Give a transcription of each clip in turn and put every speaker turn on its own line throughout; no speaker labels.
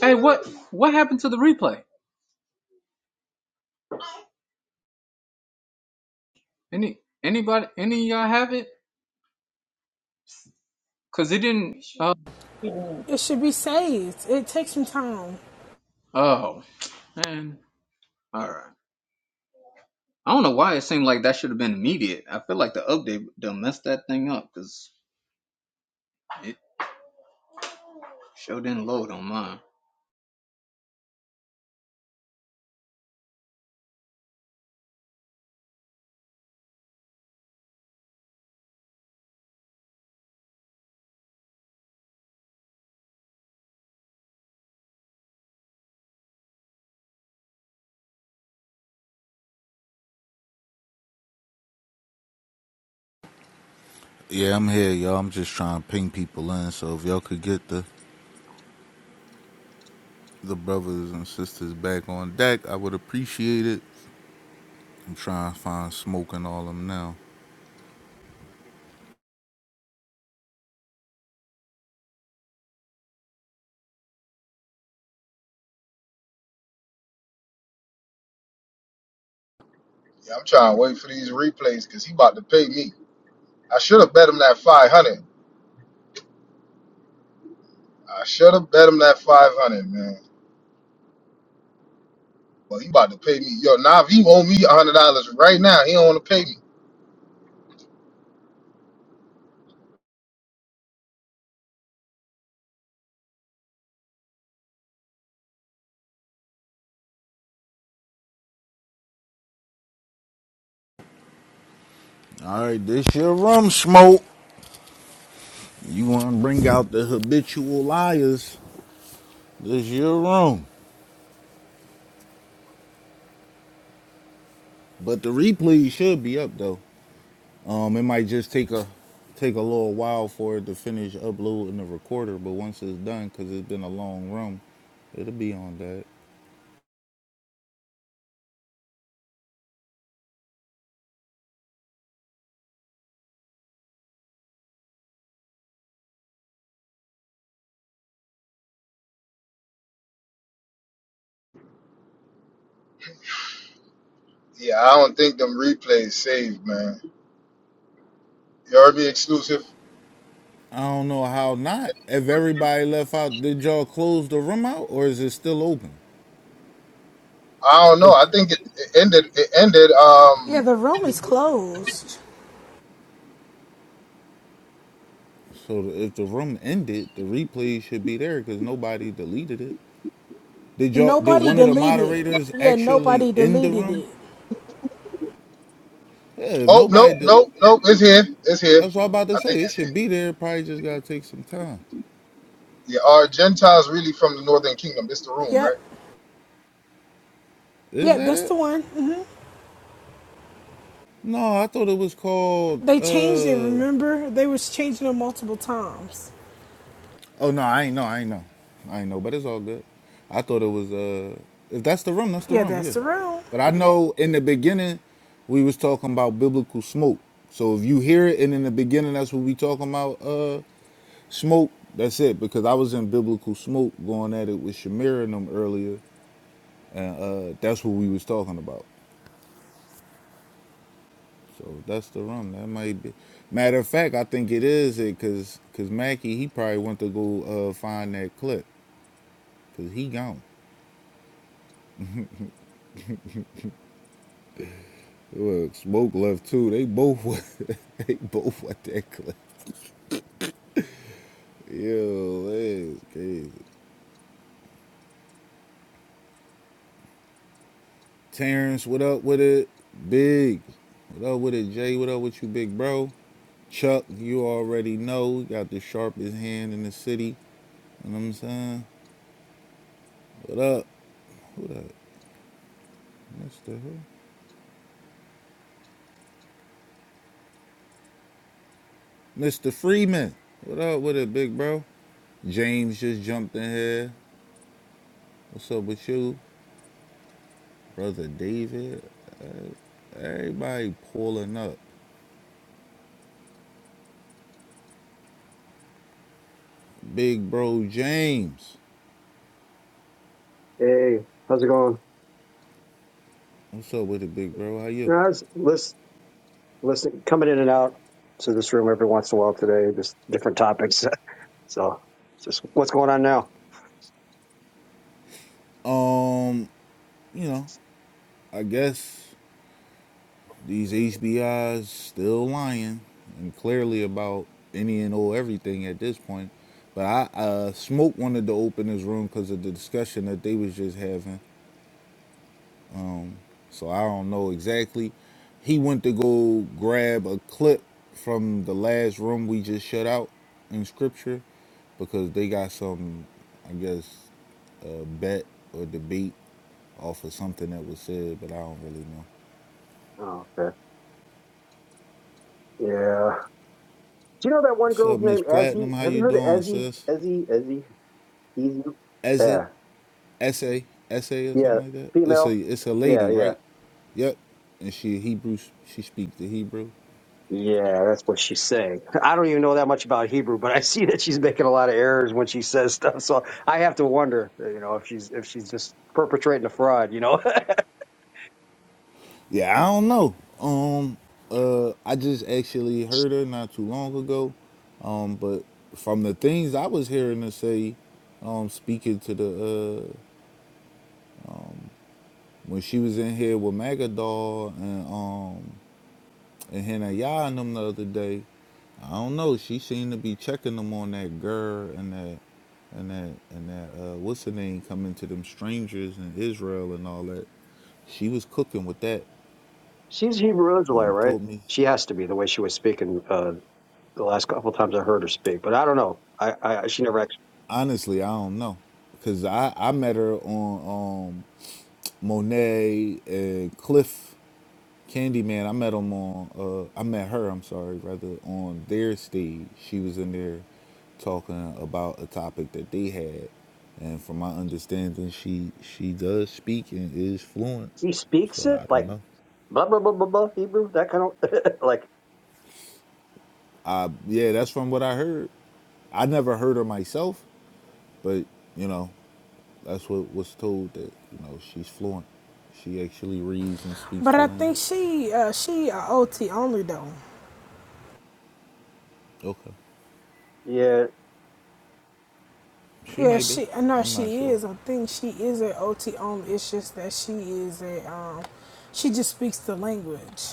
Hey, what what happened to the replay? Any anybody any of y'all have it? Cause it didn't. Uh,
It should be saved. It takes some time.
oh man, all right. I don't know why it seemed like that should have been immediate. I feel like the update done messed that thing up because it sure didn't load on mine.
Yeah, I'm here, y'all. I'm just trying to ping people in. So if y'all could get the the brothers and sisters back on deck, I would appreciate it. I'm trying to find smoke and all of them now.
Yeah, I'm trying to wait for these replays because he about to pay me. I should have bet him that 500. I should have bet him that 500, man. But he about to pay me. Yo, Nav, he owe me $100 right now. He don't want to pay me.
All right, this your room, smoke. You want to bring out the habitual liars? This your room. But the replay should be up though. Um, it might just take a take a little while for it to finish uploading the recorder, but once it's done, cause it's been a long room, it'll be on that.
Yeah, I don't think them replays saved, man. You heard me exclusive?
I don't know how not. If everybody left out, did y'all close the room out or is it still open?
I don't know.
Cause
I think it, it ended. It ended.
Yeah,
Um.
the room is closed.
so if the room ended, the replay should be there because nobody deleted it. Did y'all? Did
Nobody
one of the
deleted.
moderators
Yeah,
actually
nobody
end the
deleted
room?
it.
Yeah. If
Oh no,
nobody did,
no, no. It's here. It's here.
that's what I'm about
I
to
think
say. It
it's here.
should be there. Probably just gotta take some time.
Yeah. Are Gentiles really from the Northern Kingdom? This the room,
Yep.
right?
Is
Yep,
that
that's
it?
the one. hmm
No, I thought it was called.
They changed it,
uh
remember? They was changing it multiple times.
Oh no, I ain't know. I ain't know. I ain't know. But it's all good. I thought it was. Uh, if that's the room, that's the
Yeah,
room.
that's
Yeah.
the room.
But I know in the beginning, we was talking about biblical smoke. So if you hear it, and in the beginning, that's what we talking about. Uh, smoke. That's it. Because I was in biblical smoke going at it with Shamir and them earlier, and uh, that's what we was talking about. So that's the room. That might be. Matter of fact, I think it is it because because Mackie he probably went to go uh, find that clip because he gone. Look, smoke left too. They both went, they both went that clip. Yo, that's crazy. Terrence, what up with it? Big, what up with it? Jay, what up with you, big bro? Chuck, you already know. we Got the sharpest hand in the city. You know what I'm saying? What up, Mr. Who? Mr. Freeman. What up with it, big bro? James just jumped in here. What's up with you, brother David? Everybody pulling up. Big Bro James.
Hey, how's it going?
What's up with it, Big Bro? How you?
I was list, listening, coming in and out to this room every once in a while today, just different topics. so, it's just what's going on now?
Um, you know, I guess these HBIs still lying and clearly about any and all everything at this point. But I uh, Smoke wanted to open this room because of the discussion that they was just having So I don't know exactly. He went to go grab a clip from the last room we just shut out in scripture because they got some, I guess, uh, bet or debate off of something that was said, but I don't really know.
Oh, okay. Yeah. Do you know that one
What's up,
girl's
Miss
name, Ezzy?
Platinum? How
Have you
you
heard of
doing,
Ezzy?
sis?
Ezzy, Ezzy, Ezzy?
Essay,
Yeah,
essay, essay, or
yeah,
something like that. It's a
female.
it's a
Yeah,
lady,
yeah.
right? Yep. And she Hebrew. She speaks the Hebrew.
Yeah, that's what she's saying. I don't even know that much about Hebrew, but I see that she's making a lot of errors when she says stuff. So I have to wonder, you know, if she's if she's just perpetrating a fraud, you know.
Yeah, I don't know. Um, uh, I just actually heard her not too long ago. Um, but from the things I was hearing her say, um, speaking to the uh, when she was in here with Magadol and um and Hannah Yah and them the other day, I don't know. She seemed to be checking them on that girl and that and that and that uh, what's her name coming to them strangers in Israel and all that. She was cooking with that.
She's Hebrew Israelite,
Um,
right?
told me.
She has to be the way she was speaking uh, the last couple times I heard her speak, but I don't know. I, I she never actually
Honestly, I don't know, cause I I met her on um, Monet and Cliff Candyman. I met him on uh, I met her. I'm sorry, rather on their stage. She was in there talking about a topic that they had, and from my understanding, she she does speak and is fluent.
she
So
speaks it
I don't
like
know.
blah blah blah blah blah Hebrew that kind of like
I yeah, that's from what I heard. I never heard her myself, but you know. That's what was told that you know she's fluent. She actually reads and speaks
But
the
I think
language.
she uh she a OT only though.
Okay,
yeah.
she
Yeah,
may be.
she uh, No,
I'm
she
not sure.
is. I think she is an OT only. It's just that she is a um she just speaks the language.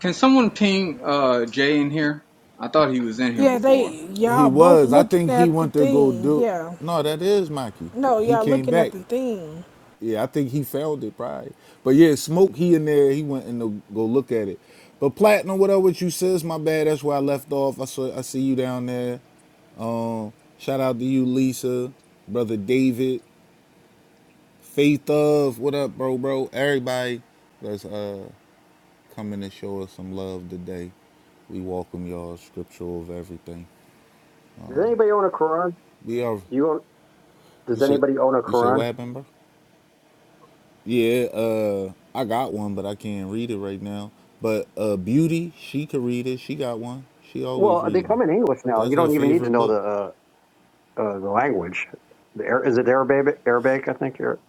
Can someone ping uh Jay in here? I thought he was in here
Yeah, they
before.
He
y'all both
was. I think
looking
he
at the
went to go
thing.
do.
Yeah.
No, that is Mikey.
No,
He
y'all
came
looking at
back.
the thing.
Yeah, I think he found it probably. But yeah, smoke. He in there. He went and to go look at it. But platinum, whatever you says, my bad. That's where I left off. I saw. I see you down there. Um, shout out to you, Lisa, brother David, Faith of. What up, bro, bro? Everybody. That's uh coming to show us some love today. We welcome y'all, scripture over everything.
Does anybody own a Quran?
We are,
Do you own,
you
does
said,
anybody own a
you said what
Quran?
happened, bro? Yeah, uh, I got one, but I can't read it right now. But uh, Beauty, she could read it. She got one. She always
Well, they
reading them.
come in English now.
That's
You
her
don't even need
favorite
to know
book.
the uh, uh, the language. The, Ar- is it Arabic? Arabic, I think. Or,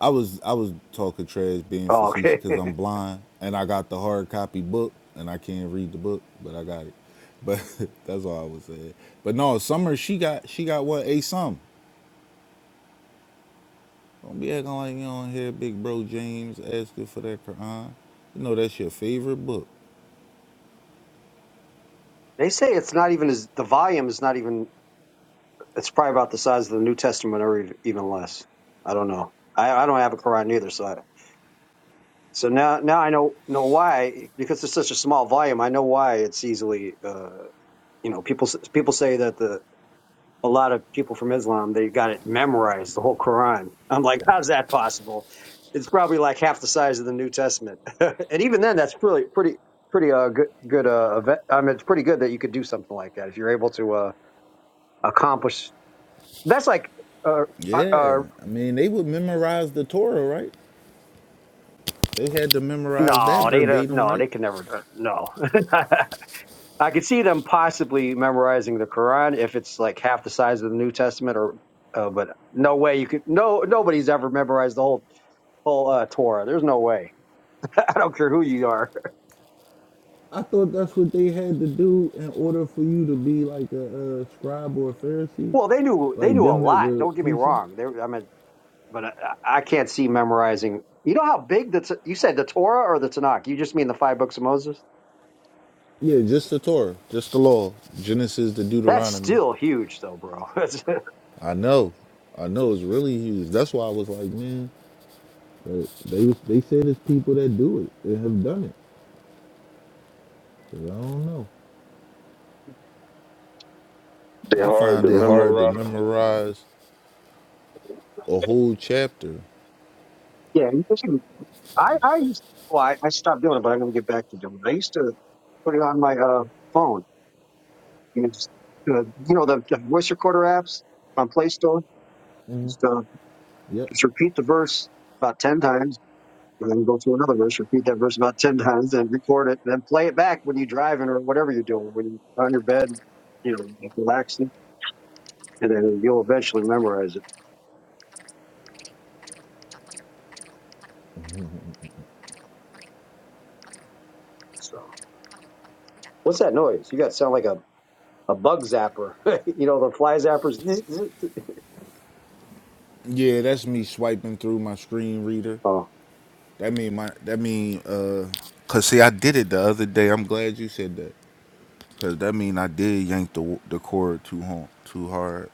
I was I was talking trash, being
oh,
facetious,
okay.
because I'm blind and I got the hard copy book and I can't read the book, but I got it. But that's all I was saying. But no, Summer she got she got what a sum. Don't be acting like you don't hear Big Bro James asking for that Quran. You know that's your favorite book.
they say it's not even as the volume is not even. It's probably about the size of the New Testament, or ev- even less. I don't know. I, I don't have a Quran either, so I, so now now I know know why because it's such a small volume. I know why it's easily uh, you know people s- people say that the a lot of people from Islam they got it memorized the whole Quran. I'm like, how's that possible? It's probably like half the size of the New Testament, and even then, that's pretty pretty pretty uh good good uh event. I mean, it's pretty good that you could do something like that if you're able to uh accomplish. That's like uh, uh,
Yeah, I mean they would memorize the Torah, right? They had to memorize that
No, they don't,
verbatim,
no,
right?
they can never. uh, No, I could see them possibly memorizing the Quran if it's like half the size of the New Testament, or uh, but no way you could. No, nobody's ever memorized the whole whole uh, Torah. There's no way. I don't care who you are.
I thought that's what they had to do in order for you to be like a, uh scribe or a Pharisee,
Well, they knew they
like
knew a
them that
lot.
were
Don't get me
teaching.
wrong. They, I mean, but I, I can't see memorizing. You know how big the T- you said the Torah or the Tanakh? You just mean the five books of Moses?
Yeah, just the Torah, just the law, Genesis to
That's
Deuteronomy.
still huge, though, bro. That's-
I know, I know it's really huge. That's why I was like, man, but they they said it's people that do it and have done it. I don't know.
They're
I
hard
find
to
it hard to
memorize.
memorize a whole chapter.
yeah, I, I used well, I, I stopped doing it, but I'm going to get back to doing it. I used to put it on my uh, phone, you know, just uh, you know the, the voice recorder apps on Play Store. Just, uh,
Yep.
just repeat the verse about ten times, and then go through another verse. Repeat that verse about ten times, and record it, and then play it back when you're driving or whatever you're doing, when you're on your bed, you know, like relaxing, and then you'll eventually memorize it. So, what's that noise? You got to sound like a a bug zapper, you know, the fly zappers.
Yeah, that's me swiping through my screen reader.
Oh,
That mean my that mean uh cuz see I did it the other day. I'm glad you said that. Cuz that mean I did yank the the cord too hard, too hard.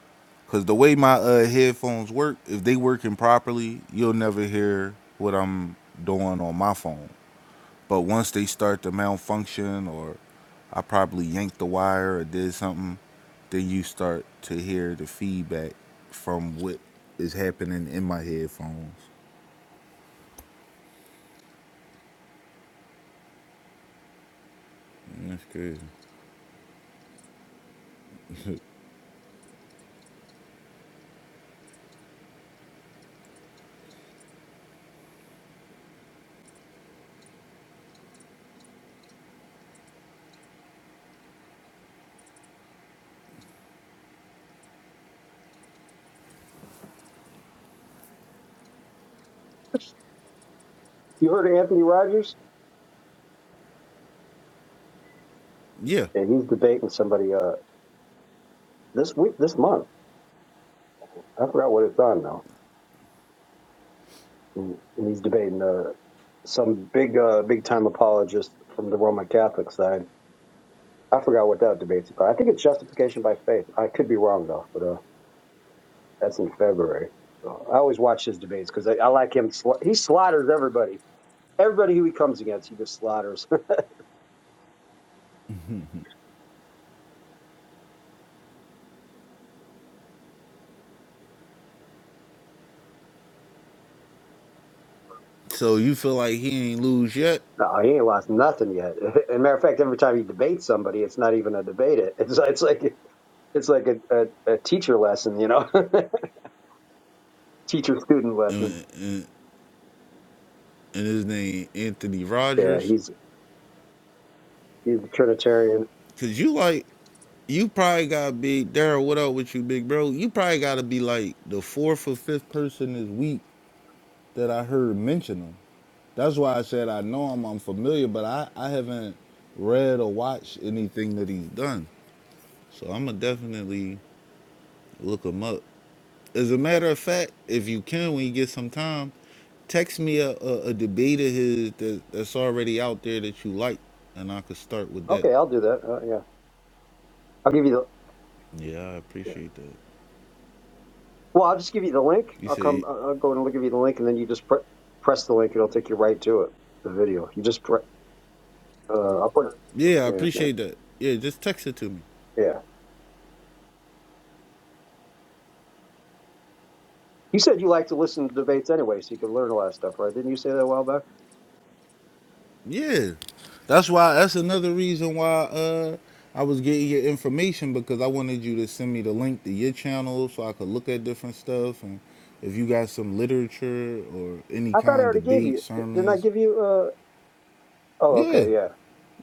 Cuz the way my uh headphones work, if they working properly, you'll never hear what I'm doing on my phone. But once they start to malfunction, or I probably yanked the wire or did something, then you start to hear the feedback from what is happening in my headphones. That's crazy.
you heard of Anthony Rogers?
Yeah.
and he's debating somebody uh this week this month i forgot what it's on now and, and he's debating uh some big uh big time apologist from the roman catholic side i forgot what that debate's about i think it's justification by faith i could be wrong though but uh that's in february so i always watch his debates because I, I like him sla- he slaughters everybody everybody who he comes against he just slaughters
So you feel like he ain't lose yet,
no he ain't lost nothing yet and matter of fact every time he debates somebody it's not even a debate it it's, it's like it's like a, a, a teacher lesson, you know. teacher student lesson.
and his name Anthony
Yeah,
Rogers,
he's he's a Trinitarian.
cause you like you probably gotta be Daryl. What up with you, big bro? You probably gotta be like the fourth or fifth person this week that I heard mention him. That's why I said I know him, I'm familiar, but I, I haven't read or watched anything that he's done. So I'm gonna definitely look him up. As a matter of fact, if you can, when you get some time, text me a, a, a debate of his that, that's already out there that you like, and I could start with that.
Okay, I'll do that. Uh, yeah, I'll give you the.
Yeah, I
Yeah.
appreciate that.
Well, I'll just give you the link.
You
I'll come.
say,
I'll I'll go and I'll give you the link, and then you just pre- press the link. It'll take you right to it. The video. You just pre- uh, I'll put. it.
yeah, I
Yeah,
appreciate that. Yeah, just text it to me.
yeah. yeah. You said you like to listen to debates anyway, so you can learn a lot of stuff, right? Didn't you say that a while back?
Yeah, that's why. That's another reason why uh, I was getting your information because I wanted you to send me the link to your channel so I could look at different stuff and if you got some literature or any
I thought I
kind
already
of
gave
debate
you. Didn't I
sermons.
give you? Uh, oh,
Yeah,
okay, yeah,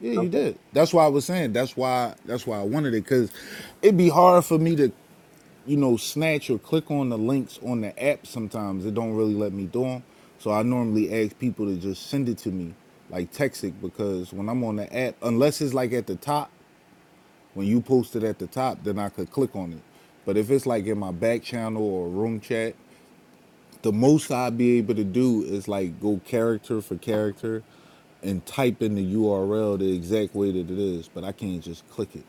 yeah, you
okay.
did. That's why I was saying. That's why. That's why I wanted it because it'd be hard for me to you know, snatch or click on the links on the app sometimes. It don't really let me do them. So I normally ask people to just send it to me, like text it, because when I'm on the app, unless it's like at the top, when you post it at the top, then I could click on it. But if it's like in my back channel or room chat, the most I'd be able to do is like go character for character and type in the URL the exact way that it is, but I can't just click it.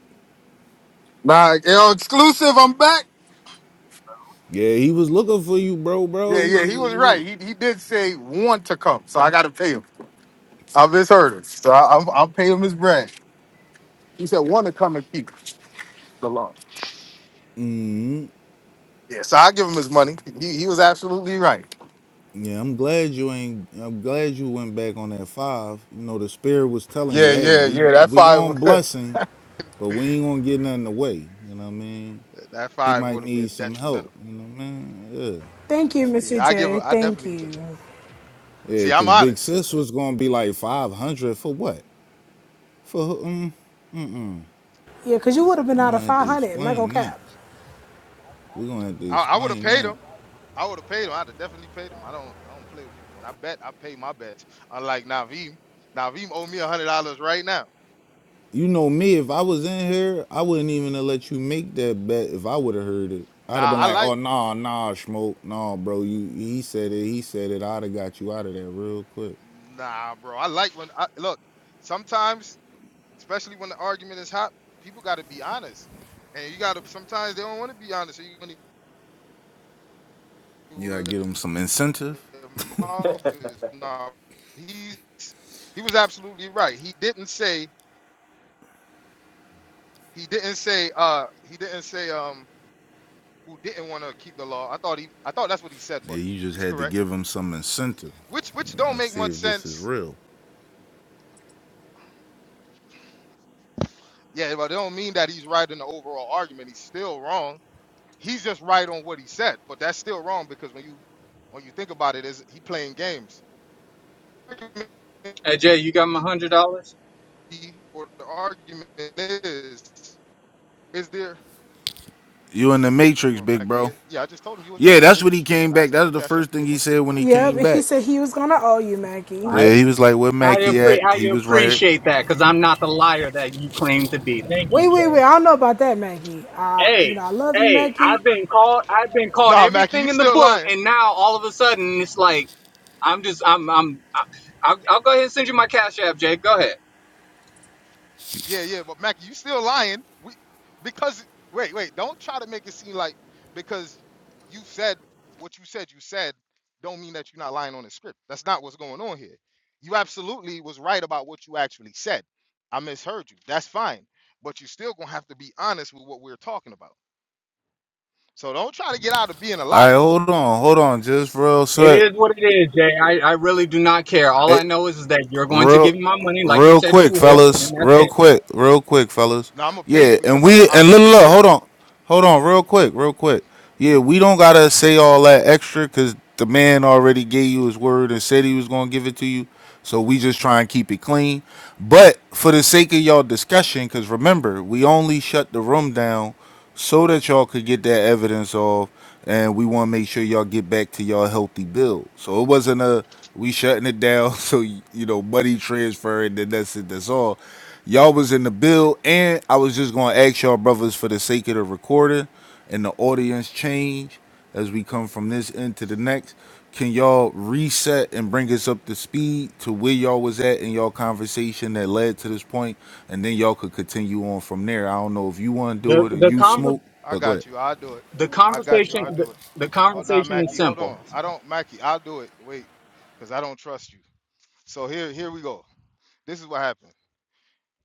Nah, yo, exclusive. I'm back.
Yeah, he was looking for you, bro, bro.
Yeah,
He
yeah,
was,
he was
he was
right. He he did say want to come, so I got to pay him. I misheard him, so I, I'm I'm paying him his brand. He said want to come and keep the law. Yeah, so I give him his money. He he was absolutely right.
Yeah, I'm glad you ain't. I'm glad you went back on that five. You know, the spirit was telling you,
Yeah,
"Hey,
yeah,
we
yeah. That
we
five.
gonna bless him, but we ain't gonna get nothing away." You know what I mean?
That, that
He
five
might
would have been
need some help.
detrimental.
You know what I mean?
Thank you, Mr.
Yeah, I give. a-
J.
I
Thank
definitely give it to him.
you.
Yeah, yeah.
See, I'm
Cause Big
honest.
Sis was gonna be like five hundred for what? For who- um,
Yeah, cause you would have been
we
out of
gonna have
Yeah,
to
so
500. I'm not going to
explain that.
cap.
We gonna have to
I, I would have
explain
paid
that.
him. I would have paid him. I'd have definitely paid him. I don't. I don't play with people, and I bet I pay my bets. Unlike Naveem, Naveem owe me a hundred dollars right now.
You know me, if I was in here, I wouldn't even have let you make that bet if I would have heard it.
Nah,
I'd have been
I
like,
like.
oh nah, nah, smoke, nah, bro. You he said it, he said it, I'd have got you out of there real quick.
Nah, bro. I like when I look. Sometimes, especially when the argument is hot, people got to be honest, and you got to. Sometimes they don't want to be honest, so you want to
You gotta
where
give him some incentive.
their mouth is. Nah, he's he was absolutely right. He didn't say he didn't say uh he didn't say um who didn't want to keep the law. I thought he I thought that's what he said,
Yeah,
but
you just
he's
had to
correct.
give him some incentive.
Which which don't
I
make
see
much
if this is
sense.
real.
Yeah, but it don't mean that he's right in the overall argument. He's still wrong He's just right on what he said, but that's still wrong because when you when you think about it, is he playing games?
Hey Jay, you got my hundred dollars?
Or the argument is, is there?
You in the Matrix,
Oh,
big
Mackie, yeah,
bro.
yeah, I just told him you was
Yeah,
right. That
that's
is
what he
what you said.
came
I, am
back. That
gonna
was the
cash up
first thing
your
he
money.
said when he
Yep,
came
and he
back.
said he was going to owe you, Maggie.
I
Yeah, he was like, "Where
I,
Mackie
appre-
at?"
I
He was right.
appreciate that because I'm not the liar that you claim to be. Thank
Wait,
you,
wait, wait. I don't know about that, Maggie. I, you
Hey,
know, I love you,
hey,
Maggie.
I've been called I've been called
Nah, Mackie, you
everything in the
still
book
lying.
and now all of a sudden it's like I'm just I'm I'm I- I'll, I'll go ahead and send you my cash app, Jay. Go ahead.
Yeah, yeah, but Mackie, you still lying. We because wait, wait, don't try to make it seem like because you said what you said you said don't mean that you're not lying on the script. That's not what's going on here. You absolutely was right about what you actually said. I misheard you. That's fine. But you are still gonna have to be honest with what we're talking about. So don't try to get out of being a
All right,
liar.
hold on, hold on, just real
It
quick.
is what it is, Jay. I, I really do not care. All I know is, is that you're going to
real
give me my money like you
real
said you
quick
will,
fellas
and that's
real
it.
quick real quick fellas
Now I'm gonna pay you
yeah and
because I'm an
we and look,
honest
look hold
individual.
on hold on real quick real quick yeah
Mm-hmm.
we don't gotta say all that extra because the man already gave you his word and said he was gonna give it to you so we just try and keep it clean but for the sake of y'all discussion because remember we only shut the room down so that y'all could get that evidence off and we want to make sure y'all get back to y'all healthy build so it wasn't a we shutting it down so you know money transfer and then that's it that's all y'all was in the bill and i was just going to ask y'all brothers for the sake of the recording and the audience change as we come from this end to the next, can y'all reset and bring us up to speed to where y'all was at in y'all conversation that led to this point, and then y'all could continue on from there. I don't know if you want to do
The
it or
the
you
conver-
smoke,
I
but go ahead.
got you. I'll do it.
the
I got you.
conversation
I'll
the,
do it.
the
Hold on,
conversation is
Mackie. Hold
simple.
on. I don't, Mackie. I'll do it. Wait, because I don't trust you. So here, here we go. This is what happened.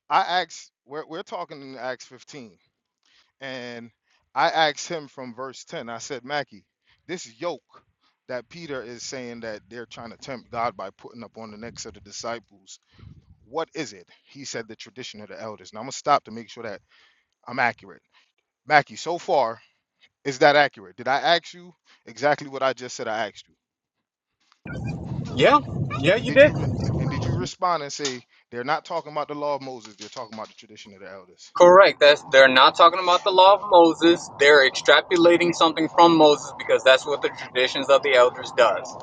I asked. We're we're talking in Acts 15, and I asked him from verse 10. I said, Mackie, this yoke that Peter is saying that they're trying to tempt God by putting up on the necks of the disciples. What is it? He said the tradition of the elders. Now I'm gonna stop to make sure that I'm accurate. Mackie, so far Is that accurate? Did I ask you exactly what I just said I asked you?
Yeah, yeah,
And
you
did
did.
you re- and did you respond and say they're not talking about the law of Moses, they're talking about the tradition of the elders?
Correct. That's they're not talking about the law of Moses. They're extrapolating something from Moses because that's what the traditions of the elders does.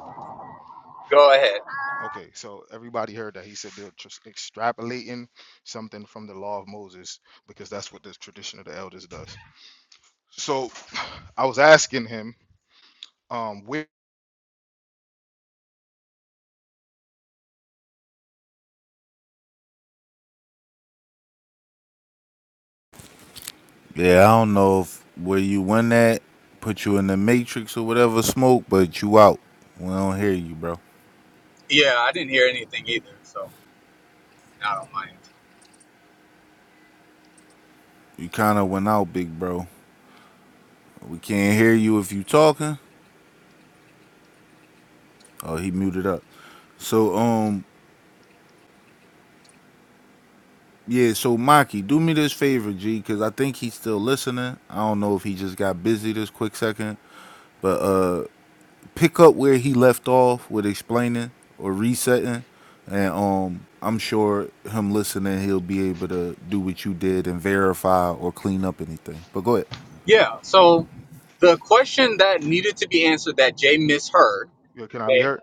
Go ahead.
Okay, so everybody heard that he said they're just extrapolating something from the law of Moses because that's what the tradition of the elders does. So I was asking him, um, where
Yeah, I don't know if where you went at put you in the matrix or whatever smoke, but you out. We don't hear you, bro.
Yeah, I didn't hear anything either, so I don't mind.
You kind of went out, big bro. We can't hear you if you talking. Oh, he muted up. So um, Yeah, so Maki, do me this favor, G, because I think he's still listening. I don't know if he just got busy this quick second. Pick up where he left off with explaining or resetting, and um, I'm sure him listening, he'll be able to do what you did and verify or clean up anything. But go ahead.
Yeah. So the question that needed to be answered that Jay misheard.
yeah, can I be
Okay.
heard?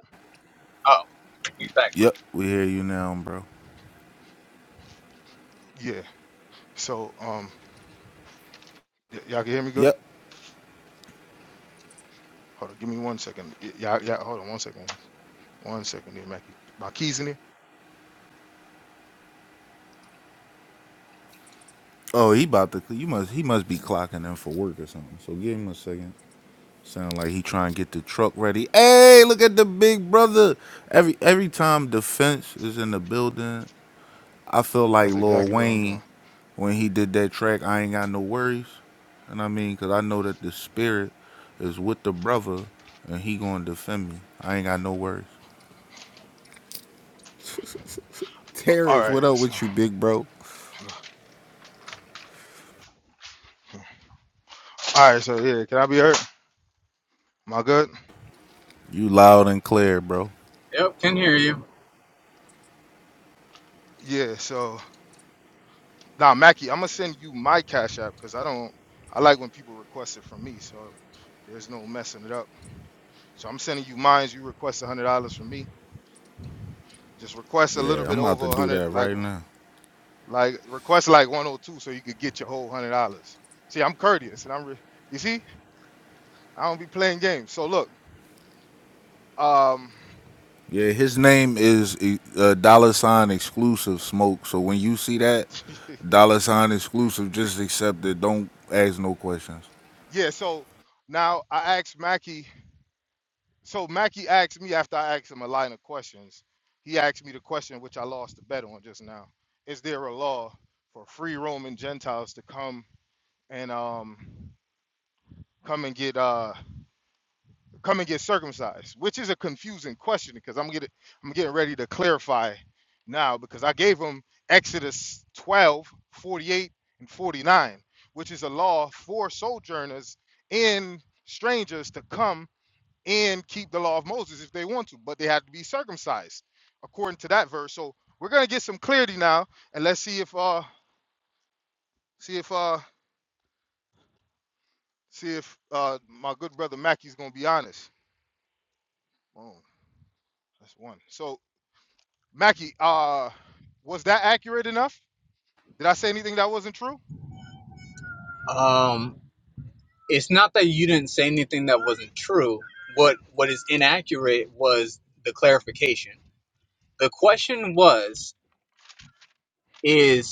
Oh, he's back.
Yep, we hear you now, bro.
Yeah. So um, y- y'all can hear me good?
Yep.
Hold on, give me one second. Y- y'all, y'all, hold on one second. One second here, Mackie. My keys in here.
Oh, he about to. You must. He must be clocking in for work or something. So give him a second. Sound like he trying to get the truck ready. Hey, look at the big brother. Every every time defense is in the building, I feel like
That's
Lil
exactly what I'm doing.
Wayne when he did that track. I ain't got no worries, and I mean, cause I know that the spirit is with the brother, and he gonna defend me. I ain't got no worries.
All
Terrence,
right.
what up
So,
with you, big bro?
all right. So yeah, can I be heard? Am I good?
You loud and clear, bro.
Yep, can hear you.
Yeah. So now, Mackie, I'm gonna send you my Cash App because I don't. I like when people request it from me, so there's no messing it up. So I'm sending you mine. You request a hundred dollars from me. Just request a little
Yeah,
bit
I'm about to
over a
do that
hundred, like
right now.
like request like 102, so you could get your whole hundred dollars. See, I'm courteous, and I'm re- you see, I don't be playing games. So look, um,
Yeah, his name is uh, dollar sign exclusive smoke. So when you see that
this
dollar sign
nigga crazy.
exclusive, just accept it. Don't ask no questions.
Yeah. So now I asked Mackie. So Mackie asked me after I asked him a line of questions. He asked me the question which I lost the bet on just now. Is there a law for free Roman Gentiles to come and um come and get uh come and get circumcised? Which is a confusing question because I'm getting I'm getting ready to clarify now because I gave him Exodus 12:48 and 49, which is a law for sojourners and strangers to come and keep the law of Moses if they want to, but they have to be circumcised according to that verse. So we're gonna get some clarity now, and let's see if uh see if uh see if uh my good brother Mackey's gonna be honest. Oh, that's one. So Mackey, uh, was that accurate enough? Did I say anything that wasn't true?
Um, it's not that you didn't say anything that wasn't true. What what is inaccurate was the clarification. The question was is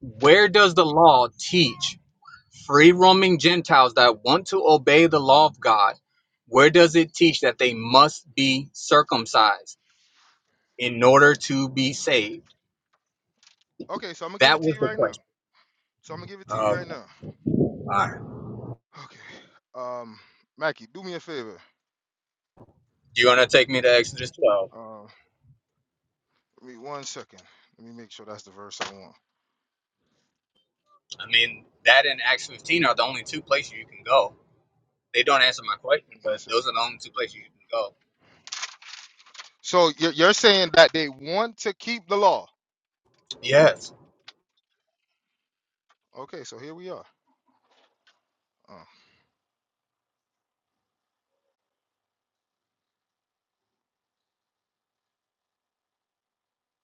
Where does the law teach free roaming Gentiles that want to obey the law of God? Where does it teach that they must be circumcised in order to be saved?
Okay, so I'm gonna give it
That
to
was
you
the
right now.
question.
So I'm gonna give it to
Okay.
you right
All
now.
right.
Okay, um, Mackey, do me a favor.
You're going to take me to Exodus 12.
Uh, give me one second. Let me make sure that's the verse I want.
I mean, that and Acts 15 are the only two places you can go. They don't answer my question, but
One second.
those are the only two places you can go.
So you're you're saying that they want to keep the law.
Yes
Okay, so here we are. Uh,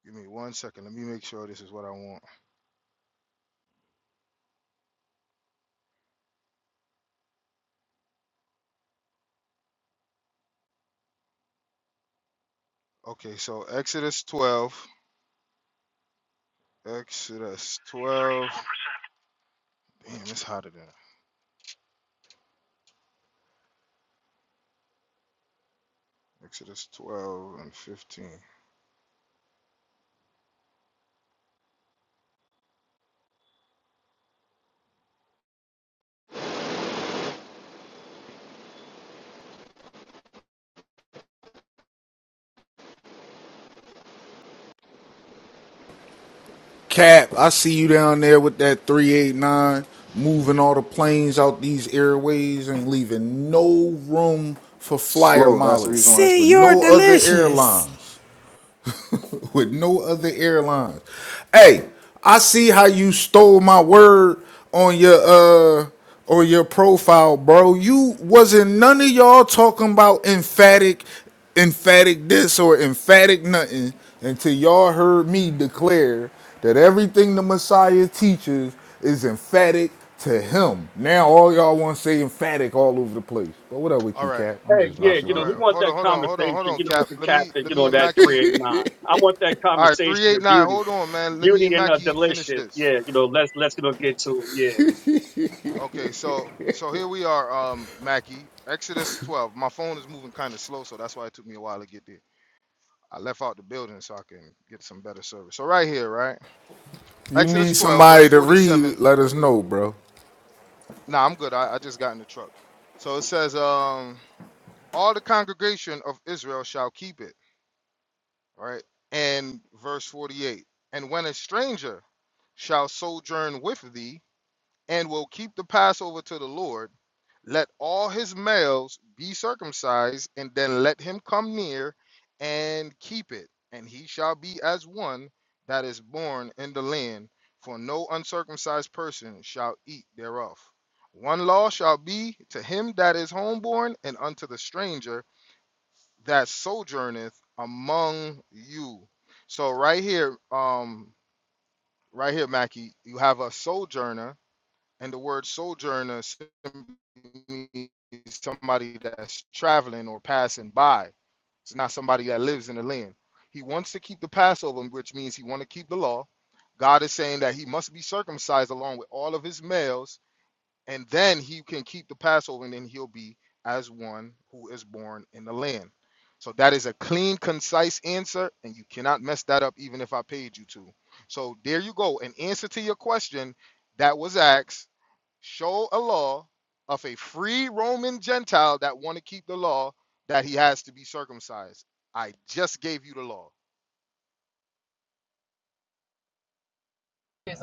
give me one second. Let me make sure this is what I want. Okay, so Exodus 12. Exodus 12. Damn, it's hotter than Exodus 12 and 15.
Cap, I see you down there with that three eight nine, moving all the planes out these airways and leaving no room for flyer
Slow. That's the
mileage
reason why. It's...
with
See,
never to
you're
get
no
there.
other
delicious.
airlines. with no other airlines. Hey, I see how you stole my word on your uh on your profile, bro. You wasn't none of y'all talking about emphatic, emphatic this or emphatic nothing until y'all heard me declare that everything the Messiah teaches is emphatic to him. Now all y'all want to say emphatic all over the place. But what up with
All
you,
right.
Cap? I'm
Hey,
just
All
yeah,
messing
you
all
know,
with
he
right.
you.
wants
Hold on,
that
hold on, hold on, hold
conversation,
on,
you know, with
Cap.
the
Let me
captain,
let
you
me
know,
and
that
Mackie.
389. I want that
All right,
conversation with
389.
beauty.
Hold on, man. Let me
Beauty
and
and uh,
Mackie finish
delicious.
this.
Yeah, you know, let's, let's, you know, get to it. Yeah.
Okay, so so here we are, um, Mackie. Exodus 12. My phone is moving kind of slow, so that's why it took me a while to get there. I left out the building so I can get some better service. So right here, right?
You
Exodus
need
12, verse
somebody to
47
read,
through
let us
48.
know, bro.
Nah, I'm good. I, I just got in the truck. So it says, um, all the congregation of Israel shall keep it, right? And verse 48. And when a stranger shall sojourn with thee and will keep the Passover to the Lord Let all his males be circumcised, and then let him come near and keep it, and he shall be as one that is born in the land, for no uncircumcised person shall eat thereof. One law shall be to him that is homeborn, and unto the stranger that sojourneth among you. So right here, um, right here, Mackie, you have a sojourner and the word sojourner simply means somebody that's traveling or passing by. It's not somebody that lives in the land. He wants to keep the Passover, which means he want to keep the law. God is saying that he must be circumcised along with all of his males, and then he can keep the Passover, and then he'll be as one who is born in the land. So that is a clean, concise answer, and you cannot mess that up even if I paid you to. So there you go. An answer to your question that was asked show a law of a free Roman Gentile that want to keep the law that he has to be circumcised. I just gave you the law.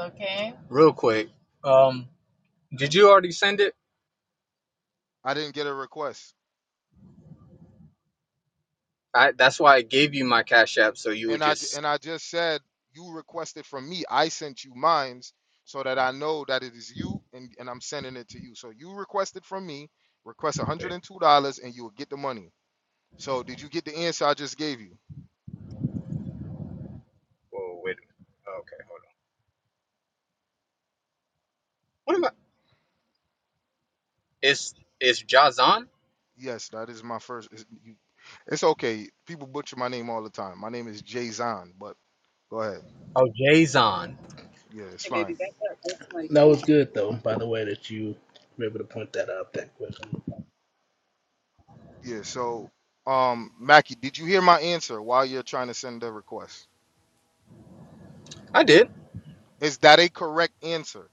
Okay. real quick. Um, did you already send it?
I didn't get a request.
I, that's why I gave you my cash app so you would
And I
just.
and I just said you requested from me. I sent you mines so that I know that it is you and, and I'm sending it to you. So you requested from me, request $102 and you will get the money. So did you get the answer I just gave you?
Whoa, wait. a minute. Oh, Okay. What am I? It's it's Jazan?
Yes, that is my first. It's, you, it's okay. People butcher my name all the time. My name is Jay Zahn, but go ahead.
Oh, Jazon.
Yeah, it's fine.
That was good, though, by the way, that you were able to point that out, that question.
Yeah, so um Mackie, did you hear my answer while you're trying to send the request?
I did.
Is that a correct answer?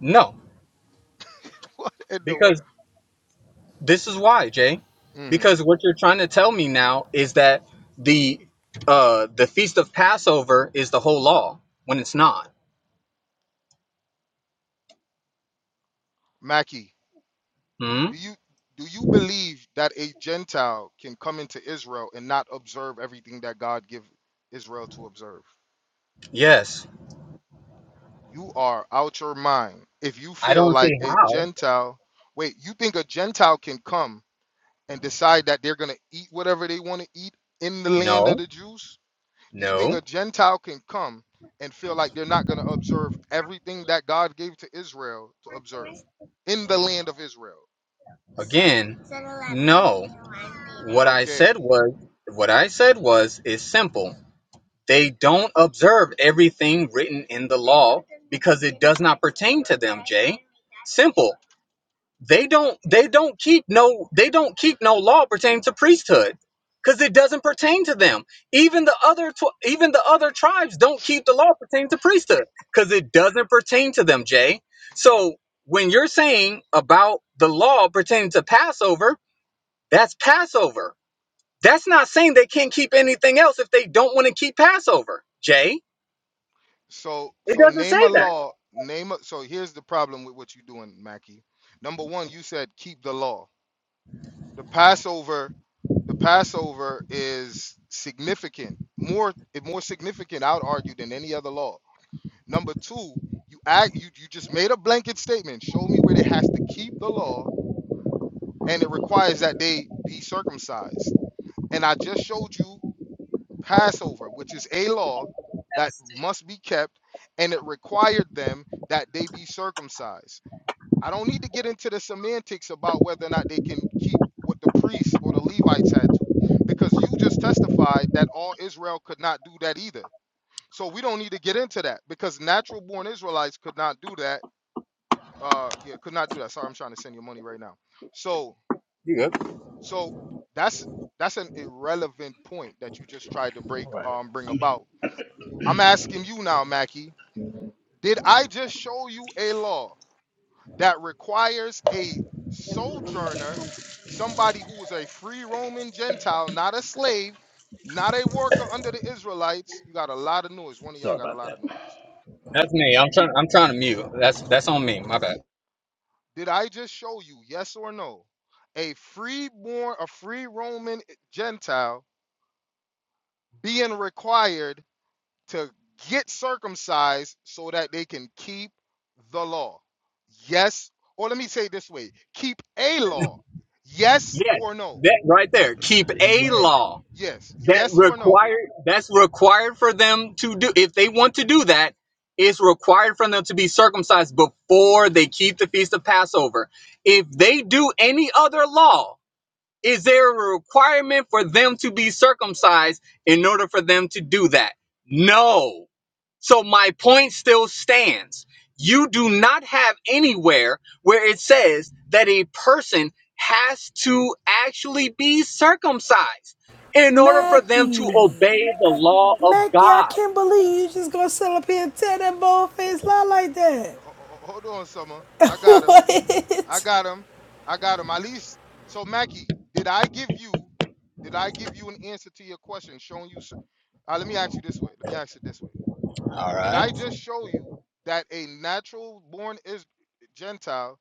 No,
What in the world?
because this is why, Jay.
Mm-hmm.
Because what you're trying to tell me now is that the uh the feast of Passover is the whole law when it's not.
Mackie,
Hmm.
do you do you believe that a Gentile can come into Israel and not observe everything that God give Israel to observe?
Yes.
You are out your mind if you
I
feel
don't
like
see
a
how.
Gentile. Wait, you think a Gentile can come and decide that they're gonna eat whatever they want to eat in the land of
No.
the Jews? You think a
No.
Gentile can come and feel like they're not going to observe everything that God gave to Israel to observe in the land of Israel?
Again. No. What I
Okay.
said was what I said was is simple. They don't observe everything written in the law because it does not pertain to them, Jay. Simple. They don't they don't keep no they don't keep no law pertaining to priesthood because it doesn't pertain to them. Even the other tw- even the other tribes don't keep the law pertaining to priesthood because it doesn't pertain to them, Jay. So when you're saying about the law pertaining to Passover, that's Passover. That's not saying they can't keep anything else if they don't want to keep Passover, Jay.
So
It
so
doesn't
name a
say that.
law, name a so here's the problem with what you're doing, Mackie. Number one, you said keep the law. The Passover, the Passover is significant, more more significant, I would argue, than any other law. Number two, you act you, you just made a blanket statement. Show me where they has to keep the law and it requires that they be circumcised. And I just showed you Passover, which is a law that must be kept, and it required them that they be circumcised. I don't need to get into the semantics about whether or not they can keep what the priests or the Levites had to, because you just testified that all Israel could not do that either. So we don't need to get into that because natural born Israelites could not do that. Uh, yeah, could not do that. Sorry, I'm trying to send you money right now. So
You good?
So that's that's an irrelevant point that you just tried to break
All right.
um bring about. I'm asking you now, Mackie. Did I just show you a law that requires a sojourner, somebody who is a free Roman Gentile, not a slave, not a worker under the Israelites? You got a lot of noise. One of
Sorry
y'all got a
about
lot of
that.
noise.
That's me. I'm trying. I'm trying to mute. That's that's on me. My bad.
Did I just show you, yes or no, a freeborn, a free Roman Gentile being required? to get circumcised so that they can keep the law. Yes, or let me say it this way keep a law. Yes
Yes,
or no?
that right there. Keep
He's
a
right.
law
Yes.
that
Yes or no?
required. That's required for them to do. If they want to do that, it's required for them to be circumcised before they keep the feast of Passover. If they do any other law. Is there a requirement for them to be circumcised in order for them to do that? No. So my point still stands. You do not have anywhere where it says that a person has to actually be circumcised in order for them to
Mackie,
obey the law of
Mackie, I
God.
can't believe you just gonna sit up here and tell that bold face lie like that.
Ho- ho- Hold on, Summer. I got him. I
what?
got him. I got him. At least. So, Mackie, did I give you? Did I give you an answer to your question, showing you? cer- Uh, let me ask you this way. Let me ask it this way.
All
Did
right.
I just show you that a natural born is Gentile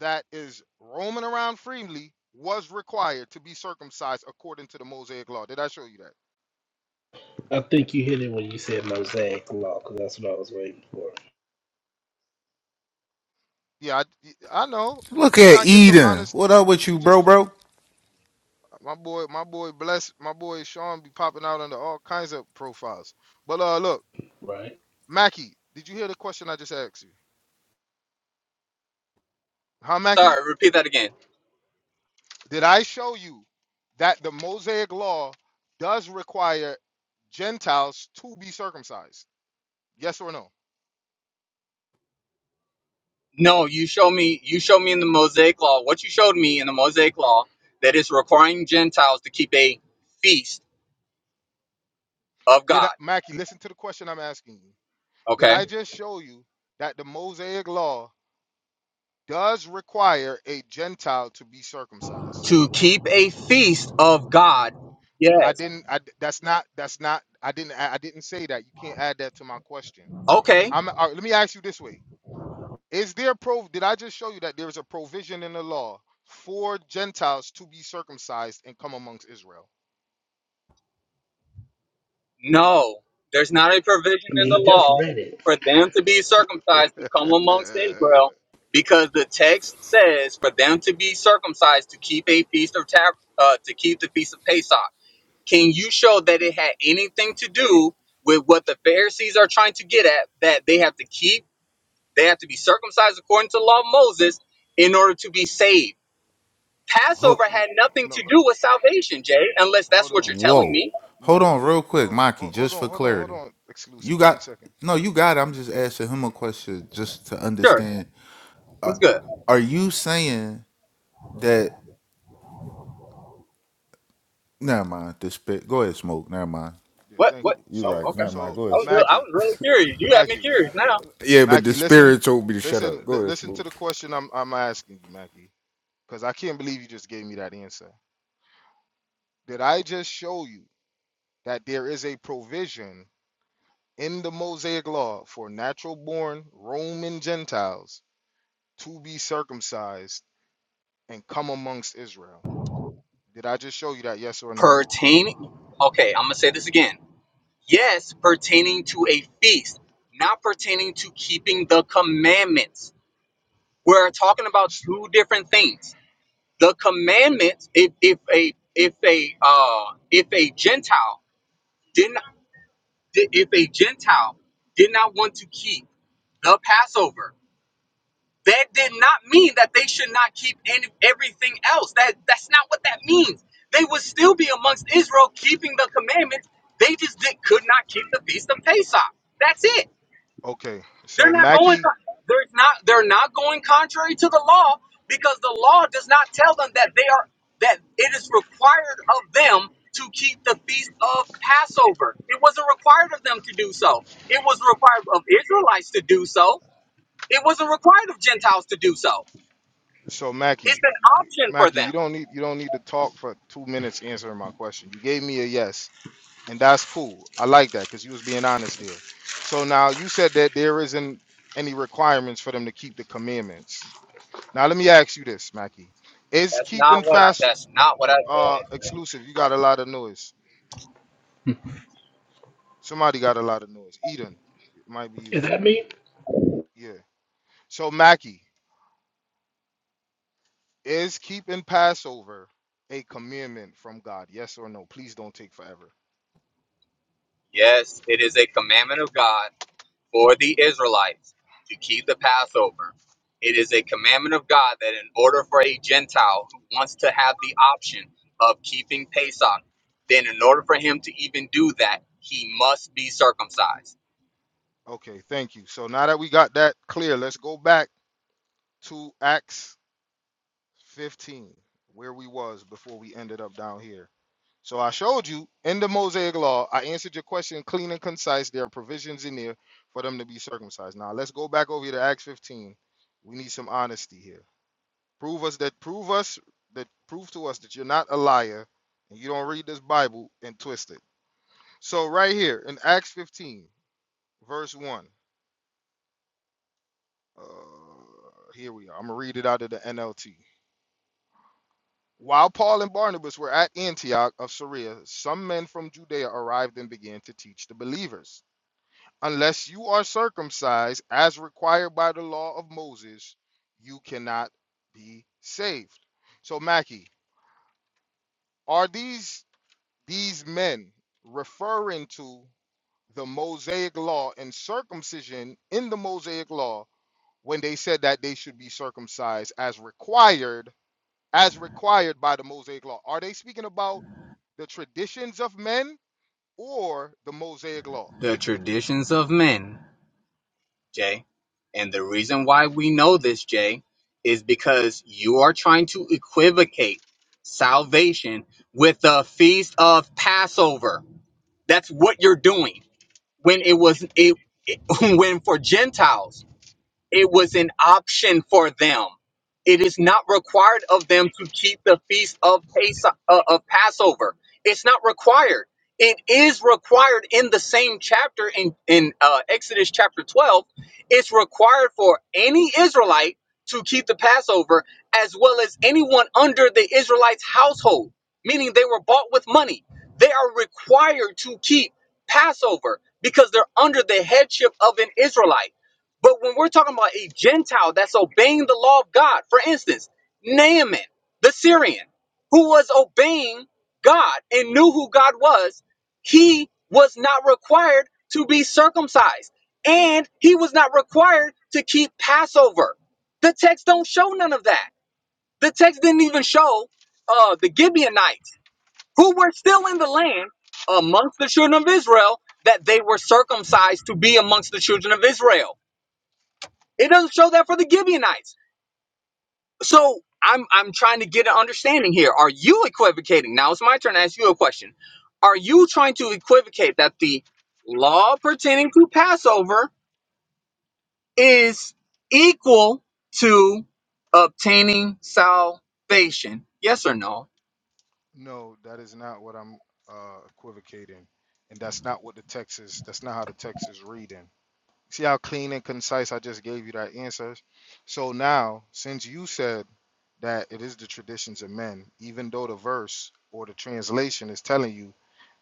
that is roaming around freely was required to be circumcised according to the Mosaic law. Did I show you that?
I think you hit it when you said mosaic law, because that's what I was waiting for.
Yeah, I, I know. We
Look
just
at
trying to get some
Eden. What
honesty.
up with
We
you, bro,
just
bro?
my boy, my boy, bless my boy Sean be popping out under all kinds of profiles. But uh, look,
Right.
Mackie, did you hear the question I just asked you? Huh, Mackie?
Sorry, repeat that again.
Did I show you that the Mosaic law does require Gentiles to be circumcised? Yes or no?
No, you show me. You show me in the Mosaic Law what you showed me in the Mosaic Law that is requiring Gentiles to keep a feast of
Did I,
God.
Mackie listen to the question I'm asking you? Did
Okay,
I just show you that the Mosaic law does require a Gentile to be circumcised?
to keep a feast of God.
I
Yes.
didn't. I d- that's not. That's not. I didn't. I I didn't say that. You can't add that to my question.
Okay.
I'm. all right, let me ask you this way: Is there pro? Did I just show you that there is a provision in the law for Gentiles to be circumcised and come amongst Israel?
No, there's not a provision
I
in
mean,
the
he just
law
read it.
for them to be circumcised to come amongst
Uh,
Israel, because the text says for them to be circumcised to keep a feast of tab- uh, to keep the feast of Pesach. Can you show that it had anything to do with what the Pharisees are trying to get at? That they have to keep, they have to be circumcised according to the law of Moses in order to be saved.
Hold,
Passover
no,
had nothing
no.
to do with salvation, Jay, unless that's
Hold
what
on.
you're telling
whoa.
me.
Hold
No.
on real quick,
No. Ho-
Maki,
Hold
just
on.
for
Hold on. Hold
clarity.
on.
You
Exclusive. One
got
second.
no, you got it. I'm just asking him a question just to
Sure.
understand.
What's good?
Are you saying that never mind, the spirit go ahead, smoke, never mind.
Yeah,
What
thank you.
what
You're
So,
oh
right,
okay.
never mind,
so
go
I
ahead,
was real
smoke.
I
Mackie,
was really curious. You have me
Mackie,
curious now.
Yeah, but the
Mackie, listen,
spirit told me to shut
listen,
up. Go
li-
ahead,
listen to
smoke.
the question I'm I'm asking you, Mackie, because I can't believe you just gave me that answer. Did I just show you that there is a provision in the Mosaic law for natural born Roman Gentiles to be circumcised and come amongst Israel? Did I just show you that? Yes or no?
Pertaining okay, I'm gonna say this again. Yes, pertaining to a feast, not pertaining to keeping the commandments We're talking about
S-
two different things. The commandments, if if a if a uh if a Gentile didn't if a Gentile did not want to keep the Passover, that did not mean that they should not keep any, everything else. That that's not what that means. They would still be amongst Israel keeping the commandments. They just did, could not keep the feast of Pesach. That's it.
Okay,
They're
so
not going.
Mackie,
They're not. They're not going contrary to the law because the law does not tell them that they are that it is required of them to keep the feast of Passover. It wasn't required of them to do so. It was required of Israelites to do so. It wasn't required of Gentiles to do so.
so
It's
Mackie,
an option for
Mackie,
them.
you don't need you don't need to talk for two minutes answering my question. You gave me a yes. and that's cool. I like that because you was being honest there. So now you said that there isn't any requirements for them to keep the commandments. Now let me ask you this, Mackie: Is
That's
keeping
not what I.
fast
That's not what I
uh
said.
exclusive? You got a lot of noise. Somebody got a lot of noise. Eden, it might be
Is
you.
that me?
Yeah. So Mackie, is keeping Passover a commandment from God? Yes or no? Please don't take forever.
Yes, it is a commandment of God for the Israelites to keep the Passover. It is a commandment of God that in order for a Gentile who wants to have the option of keeping Pesach, then in order for him to even do that, he must be circumcised.
Okay, thank you. So now that we got that clear, let's go back to Acts 15 where we was before we ended up down here so i showed you in the mosaic law i answered your question clean and concise there are provisions in there for them to be circumcised now let's go back over here to acts 15 we need some honesty here prove us that prove us that prove to us that you're not a liar and you don't read this bible and twist it so right here in acts 15 verse 1 uh, here we are i'm gonna read it out of the nlt While Paul and Barnabas were at Antioch of Syria, some men from Judea arrived and began to teach the believers Unless you are circumcised as required by the law of Moses, you cannot be saved. So, Mackie, are these these men referring to the Mosaic law and circumcision in the Mosaic law when they said that they should be circumcised as required as required by the Mosaic law? Are they speaking about the traditions of men or the Mosaic law?
The traditions of men, Jay, and the reason why we know this, Jay, is because you are trying to equivocate salvation with the feast of Passover. That's what you're doing. when it was it, when for Gentiles. It was an option for them. It is not required of them to keep the feast of, Pas- uh, of Passover. It's not required. It is required in the same chapter in, in uh, Exodus chapter 12. It's required for any Israelite to keep the Passover as well as anyone under the Israelites' household, meaning they were bought with money. They are required to keep Passover because they're under the headship of an Israelite. But when we're talking about a Gentile that's obeying the law of God, for instance, Naaman, the Syrian, who was obeying God and knew who God was, he was not required to be circumcised and he was not required to keep Passover. The text don't show none of that. The text didn't even show uh, the Gibeonites, who were still in the land amongst the children of Israel, that they were circumcised to be amongst the children of Israel. It doesn't show that for the Gibeonites. So I'm I'm trying to get an understanding here. Are you equivocating? Now it's my turn to ask you a question. Are you trying to equivocate that the law pertaining to Passover is equal to obtaining salvation? Yes or no?
No, that is not what I'm uh, equivocating, and that's not what the text is. That's not how the text is reading. See how clean and concise I just gave you that answer. So now, since you said that it is the traditions of men, even though the verse or the translation is telling you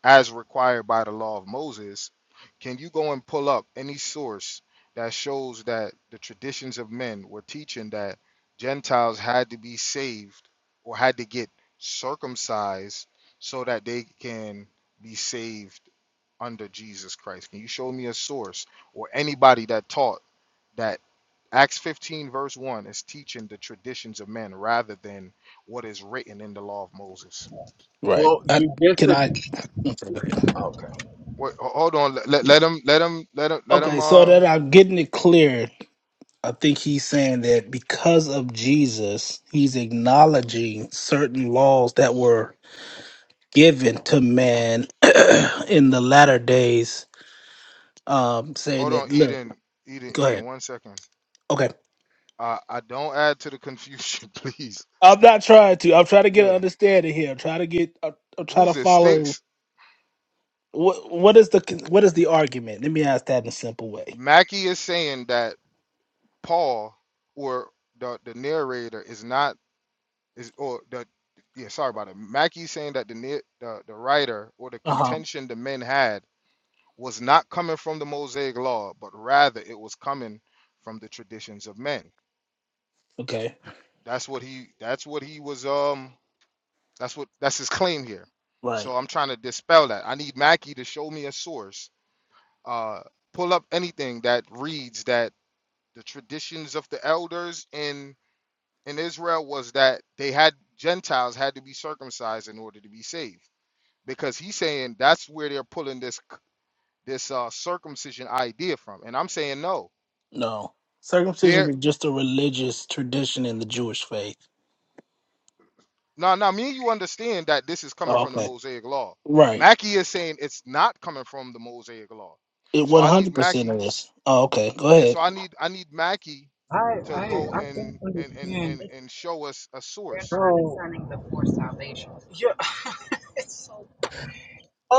as required by the law of Moses, can you go and pull up any source that shows that the traditions of men were teaching that Gentiles had to be saved or had to get circumcised so that they can be saved under Jesus Christ? Can you show me a source or anybody that taught that Acts 15, verse 1 is teaching the traditions of men rather than what is written in the law of Moses?
Right.
Well,
I, can I? Okay, go ahead.
Wait, ho- hold on. Let, let, let him, let him, let him, let him.
Okay, so that
Um,
I'm getting it clear, I think he's saying that because of Jesus, he's acknowledging certain laws that were given to man in the latter days um, saying
hold on,
that, look,
Eden, Eden,
go
Eden.
ahead.
One second.
Okay.
Uh, I don't add to the confusion, please.
I'm not trying to. I'm trying to get an
Yeah.
understanding here. I'm trying to get. I'm, I'm trying to
Who's it?
follow.
Sticks.
What what is the what is the argument? Let me ask that in a simple way.
Mackie is saying that Paul or the the narrator is not is or the yeah. Sorry about it. Mackey's saying that the na- the the writer or the
Uh huh.
contention the men had was not coming from the Mosaic law, but rather it was coming from the traditions of men.
Okay.
That's what he. That's what he was. Um. That's what that's his claim here.
Right.
So I'm trying to dispel that. I need Mackie to show me a source. Uh, pull up anything that reads that the traditions of the elders in in Israel was that they had Gentiles had to be circumcised in order to be saved. Because he's saying that's where they're pulling this this uh, circumcision idea from, and I'm saying no.
No. Circumcision
There,
was just a religious tradition in the Jewish faith.
now now me and you understand that this is coming
Oh,
from the
okay.
Mosaic Law.
Right.
Mackie is saying it's not coming from the Mosaic Law.
It
So I need
100 percent
Mackie.
of Oh, okay. Go
yeah,
ahead.
so I need I need Mackie
I
to
I I
go
don't
and and and
understand.
and and show us a
They're not
source.
how- understanding the forced salvation. Yeah.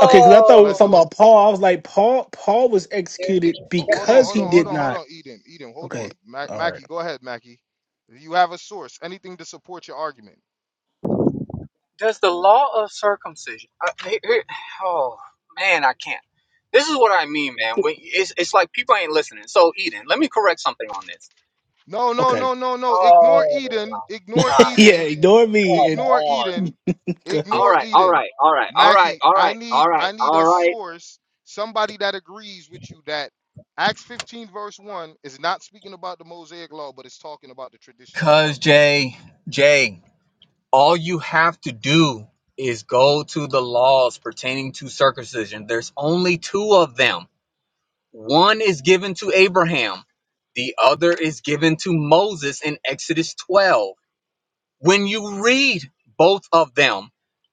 Okay, because I
So
thought we were
let's
talking
do it.
about Paul. I was like, Paul. Paul was executed
Ho- Hold on,
because
hold
he
on, hold
did
on, hold
not.
on, Eden, Eden, hold
Okay.
on, Mac-
All right.
Mackie, go ahead, Mackie. You have a source, anything to support your argument.
Does the law of circumcision? Uh, here, here- oh man, I can't. This is what I mean, man. When, it's it's like people ain't listening. So Eden, let me correct something on this.
No, no,
Okay.
no, no, no. Ignore
Oh
Eden.
my
Ignore
God!
yeah.
Eden.
Ignore me and
Come
Ignore
on.
Eden.
Go ahead.
All
Ignore
right, all
Eden.
right, all right, all right,
Mackie,
all
I
right, all
need
right,
I need
all
a
right.
source, somebody that agrees with you that Acts 15 verse 1 is not speaking about the Mosaic law, but it's talking about the traditions of the
Cause
elders.
Jay, Jay, all you have to do is go to the laws pertaining to circumcision. There's only two of them. One is given to Abraham, the other is given to Moses in Exodus 12. When you read both of them,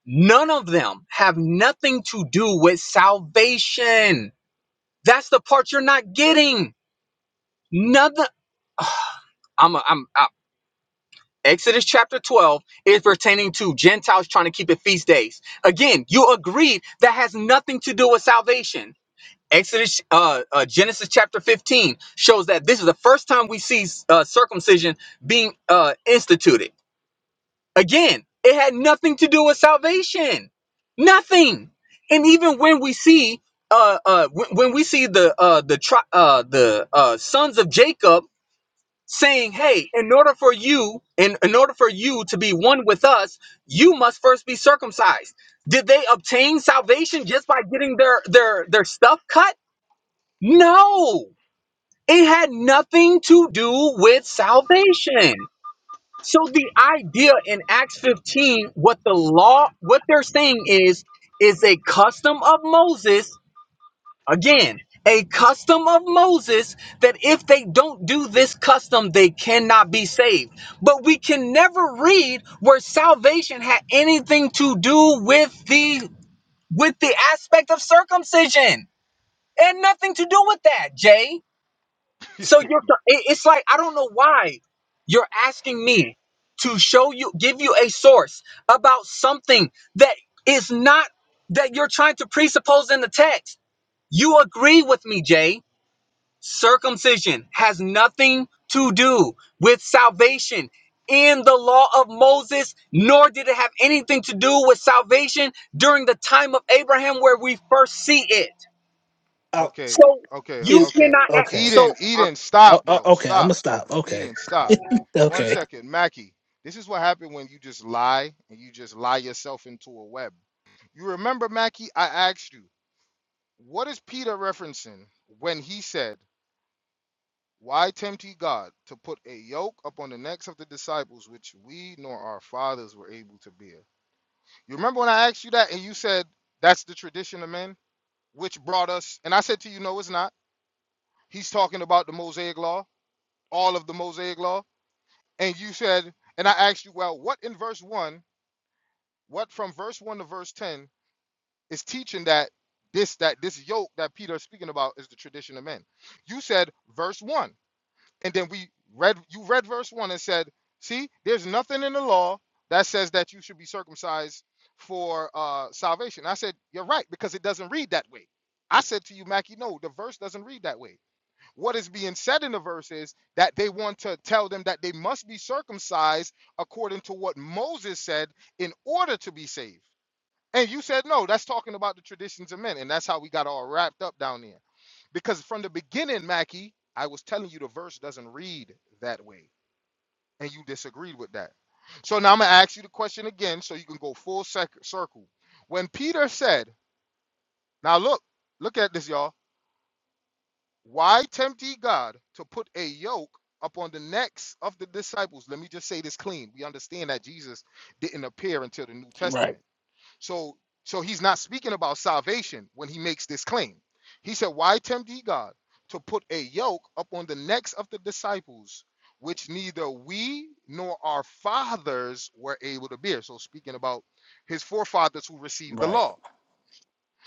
none of them have nothing to do with salvation. That's the part you're not getting. Nothing. I'm, a, I'm, i Exodus chapter 12 is pertaining to Gentiles trying to keep it feast days. Again, you agreed that has nothing to do with salvation. Exodus, uh, uh, Genesis chapter 15 shows that this is the first time we see uh, circumcision being uh, instituted. Again, it had nothing to do with salvation, nothing. And even when we see, uh, uh, when, when we see the uh, the tri- uh, the uh, sons of Jacob saying, "Hey, in order for you, in in order for you to be one with us, you must first be circumcised." Did they obtain salvation just by getting their their their stuff cut? No, it had nothing to do with salvation. So the idea in Acts 15, what the law, what they're saying is, is a custom of Moses, again, a custom of Moses that if they don't do this custom, they cannot be saved. But we can never read where salvation had anything to do with the with the aspect of circumcision. It had nothing to do with that, Jay. So you're it- it's like I don't know why you're asking me to show you give you a source about something that is not that you're trying to presuppose in the text. You agree with me, Jay. Circumcision has nothing to do with salvation in the law of Moses, nor did it have anything to do with salvation during the time of Abraham where we first see it.
Uh,
okay,
So
okay,
you
is
okay.
cannot act,
okay.
Eden,
so uh,
Eden,
Uh,
stop,
uh,
bro.
okay, I'm
Stop.
gonna stop. Okay,
Eden, stop. One
okay.
second, Mackie. This is what happened when you just lie and you just lie yourself into a web. You remember, Mackie, I asked you. What is Peter referencing when he said, Why tempt ye God to put a yoke upon the necks of the disciples which we nor our fathers were able to bear? You remember when I asked you that and you said, That's the tradition of men, which brought us, and I said to you, No, it's not. He's talking about the Mosaic law, all of the Mosaic law. And you said, and I asked you, Well, what in verse 1, what from verse 1 to verse 10 is teaching that? This that this yoke that Peter is speaking about is the tradition of men. You said verse one. and then we read you read verse 1 and said see there's nothing in the law that says that you should be circumcised for uh salvation i said you're right because it doesn't read that way i said to you mackie no the verse doesn't read that way what is being said in the verse is that they want to tell them that they must be circumcised according to what moses said in order to be saved and you said no that's talking about the traditions of men and that's how we got all wrapped up down there because from the beginning, Mackie, I was telling you the verse doesn't read that way, and you disagreed with that. So now I'm going to ask you the question again so you can go full sec- circle. When Peter said, Now look, look at this, y'all. Why tempt ye God to put a yoke upon the necks of the disciples? Let me just say this clean. We understand that Jesus didn't appear until the New
Right,
Testament. So so he's not speaking about salvation when he makes this claim. He said, Why tempt ye God to put a yoke upon the necks of the disciples, which neither we nor our fathers were able to bear? So speaking about his forefathers who received the
right.
law.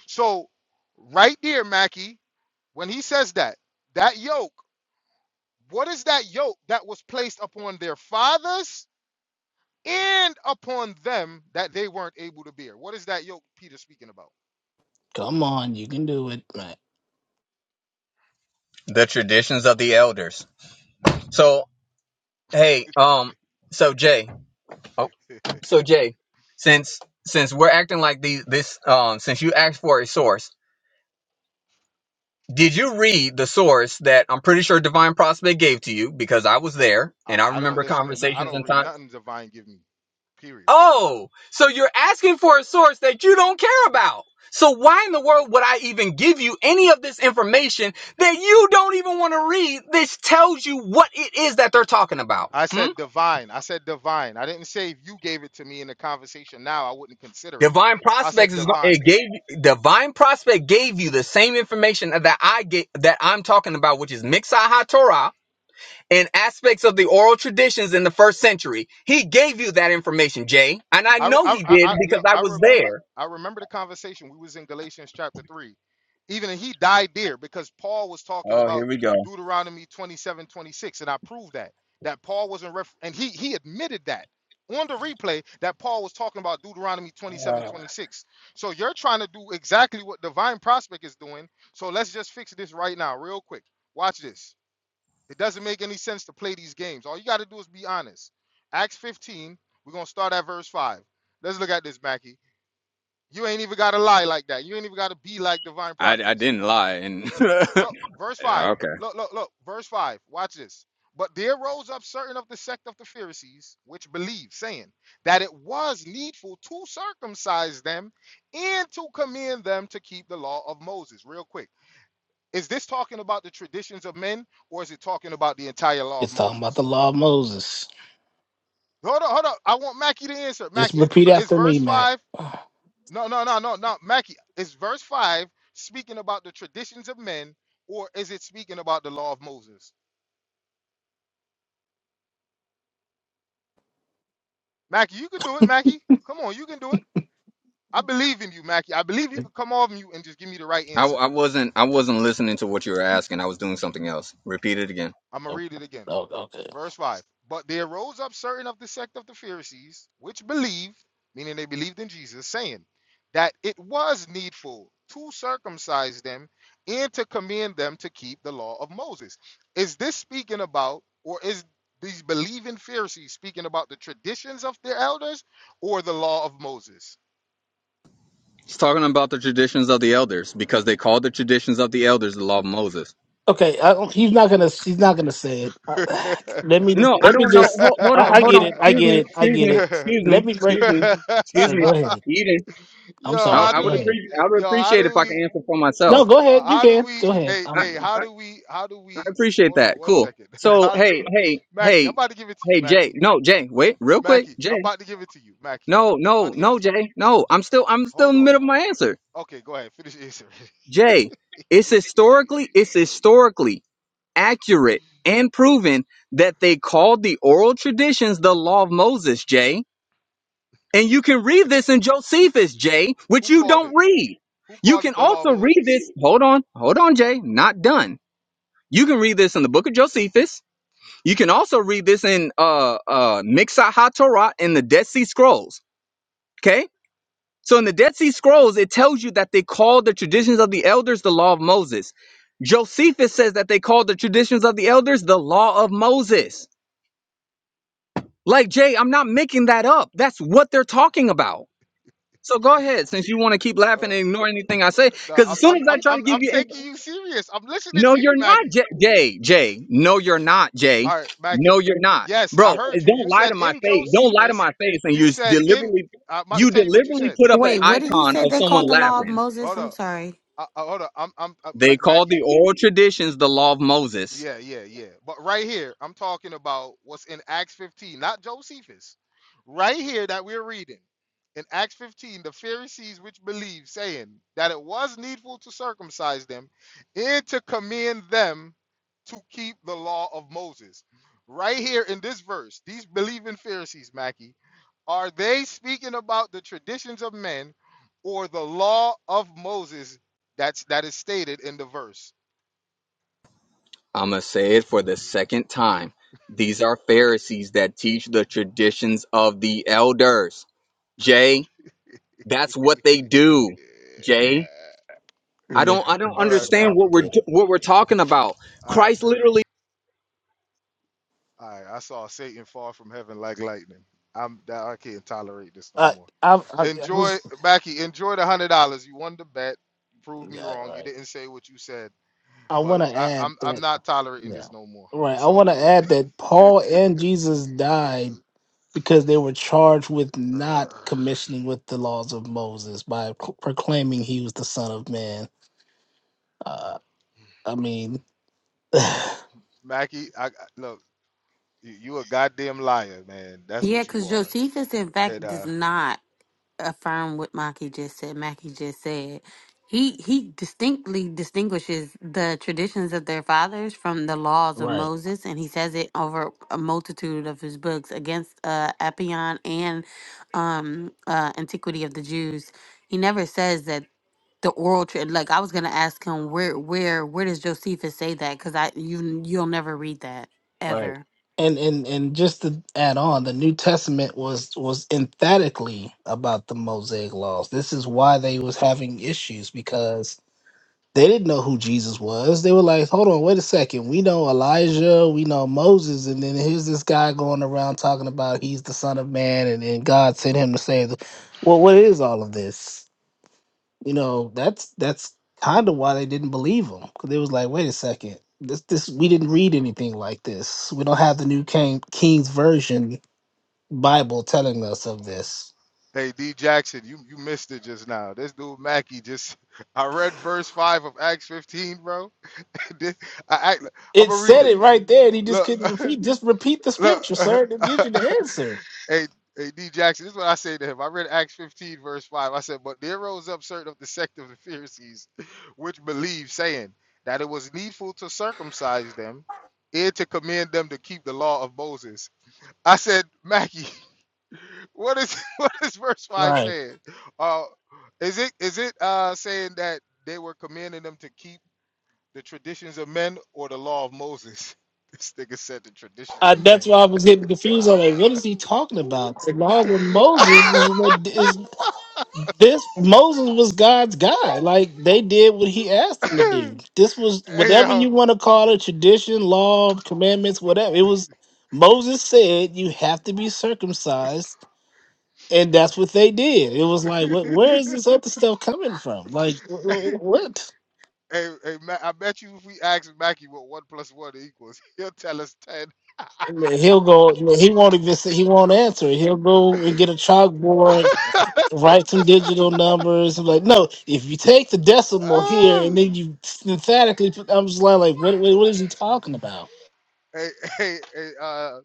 So right there, Mackie, when he says that, that yoke, what is that yoke that was placed upon their fathers and upon them that they weren't able to bear? What is that yoke Peter speaking about?
Come on, you can do it, Matt.
the traditions of the elders So hey, um, so Jay, oh, so Jay, since since we're acting like these, this, um, since you asked for a source, did you read the source that I'm pretty sure Divine Prospect gave to you because I was there
I,
and I
I don't
remember
listen to. no- I
conversations
don't
and
read
times.
nothing divine give me. Period.
Oh, so you're asking for a source that you don't care about. So why in the world would I even give you any of this information that you don't even want to read? This tells you what it is that they're talking about.
I
Hmm.
said divine. I said divine. I didn't say if you gave it to me in the conversation now, I wouldn't consider it.
Divine
I said
prospects is going
divine.
it gave divine prospect gave you the same information that I get that I'm talking about, which is Mixai HaTorah and aspects of the oral traditions in the first century. He gave you that information, Jay, and I
I,
know
I,
he
I,
did
I
because
look.
I
I
was
remember.
there.
I remember the conversation. We was in Galatians chapter three. Even he died there because Paul was talking
Oh,
about
here we go.
Deuteronomy 27 26, and I proved that that Paul wasn't ref- and he he admitted that on the replay that Paul was talking about Deuteronomy 27 26. So you're trying to do exactly what divine prospect is doing. So let's just fix this right now, real quick. Watch this. It doesn't make any sense to play these games. All you got to do is be honest. Acts 15, we're going to start at verse 5. Let's look at this, Mackie. You ain't even got to lie like that. You ain't even got to be like divine
I, I
practice.
didn't lie, and
Look,
okay,
verse 5. Look, look, look. Verse 5. Watch this. But there rose up certain of the sect of the Pharisees, which believed, saying that it was needful to circumcise them and to command them to keep the law of Moses. Real quick. Is this talking about the traditions of men or is it talking about the entire law of
It's talking about
Moses?
the law of Moses.
Hold up, hold up. I want Mackie to answer.
Just
Mackie,
repeat
is
after
verse
me, Matt.
five?
Oh,
No, no, no, no, no. Mackie, is verse five speaking about the traditions of men, or is it speaking about the law of Moses? Mackie, you can do it. Mackie, come on, you can do it. I believe in you, Mackie. I believe you can come off mute and just give me the right
I,
answer.
I wasn't I wasn't listening to what you were asking. I was doing something else. Repeat it again.
I'm gonna
oh,
read it again.
okay,
Verse 5. But there rose up certain of the sect of the Pharisees, which believed, meaning they believed in Jesus, saying that it was needful to circumcise them and to command them to keep the law of Moses. Is this speaking about, or is these believing Pharisees speaking about the traditions of their elders or the law of Moses?
It's talking about the traditions of the elders because they called the traditions of the elders the law of Moses.
okay. I don't, he's not gonna. He's not gonna say it.
yo,
I, let me.
No, I
Let me
don't know.
just.
Hold, hold on,
I, I
hold
get
on.
it. I
Excuse
get
me,
it. I
excuse
get
me,
it.
excuse
Let
me,
me break.
excuse me, excuse
Okay, go
me.
ahead.
Eden,
I'm
I,
how
sorry.
I
do
Go
would
we,
ahead.
appreciate. I would
yo, how
appreciate
do
if I
we?
can answer for
No,
myself.
go
Uh,
ahead. You
how do
can.
we?
Go ahead.
Hey,
I,
I'm
hey, how
I,
do we? How do
I
we?
appreciate
Hold on
that.
one
Cool.
second.
So
how
hey,
do,
hey,
Mackie? I'm
hey,
about to give it to you,
hey, Jay.
Mackie.
No, Jay. Wait, real quick,
Mackie, I'm
Jay.
about to give it to you, Mackie.
No,
I'm about
no,
to give it
no,
to you.
Jay. No, I'm still, I'm still
Hold
in the
on.
middle of my answer.
Okay, go ahead. Finish your answer.
Jay, it's historically, it's historically accurate and proven that they called the oral traditions the law of Moses. Jay. And you can read this in Josephus, Jay, which
Who
you
called
don't
it?
read.
Who
You
called
can
it the law of
also read
Moses?
this. Hold on. Hold on, Jay. Not done. You can read this in the book of Josephus. You can also read this in uh uh Mixah HaTorah in the Dead Sea Scrolls. Okay? So in the Dead Sea Scrolls, it tells you that they called the traditions of the elders the law of Moses. Josephus says that they called the traditions of the elders the law of Moses. Like Jay, I'm not making that up. That's what they're talking about. So go ahead, since you want to keep laughing
So,
and ignore anything I say,
uh, nah,
because as
I'm,
soon
I'm,
as I
I'm,
try to
I'm,
give
I'm
you, inf-
taking you serious. I'm listening
no,
to you,
you're not
Mackie.
J- Jay. Jay, no, you're not Jay.
All right, Mackie.
No, you're not,
Yes,
bro.
I
eh,
heard you. You
Don't lie
said
to my
in
face. Don't lie to
Josephus.
my face. And
You
you s-
said in.
deliberately,
I'm about to
you
tell you what you
deliberately
said.
put up an
Wait, what did he
icon
say
of
they
Hold on.
someone
called the law of
laughing.
Moses?
Hold
I'm
on.
sorry.
I, I, hold on, I'm I'm uh, Ma-
They call the
Mackie.
oral traditions the law of Moses.
Yeah, yeah, yeah. But right here, I'm talking about what's in Acts 15, not Josephus. Right here that we're reading. In Acts 15, the Pharisees which believed, saying that it was needful to circumcise them and to commend them to keep the law of Moses. Right here in this verse, these believing Pharisees, Mackie, are they speaking about the traditions of men or the law of Moses that's that is stated in the verse?
I'm gonna say it for the second time. These are Pharisees that teach the traditions of the elders. Jay, that's what they do.
Yeah.
Jay. I don't I
religion
don't
can be
All right,
so
understand what
Mackie.
we're do-
complicated.
what we're talking about.
All right,
Christ
Mackie.
literally
All right, I saw Satan fall from heaven like lightning. I'm that I can't tolerate this no
I
more.
I I, I
Enjoy,
was
Mackie. Enjoy the hundred dollars. You won the bet. You proved me
yeah,
wrong. You
right.
didn't say what you said,
I
but
want to
I,
add
I'm I'm
that
not tolerating
yeah.
this no more.
Right.
It's
I want
over
to
with.
add that Paul and Jesus died because they were charged with not
Ugh.
commissioning with the laws of Moses by pro- proclaiming he was the son of man. Uh I mean
Mackie, I I- look. You, you a goddamn liar, man. That's
Yeah,
what you
because
are.
Josephus, in
And
fact, does
uh.
not affirm what Maki just said. Mackie just said he he distinctly distinguishes the traditions of their fathers from the laws of
right.
Moses, and he says it over a multitude of his books against uh, Appian and um, uh, Antiquity of the Jews. He never says that the oral trade. Like I was gonna ask him where where where does Josephus say that? Because I you you'll never read that ever.
Right. And and and just to add on, the New Testament was was emphatically about the Mosaic laws. This is why they was having issues because They didn't know who Jesus was. They were like, hold on, wait a second. We know Elijah, we know Moses, and then here's this guy going around talking about he's the son of man and, then God sent him to save the Well, what is all of this? You know, that's that's kind of why they didn't believe him. Because they was like, wait a second. This this we didn't read anything like this. We don't have the new King King's version Bible telling us of this.
Hey, D Jackson, you, you missed it just now. This dude Mackey just I read verse five of Acts 15, bro. This, I, I am
It
gonna read
said
it.
it right there, and he just
Look,
couldn't repeat. Just repeat the
look.
scripture, sir. It gives you the answer.
hey, hey, D Jackson, this is what I say to him. I read Acts 15, verse five. I said, but there rose up certain of the sect of the Pharisees, which believed, saying that it was needful to circumcise them and to command them to keep the law of Moses. I said, Mackey. What is what is verse five
Right.
saying? Uh, is it is it uh saying that they were commanding them to keep the traditions of men or the law of Moses? This nigga said the traditions
I,
of
that's
men.
why I was getting confused. I'm like,
Uh,
what is he talking about? The law with Moses is what is this? Moses was God's guy. Like they did what he asked them to do. This was
hey
whatever you
yo,
want to call it, tradition, law, commandments, whatever. It was Moses said you have to be circumcised, and that's what they did. It was like, what? Where is this other stuff coming from? Like wh- wh- what?
hey, hey Ma- I bet you if we ask Mackie what one plus one equals, he'll tell us ten.
He'll go. He won't even. Say, he won't answer. He'll go and get a chalkboard write some digital numbers. I'm like, no, if you take the decimal here
Ah.
and then you synthetically put, I'm just like, like what, what, what is he talking about?
hey, hey, hey, uh,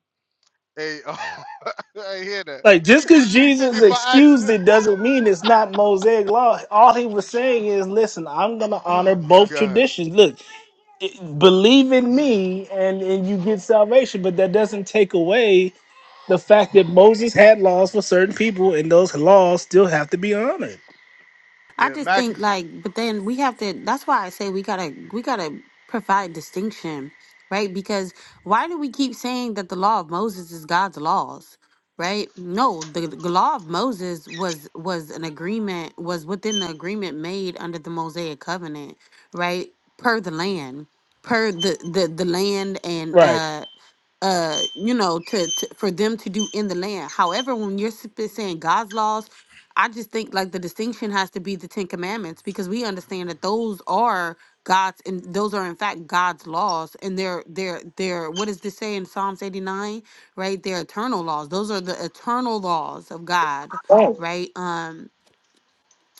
hey, oh, I hear that.
Like, just because
You think
Jesus
if I ask?
excused it doesn't mean it's not Mosaic law. All he was saying is, listen, I'm going to honor
Oh my
both
God.
traditions. Look, it, believe in
Mm.
me and, and you get salvation, but that doesn't take away the fact that Moses had laws for certain people and those laws still have to be honored.
I
Yeah,
just
Mackie.
think like, but then we have to. That's why I say we gotta we gotta provide distinction, right? Because why do we keep saying that the law of Moses is God's laws, right? No, the, the law of Moses was was an agreement was within the agreement made under the Mosaic covenant, right? Per the land, per the the the land and
Right.
uh uh you know to, to for them to do in the land however when you're sp- saying god's laws I just think like the distinction has to be the Ten Commandments because we understand that those are God's and those are in fact God's laws and they're they're they're what does this say in Psalms 89? Right? They're eternal laws. Those are the eternal laws of God,
Oh.
right? Um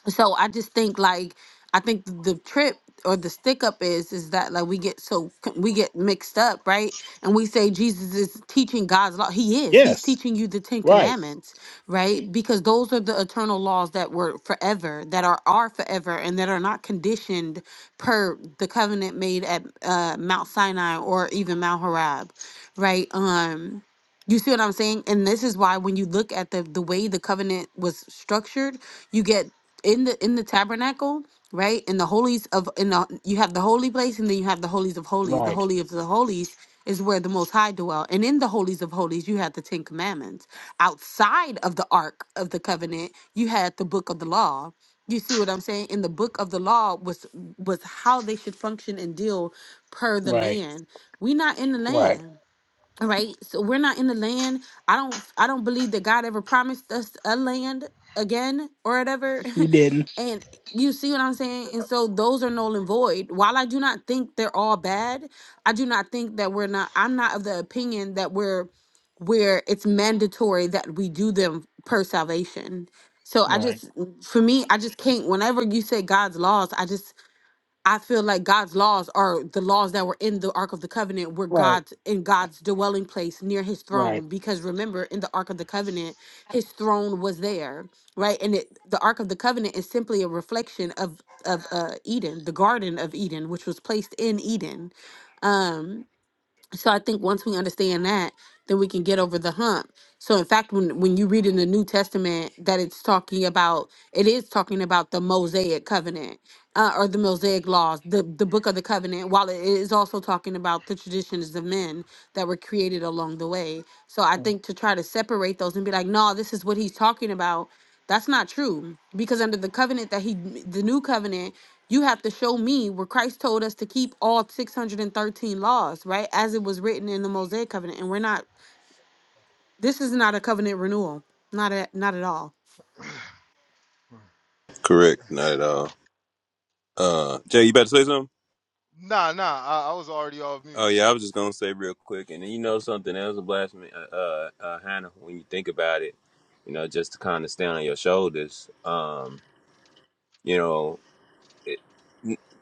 so I just think like I think the trip or the stick up is is that like we get so we get mixed up right and we say Jesus is teaching God's law he is he's
Yes.
teaching you the 10
Right.
commandments right because those are the eternal laws that were forever that are are forever and that are not conditioned per the covenant made at uh, Mount Sinai or even Mount Horeb right um you see what I'm saying and this is why when you look at the the way the covenant was structured you get in the in the tabernacle right in the holies of in the you have the holy place and then you have the holies of holies the
Right.
holy of the holies is where the most high dwell and in the holies of holies you had the 10 commandments outside of the ark of the covenant you had the book of the law you see what i'm saying in the book of the law was was how they should function and deal per the
Right.
land we not in the
Right.
land all right. So we're not in the land. I don't I don't believe that God ever promised us a land again or whatever.
You didn't.
and you see what I'm saying? And so those are null and void. While I do not think they're all bad, I do not think that we're not I'm not of the opinion that we're where it's mandatory that we do them per salvation. So I
Right.
just for me, I just can't whenever you say God's laws, I just I feel like God's laws are the laws that were in the Ark of the Covenant were
Right.
God's in God's dwelling place near his
Right.
throne. Because remember, in the Ark of the Covenant, his throne was there, right? And it, the Ark of the Covenant is simply a reflection of of uh Eden, the Garden of Eden, which was placed in Eden. Um, so I think once we understand that, then we can get over the hump. So in fact, when when you read in the New Testament that it's talking about, it is talking about the Mosaic covenant uh, or the Mosaic laws, the the book of the covenant. While it is also talking about the traditions of men that were created along the way, so I think to try to separate those and be like, no, this is what he's talking about. That's not true because under the covenant that he, the new covenant, you have to show me where Christ told us to keep all 613 laws, right? As it was written in the Mosaic covenant. And we're not, this is not a covenant renewal. Not at, not at all.
Mm.
Correct, not at all. Uh, Jay, you about to say something?
Nah, nah. I, I was already off mute.
Oh yeah, I was just gonna say real quick, and then you know something else, a blasphemy, uh, uh, uh, Hannah. When you think about it, you know, just to kind of stand on your shoulders, um, you know. It,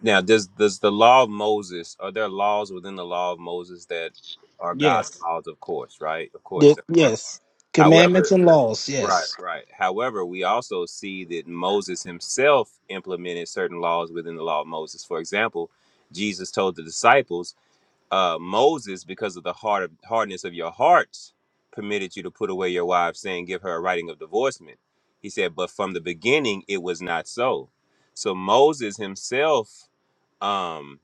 now, does does the law of Moses? Are there laws within the law of Moses that are God's
Yes.
laws? Of course, right? Of course,
Did,
there are.
yes. Commandments
However,
and laws.
Right,
Yes.
right. However, we also see that Moses himself implemented certain laws within the law of Moses. For example, Jesus told the disciples, uh, Moses, because of the hard of, hardness of your hearts, permitted you to put away your wife, saying, Give her a writing of divorcement. He said, But from the beginning, it was not so. So Moses himself um,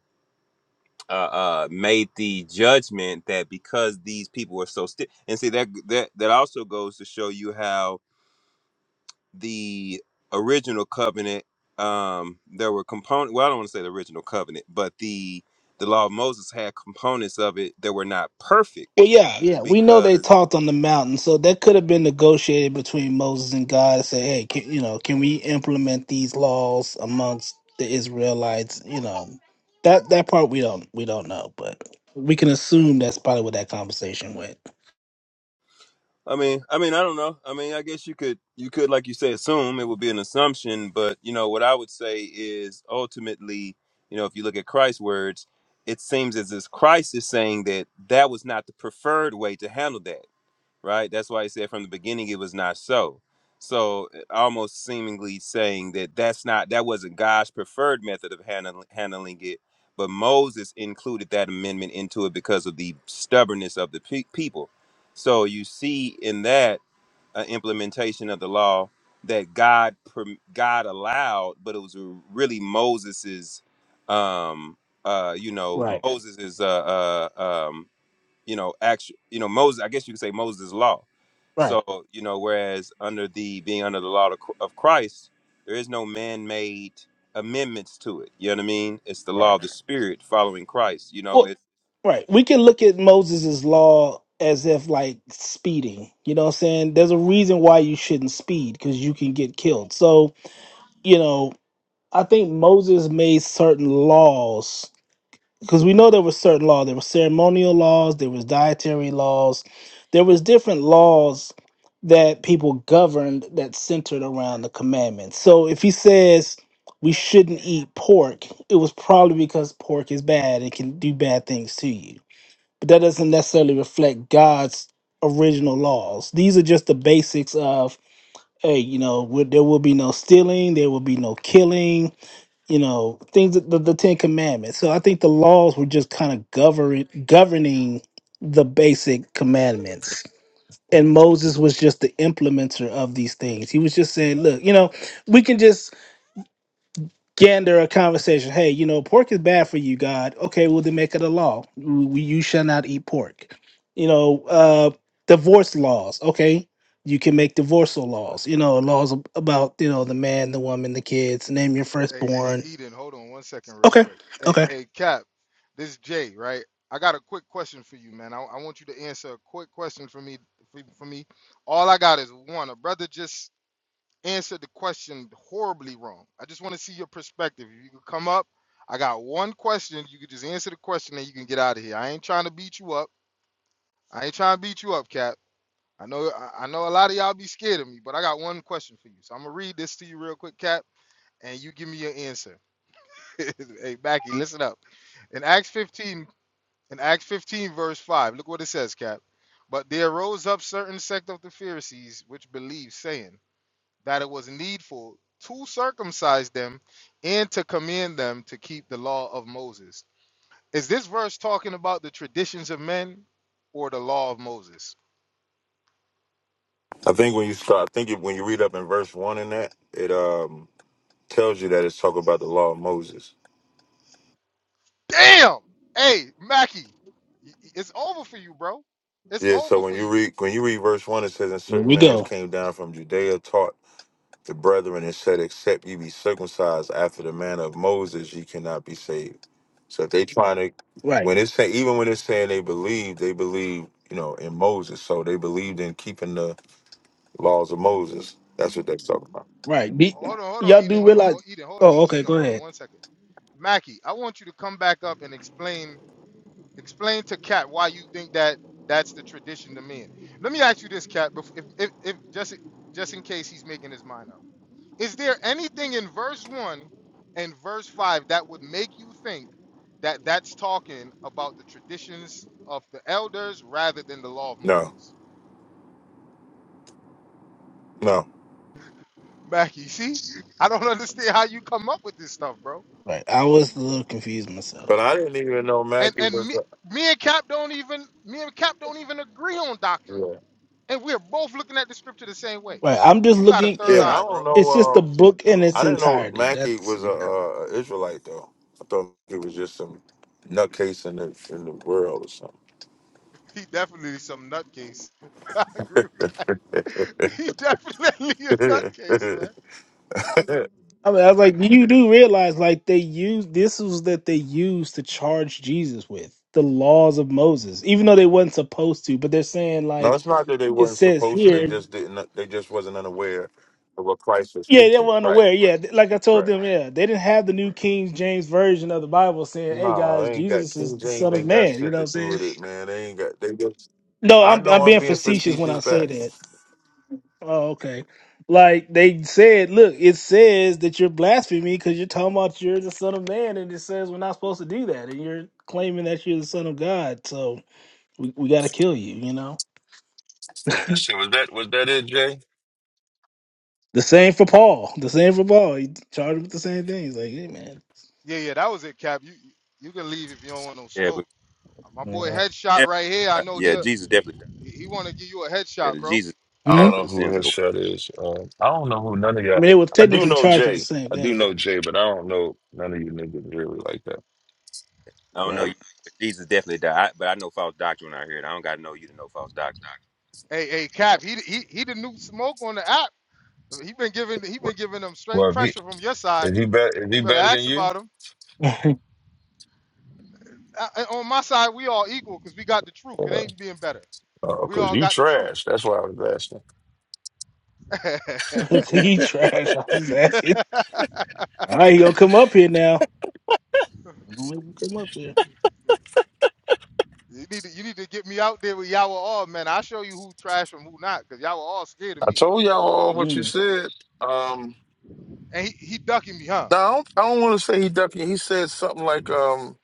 uh, uh, made the judgment that because these people were so stiff, and see, that, that, that also goes to show you how the original covenant um there were component well i don't want to say the original covenant but the the law of moses had components of it that were not perfect
Well, yeah, yeah. We know they
because
talked on the mountain, so that could have been negotiated between Moses and God. and Say, hey, can, you know, can we implement these laws amongst the Israelites? You know, that that part we don't we don't know, but we can assume that's probably what that conversation went.
i mean i mean i don't know i mean i guess you could you could like you say assume it would be an assumption but you know what i would say is ultimately you know if you look at christ's words it seems as if christ is saying that that was not the preferred way to handle that right? That's why he said from the beginning it was not so. So uh, almost seemingly saying that that's not that wasn't God's preferred method of handling handling it, but Moses included that amendment into it because of the stubbornness of the pe- people. So you see in that uh, implementation of the law that God perm- God allowed, but it was really Moses's um uh you know
Right.
Moses's uh uh um you know actual you know Moses I guess you could say Moses' law
Right.
so you know, whereas under the being under the law of Chr- of Christ, there is no man-made amendments to it. You know what I mean? It's the
Right.
law of the Spirit following Christ. You know,
Well,
it's
right. We can look at Moses' law as if like speeding. You know what I'm saying? There's a reason why you shouldn't speed because you can get killed. So, you know, I think Moses made certain laws because we know there were certain laws. There were ceremonial laws, there was dietary laws, there was different laws that people governed that centered around the commandments. So if he says we shouldn't eat pork, it was probably because pork is bad. It can do bad things to you but that doesn't necessarily reflect God's original laws. These are just the basics of hey, you know, would- there will be no stealing, there will be no killing, you know, things that the, the Ten Commandments. So I think the laws were just kind of govern governing the basic commandments. And Moses was just the implementer of these things. He was just saying, look, you know, we can just gander a conversation. Hey, you know, pork is bad for you, God. Okay, well then make it a law. We, you shall not eat pork. You know, uh, divorce laws. Okay, you can make divorcial laws. You know, laws ab- about you know the man, the woman, the kids. Name your
Hey, hey,
firstborn.
Eden. Hold on one second, real
Okay,
quick. Hey,
okay.
hey, Cap. This is Jay, right? I got a quick question for you, man. I, I want you to answer a quick question for me. For, for me, all I got is one. A brother just answered the question horribly wrong. I just want to see your perspective. If you could come up, I got one question. You could just answer the question and you can get out of here. I ain't trying to beat you up. I ain't trying to beat you up, Cap. I know I I know a lot of y'all be scared of me, but I got one question for you. So I'm gonna read this to you real quick, Cap, and you give me your answer. hey, Mackie, listen up. In Acts 15, in Acts 15, verse 5, look what it says, Cap. But there rose up certain sect of the Pharisees which believed, saying that it was needful to circumcise them and to command them to keep the law of Moses. Is this verse talking about the traditions of men or the law of Moses?
I think when you start, I think it, when you read up in verse one in that, it um tells you that it's talking about the law of Moses.
Damn. Hey, Mackie, y- y- it's over for you, bro. It's
Yeah, so
over
when
for
you
you.
read when you read verse one, it says, "And
Here
certain
we
men which
go.
came down from Judea taught the brethren and said, Except ye be circumcised after the manner of Moses, ye cannot be saved." So if they trying to,
Right,
when it's saying even when it's saying they believe, they believe you know in Moses, so they believed in keeping the laws of Moses. That's what they're talking about.
right. Be,
Hold on, hold on,
y'all
Eden.
do
Oh, oh,
realize?
Eden, hold on,
Oh, okay.
Eden,
Go
hold on,
ahead.
one second. Mackie, I want you to come back up and explain explain to Cat why you think that that's the tradition to men. Let me ask you this, Cat, bef- if, if, if just just in case he's making his mind up. Is there anything in verse one and verse five that would make you think that that's talking about the traditions of the elders rather than the law of
No,
Moses?
no,
Mackie, see, I don't understand how you come up with this stuff, bro.
Right. I was a little confused
but
myself,
I
but
didn't even know
And
Mackie
and
was.
me,
A,
me and Cap don't even me and Cap don't even agree on
yeah.
doctrine, and we're both looking at the scripture the same way.
right. I'm just
You got a
looking.
third
Yeah, and I
Yeah.
eye,
don't
bro.
know.
It's just the
Um,
book in its
I didn't know
entirety.
Mackey
That's.
was a, a a Israelite though. I thought he was just some nutcase in the in the world or something.
He definitely some nutcase. I agree. with- He definitely a nutcase, man.
I, mean, I was like, you do realize, like, they use this was that they used to charge Jesus with the laws of Moses, even though they wasn't supposed to. But they're saying,
no,
like,
it's not that they
it
weren't
says
supposed to. They
here,
just didn't. They just wasn't unaware of what Christ was
yeah, they
teaching.
were
Right.
unaware. Yeah, th- like I told
Right.
them, yeah, they didn't have the New King James version of the Bible saying, "Hey
No,
guys,
they ain't got
Jesus is
King
the
James
Son of
ain't got
Man." You
shit
know what
to
I'm
do
saying?
with it, man. They ain't got. They just.
No,
I
I'm
know
I'm
I'm
being
being
facetious when
facetious,
I say
back.
that. Oh, okay. Like they said, look, it says that you're blaspheming because you're talking about you're the son of man, and it says we're not supposed to do that, and you're claiming that you're the son of God, so we, we got to kill you. You know,
That shit was that. Was that it, Jay?
the same for Paul. The same for Paul. He charged him with the same thing. He's like, hey, man.
Yeah, yeah, that was it, Cap. You you you can leave if you don't want no
Yeah, but
smoke. My
Yeah.
boy Headshot right here. I
definitely,
know he
yeah, Jesus definitely died.
he want to give you a
Yeah,
headshot,
the
bro.
Jesus
I
Hmm?
don't
died for
know
the
who
sins of
his
the world.
shut is. Uh, I don't know who none of
I
y'all.
mean, they were
I
Yeah,
do
technically
know
charged with the
Jay.
same
I do know
thing.
Jay, but I don't know none of you niggas really like that.
I don't know
Right.
you, but Jesus definitely died. I, but I know false doctrine out here. and I don't got to know you to know false doctrine.
Hey, hey,
Yeah,
Cap. He he he the new smoke on the app. He been giving he been giving them straight
Well, if he
pressure from your side.
is he better is he
You better
better than
ask
you?
about him. Uh, uh, on my side, we all equal because we got the truth. It
Uh,
ain't being better.
uh,
We
cause
all
you
got the truth.
trash. That's why I was asking.
he trash. I was just asking. All right, he gonna come up here now. He gonna Come up here.
you need to you need to get me out there with Yahweh all man. I'll show you who trash from who not because Yahweh all scared of
I
me.
told y'all all what you
Hmm.
said. Um,
And he, he ducking me, huh?
no, I don't. I don't want to say he ducking. He said something like um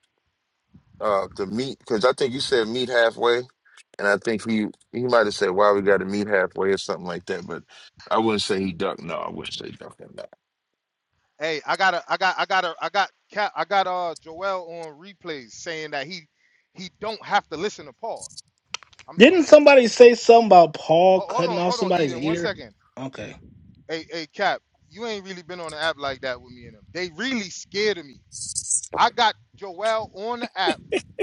uh to meet because I think you said meet halfway, and I think he he might have said why we got to meet halfway or something like that. But I wouldn't say he ducked. No, I wouldn't say ducking.
Hey, I got a I got I got a I got Cap I got uh Joel on replays saying that he he don't have to listen to Paul. I'm
Didn't somebody say something about Paul
ho- hold
cutting
on
off
hold on
somebody's
Eden one
ear?
second.
Okay.
Hey, hey, Cap, you ain't really been on the app like that with me and them. They really scared of me. I got Joel on the app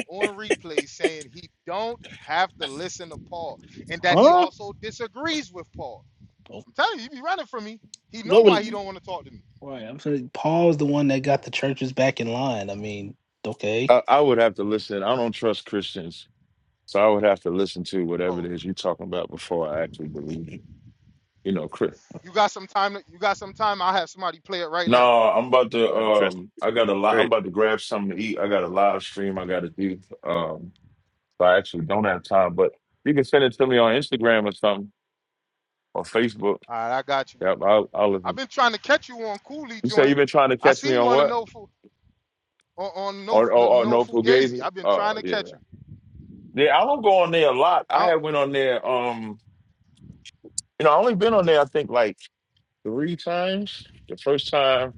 on replay saying he don't have to listen to Paul and that he
Huh?
also disagrees with Paul.
Oh,
I'm telling you, he be running from me. He know
What was,
why he
No.
don't want to talk to me.
right, I'm saying Paul's the one that got the churches back in line. I mean, okay.
I, I would have to listen. I don't trust Christians, so I would have to listen to whatever it
Oh,
is you're talking about before I actually believe you. You know, Chris.
you got some time? You got some time? I'll have somebody play it right now.
No, I'm about to.
not trusting.
Um, I got a lot. I'm
Great.
about to grab something to eat. I got a live stream I got to do. Um, so I actually don't have time. But you can send it to me on Instagram or something or Facebook.
All right, I got you.
Yep, I'll, I'll
I've
listen.
been trying to catch you on Cooley
You say
joint.
you've been trying to
I
catch
seen
me
you
on
on the
what?
no Fu- on, on no
Or or, or
no
no forgave
Fugazi. I've been
Oh
trying to
yeah,
catch you.
yeah. I don't go on there a lot.
I
I
don't.
had went on there. Um, you know, I only been on there. I think like three times. The first time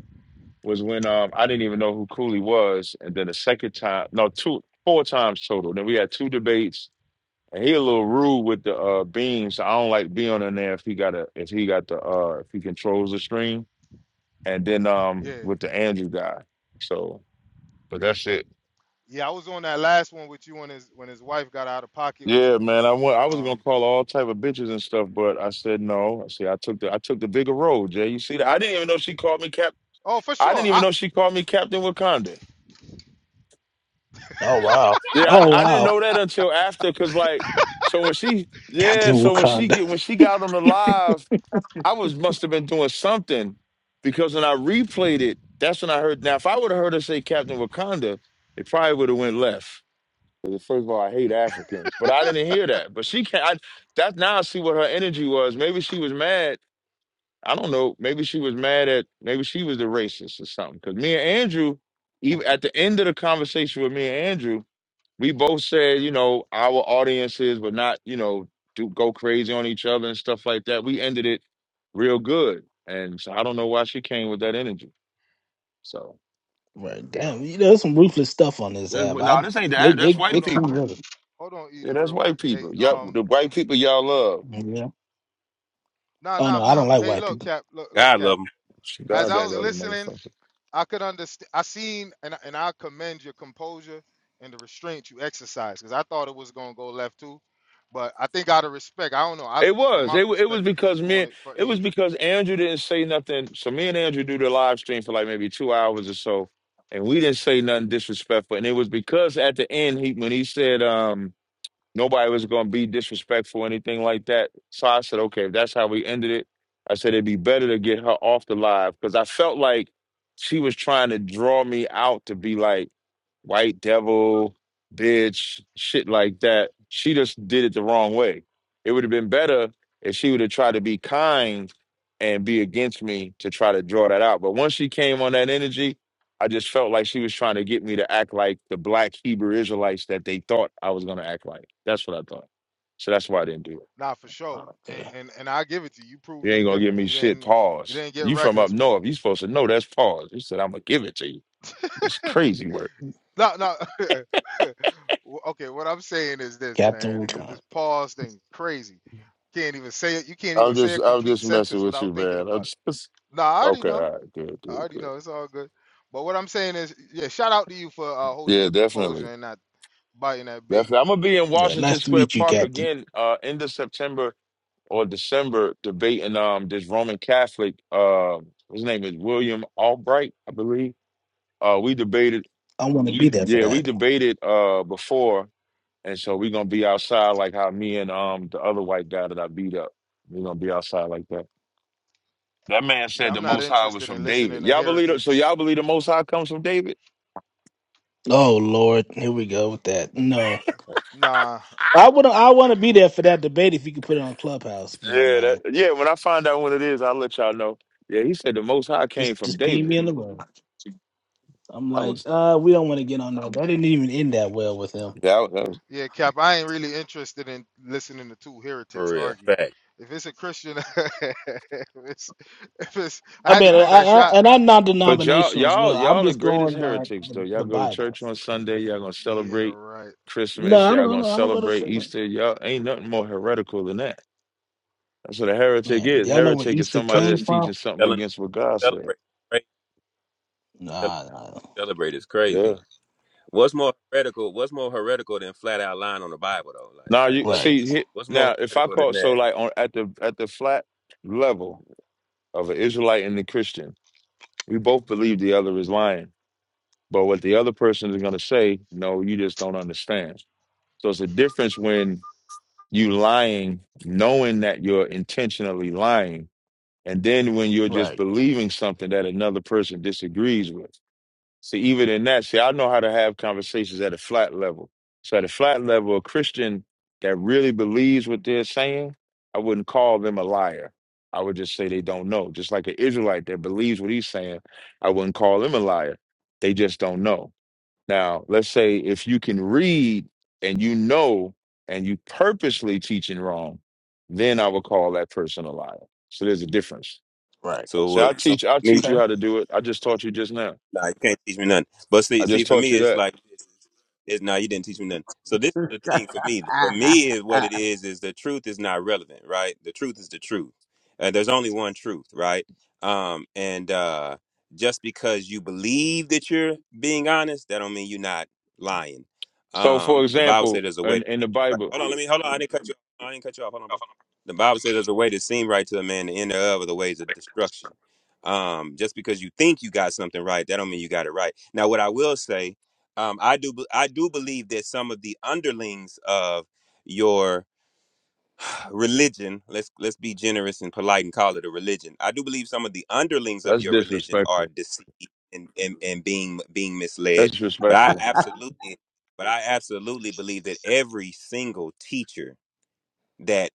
was when um I didn't even know who Cooley was, and then the second time, no, two, four times total. Then we had two debates, and he a little rude with the uh beams. I don't like being in there if he got a if he got the uh if he controls the stream, and then um
Yeah,
with the Andrew guy. So, but that's it.
Yeah, I was on that last one with you when his when his wife got out of pocket with you.
Yeah, man. I went, I was gonna
Um,
call all type of bitches and stuff, but I said no. I see. I took the I took the bigger road, Jay. You see that? I didn't even know she called me cap.
oh for
I
sure.
didn't even
I
know she called me Captain Wakanda.
Oh, wow.
Yeah,
Oh,
I, I didn't
wow.
know that until after, cause like, so when she, yeah,
Captain
so when she
Wakanda.
get when she got on the live, I was must have been doing something, because when I replayed it, that's when I heard. Now, if I would have heard her say Captain Wakanda, it probably would have went left. 'Cause First of all, I hate Africans, but I didn't hear that. But she can't. I, that now I see what her energy was. Maybe she was mad. I don't know. Maybe she was mad at. Maybe she was the racist or something. Because me and Andrew, even at the end of the conversation with me and Andrew we both said, you know, our audiences would not, you know, do go crazy on each other and stuff like that. We ended it real good, and so I don't know why she came with that energy. So
Right, damn. You know, there's some ruthless stuff on this
no,
yeah,
app.
nah,
I
yeah.
this ain't
they
that. That's
they
white
they
hold on,
come
ho-
people.
with
hold on,
Yeah,
Eden,
that's
real quick.
white
Hey,
people. Yep,
um,
the
it.
white people y'all love.
Yeah.
nah,
Oh
nah,
no,
for
I don't
sure.
like
Hey,
white
look,
people.
Cap, look, look,
God
Cap.
love him
As
Yeah.
God
I
don't
was
love them
listening,
motherfuckers.
I could understand. I seen and I- and I commend your composure and the restraint you exercise because I thought it was gonna go left too, but I think out of respect, I don't know. I
It
from
was.
my
It, wa- it was
perspective, you was
because
doing
me.
it for
It was
Andrew.
because Andrew didn't say nothing. So me and Andrew do the live stream for like maybe two hours or so, and we didn't say nothing disrespectful. And it was because at the end, he when he said, um Nobody was going to be disrespectful or anything like that. So I said, okay, if that's how we ended it, I said it'd be better to get her off the live because I felt like she was trying to draw me out to be like white devil, bitch, shit like that. She just did it the wrong way. It would have been better if she would have tried to be kind and be against me to try to draw that out. But once she came on that energy, I just felt like she was trying to get me to act like the black Hebrew Israelites that they thought I was gonna act like. That's what I thought. So that's why I didn't do it.
Nah, for sure. And
Okay.
and and I give it to you. You proved
You
them
ain't gonna give
different.
me
You
shit.
didn't you
Pause.
didn't get
You from up
reckless with them.
north? You supposed to know that's pause. You said I'm gonna give it to you. That's crazy work.
No, no. W- okay, what I'm saying is this,
Captain
man. th- This
Wakanda.
pause thing, crazy. Can't even say it. You can't even
I'm
say a
just I'm
complete
just messing
sentence
with
without
you,
thinking
man. I'm
about it.
just
Nah, I already
Okay,
know.
all right, good,
I
good,
already
good.
know. It's all good. But what I'm saying is, yeah, shout out to you for uh, holding
Yeah,
your composure
definitely,
and not biting that bait.
definitely. I'm gonna be in
Yeah,
Washington
nice to
Square
meet you,
Park
Captain.
again, uh, end of September or December, debating um this Roman Catholic. Uh, his name is William Albright, I believe. Uh, we debated.
I want to be there for
Yeah, we
that.
debated uh before, and so we're gonna be outside like how me and um the other white guy that I beat up. We're gonna be outside like that. That man
Yeah,
said
I'm
the
not
Most High was
interested in
from
listening
David.
to
Y'all believe it? So
heretics.
y'all believe the Most High comes from David?
Oh Lord, here we go with that. No.
Nah,
I would I want to be there for that debate if you could put it on Clubhouse if you don't
Yeah, that,
mind.
yeah. When I find out what it is, I'll let y'all know. Yeah, he said the Most High came
Just
from
just ping
David.
me in the room. I'm
I
like,
was
uh, we don't want to get on that. That didn't even end that well with him.
that was. That was
Yeah, Cap, I ain't really interested in listening to two
for
heretics
real.
argue.
Fact.
If it's a Christian, if it's, if it's, I
I
had to
mean, I,
throw that
I,
shot.
and I'm
but y'all,
non-denominational as
y'all,
well. I'm
y'all the
just
Mhm.
greatest
going by
heretics though.
the,
Y'all
the
go to
Bible.
church on Sunday. Y'all gonna
Yeah,
celebrate
right.
No,
Christmas.
I don't,
Y'all
I don't.
gonna
I don't go to
celebrate
church.
Easter. Y'all ain't nothing more heretical than that. That's what a heretic
Man,
is.
y'all know where
Heretic is
Easter
Tell-
somebody that's
came from?
teaching something
Telling
against what God said.
celebrate, right? Telling
Nah, nah.
celebrate is crazy.
Yeah.
What's more heretical? What's more heretical than flat out lying on the Bible though? Like,
Now
like
you
what's
Right,
see hit
what's
now
more
if I
heretical
call
than
so
that?
like on at the at the flat level of an Israelite and the Christian, we both believe the other is lying. But what the other person is gonna say, no, you just don't understand. So it's a difference when you lying, knowing that you're intentionally lying, and then when you're just
right,
believing something that another person disagrees with. See, even in that, see, I know how to have conversations at a flat level. So at a flat level, a Christian that really believes what they're saying, I wouldn't call them a liar. I would just say they don't know. Just like an Israelite that believes what he's saying, I wouldn't call them a liar. They just don't know. Now, let's say if you can read and you know and you purposely teaching wrong, then I would call that person a liar. So there's a difference.
right.
So,
So I'll
uh, so
teach I'll
me,
teach you
Okay,
how to do it. I just taught you just now.
like, you can't teach me nothing. But see,
I
see,
just
for
taught
me,
you
it's
that.
like, It's no, you didn't teach me nothing. So this is the thing for me. For me, is what it
Amen.
is is the truth is not relevant, right? The truth is the truth. Uh, there's only one truth, right? Um, and uh, just because you believe that you're being honest, that don't mean you're not lying.
So, for
Um, the Bible
example,
said there's a way
in,
to
in the
think right.
Bible,
Hold on, let me hold on. I didn't cut you. Off. I didn't cut you off. Hold on, bro. The Bible says there's a way to seem right to a man, the end of are the ways of destruction. Um, just because you think you got something right, that don't mean you got it right. Now, what I will say um, I do be- I do believe that some of the underlings of your religion let's let's be generous and polite and call it a religion i do believe some of the underlings of
that's
your religion are
disrespectful.
deceived and and, and being being misled
That's
but i
disrespectful.
absolutely but i absolutely believe that every single teacher that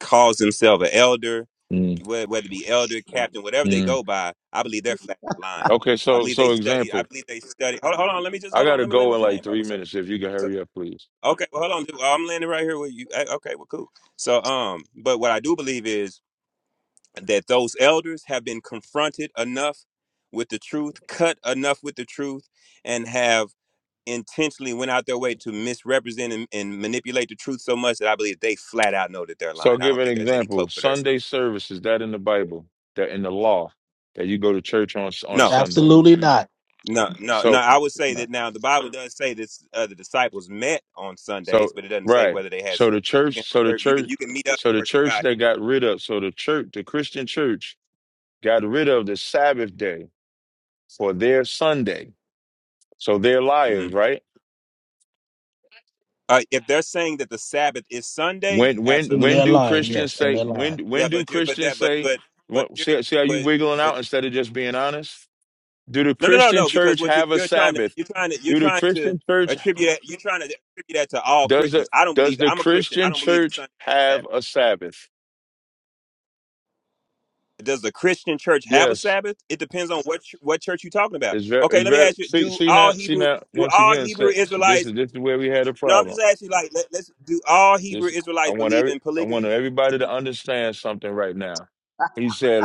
calls themselves an elder
Mm,
whe- whether it be elder captain whatever they
mm.
go by i believe they're flat lying
Okay,
i
so
believe they
so
study i
example,
believe they study hold, hold on let me just
I
hold on
gotta
let me land
go
my
in like
plane bro
three
what's up
minutes. If you can hurry up, please.
Okay, well, hold on. dude. I'm landing right here with you. Eh, Okay, well, cool. So, um, but what I do believe is that those elders have been confronted enough with the truth, cut enough with the truth, and have intentionally went out their way to misrepresent and, and manipulate the truth so much that I believe they flat out know that they're
So, I'll
lying. I
give
don't
an
think there's any
example.
cloak for their
Sunday
sin.
service is that in the Bible? That in the law that you go to church on on
No,
Sunday.
absolutely not.
no, no, no.
So
I would say
No.
that now the Bible does say that uh, the disciples met on
so
Sundays, but it doesn't say
right.
whether they had.
So
ser-
the
You can
church. So the
you can
church.
you can meet up
So the
for
church
God.
that got rid of. So the church, the Christian church, got rid of the Sabbath day for their Sunday. So they're
Mm-hmm.
liars, right?
Uh, if they're saying that the Sabbath is Sunday,
When when
Then
absolutely.
when
they're
do
lying.
Christians
Yes, then
say
they're lying.
when when
Yeah,
do
but you but
Christians
that but
say
but but
what
you
see, see how you
but
wiggling
but
out instead of just being honest? Do the
no no no
Christian
no because
church
what you
have a
you're trying to
Sabbath?
you're trying to you're
Do the
trying to
Christian church
attribute that you're trying to attribute that to all
does
Christians.
the
I don't
does
believe
the
I'm a Christian. I
Christian
don't believe that
church
Sunday is the Sabbath.
have a Sabbath?
Does the Christian church have a
Yes.
Sabbath? It depends on what ch- what church you're talking about.
It's very
Okay,
it's
let me
very
ask you:
see
Do
see
all
now see
Hebrew
now
do
once
all
again
Hebrew
so- this is
Israelites?
this is where we had a
No, I'm
problem.
just asking. Like, let, let's do all Hebrew
Just I
Israelites
want
believe
every
in
I want
polygamy?
everybody to understand something right now. He said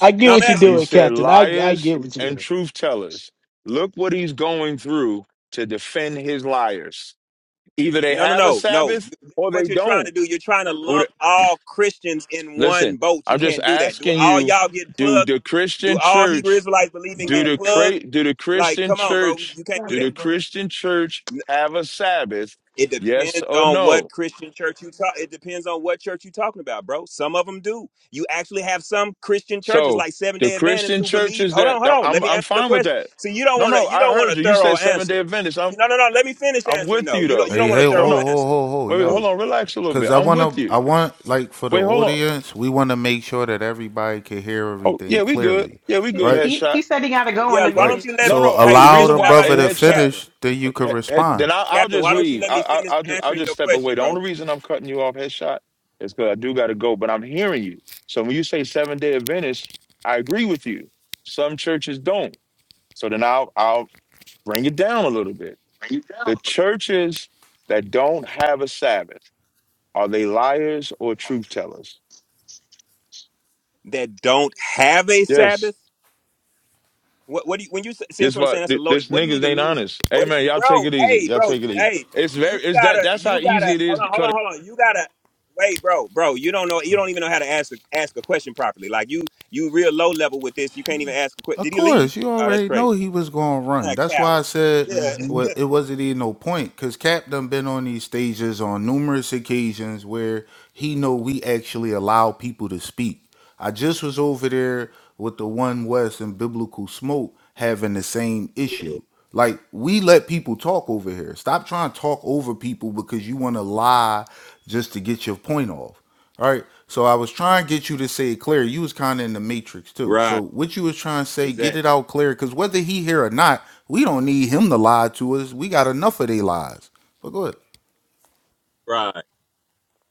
I get
No, I'm
what you're
he
asking. you.
doing,
said
Captain. I I
liars
get what
and
you're
truth tellers. Look what he's going through to defend his liars. Either they
No, no,
have a
no, no.
Sabbath
You,
or they
what you're trying to
don't.
do, you're trying to
Or the-
lump all Christians in
Listen,
one boat. You
I'm just
can't do that. Do
asking
all
you,
y'all get
do
plugged?
the
Do
Christian
all Hebrew
church,
Israelites believe in
do
getting
the
plugged?
cra- do the
Like,
Christian
come on, bro.
church,
You can't do
do the
that.
doing.
Christian church
N-
have a Sabbath?
It
Yes
depends
or
on
no?
what Christian church you talk. It depends on what church you're talking about, bro. Some of them do. You actually have some Christian churches
So
like Seven
the
Day Adventists
Christian
who believe.
churches
Hold on,
that
hold on.
I'm
Let me
I'm
answer your
fine with
question.
that.
See, you don't
No,
want
no,
to. You
I
don't want
heard
a
you. You
thorough
said seven day
answer.
Adventist. I'm
No, no, no. Let me finish
I'm
answering.
with
though.
you
you don't. You
though.
Hey,
don't want a
hey, ho,
No,
thorough
no.
ho,
answer.
ho, ho,
Wait, wait, hold
y'all.
on, relax a little
Cause
bit.
I
I'm with
wanna
you.
I want like for the
Wait, hold on.
audience, we wanna make sure that everybody can hear
Oh,
everything
yeah, we good.
clearly.
Yeah, we good,
Right?
He
headshot.
he said he gotta go in
Yeah,
a
why
Right.
don't
minute.
you let
No,
me?
So
no, um,
Hey,
the
allow
reason
the
listen, how
why
about
brother
a
to
this,
headshot
Captain?
finish, then you can
he- he-
respond.
then I'll, I'll
Captain,
just
why don't you
leave.
let me
I,
finish
I, I'll just I'll
answering
just
your
step away.
question,
The only
bro?
reason I'm cutting you off, headshot, is because I do got to go. But I'm hearing you. So when you say seven day Adventist, I agree with you. Some churches don't. So then I'll I'll bring it down a little bit.
Mhm.
The churches that don't have a Sabbath, are they liars or truth tellers?
That don't have a
Yes.
Sabbath. What? What do you? When you s- see that's
This
what I'm saying?
what
That's a
th-
loaded.
this
What do you
niggas
even
ain't
mean?
honest.
What, do
Amen.
you,
Y'all take
bro?
it easy.
Hey,
Y'all
bro.
take it easy.
Hey,
It's
you
very it's that
gotta.
that's how
You
easy
gotta.
it
Hold
is
on.
to
Hold on.
cut
Hold on. You gotta. Wait, bro, bro, you don't know, you don't even know how to ask a, ask a question properly. Like you, you real low level with this. You can't even ask a question.
Of
Did he leave?
course, you
Oh, that's
already know
crazy.
he was going to
What
run.
A
That's why I
coward.
said
Yeah.
Mhm.
well, it wasn't even no point because Cap done been on these stages on numerous occasions where he know we actually allow people to speak. I just was over there with the One West and Biblical Smoke having the same issue. Like we let people talk over here. Stop trying to talk over people because you want to lie just to get your point off. All right. So I was trying to get you to say it clear. You was kind of in the matrix too. So
Right.
what you was trying to say, get it
Exactly.
out clear, because whether he here or not, we don't need him to lie to us. We got enough of their lies. But go ahead.
Right.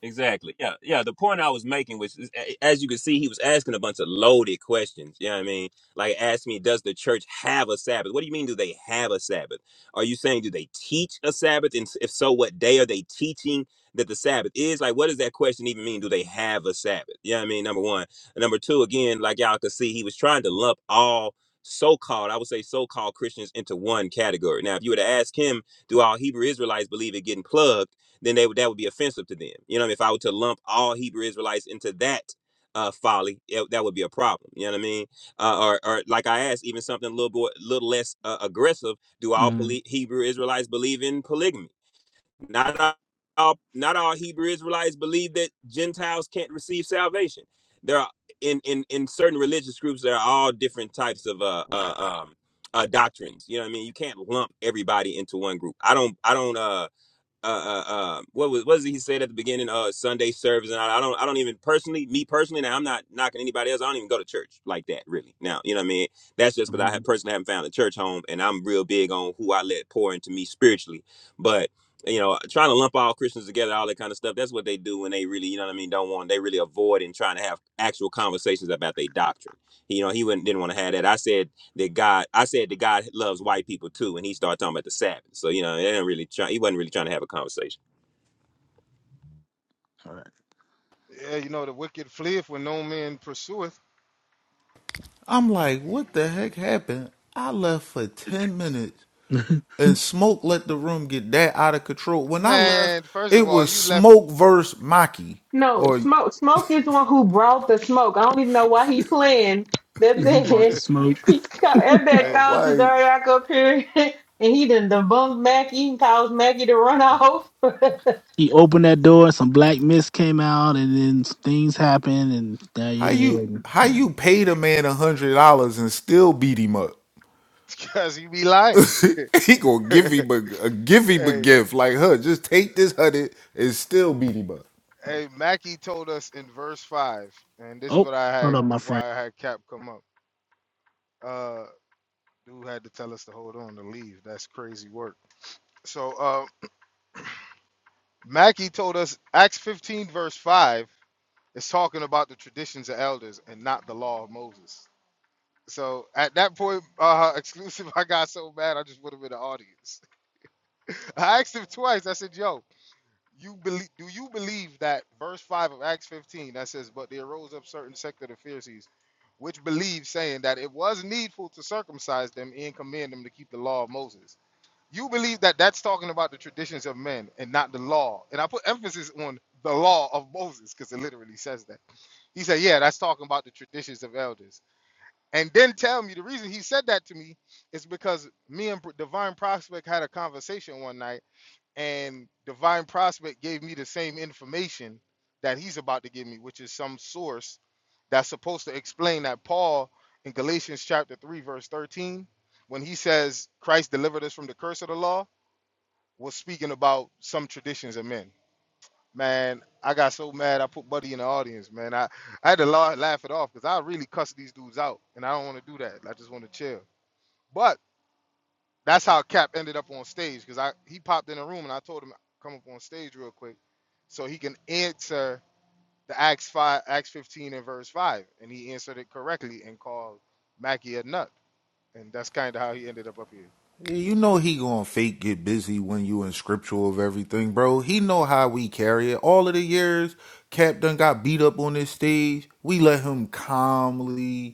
Exactly. Yeah. Yeah. The point I was making was, is, a- as you can see, he was asking a bunch of loaded questions. You know what I mean? Like, ask me, does the church have a Sabbath? What do you mean, do they have a Sabbath? Are you saying, do they teach a Sabbath? And s- if so, what day are they teaching that the Sabbath is? Like, what does that question even mean? Do they have a Sabbath? You know what I mean? Number one. And number two, again, like y'all could see, he was trying to lump all so called, I would say so called Christians into one category. Now, if you were to ask him, do all Hebrew Israelites believe in getting plugged? then they would that would be offensive to them. You know, what I mean? if I were to lump all Hebrew Israelites into that uh, folly, it- that would be a problem. You know what I mean? Uh, or, or like I asked, even something a little boy, little less uh, aggressive. Do all
Mm,
poly- Hebrew Israelites believe in polygamy? Not all. Not all Hebrew Israelites believe that Gentiles can't receive salvation. There are in in in certain religious groups there are all different types of uh, uh um uh doctrines. You know what I mean? You can't lump everybody into one group. I don't I don't uh uh, uh, uh, what was what did he said at the beginning? Uh, Sunday service, and I, I don't, I don't even personally, me personally, now I'm not knocking anybody else. I don't even go to church like that, really. Now, you know what I mean? That's just because I have
Mhm.
personally haven't found a church home, and I'm real big on who I let pour into me spiritually. But you know, trying to lump all Christians together, all that kind of stuff, that's what they do when they really, you know what I mean, don't want. They really avoid and trying to have actual conversations about their doctrine. You know, he wouldn't didn't want to have that. I said that God, I said that God loves white people too, and he started talking about the Sabbath. So you know, they didn't really try. He wasn't really trying to have a conversation.
All right.
Yeah, you know, the wicked fleeth when no man pursueth.
I'm like, what the heck happened? I left for ten minutes, and smoke let the room get that out of control. When I left,
Man, first of
it
all,
was
you left
smoke versus Maki.
No,
Or I'm
smoke smoke is the one who brought the smoke. I don't even know why he playing. That
And he
man,
brought the smoke.
he co- that man
hey,
called
like,
Cesariak up here and he done debunked Mackie and caused Mackie to run off.
He opened that door. Some black mist came out, and then some things happened, and now you're
how
here.
you
and-
how
Yeah.
you paid a man a hundred dollars and still beat him up?
because you be lying.
He gonna give him a, a give him a
hey,
gift like huh. Just take this hundred and still beat him up.
hey, Mackie told us in verse five, and this is
Oh,
what I
hold
had,
on, my friend.
why I had Cap come up. Uh, dude had to tell us to hold on to leave. That's crazy work. So uh, Mackie told us Acts 15 verse 5 is talking about the traditions of elders and not the law of Moses. So at that point, uh, exclusive, I got so mad I just put him in the audience. I asked him twice. I said, "Yo, you believe? Do you believe that verse five of Acts 15 that says, 'But there rose up certain sect of the Pharisees, which believed, saying that it was needful to circumcise them and command them to keep the law of Moses.'" You believe that that's talking about the traditions of men and not the law. And I put emphasis on the law of Moses because it literally says that. He said, Yeah, that's talking about the traditions of elders. And then tell me the reason he said that to me is because me and Divine Prospect had a conversation one night, and Divine Prospect gave me the same information that he's about to give me, which is some source that's supposed to explain that Paul in Galatians chapter 3, verse 13, when he says Christ delivered us from the curse of the law was speaking about some traditions of men. Man, I got so mad I put Buddy in the audience, man. I, I had to la- laugh it off because I really cussed these dudes out, and I don't want to do that. I just want to chill. But that's how Cap ended up on stage because I he popped in the room and I told him come up on stage real quick so he can answer the Acts five, Acts fifteen, and verse five, and he answered it correctly and called Mackie a nut, and that's kind of how he ended up up here.
You know he gonna fake get busy when you in scriptural of everything, bro. He know how we carry it. All of the years Cap done got beat up on this stage. We let him calmly.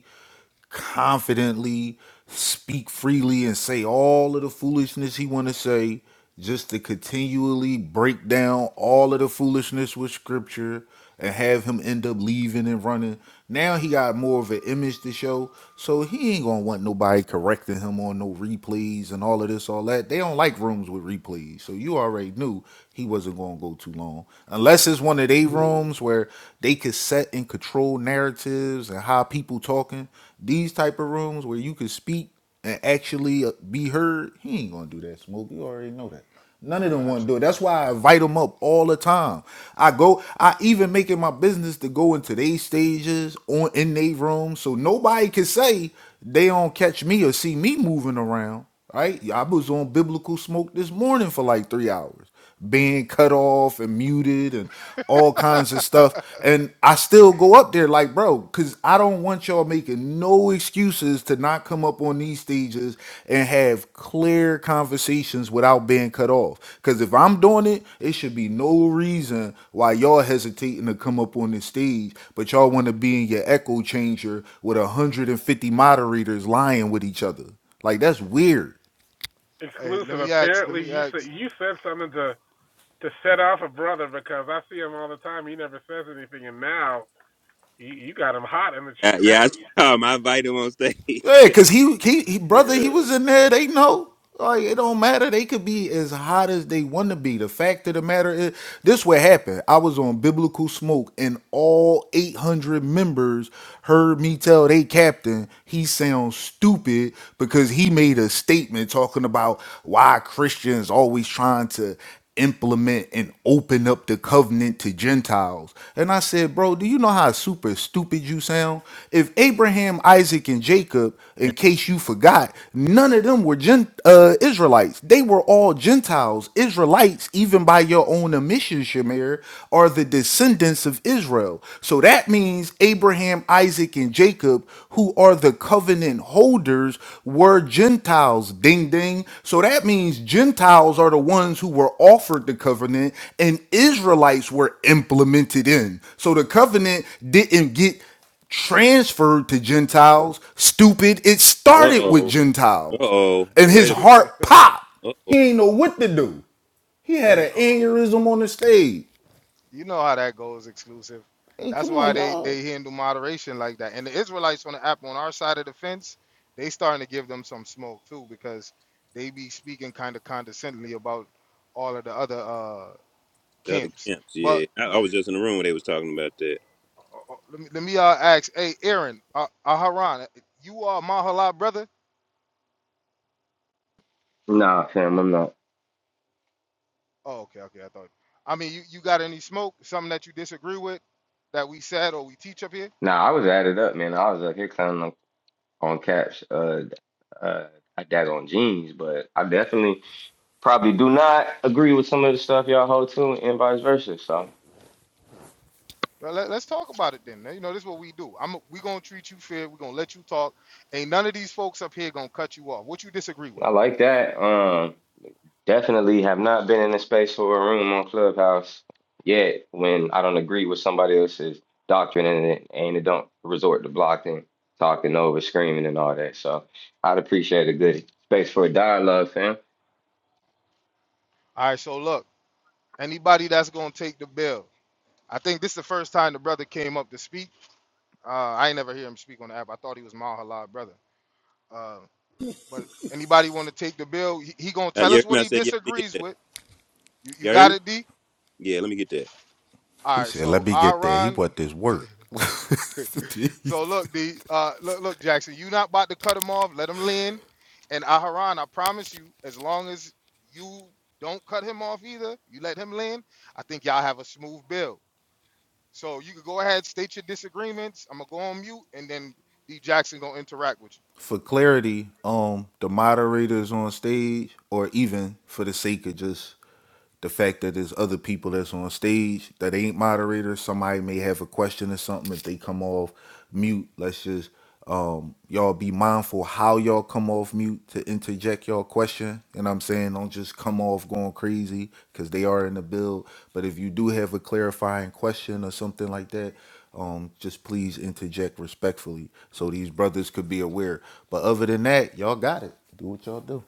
confidently speak freely and say all of the foolishness he want to say just to continually break down all of the foolishness with scripture and have him end up leaving and running now he got more of an image to show so he ain't gonna ain't gonna want nobody correcting him on no replays and all of this, all that. They don't like rooms with replays. So you already knew he wasn't gonna go too long. Unless it's one of they rooms where they could set and control narratives and how people talking. These type of rooms where you could speak and actually uh, be heard, he ain't gonna do that, Smoke. You already know None
No,
of them want to do it.
absolutely.
That's why I invite them up all the time. I go, I even make it my business to go into their stages on in their rooms, so nobody can say they don't catch me or see me moving around. Right? I was on biblical smoke this morning for like three hours being cut off and muted and all kinds of stuff. And I still go up there like, bro, because I don't want y'all making no excuses to not come up on these stages and have clear conversations without being cut off. Because if I'm doing it, it should be no reason why y'all hesitating to come up on this stage, but y'all want to be in your echo changer with 150 moderators lying with each other. Like, that's weird.
Hey, let
exclusive.
me ask. Let
Apparently,
me
you said
ask.
you said something to to set off a brother because I see him all the time. He never says anything, and now you, you got him hot in the
Uh,
chat.
yeah, I saw him. I invited him on stage.
Yeah, cause he, he he brother, he
yeah.
was in there. They know. Like it don't matter. They could be as hot as they want to be. The fact of the matter is, this what happened. I was on biblical smoke, and all eight hundred members heard me tell they captain he sounds stupid because he made a statement talking about why Christians always trying to implement and open up the covenant to Gentiles. And I said, Bro, do you know how super stupid you sound? If Abraham, Isaac, and Jacob, in case you forgot, none of them were Gen- uh, Israelites. They were all Gentiles. Israelites, even by your own admission, Shamir, are the descendants of Israel. So that means Abraham, Isaac and Jacob, who are the covenant holders, were Gentiles. Ding, ding. So that means Gentiles are the ones who were offered the covenant and Israelites were implemented in. So the covenant didn't get transferred to Gentiles. Stupid. It
Uh
started with
oh. Uh
Gentiles.
oh.
And his
Wait a minute.
Mhm.
heart popped.
Uh oh.
He ain't know what to do. He had
hey, uh,
an
uh,
aneurysm on the stage.
you know how that goes exclusive.
Hey,
That's
come
why
on,
they
y'all.
they handle moderation like that. And the Israelites on the app on our side of the fence, they starting to give them some smoke too because they be speaking kind of condescendingly about all of the other uh
The other
camps.
camps.
But
Yeah, I,
uh,
I was just in the room when they was talking about that.
uh, let me let me uh, ask, hey Aaron, uh, Aharon, you are Mahala brother?
Nah, fam, I'm not.
Oh, okay, okay, I thought. I mean, you, you got any smoke? Something that you disagree with that we said or we teach up here?
Nah, I was added up, man. I was up here counting on, on caps, uh, uh, I daggone jeans, but I definitely probably do not agree with some of the stuff y'all hold to and vice versa. So
Well, Let, us talk about it then. You know, this is what we do. I'm we gonna treat you fair. We're gonna let you talk. Ain't none of these folks up here gonna cut you off. What you disagree with?
I like that. Um, definitely have not been in a space or a room on Clubhouse yet when I don't agree with somebody else's doctrine and it, and it don't resort to blocking, talking over, screaming, and all that. So I'd appreciate a good space for a dialogue, fam.
All right, so look, anybody that's gonna take the bill. I think this is the first time the brother came up to speak. Uh, I ain't never hear him speak on the app. I thought he was Mahalad brother. Uh, but anybody want to take the bill? He, he gonna
Uh,
tell
you
us
hear me?
what
I
he
said, yeah. Let me get
disagrees
that.
with. You you
Y'all hear
got
me?
it, D.
Yeah. Let me get that.
He
All right,
said, "Let
so
me get that. He
Aaron.
want this work.
So look, the uh, look, look, Jackson, you not about to cut him off. Let him lean. And Aharon, I promise you, as long as you don't cut him off either, you let him lean. I think y'all have a smooth bill. So you could go ahead, state your disagreements. I'm gonna go on mute, and then D Jackson gonna interact with
for clarity, um, the moderators on stage, or even for the sake of just the fact that there's other people that's on stage that ain't moderators. Somebody may have a question or something. If they come off mute, let's just um y'all be mindful how y'all come off mute to interject y'all question. And I'm saying don't just come off going crazy because they are in the build. But if you do have a clarifying question or something like that, um, just please interject respectfully so these brothers could be aware. But other than that, y'all got it. Do what y'all do.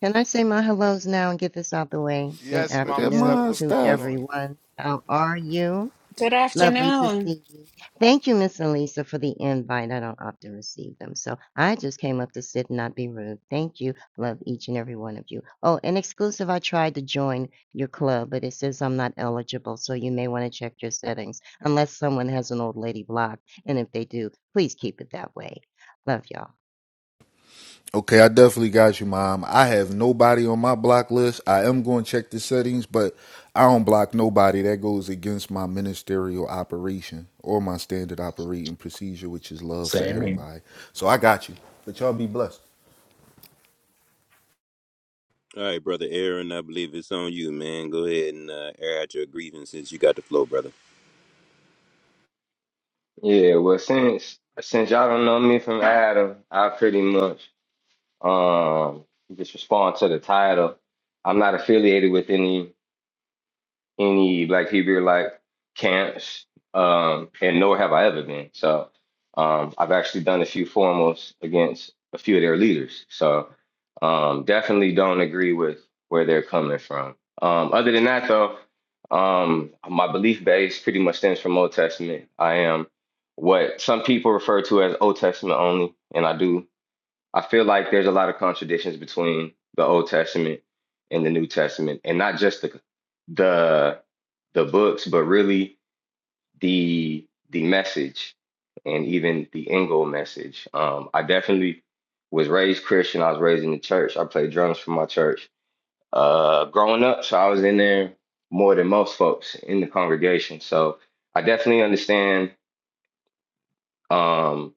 Can I say my hellos now and get this out the way?
you.
Good
Yes,
Look at
Mama
afternoon
Steph,
my
what's
to
going
stuff.
on?
everyone. How are you?
Good
Lovely to
afternoon.
see you. Thank you, Miss Elisa, for the invite. I don't often receive them, so I just came up to sit and not be rude. Thank you. Love each and every one of you. Oh, and exclusive, I tried to join your club, but it says I'm not eligible, so you may want to check your settings unless someone has an old lady blocked, And if they do, please keep it that way. Love y'all.
Okay, I definitely got you, mom. I have nobody on my block list. I am going to check the settings, but I don't block nobody. That goes against my ministerial operation or my standard operating procedure, which is love for
Same here.
everybody. So I got you. But y'all be blessed.
All right, brother Aaron. I believe it's on you, man. Go ahead and uh, air out your grievances. You got the flow, brother.
Yeah, well, since since y'all don't know me from Adam, I pretty much um just respond to the title. I'm not affiliated with any any Black Hebrew like camps, um, and nor have I ever been. So um, I've actually done a few formals against a few of their leaders. So um, definitely don't agree with where they're coming from. Um, other than that, though, um, my belief base pretty much stems from Old Testament. I am what some people refer to as Old Testament only, and I do. I feel like there's a lot of contradictions between the Old Testament and the New Testament, and not just the the the books, but really the the message and even the Ingo message. Um, I definitely was raised Christian. I was raised in the church. I played drums for my church uh, growing up, so I was in there more than most folks in the congregation. So I definitely understand. Um,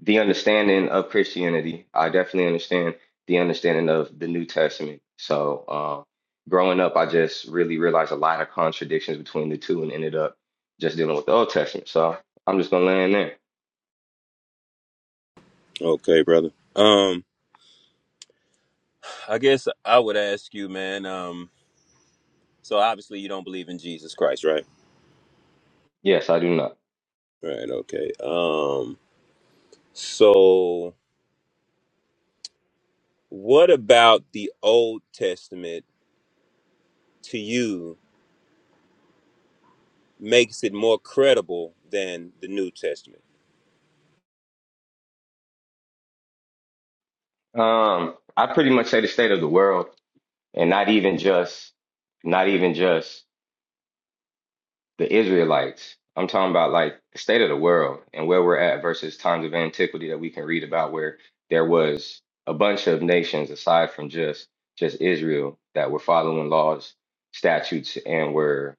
the understanding of Christianity. I definitely understand the understanding of the New Testament. So, um, growing up, I just really realized a lot of contradictions between the two and ended up just dealing with the Old Testament. So, I'm just going to land there.
Okay, brother. Um, I guess I would ask you, man. Um. So obviously you don't believe in Jesus Christ, right?
Yes, I do not.
Right, okay. Um so what about the Old Testament to you makes it more credible than the New Testament?
Um, I pretty much say the state of the world and not even just, not even just the Israelites. I'm talking about like the state of the world and where we're at versus times of antiquity that we can read about where there was a bunch of nations aside from just just Israel that were following laws, statutes, and were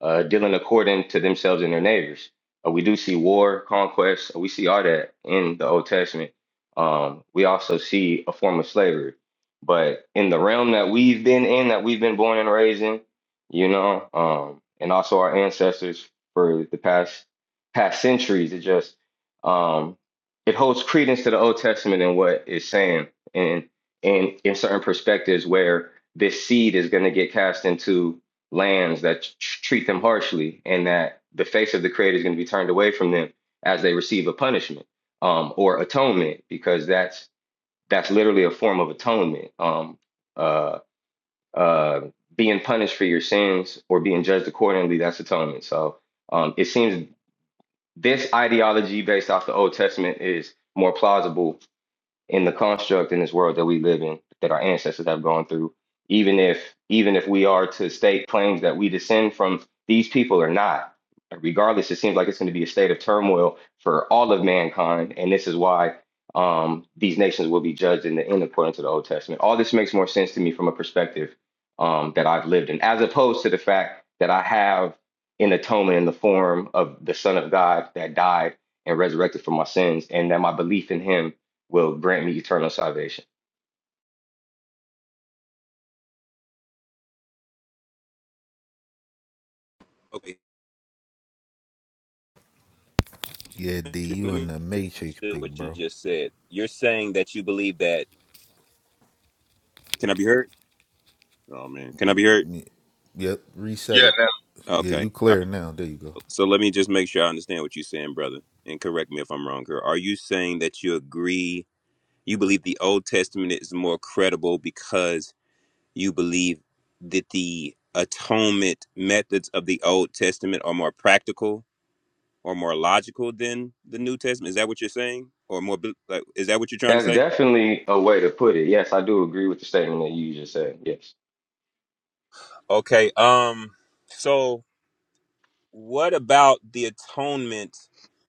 uh, dealing according to themselves and their neighbors. Uh, we do see war, conquest. We see all that in the Old Testament. Um, we also see a form of slavery, but in the realm that we've been in, that we've been born and raised in, you know, um, and also our ancestors for the past past centuries. It just um, it holds credence to the Old Testament and what it's saying, and and in certain perspectives where this seed is going to get cast into lands that tr- treat them harshly, and that the face of the Creator is going to be turned away from them as they receive a punishment um, or atonement, because that's that's literally a form of atonement. Um, uh, uh, being punished for your sins or being judged accordingly, that's atonement. So um, it seems this ideology based off the Old Testament is more plausible in the construct in this world that we live in that our ancestors have gone through even if even if we are to state claims that we descend from these people or not regardless it seems like it's going to be a state of turmoil for all of mankind and this is why um, these nations will be judged in the end according to the old testament all this makes more sense to me from a perspective um, that i've lived in as opposed to the fact that i have an atonement in the form of the son of god that died and resurrected for my sins and that my belief in him will grant me eternal salvation.
Okay,
Yeah, D, you
let
in
me
the matrix,
understand
big
what you
bro.
just said. You're saying that you believe that Can I be heard? Oh man, can I be heard?
Yeah. Yep, reset
Yeah,
it.
no,
Yeah,
Okay.
you
All
clear
right.
now. There you go.
So let me just make sure I understand what you're saying, brother, and correct me if I'm wrong here. Are you saying that you agree you believe the Old Testament is more credible because you believe that the atonement methods of the Old Testament are more practical or more logical than the New Testament. Is that what you're saying? Or more bel- like is that what you're trying to
That's
say?
definitely a way to put it. Yes, I do agree with the statement that you just said. Yes.
Okay. Um so what about the atonement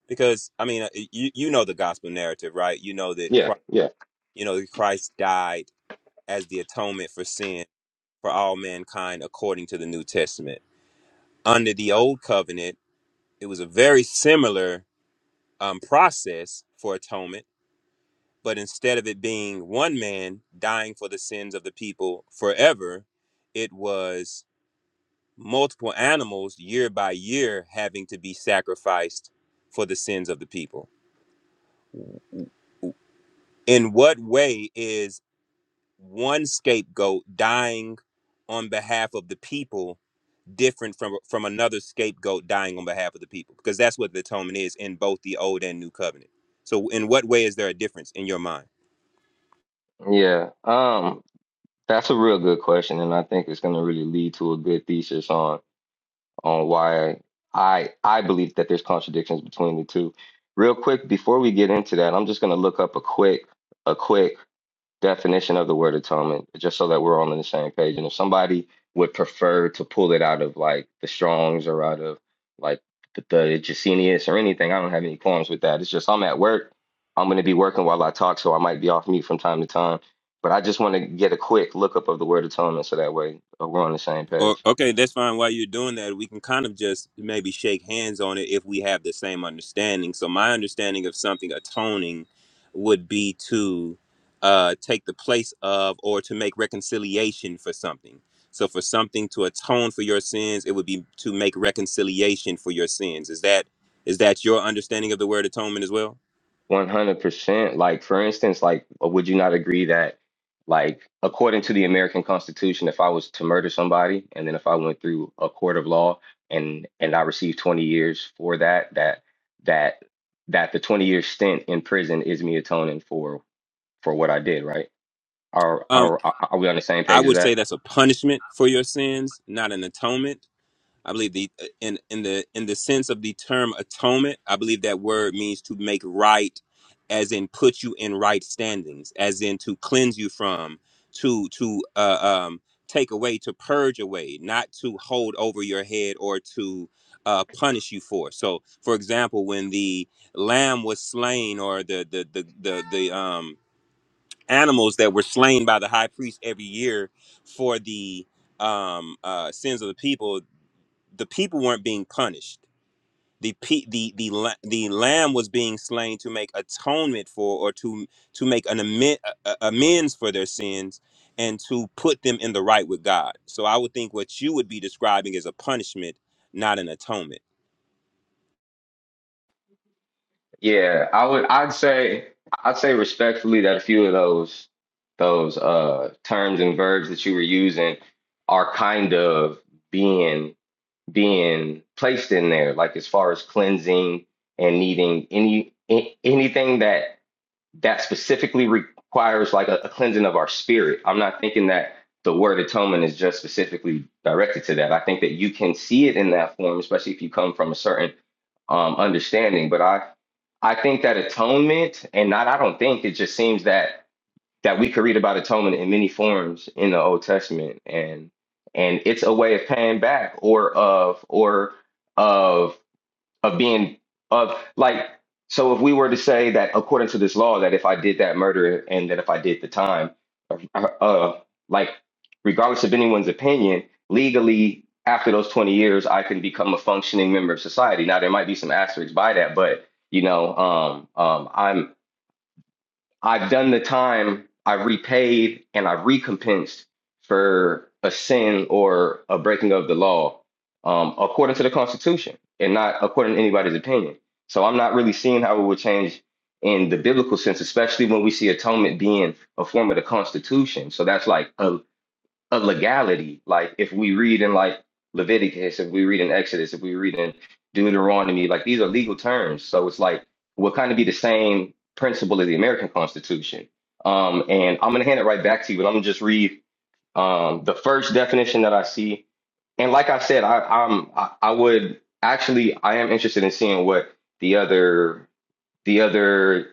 because I mean uh, you you know the gospel narrative, right? You know that
Yeah,
Christ,
yeah.
you know that Christ died as the atonement for sin for all mankind according to the New Testament. Under the old covenant, it was a very similar um, process for atonement, but instead of it being one man dying for the sins of the people forever, it was multiple animals year by year having to be sacrificed for the sins of the people. In what way is one scapegoat dying on behalf of the people different from from another scapegoat dying on behalf of the people? Because that's what the atonement is in both the old and new covenant. So in what way is there a difference in your mind?
Yeah. Um, that's a real good question, and I think it's gonna really lead to a good thesis on on why I I believe that there's contradictions between the two. Real quick, before we get into that, I'm just gonna look up a quick a quick definition of the word atonement, just so that we're all on the same page. And if somebody would prefer to pull it out of like the Strongs or out of like the, the Jacenius or anything, I don't have any qualms with that. It's just I'm at work. I'm going to be working while I talk, so I might be off mute from time to time. But I just want to get a quick lookup of the word atonement so that way uh, we're on the same page.
Or, okay, that's fine. While you're doing that, we can kind of just maybe shake hands on it if we have the same understanding. So, my understanding of something atoning would be to uh, take the place of or to make reconciliation for something. So, for something to atone for your sins, it would be to make reconciliation for your sins. Is that is that your understanding of the word atonement as well?
100%. Like, for instance, like, uh, would you not agree that, like, according to the American Constitution, if I was to murder somebody and then if I went through a court of law and and I received 20 years for that, that that that the 20 year stint in prison is me atoning for for what I did, right? Are
Um,
are are we on the same
I
page as
would say
that?
that's a punishment for your sins, not an atonement. I believe the uh, in in the in the sense of the term atonement, I believe that word means to make right, as in put you in right standings, as in to cleanse you from, to to uh, um, take away, to purge away, not to hold over your head or to uh, punish you for. So, for example, when the lamb was slain, or the the the the, the um, animals that were slain by the high priest every year for the um uh sins of the people the people weren't being punished. The pe- the the la- the lamb was being slain to make atonement for or to to make an amen- a- a- amends for their sins and to put them in the right with God. So I would think what you would be describing is a punishment, not an atonement.
Yeah, I would. I'd say. I'd say respectfully that a few of those those uh terms and verbs that you were using are kind of being being placed in there, like as far as cleansing and needing any a- anything that that specifically requires like a, a cleansing of our spirit. I'm not thinking that the word atonement is just specifically directed to that. I think that you can see it in that form, especially if you come from a certain um, understanding. But I, I think that atonement, and not I don't think it just seems that that we could read about atonement in many forms in the Old Testament, and and it's a way of paying back or of or of of being of like so if we were to say that according to this law that if i did that murder and that if i did the time uh, uh, like regardless of anyone's opinion legally after those 20 years i can become a functioning member of society now there might be some asterisks by that but you know um, um, i'm I've done the time, I've repaid, and I've recompensed for a sin or a breaking of the law um, according to the Constitution and not according to anybody's opinion. So I'm not really seeing how it would change in the biblical sense, especially when we see atonement being a form of the Constitution. So that's like a a legality. Like if we read in like Leviticus, if we read in Exodus, if we read in Deuteronomy, like these are legal terms. So it's like will kind of be the same principle as the American Constitution. Um, and I'm gonna hand it right back to you, but I'm gonna just read um, the first definition that I see. And like I said, I, I'm I, I would actually I am interested in seeing what the other the other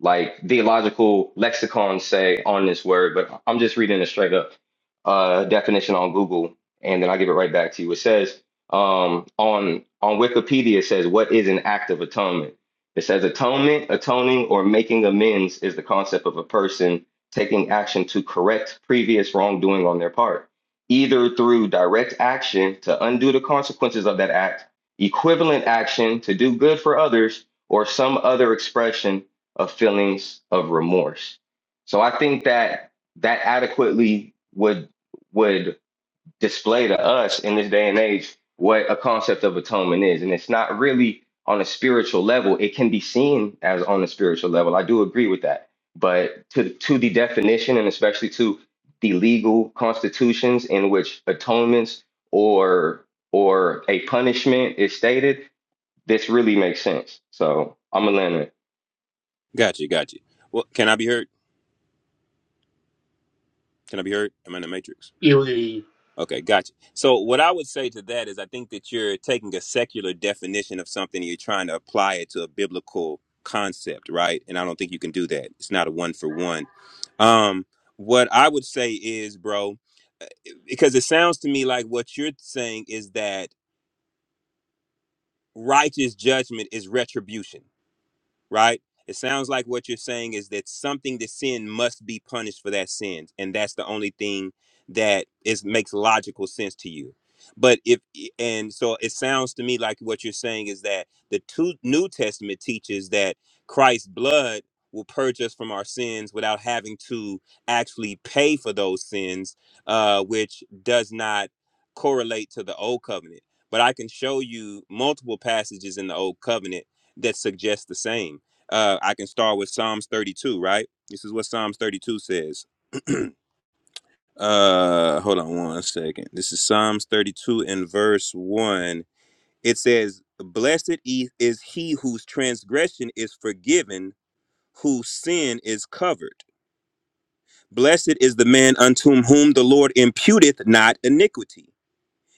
like theological lexicons say on this word, but I'm just reading a straight up uh, definition on Google, and then I give it right back to you. It says um, on on Wikipedia, it says what is an act of atonement. It says atonement, atoning, or making amends is the concept of a person taking action to correct previous wrongdoing on their part, either through direct action to undo the consequences of that act, equivalent action to do good for others, or some other expression of feelings of remorse. So I think that that adequately would would display to us in this day and age what a concept of atonement is, and it's not really on a spiritual level. It can be seen as on a spiritual level. I do agree with that, but to to the definition and especially to the legal constitutions in which atonements or or a punishment is stated, this really makes sense. So I'm gonna land there.
Gotcha, gotcha. Well, can I be heard? Can I be heard? Am I in the matrix?
Yeah, we can
Okay, gotcha. So what I would say to that is I think that you're taking a secular definition of something and you're trying to apply it to a biblical concept, right? And I don't think you can do that. It's not a one for one. Um what I would say is, bro, because it sounds to me like what you're saying is that righteous judgment is retribution. right? It sounds like what you're saying is that something to sin must be punished for that sin, and that's the only thing that is makes logical sense to you. But if and so it sounds to me like what you're saying is that the two New Testament teaches that Christ's blood will purge us from our sins without having to actually pay for those sins, uh, which does not correlate to the old covenant. But I can show you multiple passages in the old covenant that suggest the same uh, I can start with Psalms 32, right? This is what Psalms 32 says. Uh, hold on one second. This is Psalms 32 and verse 1. It says, Blessed e- is he whose transgression is forgiven, whose sin is covered. Blessed is the man unto whom the Lord imputeth not iniquity,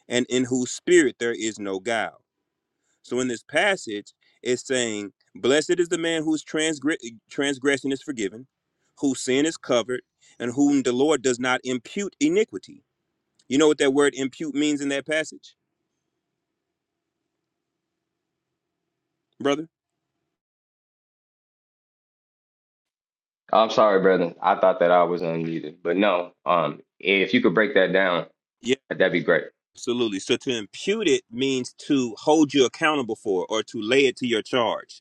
and in whose spirit there is no guile. So in this passage, it's saying, Blessed is the man whose transgre- transgression is forgiven, whose sin is covered, and whom the Lord does not impute iniquity. You know what that word impute means in that passage, brother?
I'm sorry, brother. I thought that I was unmuted, but no. Um, if you could break that down,
Yeah,
that'd be great.
absolutely. So to impute it means to hold you accountable for or to lay it to your charge.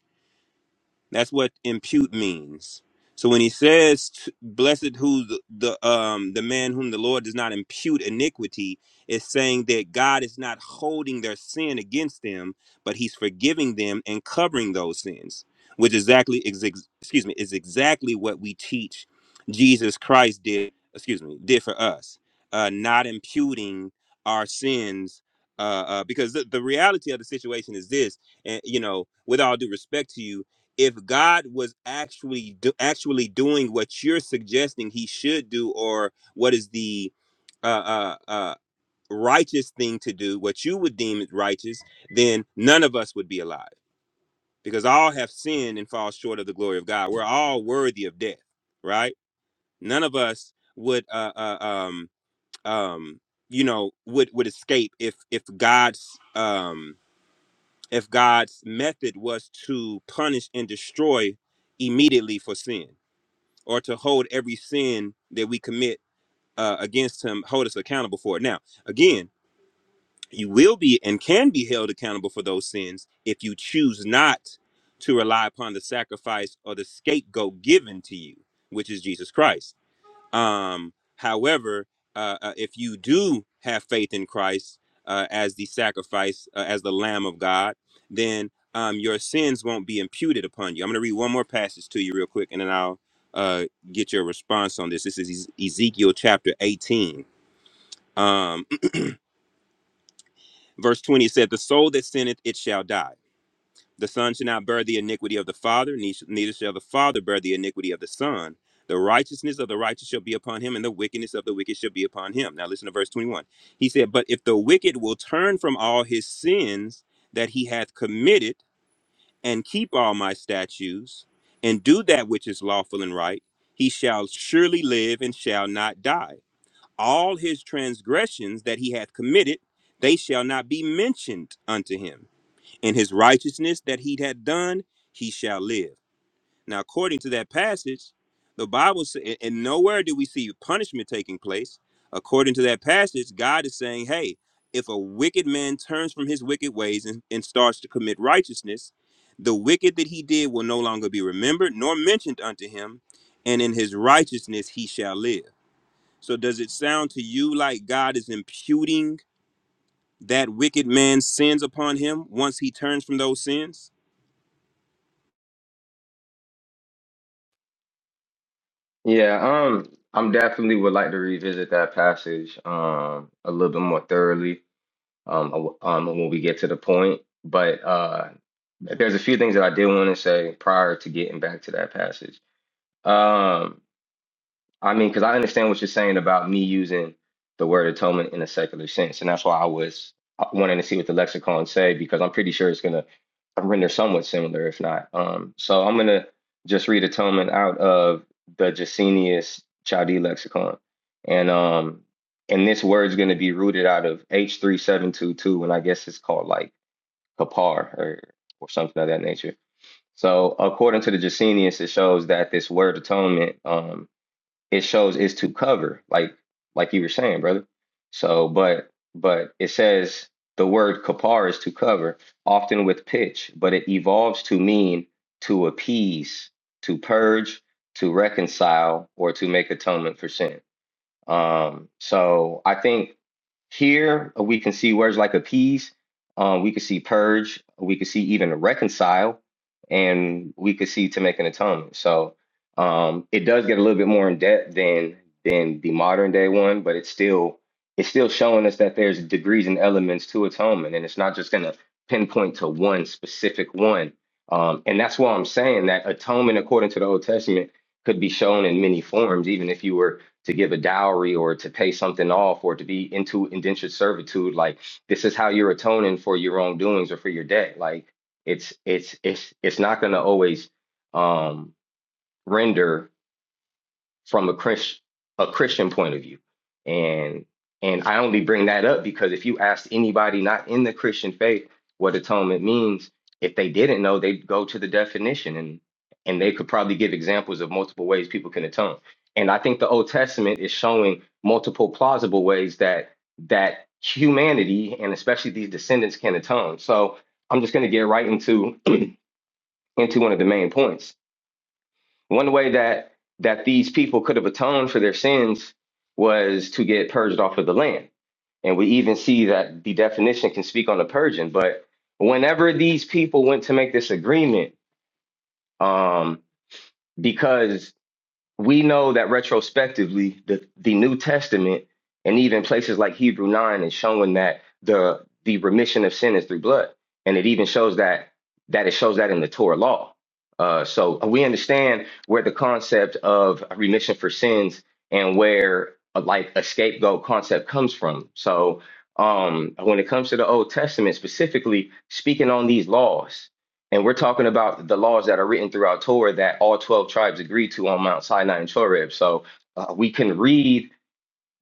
That's what impute means. So when he says, t- "Blessed who the, the um the man whom the Lord does not impute iniquity," is saying that God is not holding their sin against them, but He's forgiving them and covering those sins, which exactly is ex- excuse me is exactly what we teach Jesus Christ did excuse me did for us, uh, not imputing our sins. Uh, uh, because the, the reality of the situation is this, and you know, with all due respect to you, if God was actually do, actually doing what you're suggesting he should do, or what is the uh, uh, uh, righteous thing to do, what you would deem as righteous, then none of us would be alive because all have sinned and fall short of the glory of God. We're all worthy of death, right? None of us would, uh, uh, um, um, you know, would would escape if if God's um, if God's method was to punish and destroy immediately for sin or to hold every sin that we commit uh, against him, hold us accountable for it. Now, again, you will be and can be held accountable for those sins if you choose not to rely upon the sacrifice or the scapegoat given to you, which is Jesus Christ. Um, however, uh, uh, if you do have faith in Christ uh, as the sacrifice, uh, as the Lamb of God, then um, your sins won't be imputed upon you. I'm going to read one more passage to you real quick, and then I'll uh, get your response on this. This is Ez- Ezekiel chapter 18, um, verse 20. It said, "The soul that sinneth, it shall die." The son shall not bear the iniquity of the father, ne- neither shall the father bear the iniquity of the son. The righteousness of the righteous shall be upon him, and the wickedness of the wicked shall be upon him. Now listen to verse 21. He said, But if the wicked will turn from all his sins that he hath committed, and keep all my statutes, and do that which is lawful and right, he shall surely live and shall not die. All his transgressions that he hath committed, they shall not be mentioned unto him in his righteousness that he had done, he shall live. Now, according to that passage, the Bible says, and nowhere do we see punishment taking place. According to that passage, God is saying, hey, if a wicked man turns from his wicked ways and, and starts to commit righteousness, the wicked that he did will no longer be remembered nor mentioned unto him, and in his righteousness he shall live. So, does it sound to you like God is imputing that wicked man's sins upon him once he turns from those sins?
Yeah. Um, I'm definitely would like to revisit that passage um a little bit more thoroughly um uh, um when we get to the point. But uh, there's a few things that I did want to say prior to getting back to that passage. Um. I mean, because I understand what you're saying about me using the word atonement in a secular sense, and that's why I was uh, wanting to see what the lexicon say because I'm pretty sure it's gonna render somewhat similar, if not. Um, so I'm gonna just read atonement out of the Jacenius Chaldee lexicon, and um, and this word's gonna be rooted out of H3722, and I guess it's called like kapar or or something of that nature. So according to the Jacenius, it shows that this word atonement um it shows is to cover, like like you were saying, brother. So, but but it says the word kapar is to cover, often with pitch, but it evolves to mean to appease, to purge, to reconcile, or to make atonement for sin. Um, so I think here we can see words like appease, um, we could see purge, we could see even reconcile, and we could see to make an atonement. So um, it does get a little bit more in depth than than the modern day one, but it's still it's still showing us that there's degrees and elements to atonement, and it's not just going to pinpoint to one specific one. Um, and that's why I'm saying that atonement, according to the Old Testament, could be shown in many forms, even if you were to give a dowry or to pay something off or to be into indentured servitude like this is how you're atoning for your wrongdoings or for your debt like it's it's it's it's not going to always um render from a Chris, a Christian point of view. And and I only bring that up because if you asked anybody not in the Christian faith what atonement means, if they didn't know, they'd go to the definition and and they could probably give examples of multiple ways people can atone. And I think the Old Testament is showing multiple plausible ways that that humanity and especially these descendants can atone. So I'm just going to get right into into one of the main points. One way that that these people could have atoned for their sins was to get purged off of the land. And we even see that the definition can speak on the purging. But whenever these people went to make this agreement, um, because we know that retrospectively the, the new testament and even places like hebrew 9 is showing that the the remission of sin is through blood and it even shows that that it shows that in the torah law uh, so we understand where the concept of remission for sins and where uh, like a scapegoat concept comes from so um, when it comes to the old testament specifically speaking on these laws and we're talking about the laws that are written throughout Torah that all 12 tribes agreed to on Mount Sinai and Choreb. So uh, we can read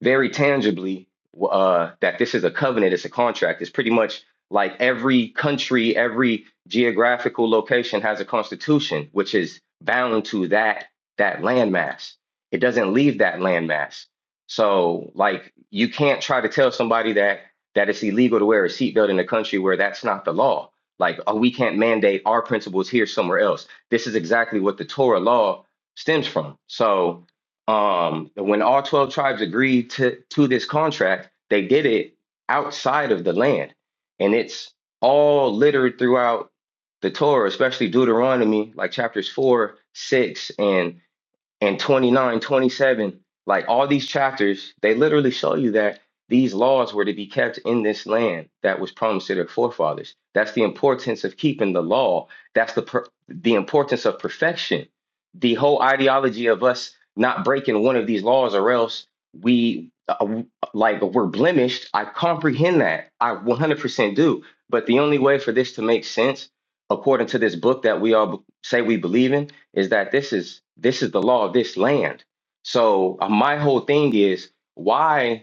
very tangibly uh, that this is a covenant, it's a contract. It's pretty much like every country, every geographical location has a constitution, which is bound to that that landmass. It doesn't leave that landmass. So, like, you can't try to tell somebody that that it's illegal to wear a seatbelt in a country where that's not the law. Like, oh, we can't mandate our principles here somewhere else. This is exactly what the Torah law stems from. So, um, when all 12 tribes agreed to, to this contract, they did it outside of the land. And it's all littered throughout the Torah, especially Deuteronomy, like chapters 4, 6, and and 29, 27, like all these chapters, they literally show you that these laws were to be kept in this land that was promised to their forefathers. That's the importance of keeping the law. That's the per- the importance of perfection. The whole ideology of us not breaking one of these laws or else we uh, like we're blemished. I comprehend that. I 100% do. But the only way for this to make sense according to this book that we all b- say we believe in is that this is this is the law of this land. So uh, my whole thing is why.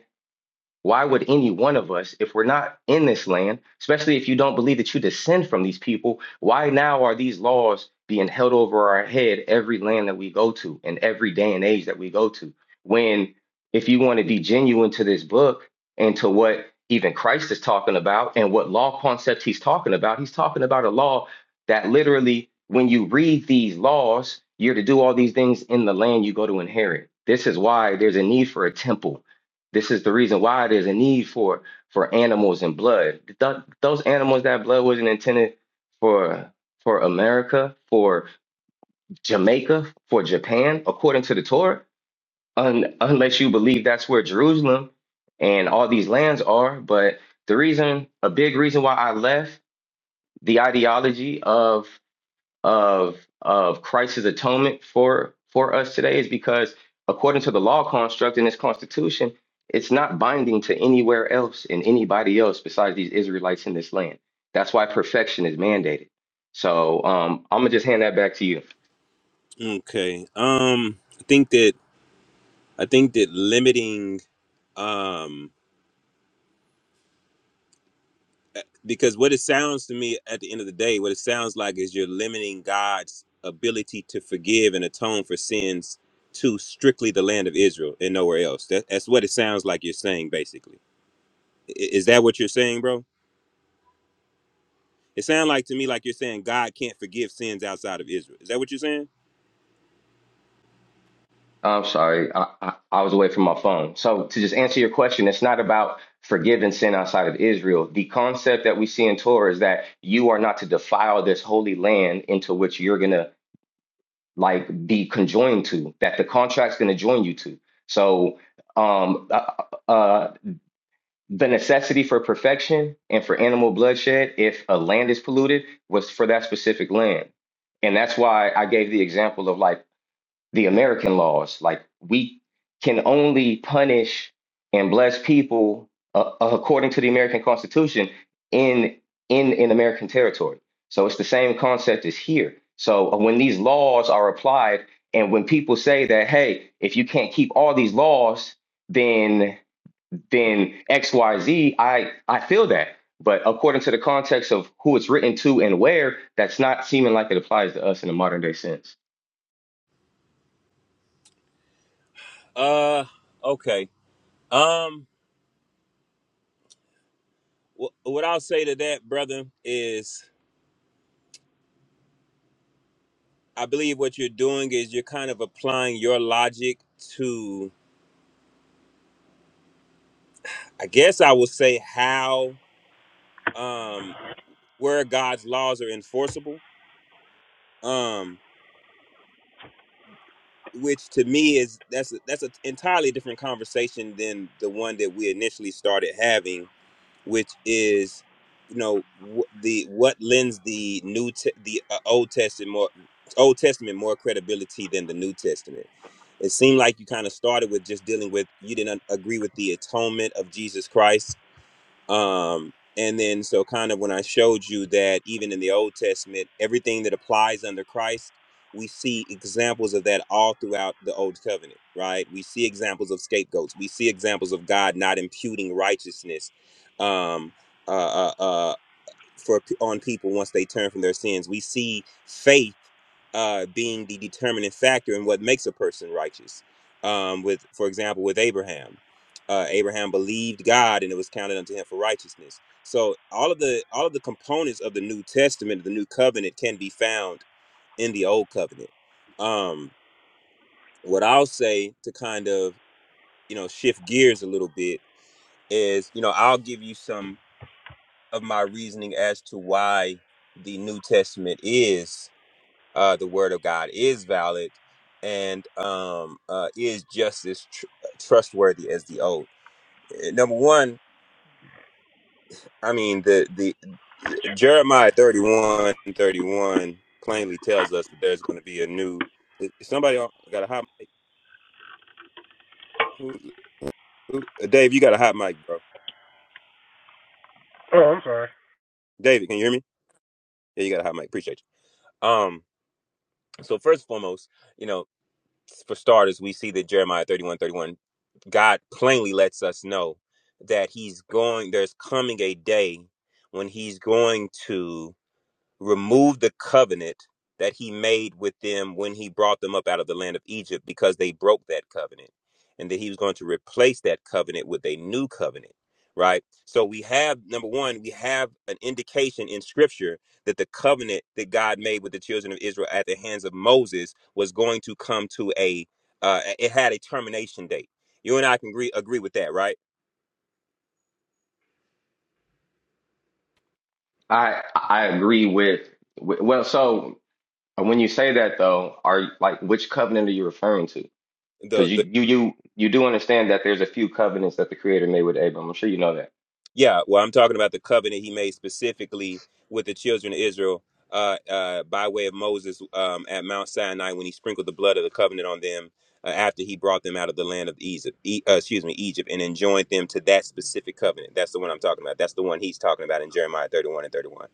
Why would any one of us, if we're not in this land, especially if you don't believe that you descend from these people, why now are these laws being held over our head every land that we go to and every day and age that we go to? When, if you want to be genuine to this book and to what even Christ is talking about and what law concept he's talking about, he's talking about a law that literally, when you read these laws, you're to do all these things in the land you go to inherit. This is why there's a need for a temple this is the reason why there's a need for for animals and blood. Th- those animals, that blood wasn't intended for for America, for Jamaica, for Japan, according to the Torah. Un- unless you believe that's where Jerusalem and all these lands are. But the reason, a big reason why I left the ideology of of of Christ's atonement for for us today is because according to the law construct in this constitution, it's not binding to anywhere else and anybody else besides these Israelites in this land. That's why perfection is mandated. So um, I'm gonna just hand that back to you.
Okay. Um I think that I think that limiting um because what it sounds to me at the end of the day, what it sounds like is you're limiting God's ability to forgive and atone for sins to strictly the land of Israel and nowhere else. That, that's what it sounds like you're saying basically. I- Is that what you're saying, bro? It sounds like to me like you're saying God can't forgive sins outside of Israel. Is that what you're saying?
I'm sorry, I, I, I was away from my phone. So to just answer your question, it's not about forgiving sin outside of Israel. The concept that we see in Torah is that you are not to defile this holy land into which you're gonna like the conjoined to that the contract's going to join you to. So um, uh, uh, uh, the necessity for perfection and for animal bloodshed, if a land is polluted, was for that specific land, and that's why I gave the example of like the American laws. Like we can only punish and bless people uh, uh, according to the American Constitution in in in American territory. So it's the same concept as here. So uh, when these laws are applied, and when people say that, hey, if you can't keep all these laws, then then X Y Z, I I feel that. But according to the context of who it's written to and where, that's not seeming like it applies to us in a modern day sense.
Uh okay. Um wh- what I'll say to that, brother, is I believe what you're doing is you're kind of applying your logic to, I guess I would say, how um, where God's laws are enforceable. Um, which to me is that's a, that's an entirely different conversation than the one that we initially started having which is you know wh- the what lends the new te- the uh, old testament more old testament more credibility than the new testament it seemed like you kind of started with just dealing with you didn't agree with the atonement of jesus christ um, and then, so kind of when I showed you that even in the Old Testament, everything that applies under Christ, we see examples of that all throughout the Old Covenant, right? We see examples of scapegoats. We see examples of God not imputing righteousness um, uh, uh, uh, for on people once they turn from their sins. We see faith uh, being the determining factor in what makes a person righteous. Um, with, for example, with Abraham, uh, Abraham believed God, and it was counted unto him for righteousness. So all of the all of the components of the New Testament, the New Covenant, can be found in the Old Covenant. Um, what I'll say to kind of you know shift gears a little bit is you know I'll give you some of my reasoning as to why the New Testament is. uh, the word of God is valid and um, uh, is just as tr- trustworthy as the old. Uh, Number one, I mean the the Jeremiah 31 31 plainly tells us that there's going to be a new. eh, Somebody on- got a hot mic. Who, who, eh, Dave, you got a hot mic, bro.
oh, I'm sorry.
David, can you hear me? Yeah, you got a hot mic. Appreciate you. Um, so first and foremost, you know for starters, we see that Jeremiah 31, 31, God plainly lets us know that he's going, there's coming a day when he's going to removed the covenant that he made with them when he brought them up out of the land of Egypt because they broke that covenant and that he was going to replace that covenant with a new covenant right so we have number 1 we have an indication in scripture that the covenant that God made with the children of Israel at the hands of Moses was going to come to a uh, it had a termination date you and I can agree agree with that right
I I agree with with- well. So uh, when you say that though, are like which covenant are you referring to?
The
Because you
the
you you you do understand that there's a few covenants that the Creator made with Abram. I'm sure you know that.
Yeah, well, I'm talking about the covenant he made specifically with the children of Israel uh, uh, by way of Moses um, at Mount Sinai when he sprinkled the blood of the covenant on them uh, after he brought them out of the land of Egypt, e- uh, excuse me, Egypt, and enjoined them to that specific covenant. That's the one I'm talking about. That's the one he's talking about in Jeremiah 31 and 31.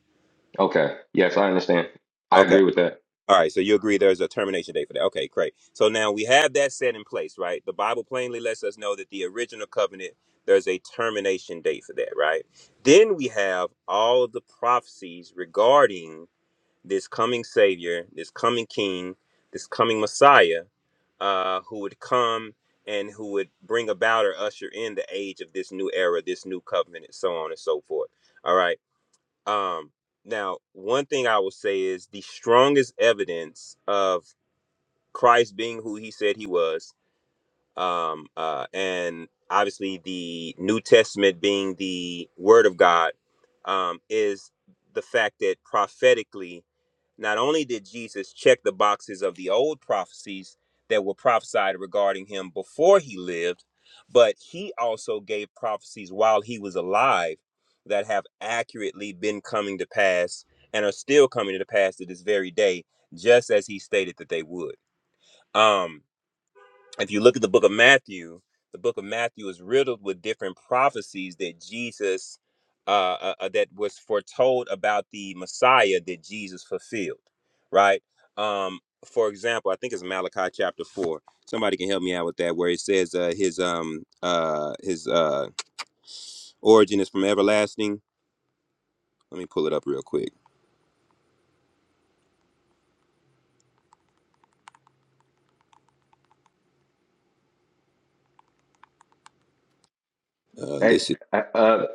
Okay. Yes, I understand. I
Okay.
agree with that.
All right, so you agree there's a termination date for that. Okay, great. So now we have that set in place, right? The Bible plainly lets us know that the original covenant, there's a termination date for that, right? Then we have all of the prophecies regarding this coming Savior, this coming King, this coming Messiah, uh, who would come and who would bring about or usher in the age of this new era, this new covenant, and so on and so forth. All right. Um, now, one thing I will say is the strongest evidence of Christ being who he said he was um, uh, and obviously the New Testament being the Word of God um, is the fact that prophetically, not only did Jesus check the boxes of the old prophecies that were prophesied regarding him before he lived, but he also gave prophecies while he was alive that have accurately been coming to pass and are still coming to pass to this very day, just as he stated that they would. Um, if you look at the book of Matthew, the book of Matthew is riddled with different prophecies that Jesus, uh, uh, uh, that was foretold about the Messiah that Jesus fulfilled, right? Um, for example, I think it's Malachi chapter four. Somebody can help me out with that, where it says uh, his um uh his uh origin is from everlasting. Let me pull it up real quick. Uh,
Hey,
this is
uh, uh,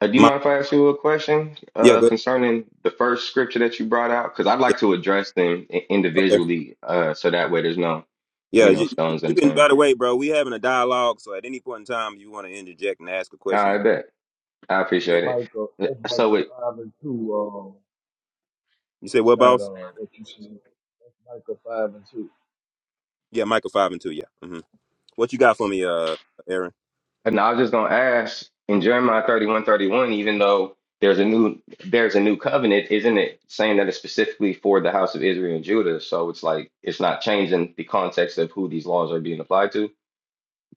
uh, do you
my
mind if I ask you a question
yeah
uh,
go
concerning the first scripture that you brought out? Because I'd
yeah
like to address them i-
okay
individually, uh, so that way there's no
yeah
you know
you,
stones
you can
unturned.
by the way, bro. We having a dialogue, so at any point in time, you want to interject and ask a question, you
I bet. I
Yeah.
appreciate
Micah,
it.
that's
Uh, So with
Micah 5 and 2. Uh,
You said
it's
what,
not
boss?
uh, what you see. That's Micah 5 and 2. And
Yeah, Michael five and two. Yeah. hmm What you got for me, uh, Aaron?
And I was just gonna ask in Jeremiah thirty one thirty one, even though there's a new there's a new covenant, isn't it saying that it's specifically for the house of Israel and Judah? So it's like it's not changing the context of who these laws are being applied to.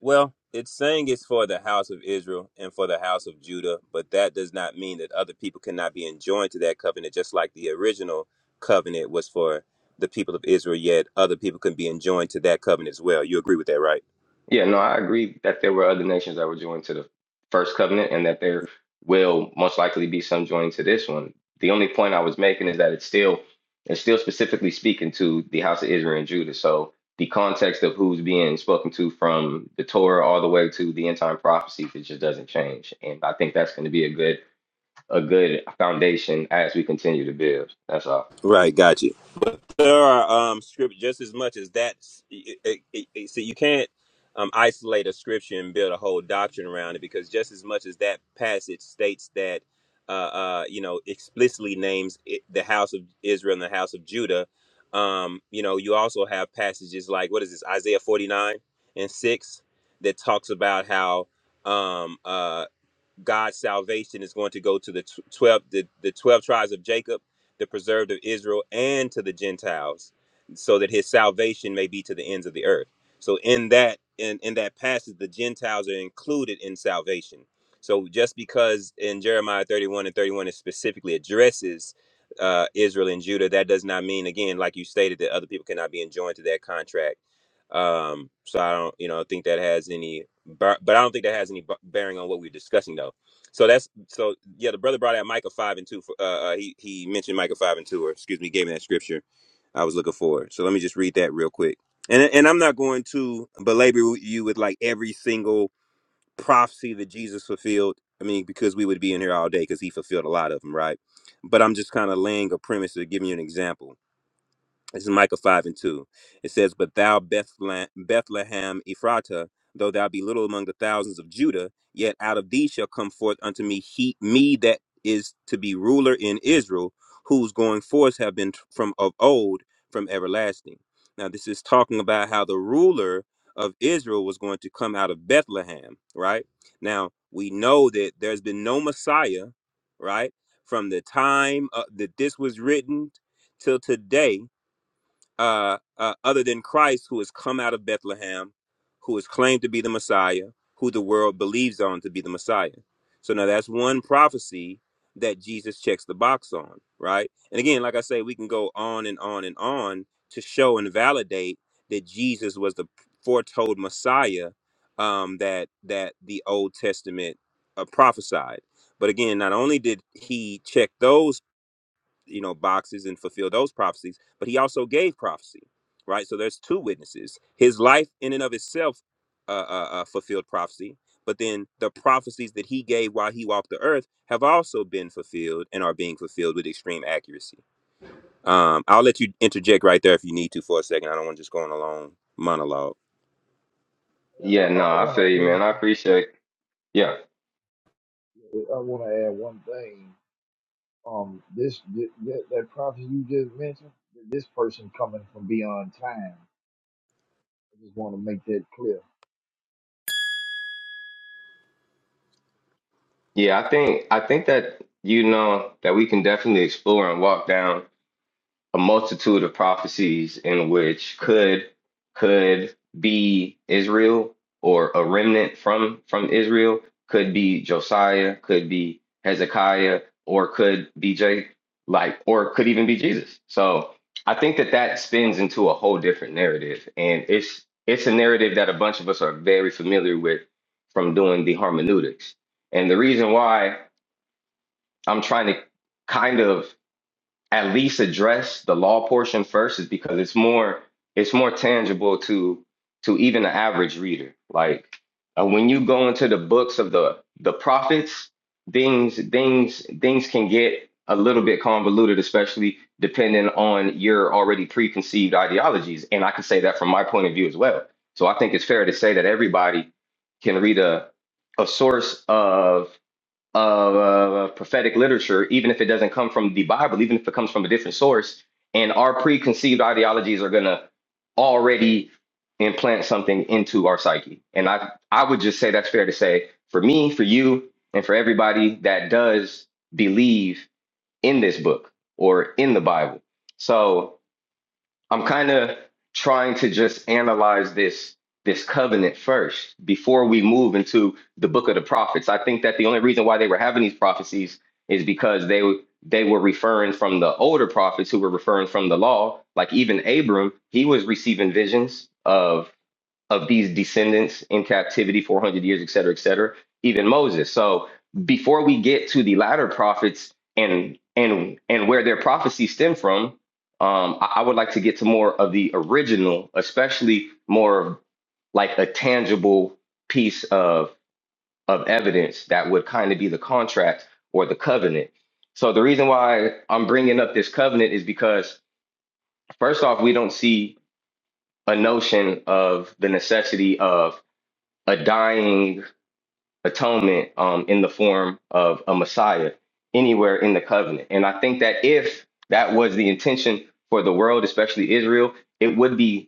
Well, it's saying it's for the house of Israel and for the house of Judah, but that does not mean that other people cannot be enjoined to that covenant, just like the original covenant was for the people of Israel, yet other people can be enjoined to that covenant as well. You agree with that, right?
Yeah, no, I agree that there were other nations that were joined to the first covenant and that there
Mm.
will most likely be some joined to this one. The only point I was making is that it's still it's still specifically speaking to the house of Israel and Judah. So the context of who's being spoken to from the Torah all the way to the end time prophecies, it just doesn't change. And I think that's going to be a good a good foundation as we continue to build. That's all.
Right, got you. There are um script just as much as that. It, it, it, it- see, you can't um isolate a scripture and build a whole doctrine around it because just as much as that passage states that, uh, uh, you know, explicitly names it, the house of Israel and the house of Judah. Um, you know, you also have passages like what is this Isaiah forty nine and six that talks about how um uh, God's salvation is going to go to the 12 the, the 12 tribes of Jacob, the preserved of Israel and to the Gentiles so that his salvation may be to the ends of the earth. So in that in in that passage the Gentiles are included in salvation. So just because in Jeremiah 31 and 31 it specifically addresses uh, Israel and Judah, that does not mean again like you stated that other people cannot be enjoined to that contract. Um, so I don't, you know, think that has any, bar- but I don't think that has any b- bearing on what we're discussing though so that's so yeah. The brother brought out Micah five and two. For, uh, uh, he he mentioned Micah five and two, or excuse me, he gave me that scripture I was looking for. So let me just read that real quick. And and I'm not going to belabor you with like every single prophecy that Jesus fulfilled. I mean, because we would be in here all day because he fulfilled a lot of them, right? But I'm just kind of laying a premise to give you an example. This is Micah 5 and 2. It says, But thou, Bethlehem, Bethlehem Ephratah, though thou be little among the thousands of Judah, yet out of thee shall come forth unto me he, me that is to be ruler in Israel, whose going forth have been t- from of old, from everlasting. Now, this is talking about how the ruler of Israel was going to come out of Bethlehem, right? Now, we know that there's been no Messiah, right? From the time uh, that this was written till today uh, uh, other than Christ, who has come out of Bethlehem, who is claimed to be the Messiah, who the world believes on to be the Messiah. So now that's one prophecy that Jesus checks the box on, right? And again, like I say, we can go on and on and on to show and validate that Jesus was the foretold Messiah um, that that the Old Testament uh, prophesied. But again, not only did he check those you know boxes and fulfill those prophecies but he also gave prophecy right so there's two witnesses his life in and of itself uh, uh, uh, fulfilled prophecy but then the prophecies that he gave while he walked the earth have also been fulfilled and are being fulfilled with extreme accuracy um, i'll let you interject right there if you need to for a second i don't want to just go on a long monologue
I,
Yeah,
I,
no,
I
I
want
feel
to
you,
add
man. I appreciate. Yeah.
I want to add one thing. Um, this, thi- that, that prophet you just mentioned, th- this person coming from beyond time. I just want to make that clear.
Yeah, I think I think that you know that we can definitely explore and walk down a multitude of prophecies in which could could be Israel or a remnant from from Israel, could be Josiah, could be Hezekiah, or could be J like or could even be Jesus. So I think that that spins into a whole different narrative, and it's it's a narrative that a bunch of us are very familiar with from doing the hermeneutics. And the reason why I'm trying to kind of at least address the law portion first is because it's more it's more tangible to to even the average reader. Like uh, when you go into the books of the the prophets, things things things can get a little bit convoluted, especially depending on your already preconceived ideologies. And I can say that from my point of view as well. So I think it's fair to say that everybody can read a a source of of uh, prophetic literature, even if it doesn't come from the Bible, even if it comes from a different source, and our preconceived ideologies are going to already implant something into our psyche. And I, I would just say that's fair to say for me, for you, and for everybody that does believe in this book or in the Bible. So I'm kind of trying to just analyze this this covenant first before we move into the book of the prophets. I think that the only reason why they were having these prophecies is because they they were referring from the older prophets who were referring from the law. Like even Abram, he was receiving visions of of these descendants in captivity 400 years, et cetera, et cetera, even Moses. So before we get to the latter prophets and and and where their prophecies stem from, um, I, I would like to get to more of the original, especially more of like a tangible piece of of evidence that would kind of be the contract or the covenant. So the reason why I'm bringing up this covenant is because first off, we don't see a notion of the necessity of a dying atonement um, in the form of a Messiah anywhere in the covenant. And I think that if that was the intention for the world, especially Israel, it would be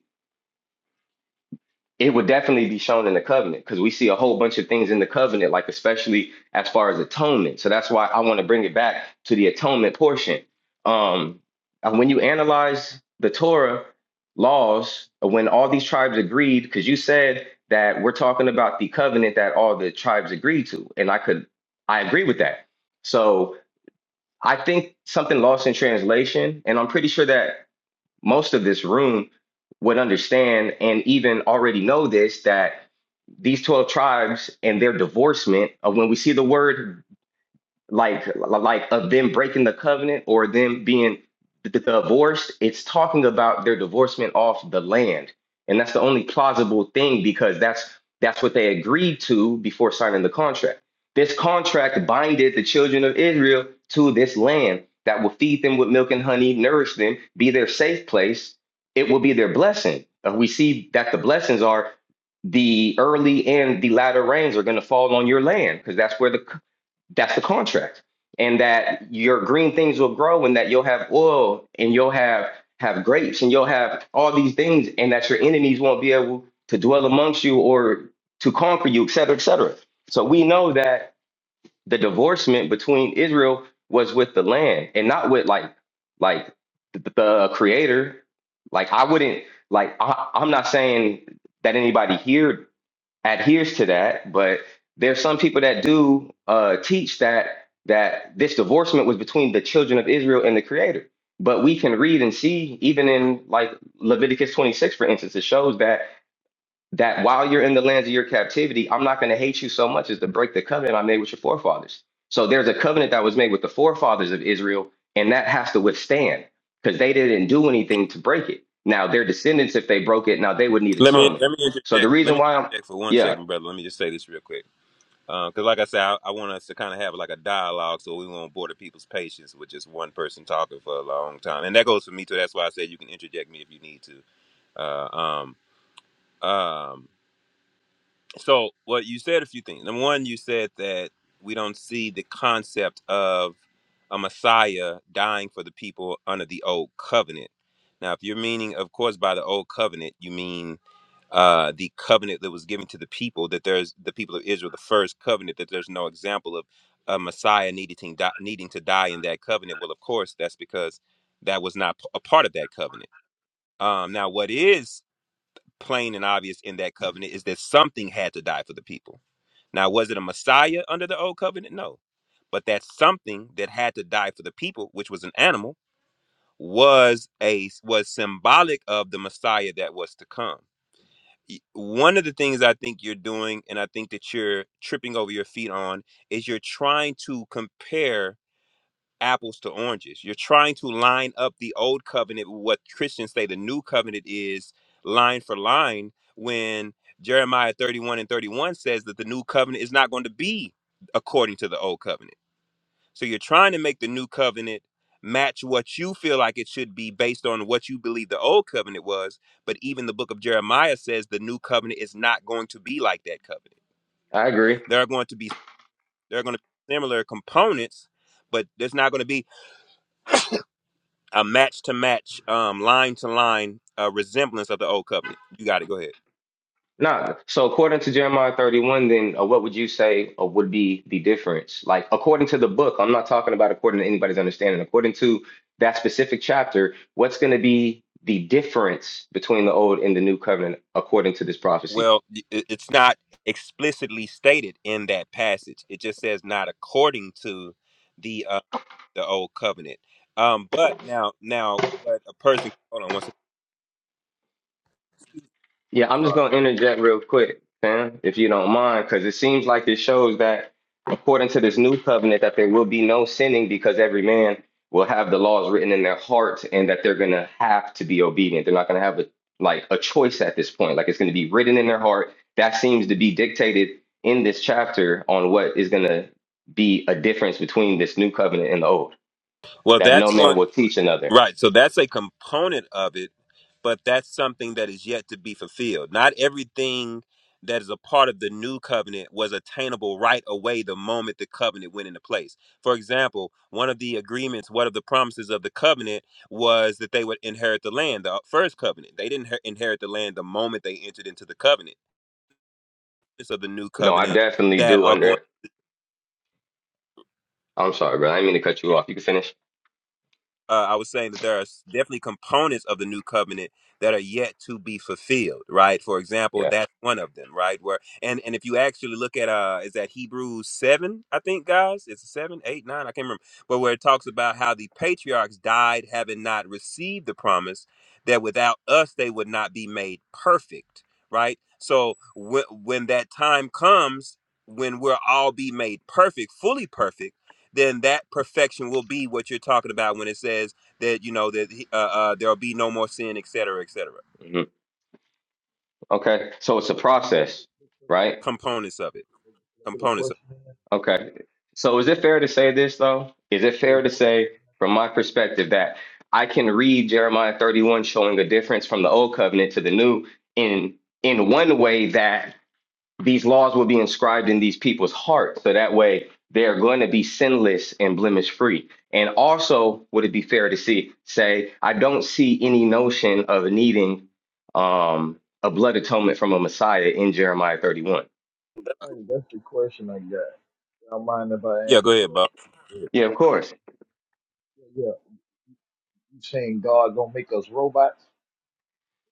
it would definitely be shown in the covenant because we see a whole bunch of things in the covenant, like especially as far as atonement. So that's why I want to bring it back to the atonement portion. Um, and when you analyze the Torah laws, uh, when all these tribes agreed, because you said that we're talking about the covenant that all the tribes agreed to, and I could, I agree with that. So I think something lost in translation, and I'm pretty sure that most of this room would understand and even already know this that these 12 tribes and their divorcement of when we see the word like like of them breaking the covenant or them being d- d- divorced it's talking about their divorcement off the land and that's the only plausible thing because that's that's what they agreed to before signing the contract this contract binded the children of israel to this land that will feed them with milk and honey nourish them be their safe place it will be their blessing Uh, we see that the blessings are the early and the latter rains are going to fall on your land because that's where the that's the contract. And that your green things will grow and that you'll have oil and you'll have have grapes and you'll have all these things and that your enemies won't be able to dwell amongst you or to conquer you, et cetera, et cetera. So we know that the divorcement between Israel was with the land and not with like like the, the creator. Like I wouldn't like I, I'm not saying that anybody here adheres to that, but there's some people that do uh, teach that that this divorcement was between the children of Israel and the Creator. But we can read and see, even in like Leviticus 26, for instance, it shows that that while you're in the lands of your captivity, I'm not going to hate you so much as to break the covenant I made with your forefathers. So there's a covenant that was made with the forefathers of Israel, and that has to withstand because they didn't do anything to break it. Now their descendants, if they broke it, now they would need
let me
atonement.
let me
So the
interject let
reason
me
why I'm
interject for one
yeah.
second brother let me just say this real quick because like i said I, I want us to kind of have like a dialogue so we won't bore the people's patience with just one person talking for a long time and that goes for me too that's why i said you can interject me if you need to uh, um, um, so, well, you said a few things. Number one, you said that we don't see the concept of a Messiah dying for the people under the old covenant. Now, if you're meaning, of course, by the old covenant, you mean uh, the covenant that was given to the people, that there's the people of Israel, the first covenant, that there's no example of a Messiah needing, to- die, needing to die in that covenant. Well, of course, that's because that was not p- a part of that covenant. Um, now, what is plain and obvious in that covenant is that something had to die for the people now, was it a Messiah under the old covenant? No. But that something that had to die for the people, which was an animal, was a was symbolic of the Messiah that was to come. Y- One of the things I think you're doing, and I think that you're tripping over your feet on, is you're trying to compare apples to oranges. You're trying to line up the old covenant with what Christians say the new covenant is line for line when Jeremiah 31 and 31 says that the new covenant is not going to be according to the old covenant. So you're trying to make the new covenant match what you feel like it should be based on what you believe the old covenant was, but even the book of Jeremiah says the new covenant is not going to be like that covenant.
I agree.
There are going to be there are going to be similar components, but there's not going to be a match to match, um, line to line uh, resemblance of the old covenant. You got it. Go ahead.
Nah, so according to Jeremiah 31, then uh, what would you say uh, would be the difference? Like, according to the book, I'm not talking about according to anybody's understanding. According to that specific chapter, what's going to be the difference between the old and the new covenant according to this prophecy?
Well, y- i- it's not explicitly stated in that passage. It just says not according to the uh, the old covenant. Um, but now, now, what a person hold on one second.
Yeah, I'm just
Sorry.
gonna interject real quick, Sam, if you don't mind, because it seems like it shows that according to this new covenant that there will be no sinning because every man will have the laws written in their hearts and that they're gonna have to be obedient. They're not gonna have a like a choice at this point. Like it's gonna be written in their heart. That seems to be dictated in this chapter on what is gonna be a difference between this new covenant and the old.
Well,
That no
that's going.
man will teach another.
Right. So that's a component of it, but that's something that is yet to be fulfilled. Not everything that is a part of the new covenant was attainable right away the moment the covenant went into place. For example, one of the agreements, one of the promises of the covenant was that they would inherit the land, the first covenant. They didn't her- inherit the land the moment they entered into the covenant. It's of the new
No, I
covenant
definitely
that
do
are going
under I'm sorry, bro. I didn't mean to cut you off. You can finish.
uh, I was saying that there are s- definitely components of the new covenant that are yet to be fulfilled, right? For example,
Yeah.
that's one of them, right? Where and and if you actually look at uh, is that Hebrews seven? I think guys, it's seven, eight, nine. I can't remember, but where it talks about how the patriarchs died having not received the promise, that without us they would not be made perfect, right? So when when that time comes, when we'll all be made perfect, fully perfect then that perfection will be what you're talking about when it says that you know that uh, uh, there'll be no more sin, et cetera, et cetera.
Okay, so it's a process, right?
Components of it,
Get a
components. Of
question in.
Okay. So is it fair to say this though? Is it
Get a
fair to
question
say,
in.
from my perspective, that I can read Jeremiah 31 showing a difference from the old covenant to the new in in one way that these laws will be inscribed in these people's hearts. So that way they're going to be sinless and blemish free. And also, would it be fair to see say, I don't see any notion of needing um a blood atonement from a Messiah in Jeremiah 31.
Hey, that's the question I got. Y'all mind if I
Yeah,
ask
go
this
ahead, Bob.
question?
Yeah, of course.
Yeah, yeah. You saying God gonna make us robots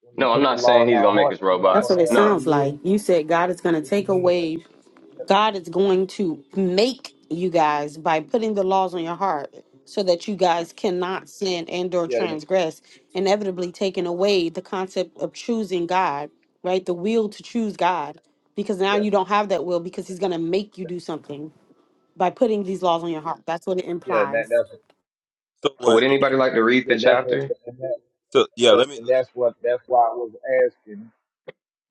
when He
No, I'm
put the
not
law
saying
in
he's
our
gonna make
heart?
us
We're not
That's what
robots.
gonna
it
have
No.
free
sounds
will.
like. You said God
So-
is
so
going to
What you
take
mean?
away.
Yeah,
God is going to make you guys by putting the laws on your heart so that you guys cannot sin and or
yeah,
transgress, inevitably taking away the concept of choosing God, right? The will to choose God. Because now
yeah,
you don't have that will because he's gonna make you do something by putting these laws on your heart. That's what it
yeah. And
implies.
that, that's
So
Would
what?
anybody like to read the
yeah, that's what,
chapter?
and, that,
So
and,
yeah,
that,
let me.
and that's what that's why I was asking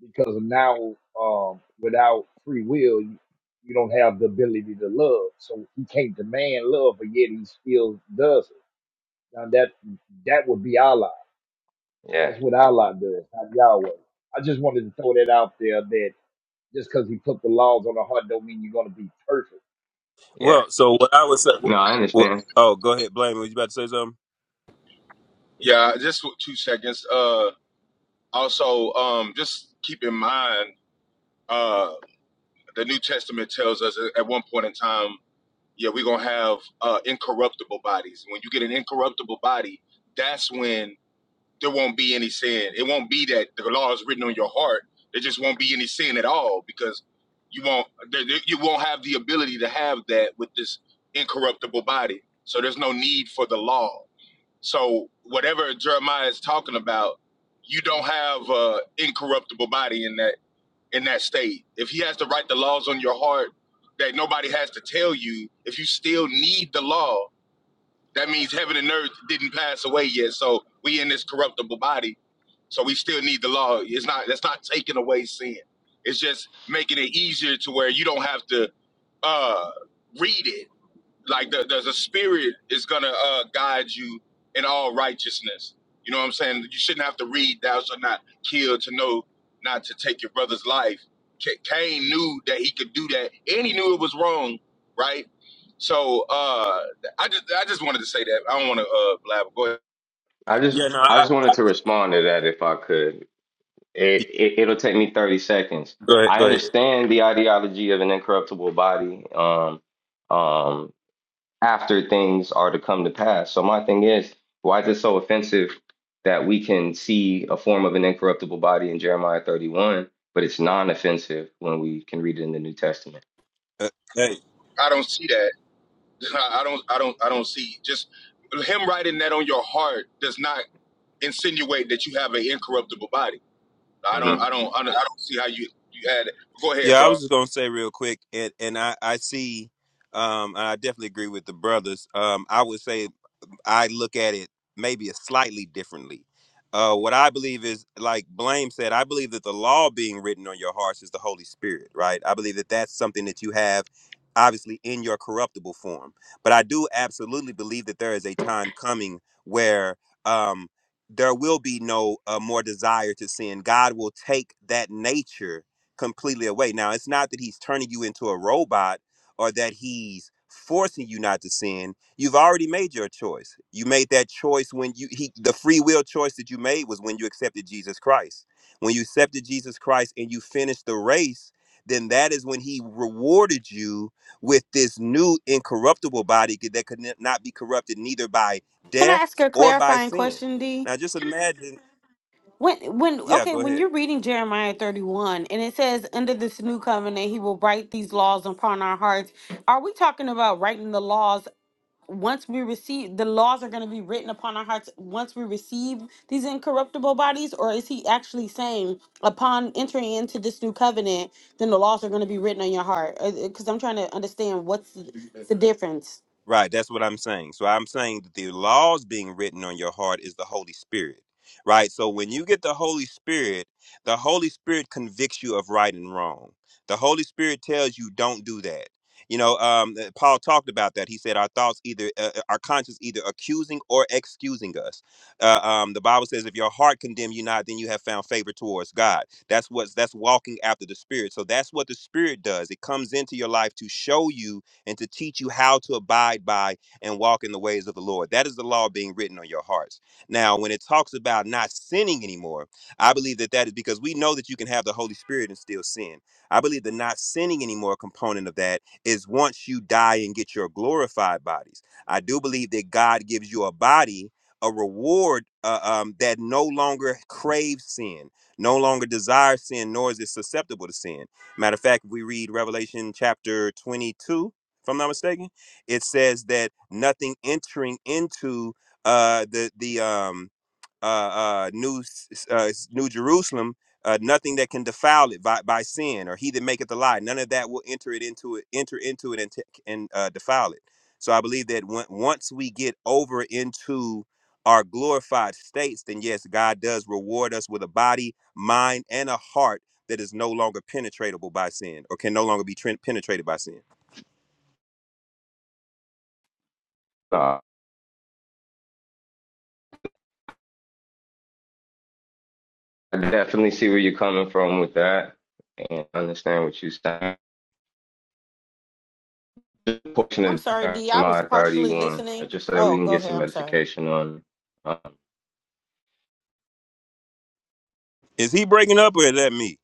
because now, um, without free will, you, you don't have the ability to love. So he can't demand love, but yet he still does it. Now that that would be Allah.
Yeah,
That's what Allah does, not Yahweh. I just wanted to throw that out there that just because he put the laws on the heart don't mean you're going to be perfect.
yeah.
Well, so what I was.
No, I
Well,
understand.
oh, go ahead, blame. Were you about to say something?
yeah. Just w- two seconds. Uh, also, um, just keep in mind, uh, the New Testament tells us at at one point in time, yeah, we're gonna have uh, incorruptible bodies. When you get an incorruptible body, that's when there won't be any sin. It won't be that the law is written on your heart. There just won't be any sin at all because you won't there- there- you won't have the ability to have that with this incorruptible body. So there's no need for the law So whatever Jeremiah is talking about, you don't have an incorruptible body in that in that state. If he has to write the laws on your heart that nobody has to tell you, if you still need the law, that means heaven and earth didn't pass away yet. So we in this corruptible body, so we still need the law. It's not that's not taking away sin. It's just making it easier to where you don't have to uh, read it like the, there's a spirit is gonna uh, guide you in all righteousness. You know what I'm saying? You shouldn't have to read "Thou shalt not kill" to know not to take your brother's life. Ca Cain knew that he could do that, and he knew it was wrong, right? So uh, I just I just wanted to say that. I don't want to uh, blabber. Go ahead.
I just
Yeah, no.
I
I,
just wanted to respond to that if I could. It,
I-
it it'll take me 30 seconds.
go ahead.
I
Go ahead.
understand the ideology of an incorruptible body. Um, um, after things are to come to pass. So my thing is, why is it so offensive that we can see a form of an incorruptible body in Jeremiah 31, but it's non-offensive when we can read it in the New Testament?
Uh, hey,
I don't see that. I don't I don't I don't see just him writing that on your heart does not insinuate that you have an incorruptible body. I don't,
hmm
I don't, I don't, I don't see how you you had it. Go ahead,
yeah, I
bro.
was just gonna say real quick, and and I I see. Um, I definitely agree with the brothers. Um, I would say I look at it maybe a slightly differently. Uh, what I believe is, like Blame said, I believe that the law being written on your hearts is the Holy Spirit, right? I believe that that's something that you have, obviously, in your corruptible form. But I do absolutely believe that there is a time coming where um, there will be no uh, more desire to sin. God will take that nature completely away. Now, it's not that He's turning you into a robot or that He's forcing you not to sin You've already made your choice. You made that choice when you he the free will choice that you made was when you accepted Jesus Christ. When you accepted Jesus Christ and you finished the race, then that is when he rewarded you with this new incorruptible body that could n- not be corrupted neither by
Can I
death
ask a
or by
clarifying
sin.
question, D?
Now just imagine,
when when
yeah,
okay
go
when
ahead.
you're reading jeremiah 31 and it says under this new covenant he will write these laws upon our hearts are we talking about writing the laws once we receive the laws are going to be written upon our hearts once we receive these incorruptible bodies or is he actually saying upon entering into this new covenant then the laws are going to be written on your heart because i'm trying to understand what's the, the difference
Right, that's what I'm saying. So I'm saying that the laws being written on your heart is the Holy Spirit. Right? So when you get the Holy Spirit, the Holy Spirit convicts you of right and wrong. The Holy Spirit tells you don't do that. You know, um, uh, Paul talked about that. He said our thoughts either, uh, uh, our conscience either accusing or excusing us. Uh, um, the Bible says, if your heart condemn you not, then you have found favor towards God. That's what's that's walking after the Spirit. So that's what the Spirit does. It comes into your life to show you and to teach you how to abide by and walk in the ways of the Lord. That is the law being written on your hearts. Now, when it talks about not sinning anymore, I believe that that is because we know that you can have the Holy Spirit and still sin. I believe the not sinning anymore component of that is once you die and get your glorified bodies. I do believe that God gives you a body, a reward uh, um, that no longer craves sin, no longer desires sin, nor is it susceptible to sin. Matter of fact, we read Revelation chapter 22 if I'm not mistaken. It says that nothing entering into uh, the the um, uh, uh, new S- uh, New Jerusalem, uh, nothing that can defile it by, by sin or he that maketh a lie. None of that will enter it into it, enter into it and t- and uh, defile it. So I believe that when, once we get over into our glorified states, then yes, God does reward us with a body, mind, and a heart that is no longer penetratable by sin or can no longer be tren- penetrated by sin.
Uh, I definitely see where you're coming from with that and understand what you're saying. Just a portion
i'm
of
sorry d i was
Jeremiah
partially
31, uh,
listening
just so that we
oh
can
go
get
ahead
some
i'm sorry
edification on. it. Um,
Is he breaking up or is that me?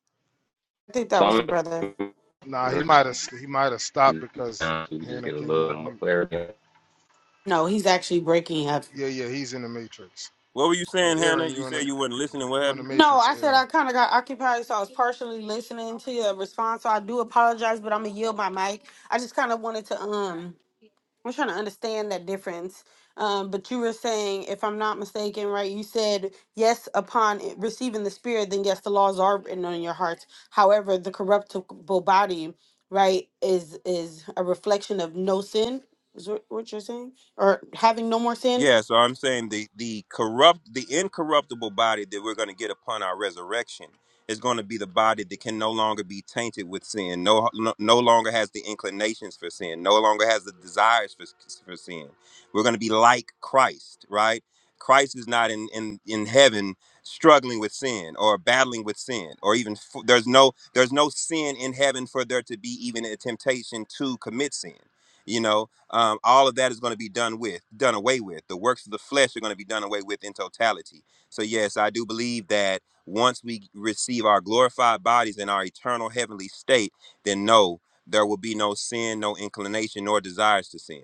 i think that
so
was the
I'm
brother
gonna
Nah, he might have he might have stopped because
so we can just
Hannah
get a
came off
little more
mute.
clarity.
No, he's actually breaking up.
Yeah, yeah, he's in the matrix.
What were you
Uh,
saying, Hannah?
Aaron,
You
you in
said
the
you wasn't listening. What
you in
happened?
the
No,
matrix,
I said
Aaron?
I kind of got occupied, so I was partially listening to your response. So I do apologize, but I'm gonna yield my mic. I just kind of wanted to um, I'm trying to understand that difference. Um, but you were saying, if I'm not mistaken, right? You said yes upon it- receiving the Spirit, then yes, the laws are written on your hearts. However, the corruptible body, right, is is a reflection of no sin. Is what what you're saying, or having no more sin?
Yeah, so I'm saying the the corrupt the incorruptible body that we're going to get upon our resurrection is going to be the body that can no longer be tainted with sin. No, no no longer has the inclinations for sin. No longer has the desires for for sin. We're going to be like Christ, right? Christ is not in in in heaven struggling with sin or battling with sin or even f- there's no there's no sin in heaven for there to be even a temptation to commit sin you know um, all of that is going to be done with, done away with. The works of the flesh are going to be done away with in totality. So, yes, I do believe that once we receive our glorified bodies in our eternal heavenly state, then no, there will be no sin, no inclination, nor desires to sin.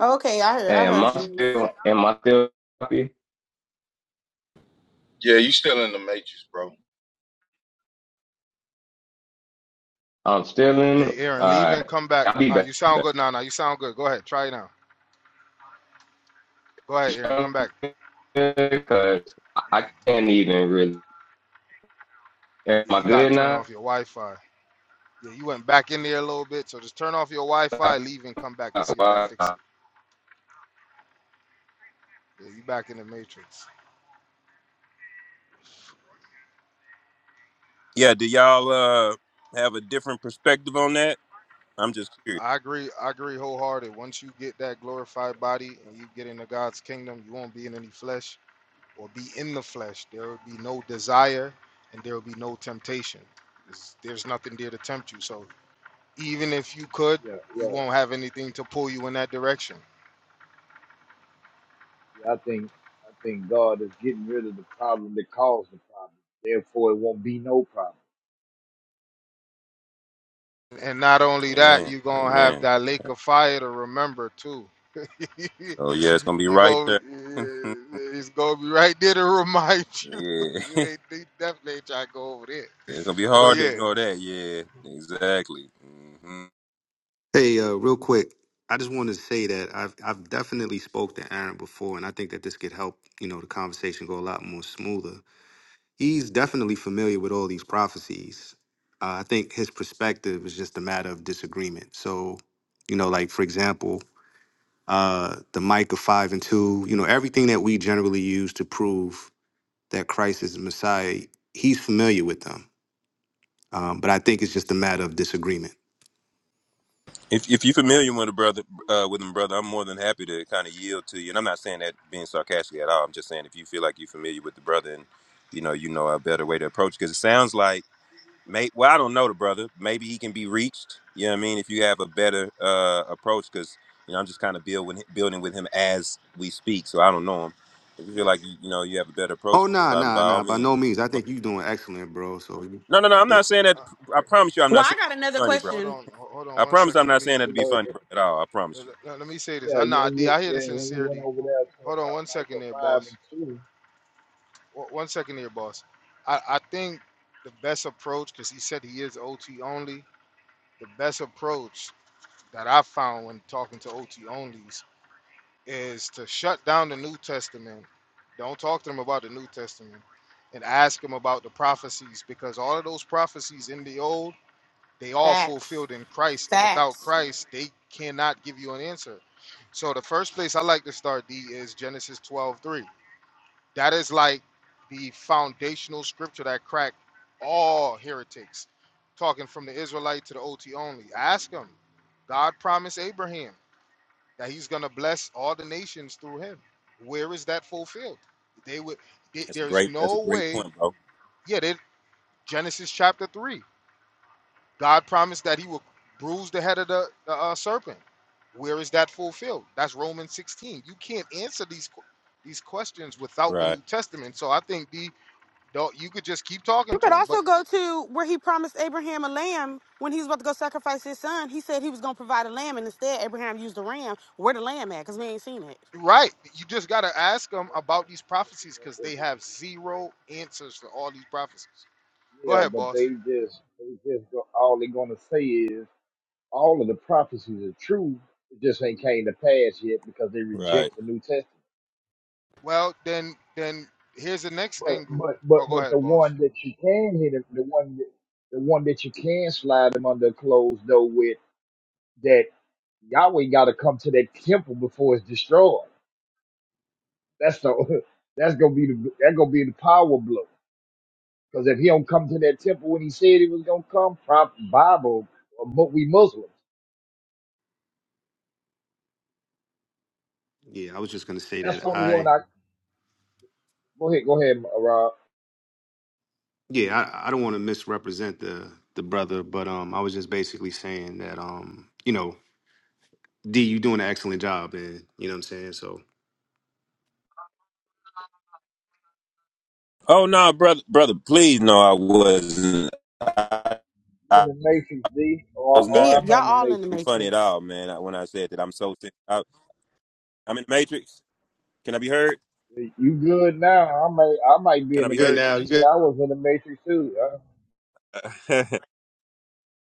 Okay, I heard,
Hey,
I
am
heard
I
you.
still am I still happy?
Yeah, you still in the matrix, bro.
I'm still in
Hey,
it.
Aaron, leave
All
and
right.
come back.
I'll be
All right, you
back.
sound good now. Now you sound good. Go ahead, try it now. Go ahead, Aaron, come back.
Because I I can't even really. Am
Yeah,
I
you gotta
good
turn
now?
off your Wi-Fi. Yeah, you went back in there a little bit, so just turn off your Wi-Fi, leave and come back and see if that
I
fixes it. Yeah, you back in the matrix.
Yeah, do y'all uh, have a different perspective on that? I'm just curious.
I agree. I agree wholehearted. Once you get that glorified body and you get into God's kingdom, you won't be in any flesh or be in the flesh. There will be no desire and there will be no temptation. There's, there's nothing there to tempt you. So Even if you could,
Yeah, yeah, yeah.
you won't have anything to pull you in that direction.
Yeah, I think I think God is getting rid of the problem that caused the problem. Therefore, it won't be no problem.
And not only that,
Amen.
you're gonna have
Amen.
that lake of fire to remember too.
Oh, yeah, it's going to be
you
right
go,
there.
eh, it's gonna be right there to remind you. You
yeah.
ain't you definitely ain't trying to go over there.
It's going to be
But
hard to
yeah,
ignore that. Yeah, exactly. Mm-hmm.
Hey, uh, real quick, I just wanted to say that I've I've definitely spoke to Aaron before, and I think that this could help you know the conversation go a lot more smoother. He's definitely familiar with all these prophecies. Uh, I think his perspective is just a matter of disagreement. So, you know, like for example, uh, the Micah five and two, you know, everything that we generally use to prove that Christ is the Messiah, he's familiar with them. Um, but I think it's just a matter of disagreement.
If if you're familiar with a brother, uh, with him, brother, I'm more than happy to kind of yield to you. And I'm not saying that being sarcastic at all. I'm just saying if you feel like you're familiar with the brother, and you know you know a better way to approach, because it sounds like, may, well, I don't know the brother. Maybe he can be reached. You know what I mean? If you have a better uh, approach, because you know I'm just kind of build building with him as we speak. So I don't know him. If you
yeah.
feel like you, you know you have a better approach,
Oh nah
by
nah
by all
nah by
means.
no
brother.
means. I think you're doing excellent, bro. So you-
No, no, no. I'm
yeah,
not saying that.
Uh,
I promise you, I'm
Well,
not
I
saying
got
that
another
to be funny, bro.
hold
question.
on, ho- hold on
I
one
promise I'm
second. Let
not
me
saying that
You
to be
know, it-
funny
it-
bro, at all. I promise
let,
you.
let- me say this.
yeah,
I
you-
nah,
and
D,
you
I hear
yeah,
the
and when you went
sincerity.
over there to
Hold on one
fi- like
second
a
there,
five
boss.
and two,
O- One second there, boss. I I think the best approach because he said he is OT only. the best approach that I found when talking to OT onlys is to shut down the New Testament. Don't talk to them about the New Testament and ask them about the prophecies because all of those prophecies in the old, they all
Facts.
fulfilled in Christ. And without
Facts.
Christ, they cannot give you an answer. So the first place I like to start D is Genesis 12:3. That is like the foundational scripture that cracked all heretics, talking from the Israelite to the OT only. Ask him. God promised Abraham that he's going to bless all the nations through him. Where is that fulfilled? They would. they-
That's a
there's
great. That's a
no
great
way.
point, bro.
Yeah, they, Genesis chapter three. God promised that he would bruise the head of the, the uh, serpent. Where is that fulfilled? That's Romans 16. You can't answer these que- these questions without the
Right,
New Testament. So I think the don't you could just keep talking
You
to
could
them, but
also go to where he promised Abraham a lamb when he was about to go sacrifice his son. He said he was going to provide a lamb, and instead Abraham used a ram. Where the lamb at? Because we ain't seen it.
right, you just gotta ask them
the-
about
the-
these prophecies
the-
because
the-
they have
the-
zero answers to all these prophecies. Go
yeah,
ahead,
but
boss.
they just they just go, all they're gonna say is all of the prophecies are true. It just ain't came to pass yet because they
right.
reject the New Testament.
Well, then, then here's the next
But
angle.
but
Oh,
but
go
but the
ahead, boss.
one that you can hit, 'em- the one that the one that you can slide them under a closed door with. that Yahweh got to come to that temple before it's destroyed. That's the that's gonna be the that gonna be the power blow. Because if he don't come to that temple when he said he was gonna come, prop Bible, uh, but we Muslims.
yeah. I was just gonna say
That's
that.
the only
I
one I go ahead, go ahead, uh, Rob.
yeah, I, I don't wanna misrepresent the the brother, but um I was just basically saying that um, you know, D, you doing an excellent job and you know what I'm saying? So
Oh no, brother, brother, please no, I wasn't. I,
in
I
the matrix, D, or,
was
or
They,
not
am I
y'all
in the
all in the
matrix?
funny at
matrix.
all, man. I- When I said that, I'm so. sick. I, I'm in the Matrix. Can I be heard?
D? You good now? I may I might be
Can I
in
you
the
be
good
heard?
matrix.
now, you
She said
good?
I was in the matrix too. Uh,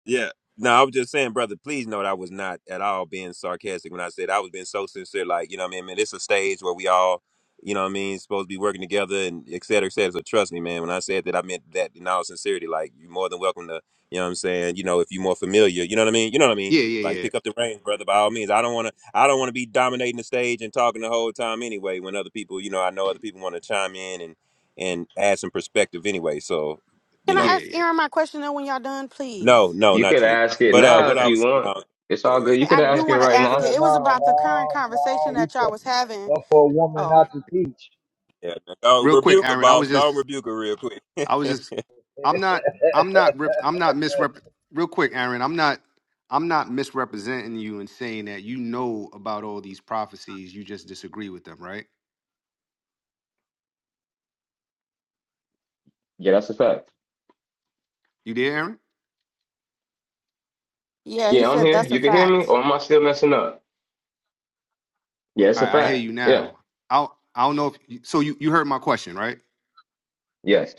Yeah. No, I was just saying, brother, please note I was not at all being sarcastic when I said I was being so sincere. Like, you know what I mean? Man, it's a stage where we all, you know what I mean, supposed to be working together and et cetera, et cetera. So trust me, man, when I said that, I meant that in all sincerity. Like, you're more than welcome to, you know what I'm saying? You know, if you're more familiar, you know what I mean? You know what I mean?
Yeah, yeah,
Like,
yeah.
pick up the reins, brother, by all means. I don't want to, I don't want to be dominating the stage and talking the whole time anyway when other people, you know, I know other people want to chime in and, and add some perspective anyway. So, you
Can I
know.
ask Aaron
Yeah,
my question though when y'all done,
No,
please?
no,
You could
not you.
ask it
But uh,
now
what
if
yeah.
I
you
was
want.
no.
It's all good. You
I
could
I do
ask it
want to
right
yeah,
ask
now.
Yeah,
it. It was
no, no,
about the current
no.
conversation
no. You
that
said,
y'all was having.
well, for a woman
Oh,
not to teach,
go
Real quick,
rebuke a
Aaron, I
boss.
was
Go
just
and rebuke her real quick.
I was just I'm not I'm not rep, I'm not misrep real quick, Aaron. I'm not I'm not misrepresenting you and saying that you know about all these prophecies. You just disagree with them, right?
Yeah, that's a fact.
You there, Aaron?
yeah, he
Yeah, I'm
said
here.
that's a
You can hear me,
fact.
or am I still messing up? Yeah, it's a
I, I hear
fact.
you
Yeah.
now. I I don't know if you, so. You you heard my question, right?
Yes.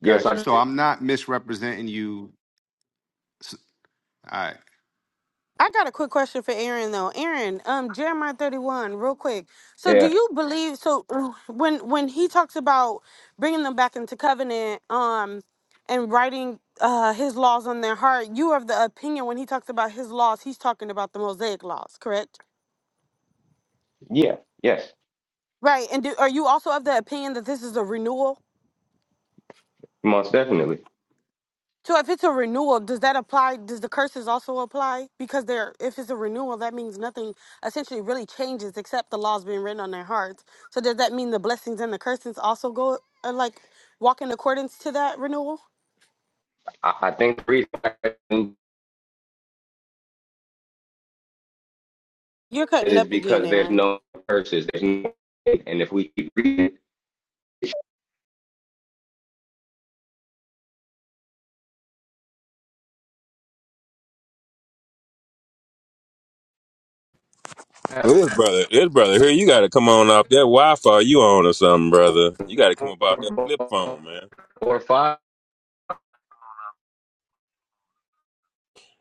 Yes,
Got you.
I
So
did.
I'm not misrepresenting you. S- All right.
I got a quick question for Aaron though. Aaron, um, Jeremiah thirty one, real quick. So, do
Yeah.
you believe? So, uh, when when he talks about bringing them back into covenant, um, and writing uh his laws on their heart, you are of the opinion when he talks about his laws, he's talking about the Mosaic laws, correct?
Yeah. Yes.
Right. And do, are you also of the opinion that this is a renewal?
Most definitely.
So if it's a renewal, does that apply? Does the curses also apply? Because they're if it's a renewal, that means nothing essentially really changes except the laws being written on their hearts. So does that mean the blessings and the curses also go uh, like walk in accordance to that renewal?
I, I think the reason I didn't do
You're
it
cutting
is
up again,
because there's
Aaron.
no curses. There's no, and if we keep reading, it should have
Well, this brother, this brother here, you got to come on off that Wi-Fi you on or something, brother. You got to come up off that
four,
flip phone, man.
four, five.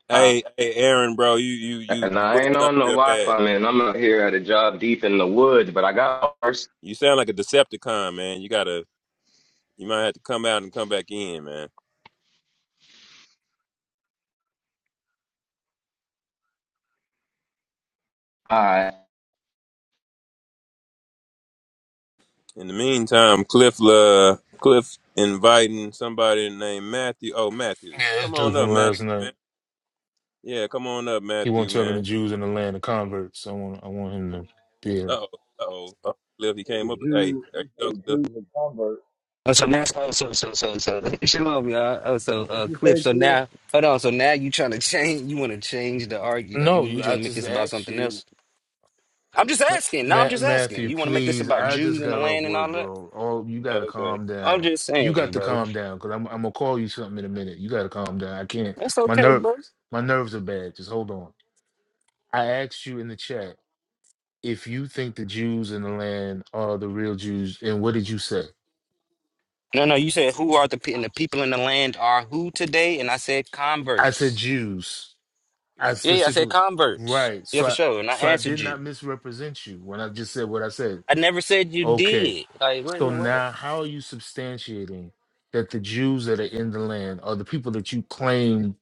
Hey, hey, Aaron, bro, you you you
And I ain't
breaking up
on no
real bad.
Wi-Fi, man. I'm out here at a job deep in the woods, but I got first.
You sound like a Decepticon, man. You gotta, you might have to come out and come back in, man.
I
In the meantime, Cliff, uh, Cliff inviting somebody named Matthew. Oh, Matthew,
Yeah, this
come
dude
on up,
from last
Matthew, man.
night.
Yeah, come on up,
He won't
Matthew,
tell me the
man.
Jews in the land of converts. So I want I want him to be here.
Oh, oh, oh, Cliff, he
you say
came
the
up. Hey,
Jews,
there
you
you
say
go,
the
Cliff.
Jews are converts.
Oh, so now, so so so so so shalom, y'all. Oh, so
What
uh,
you
Cliff.
say,
So
Peter?
now, hold on. So now you trying to change? You want to change the argue? Like, you,
No,
you
you
want to
I
make
just
this about
asked
something
you
else? I'm just
Ma-
asking. No, I'm
Ma-
just asking.
Matthew,
You want to make this
please.
about
I
Jews
just
and the
got off
land and all
work,
that?
bro. All you gotta
Okay.
calm
I'm
down.
just
You
saying,
got to
bro.
calm down because I'm I'm gonna call you something in a minute. You gotta calm down. I can't.
That's
My
okay,
nerve
bro.
my nerves are bad. Just hold on. I asked you in the chat if you think the Jews in the land are the real Jews, and what did you say?
No, no. You said who are the pe- and the people in the land are who today? And I said
I said
converts.
Jews. I
Yeah, yeah. I said
specifically
converts.
right.
Yeah,
So
for
I
sure. And I
so I
answered
did
you.
not misrepresent you when I just said what I said.
I never said you
Okay.
did. Like, what in
So
the world?
now how are you substantiating that the Jews that are in the land or the people that you claim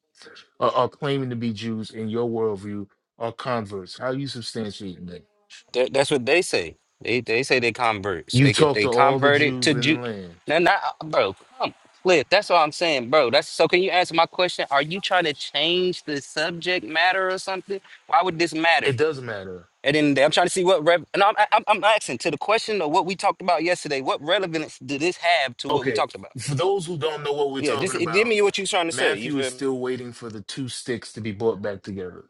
are, are claiming to be Jews in your worldview are converts? How are you substantiating that?
That, that's what they say. They they say they converts. They
You've
could
talked
they
to all the
converted to
Jews in
Jew.
the land.
No, not bro. Come, Cliff. That's all I'm saying, bro. That's so. Can you answer my question? Are you trying to change the subject matter or something? Why would this matter?
It doesn't matter.
And then I'm trying to see what rev. And I'm, I'm I'm asking to the question of what we talked about yesterday. What relevance did this have to what we
Okay.
talked about?
For those who don't know what we're
Yeah, just
talking
it- give
about,
me what you're trying to say. You
Matthew is
feel me?
still waiting for the two sticks to be brought back together.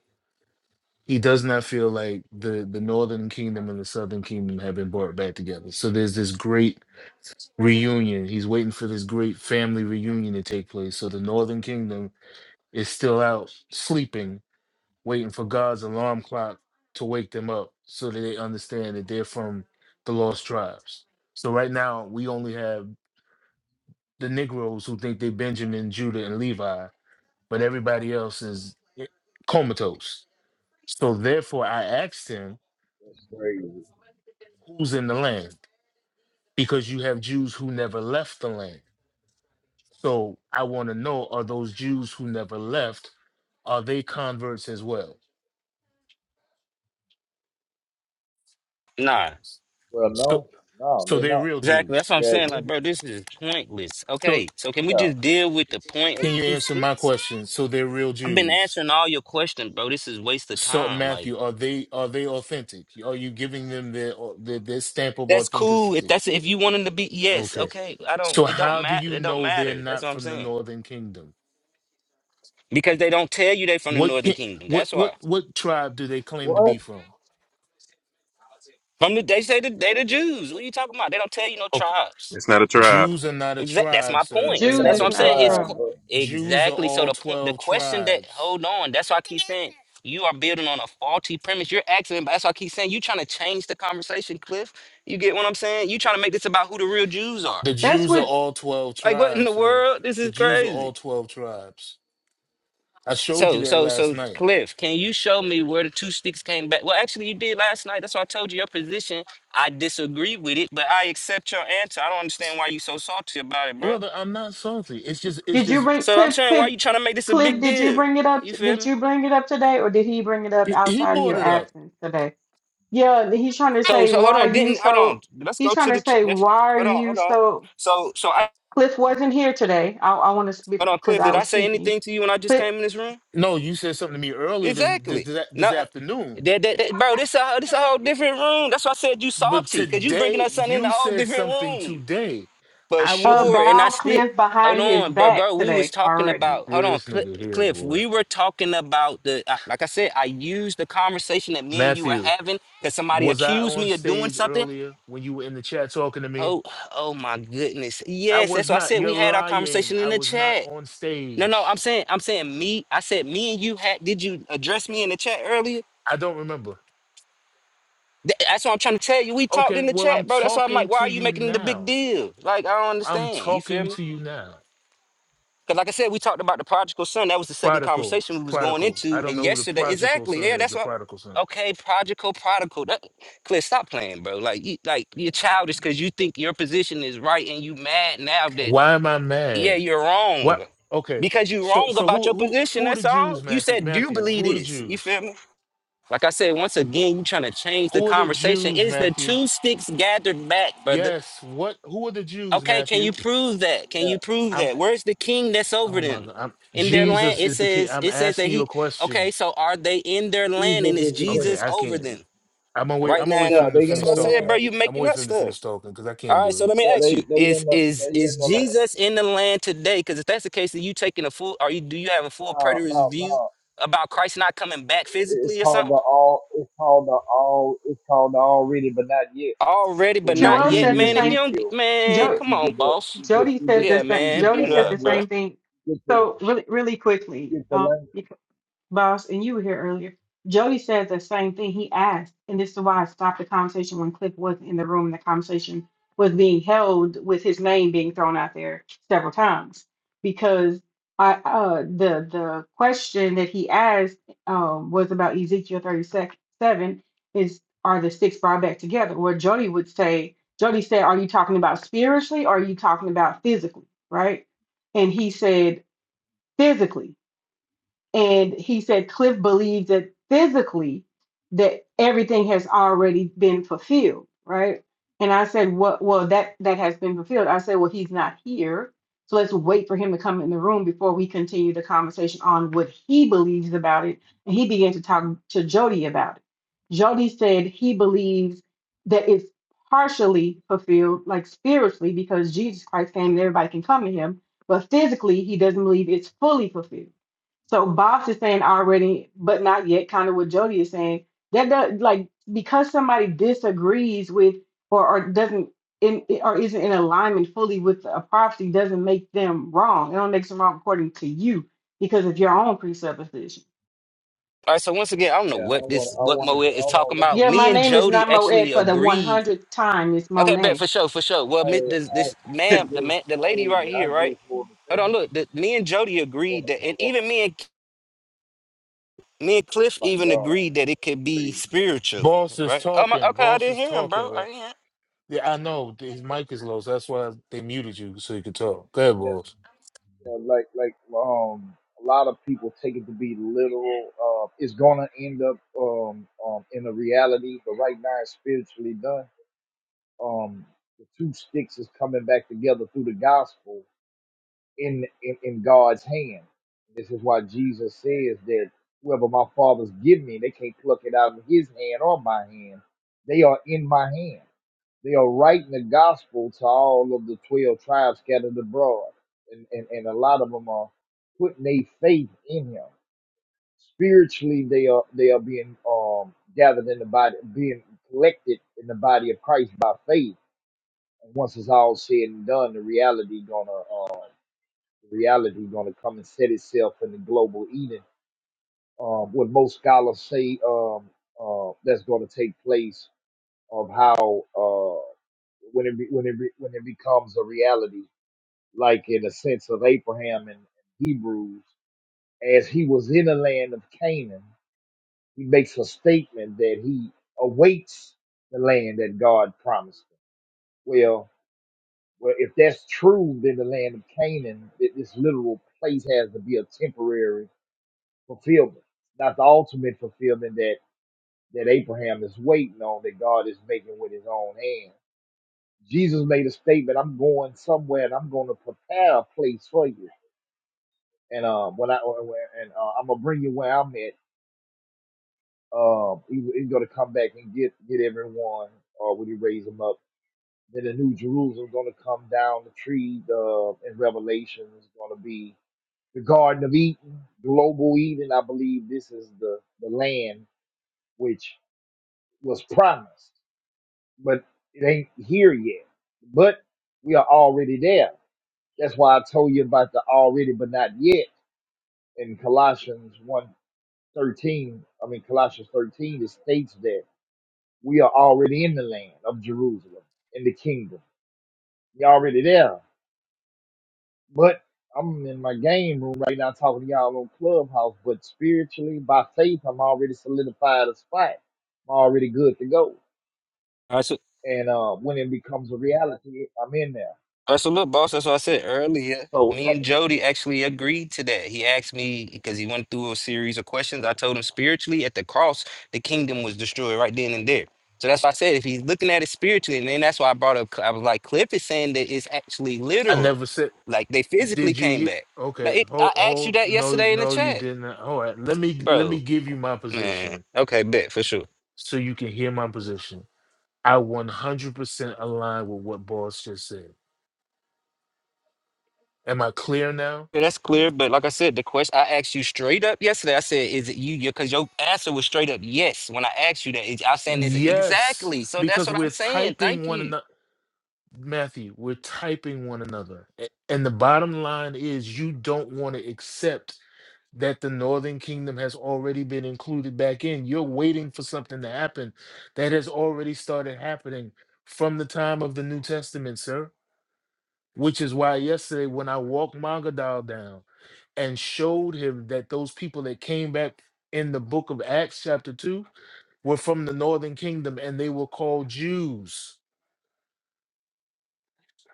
he does not feel like the the northern kingdom and the southern kingdom have been brought back together so there's this great reunion he's waiting for this great family reunion to take place so the northern kingdom is still out sleeping waiting for god's alarm clock to wake them up so that they understand that they're from the lost tribes so right now we only have the negroes who think they're benjamin judah and levi but everybody else is eh, comatose so therefore i asked him
That's crazy.
who's in the land because you have Jews who never left the land. So I want to know are those Jews who never left are they converts as well?
Nah.
Well,
So
no, no,
so
they're
they're
not.
real
Exactly. That's
Jews.
what I'm
You ask
saying.
me?
Like, bro, this is pointless. Okay,
So
so can we
Yeah.
just deal with the point of
can
the
you
two
answer my
sticks?
question? So they're real
I've been
Jews.
answering all your questions, bro. This is waste of
So
time. Like
Matthew, are they are they authentic? Are you giving them their their, their stamp of
that's cool. If
authenticity?
that's if you wanted to be yes,
Okay.
okay. I don't
So
it don't
how do
matter
you
it don't
know they're
matter. That's what
not
I'm
from the
saying.
northern kingdom?
Because they don't tell you they from the
What
northern
can
kingdom.
what
That's
what
why.
what tribe do they claim to be
What?
from?
From the they say the they the Jews. What are you talking about? They don't tell you no
Ok,
tribes.
It's not a tribe.
Jews are not a
Exactly. That's my
tribe, sir.
point.
That's
So
Jews
not
that's
is
what
a
I'm
not
saying. His
tribe,
co-
Trump.
but
Jews are
exactly. So
all
the point the
12
question that
tribes.
hold on, that's why I keep saying you are building on a faulty premise. You're asking, that's why I keep saying you trying to change the conversation, Cliff. You get what I'm saying? You trying to make this about who the real Jews are.
The
That's
Jews are
what
all 12
Like what in the
tribes, sir.
world? This
The
is
Jews are
crazy.
all 12 tribes. I showed you
So
that
so
last
so
night.
Cliff, can you show me where the two sticks came back? Well, actually you did last night. That's why I told you your position. I disagree with it, but I accept your answer. I don't understand why you so salty about it, bro.
Brother, I'm not salty. It's just, it's
did you
just,
bring
So I'm
Cliff
saying why
Cliff
you trying to make this a
Cliff,
big
did you
deal?
bring it up
You feel
did
me?
you bring it up today or did he bring it up
he he
outside of
brought
your
it up.
absence today? Yeah, he's trying to
So
say
so
why
hold on,
are you
didn't hold on.
so
Let's
he's
go
trying
to
to
the ch-
say
let's,
why are
hold on,
you
hold on.
so
So so I
Cliff wasn't here today. I, I want to speak
hold on,
because
Cliff,
I
did I
was
say
speaking.
anything to you when I just
Cliff,
came in this room?
No, you said something to me earlier this, this,
Exactly.
this,
No,
this afternoon.
that, that, that- bro, this a this a whole different room. That's why I said you
But
salty, cause you bringing
today,
us something in a
you
whole
said
different
something
room.
today.
But
I
uh,
wasn't,
sure, and
bow
I still
Cliff
hold
behind his
on, bro,
back
bro. We was
today
talking
already.
about hold on,
this
Cl-
nigga here,
Cliff.
boy.
We were talking about the I- like I said. I used the conversation that me and you were
Matthew,
having that somebody
was I
accused
on
me of doing
stage
something.
earlier when you were in the chat talking to me?
Oh, oh my goodness.
I
Yes, that's
was
why I
not.
said
You're
we had our
lying.
conversation in
I
the
was not
chat.
on
No, no, I'm
stage.
saying I'm saying me. I said me and you had. Did you address me in the chat earlier?
I don't remember.
Th- That's what I'm trying to tell you. We talked
Okay,
in the
well, I'm
chat, bro. That's why I'm
talking
like, why
to
are you
you
making the big
now.
deal? Like, I don't
I'm
understand. You feel
talking
me?
to you now.
Because, like I said, we talked about the prodigal son. That was the second
Prodigal,
conversation we was going
prodigal. I
into.
don't
And
know who the
yesterday,
prodigal
exactly.
son
Yeah,
is.
that's
The
what.
prodigal son.
Okay, prodigal, prodigal. That, Cliff, stop playing, bro. Like, you, like you're childish because you think your position is right, and you mad now that
Why am I
yeah,
mad?
you're wrong
What? Okay.
because you're
So,
wrong
so
about
who,
your
who,
position.
who are the
That's all.
Jews,
You
Matthew?
said, do you
Matthew,
believe
who are the
this? You
Jews?
feel me? Like I said, once again, you trying to change the
Who are the
conversation. It
Jews,
is the
Matthew?
two sticks gathered back, brother.
Yes. What? Who are the Jews,
Okay, can you
Matthew?
prove that? Can
yeah,
you prove
I'm.
that? Where's the king that's over
Oh my
them?
God. I'm,
In their land,
Jesus
it
is the king.
says
I'm
it says that
asking you
he
a
okay,
question.
so are they in their land
Jesus
and is
is the king.
Okay,
Jesus
I
over
can't.
them?
I'm gonna wait.
Right
I'm gonna
now,
wait for
and
Yeah,
him to
they
that's
in
what
finish
the
I said,
talking.
bro.
land.
You
I'm gonna
making
wait
up
for him to finish
stuff.
talking because I can't
All right,
do
so
it.
let me
Yeah,
ask
they
you:
they
Is
in the they
is is
in the land.
Jesus in the land today? Because if that's the case, then you taking a full? Are you do you have a full
No,
preterist
no,
view
no.
about Christ not coming back
It, it's
physically or
called
something?
the all. It's called the all. It's called the already, but not yet.
Already, but
When you
not
Joel
yet,
said the
read
man. If you
same.
Ezekiel,
don't, get-
you
man,
get,
Jo,
come
you
on,
get the
boss.
you get
Jody
you
said
get
the
Yeah,
the
same.
you get
man,
the
Jody
mute
said the
up, bro.
language.
All
same thing.
You get the
So really, really
you
quickly,
get the language.
um, boss, and you were here earlier. Jody says the same thing. He asked, and this is why I stopped the conversation when Cliff wasn't in the room. The conversation was being held with his name being thrown out there several times because I uh, the the question that he asked um, was about Ezekiel thirty seven is are the six brought back together? Where Jody would say, Jody said, are you talking about spiritually or are you talking about physically? Right? And he said physically and he said Cliff believes that physically that everything has already been fulfilled, right? And I said, "What? well that that has been fulfilled. I said, Well, he's not here. So let's wait for him to come in the room before we continue the conversation on what he believes about it. And he began to talk to Jody about it. Jody said he believes that it's partially fulfilled, like spiritually, because Jesus Christ came and everybody can come to him, but physically he doesn't believe it's fully fulfilled. So Bob's is saying already, but not yet, kind of what Jody is saying. That does like because somebody disagrees with or, or doesn't in or isn't in alignment fully with a prophecy doesn't make them wrong. It don't make them wrong according to you because of your own presupposition.
right, so once again, I don't know
Yeah, and I
what
want
this,
I
what
want to say,
Moet is
hold on,
talking
let
about.
me
Yeah, my
Me and
name is
Jody
not Moed
actually
for the one
agreed.
hundredth time. It's
Okay,
Monet.
bet for sure, for sure. Well,
Hey,
mi- this,
I,
this
I, I
ma'am, the
just,
man, the lady
hey,
right
I
here, right?
just want to
Hold
finish.
on, look. The, me and Jody
I want
agreed
to,
that,
I
and
want
even
to,
me and me and Cliff
my
even
God,
agreed that it
that's
could be
crazy.
spiritual,
Boss is
right? Oh my,
talking.
okay, I
Boss
didn't
is
hear him,
talking.
bro. I
Bro.
didn't hear.
Yeah, I know th- his mic is low, so that's why they muted you so you could talk. Go ahead,
Yes,
boss.
you know, like, like, um, a lot of people take it to be literal. Uh, it's gonna end up, um, um, in a reality, but right now it's spiritually done. Um, the two sticks is coming back together through the gospel. in, in in God's hand. This is why Jesus says that whoever my father's give me, they can't pluck it out of his hand or my hand. They are in my hand. They are writing the gospel to all of the twelve tribes scattered abroad. And and, and a lot of them are putting their faith in him. Spiritually they are they are being um gathered in the body being collected in the body of Christ by faith. And once it's all said and done, the reality gonna uh, reality going to come and set itself in the global Eden. Um, what most scholars say um, uh, that's going to take place of how uh, when it be, when it be, when it becomes a reality, like in the sense of Abraham in Hebrews, as he was in the land of Canaan, he makes a statement that he awaits the land that God promised him. Well, well, if that's true, then the land of Canaan, th- this literal place has to be a temporary fulfillment. Not the ultimate fulfillment that, that Abraham is waiting on, that God is making with his own hand. Jesus made a statement, I'm going somewhere and I'm going to prepare a place for you. And uh, when I and uh, I'm gonna bring you where I'm at. Um, he, he's gonna come back and get get everyone, or when he raise them up. Then the new Jerusalem's gonna come down the tree. Uh, in Revelation is gonna be the Garden of Eden, global Eden. I believe this is the the land which was promised, but it ain't here yet. But we are already there. That's why I told you about the already but not yet in Colossians one thirteen. I mean, Colossians 13, it states that we are already in the land of Jerusalem, in the kingdom. You're already there. But I'm in my game room right now talking to y'all on Clubhouse, but spiritually, by faith, I'm already solidified a spot. I'm already good to go.
Him.
And uh, when it becomes a reality, I'm in there.
Uh, so look, boss, that's what I said earlier.
So,
Me
that,
and Jody actually agreed to that. He asked me because he went through a series of questions. I told him spiritually at the cross, the kingdom was destroyed right then and there. So that's why I said if he's looking at it spiritually, and then that's why I brought up. I was like, Cliff is saying that it's actually
I
literal,
never said.
like they physically
Did you?
came
hear
back. Like
Okay,
it,
hold,
I asked you
hold.
that
No,
yesterday in the
no, you
chat,
didn't. All right, let me let me
bro.
give you my
Man,
position
okay, bet for sure.
so you can hear my position. I 100% align with what boss just said. Am I clear now?
Yeah, that's clear. But like I said, the question I asked you straight up yesterday, I said, "Is it you?" Because your answer was straight up yes when I asked you that. Is- I saying this
Yes,
exactly. So that's
because
what I'm
we're
saying.
typing
Thank
one
you.
another. Matthew, we're typing one another. A- And the bottom line is you don't want to accept that the northern kingdom has already been included back in. You're waiting for something to happen that has already started happening from the time of the New Testament, sir. Which is why yesterday when I walked Magadal down and showed him that those people that came back in the book of Acts chapter 2 were from the northern kingdom and they were called Jews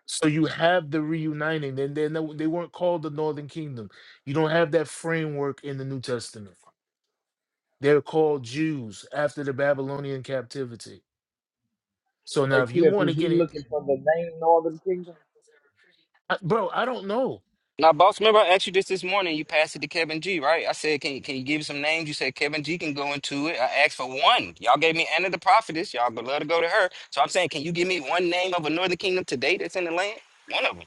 So you have the reuniting, and they they weren't called the Northern Kingdom. You don't have that framework in the New Testament. They're called Jews after the Babylonian captivity. So now,
hey
if you
Cliff,
want to
is he
get it,
looking for the name Northern Kingdom?
I, bro, I don't know.
Now, boss, remember I asked you this this morning. You passed it to Kevin G, right? I said, "Can can you give some names?" You said Kevin G can go into it. I asked for one. Y'all gave me Anna the prophetess. Y'all would love to go to her. So I'm saying, can you give me one name of a Northern Kingdom today that's in the land? One of 'em.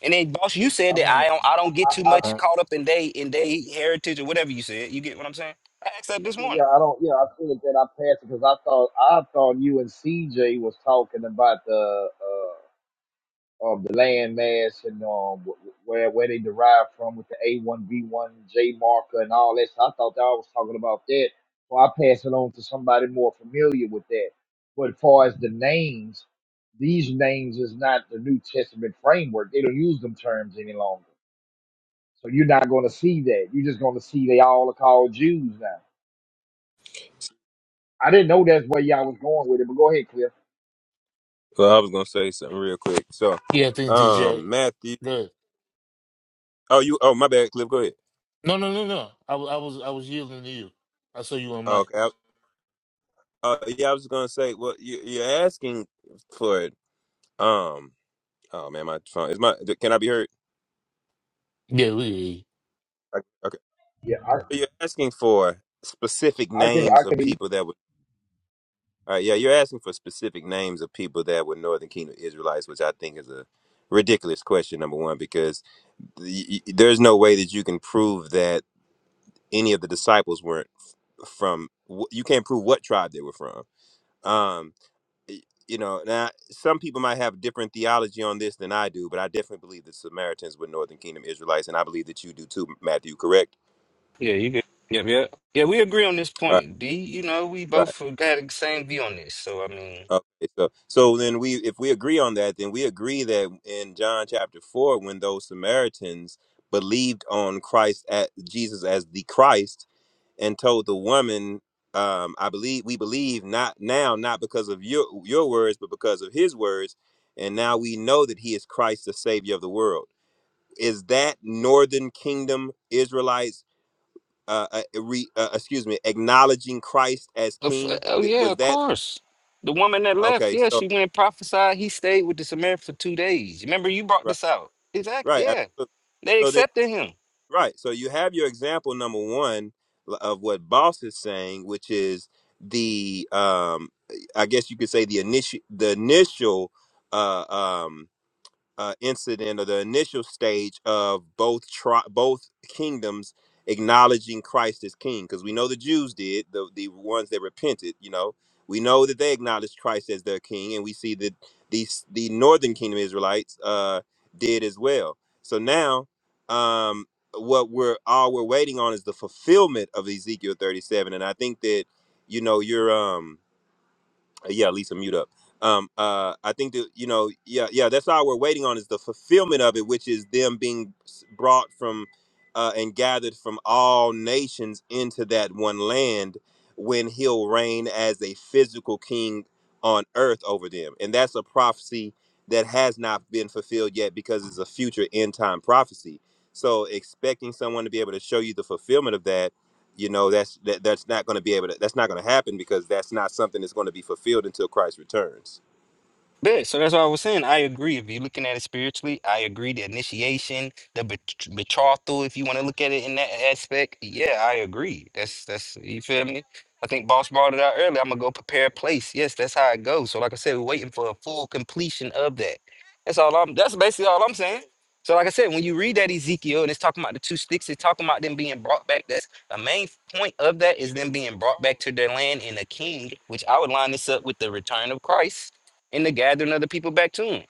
And then,
I
boss, you
mean,
said
I
that I
mean,
don't I don't get
I,
too
I
much caught up in they in they heritage or whatever you said. You get what I'm saying? I asked that this morning.
yeah, I don't, yeah, I figured that I passed it because I thought, I thought you and CJ was talking about the, uh, um, the land mass and um, wh- where where they derived from with the A one B one J marker and all that. So I thought that I was talking about that. So I passed it on to somebody more familiar with that. But as far as the names, these names is not the New Testament framework. They don't use them terms any longer. So you're not going to see that. You're just going to see they all are called Jews now. I didn't know that's where y'all was going with it, but go ahead, Cliff.
Well, I was gonna say something real quick. So,
Yeah, I think DJ.
um, Matthew.
Good.
Oh, you. Oh, my bad, Cliff. Go ahead.
No, no, no, no. I, wa- I was I was yielding to you. I saw you on
Oh,
mic.
okay. I, uh, yeah, I was gonna say. Well, you, you're asking for. it. Um. Oh man, my phone is my. Can I be heard?
Yeah, we. hear you.
Okay. okay.
Yeah, I,
So you're asking for specific
I can, I
names of
can. hear
people that would. All right. Yeah, you're asking for specific names of people that were Northern Kingdom Israelites, which I think is a ridiculous question. Number one, because y- y- there's no way that you can prove that any of the disciples weren't from wh- you can't prove what tribe they were from um y- you know now some people might have different theology on this than i do but i definitely believe that samaritans were northern kingdom israelites and i believe that you do too matthew correct
Yeah, you get. Yep, yep. Yeah, we agree on this
all right
point. D, you know, we
right.
both got the same view on this. So I mean,
Okay, so so then we if we agree on that, then we agree that in John chapter four, when those Samaritans believed on Christ at Jesus as the Christ and told the woman, um, I believe we believe not now, not because of your your words, but because of his words, and now we know that he is Christ the Savior of the world. Is that northern kingdom Israelites uh, uh re, uh excuse me, acknowledging Christ as
of-
king?
oh
Th-
yeah,
Was
of
that
course. The woman that left,
okay,
yeah,
so
she
right.
went and prophesied. He stayed with the Samaritan for two days. Remember, you brought this out. Exactly.
Right.
Yeah,
absolutely.
they
So then,
accepted him.
right. So you have your example number one l- of what Boss is saying, which is the, um, I guess you could say the initial, the initial, uh, um, uh, incident or the initial stage of both tri- both kingdoms acknowledging Christ as king because we know the Jews did the the ones that repented you know we know that they acknowledged Christ as their king and we see that these the northern kingdom Israelites uh did as well so now um what we're all we're waiting on is the fulfillment of Ezekiel 37 and I think that you know you're um uh, yeah lisa mute up um uh i think that you know yeah yeah that's all we're waiting on is the fulfillment of it which is them being s- brought from uh and gathered from all nations into that one land when he'll reign as a physical king on earth over them and that's a prophecy that has not been fulfilled yet because it's a future end time prophecy so expecting someone to be able to show you the fulfillment of that you know that's that, that's not going to be able to that's not going to happen because that's not something that's going to be fulfilled until christ returns
Yeah, so that's what I was saying. I agree. If you're looking at it spiritually, I agree. The initiation, the bet- betrothal, if you want to look at it in that aspect, yeah, I agree. That's that's you feel me. I think Boss brought it out earlier. I'm gonna go prepare a place. Yes, that's how it goes. So, like I said, we're waiting for a full completion of that. That's all I'm. That's basically all I'm saying. So, like I said, when you read that Ezekiel and it's talking about the two sticks, it's talking about them being brought back. That's the main point of that is them being brought back to their land in a king, which I would line this up with the return of Christ and the gathering of the people back to him.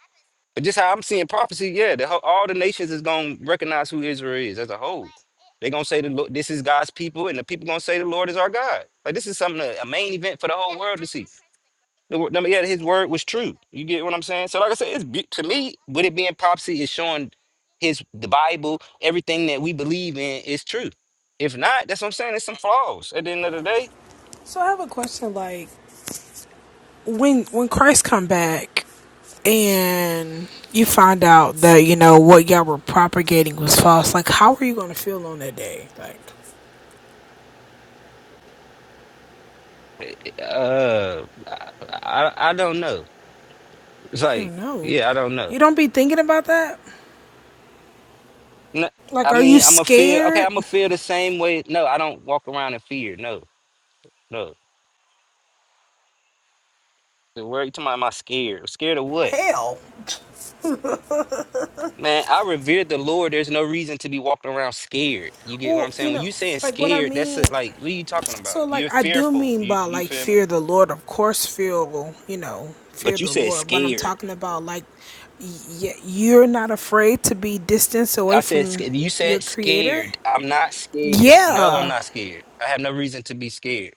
But just how I'm seeing prophecy, yeah, the, whole- all the nations is gonna recognize who Israel is as a whole. They're gonna say the Lord, this is God's people, and the people gonna say the Lord is our God. Like this is something that- a main event for the whole world to see. The, word- yeah, his word was true. You get what I'm saying? So like I said, it's be- to me, with it being prophecy is showing his the Bible, everything that we believe in is true. If not, that's what I'm saying. There's some flaws at the end of the day.
So I have a question like when when Christ come back and you find out that you know what y'all were propagating was false like how are you going to feel on that day like
Uh, I, I I don't know. It's
you
like,
don't know
yeah, I don't know.
you don't be thinking about that
No,
like
I
are you
mean, I'm a to feel okay. I'm
scared
gonna feel the same way. No, I don't walk around in fear. No, no. The word you talking about? Am I scared? Scared of what?
hell
Man, I revere the Lord. There's no reason to be walking around scared. You get what I'm
well you
saying? When
know
you saying
like what I
scared, that's
mean
it. Like, what are you talking about?
So,
You're
like, I do
fearful.
mean
You
by
you
like
feel me?
fear the Lord, of course, fear will, you know, fear
But you
the
said
Lord. But I'm
scared.
talking about like, y- you're not afraid to be distanced away
I said
from
scared. You
your
said
Creator.
scared. I'm not scared. No, I'm
Yeah,
not scared. I have no reason to be scared.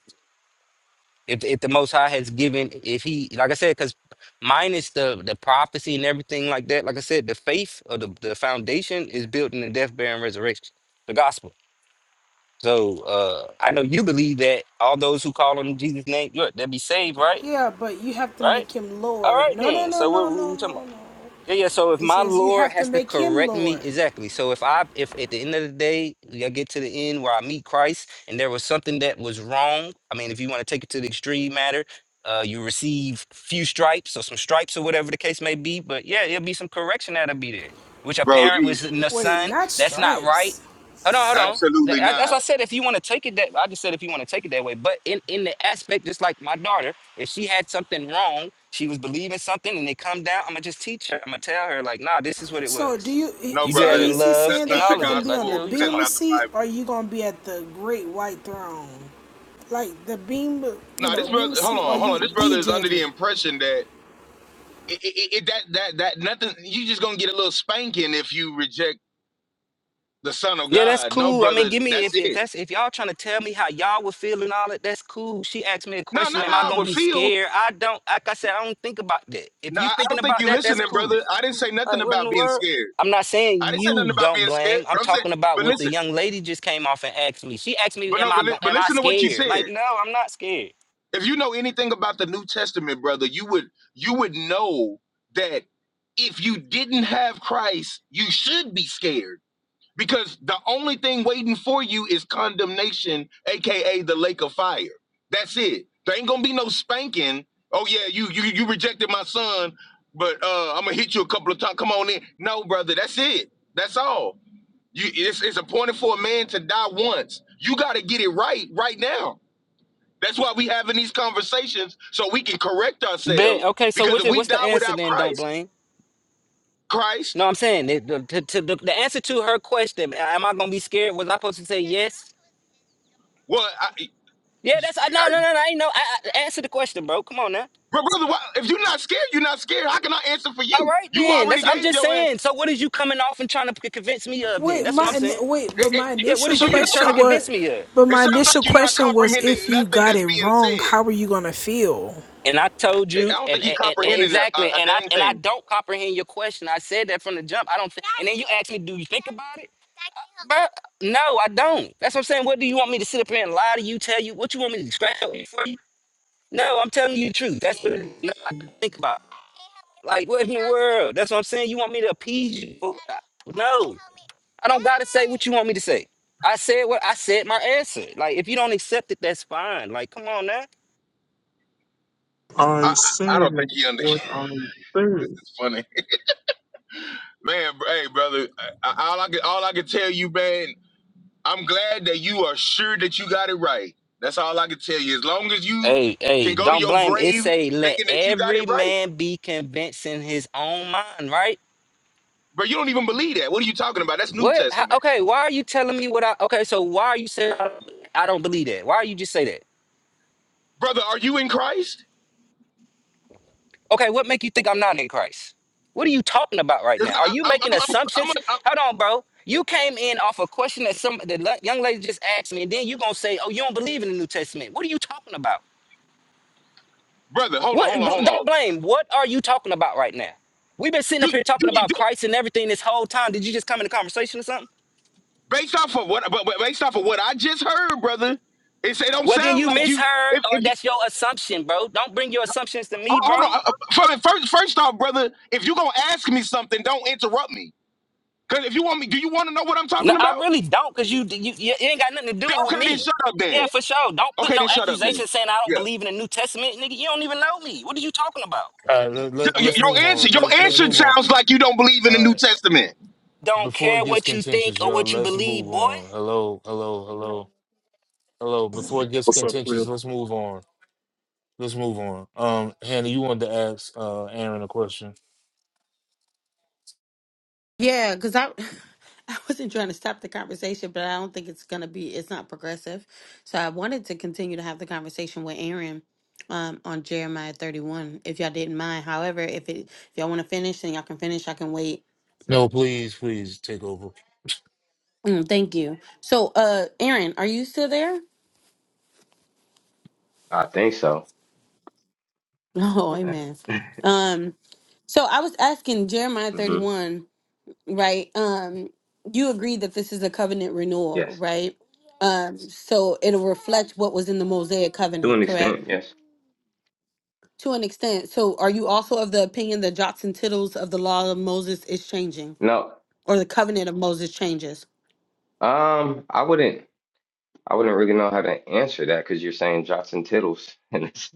if if the Most High has given, if He, like I said, because minus the the prophecy and everything like that, like I said, the faith or the the foundation is built in the death, burial, and resurrection, the gospel. So uh I know you believe that all those who call on Jesus' name, look, they'll be saved, right?
yeah, but you have to
Right?
make Him
All right
Lord. No, no,
then.
no,
So what,
no,
what
no,
we talking about?
no, no.
Yeah, yeah. So if
It
my
says you
Lord
have to
has to
make Him
correct me,
Lord.
exactly. So if I, if at the end of the day, I get to the end where I meet Christ, and there was something that was wrong. I mean, if you want to take it to the extreme matter, uh, you receive few stripes or some stripes or whatever the case may be. But yeah, it'll be some correction that'll be there. Which a
Bro,
parent
you
was in the
Wait,
son,
not
that's not right.
stripes.
Hold on, hold on. Tha-
absolutely
As as
not.
I said, if you want to take it that, I just said if you want to take it that way. But in in the aspect, just like my daughter. If she had something wrong, she was believing something and it come down, I'm gonna just teach her. I'm gonna tell her, like, nah, this is what it
So do
was.
you?
No,
You do
So are
that
brother,
you
in
is he
love
that's
saying that
and
not
he
the
all of
gonna
that.
be
Like,
on the
yeah,
gospel,
what you
and that's
talking
bema
about?
not the
seat,
Bible.
or you gonna be at the great white throne? like the beam, you
No,
know,
this
beam
brother,
of
hold
sea, or
on, hold on.
you
This
the
brother is under the
judgment?
impression that it, it, it that that that nothing. You just gonna get a little spanking if you reject the Son of
Yeah, that's
God. No,
cool. I mean,
brother,
give me
that's
if, if
it.
that's if y'all trying to tell me how y'all would feel and all that, that's cool. She asked me a
No,
question,
not
am I
how I
gonna
would
be
feel.
scared? I don't like I said, I don't think about that. If
No,
you
I I
thinking
don't think
about
you
that, that's
listening,
cool.
brother. I didn't say nothing
Like, what in
about
the
being
world?
scared.
I'm not saying
I didn't say
you
nothing about
don't
being scared.
blame. I'm
But I'm saying,
talking about
but
what the
listen,
young lady just came off and asked me. She asked me,
but
"Am
no,
I
but, li-
go-
but
am I
listen to what you
scared?"
said.
Like, no, I'm not scared.
If you know anything about the New Testament, brother, you would you would know that if you didn't have Christ, you should be scared because the only thing waiting for you is condemnation, aka the lake of fire. That's it. There ain't gonna be no spanking. Oh yeah, you you you rejected my son, but uh, I'm gonna hit you a couple of times. Come on in. No, brother, that's it. That's all. You it's it's appointed for a man to die once. You got to get it right right now that's why we having these conversations so we can correct
Bet.
ourselves.
Okay, so
Because
what's
if
it,
we
what's the
die
answer
without
then? Don't
Christ,
blame.
Christ,
No, I'm saying it, the, to, to the, the answer to her question. a- Am I gonna be scared? Was I supposed to say yes?
well, I, I,
Yeah, that's I- no, no, no, no. I ain't know. I, I, answer the question, bro. Come on now.
bro- brother, why, if you're not scared, you're not scared. How can I answer for
All
you?
right
You
then.
already
That's I'm
gave
just
your an-
saying. So what is you coming off and trying to c- convince me of then?
Wait,
That's
my
what I'm saying.
wait, but
it- it-
my
Yeah, what
initial
is
so
you
you're
con-
not.
trying to
question
co-
was,
convince me of?
but
It
my
sounds like
initial
you're not
question was,
comprehending
if you
nothing
got
that's
it
being
wrong, how
said.
are you gonna feel?
And I told you,
I don't
and,
think he
and, and and
comprehended a, a,
exactly,
a
and I
dang
and I
thing.
don't comprehend your question. I said that from the jump. I don't. thi- and then you asked me, do you think about it? Bruh, No, I don't. That's what I'm saying. What do you want me to sit up here and lie to you? Tell you what you want me to scratch up for you? No, I'm telling you the truth. That's what no, I don't think about. Like what in the world? That's what I'm saying. You want me to appease you? No, I don't gotta say what you want me to say. I said what I said. My answer. Like if you don't accept it, that's fine. Like come on now.
I,
I
I I
said
don't think he under.
what I said.
It's funny, man. br- Hey, brother, I, I- all I can all I can tell you, man. I'm glad that you are sure that you got it right. That's all I can tell you. As long as you
Hey, hey,
can go to
don't
your
blame. It
grave
say let
thinking that you got it
every
right,
man be convinced in his own mind, right?
bro, you don't even believe that. What are you talking about? That's New
What? How,
Testament,
okay, why are you telling me what I? Okay, so why are you saying I, I don't believe that? Why are you just say that?
brother. Are you in Christ?
Okay, what make you think I'm not in Christ? What are you talking about right
Because
now? Are
I'm,
you
I'm,
making
I'm, I'm,
assumptions?
a- I'm-
Hold on, bro. You came in off a question that some the le- young lady just asked me, and then you gonna say, "Oh, you don't believe in the New Testament." What are you talking about?
brother. Hold on, hold
What?
on,
bl-
hold on.
Don't blame. What are you talking about right now? We've been sitting up
Do,
here
do,
talking about
do,
Christ and everything this whole time. Did you just come in a conversation or something?
based off of what, but, but based off of what I just heard, brother, it say don't
Well, then
sound
you
like you.
misheard,
If, if
or
you,
that's your assumption, bro. Don't bring your assumptions to me,
hold
bro.
hold on, uh, uh, first, first off, brother, if you gonna ask me something, don't interrupt me. Cause if you want me, do you want to know what I'm
No,
talking
I
about?
really don't, cause you, you you ain't got nothing to do
Then-
with
Okay, then
me.
shut up
Yeah,
then.
for sure. Don't put
Okay,
no
then shut up then.
accusations saying I don't
Yeah.
believe in the New Testament, nigga. You don't even know me. What are you talking about?
All right, let, let,
Y- y-
let's
Your
move
answer,
on.
your
Let's let's
answer
move on.
sounds like you don't believe in the
All
New
right,
Testament.
Don't
before it
care
gets
what you think
contentious,
or
y'all.
what you
Let's move
believe, boy.
on. Hello, hello, hello. Hello, before it gets
What's up,
contentious,
Cliff?
let's move on. Let's move on. Um, Hannah, you wanted to ask uh Aaron a question.
Yeah, because I I wasn't trying to stop the conversation, but I don't think it's gonna be it's not progressive. So I wanted to continue to have the conversation with Aaron um on Jeremiah 31, if y'all didn't mind. However, if it if y'all want to finish, then y'all can finish. I can wait.
No, please, please take over.
Mm, thank you. So uh Aaron, are you still there?
I think so.
Oh,
What's happening?
amen.
mm
Um so I was asking Jeremiah
hmm
31 right? Um, you agree that this is a covenant renewal,
Yes,
right? Um, so it'll reflect what was in the Mosaic
to
covenant,
an
correct?
extent, yes.
To an extent. So are you also of the opinion that jots and tittles of the law of Moses is changing
No,
or the covenant of Moses changes?
um, I wouldn't. I wouldn't really know how to answer that because you're saying jots and tittles, and it's-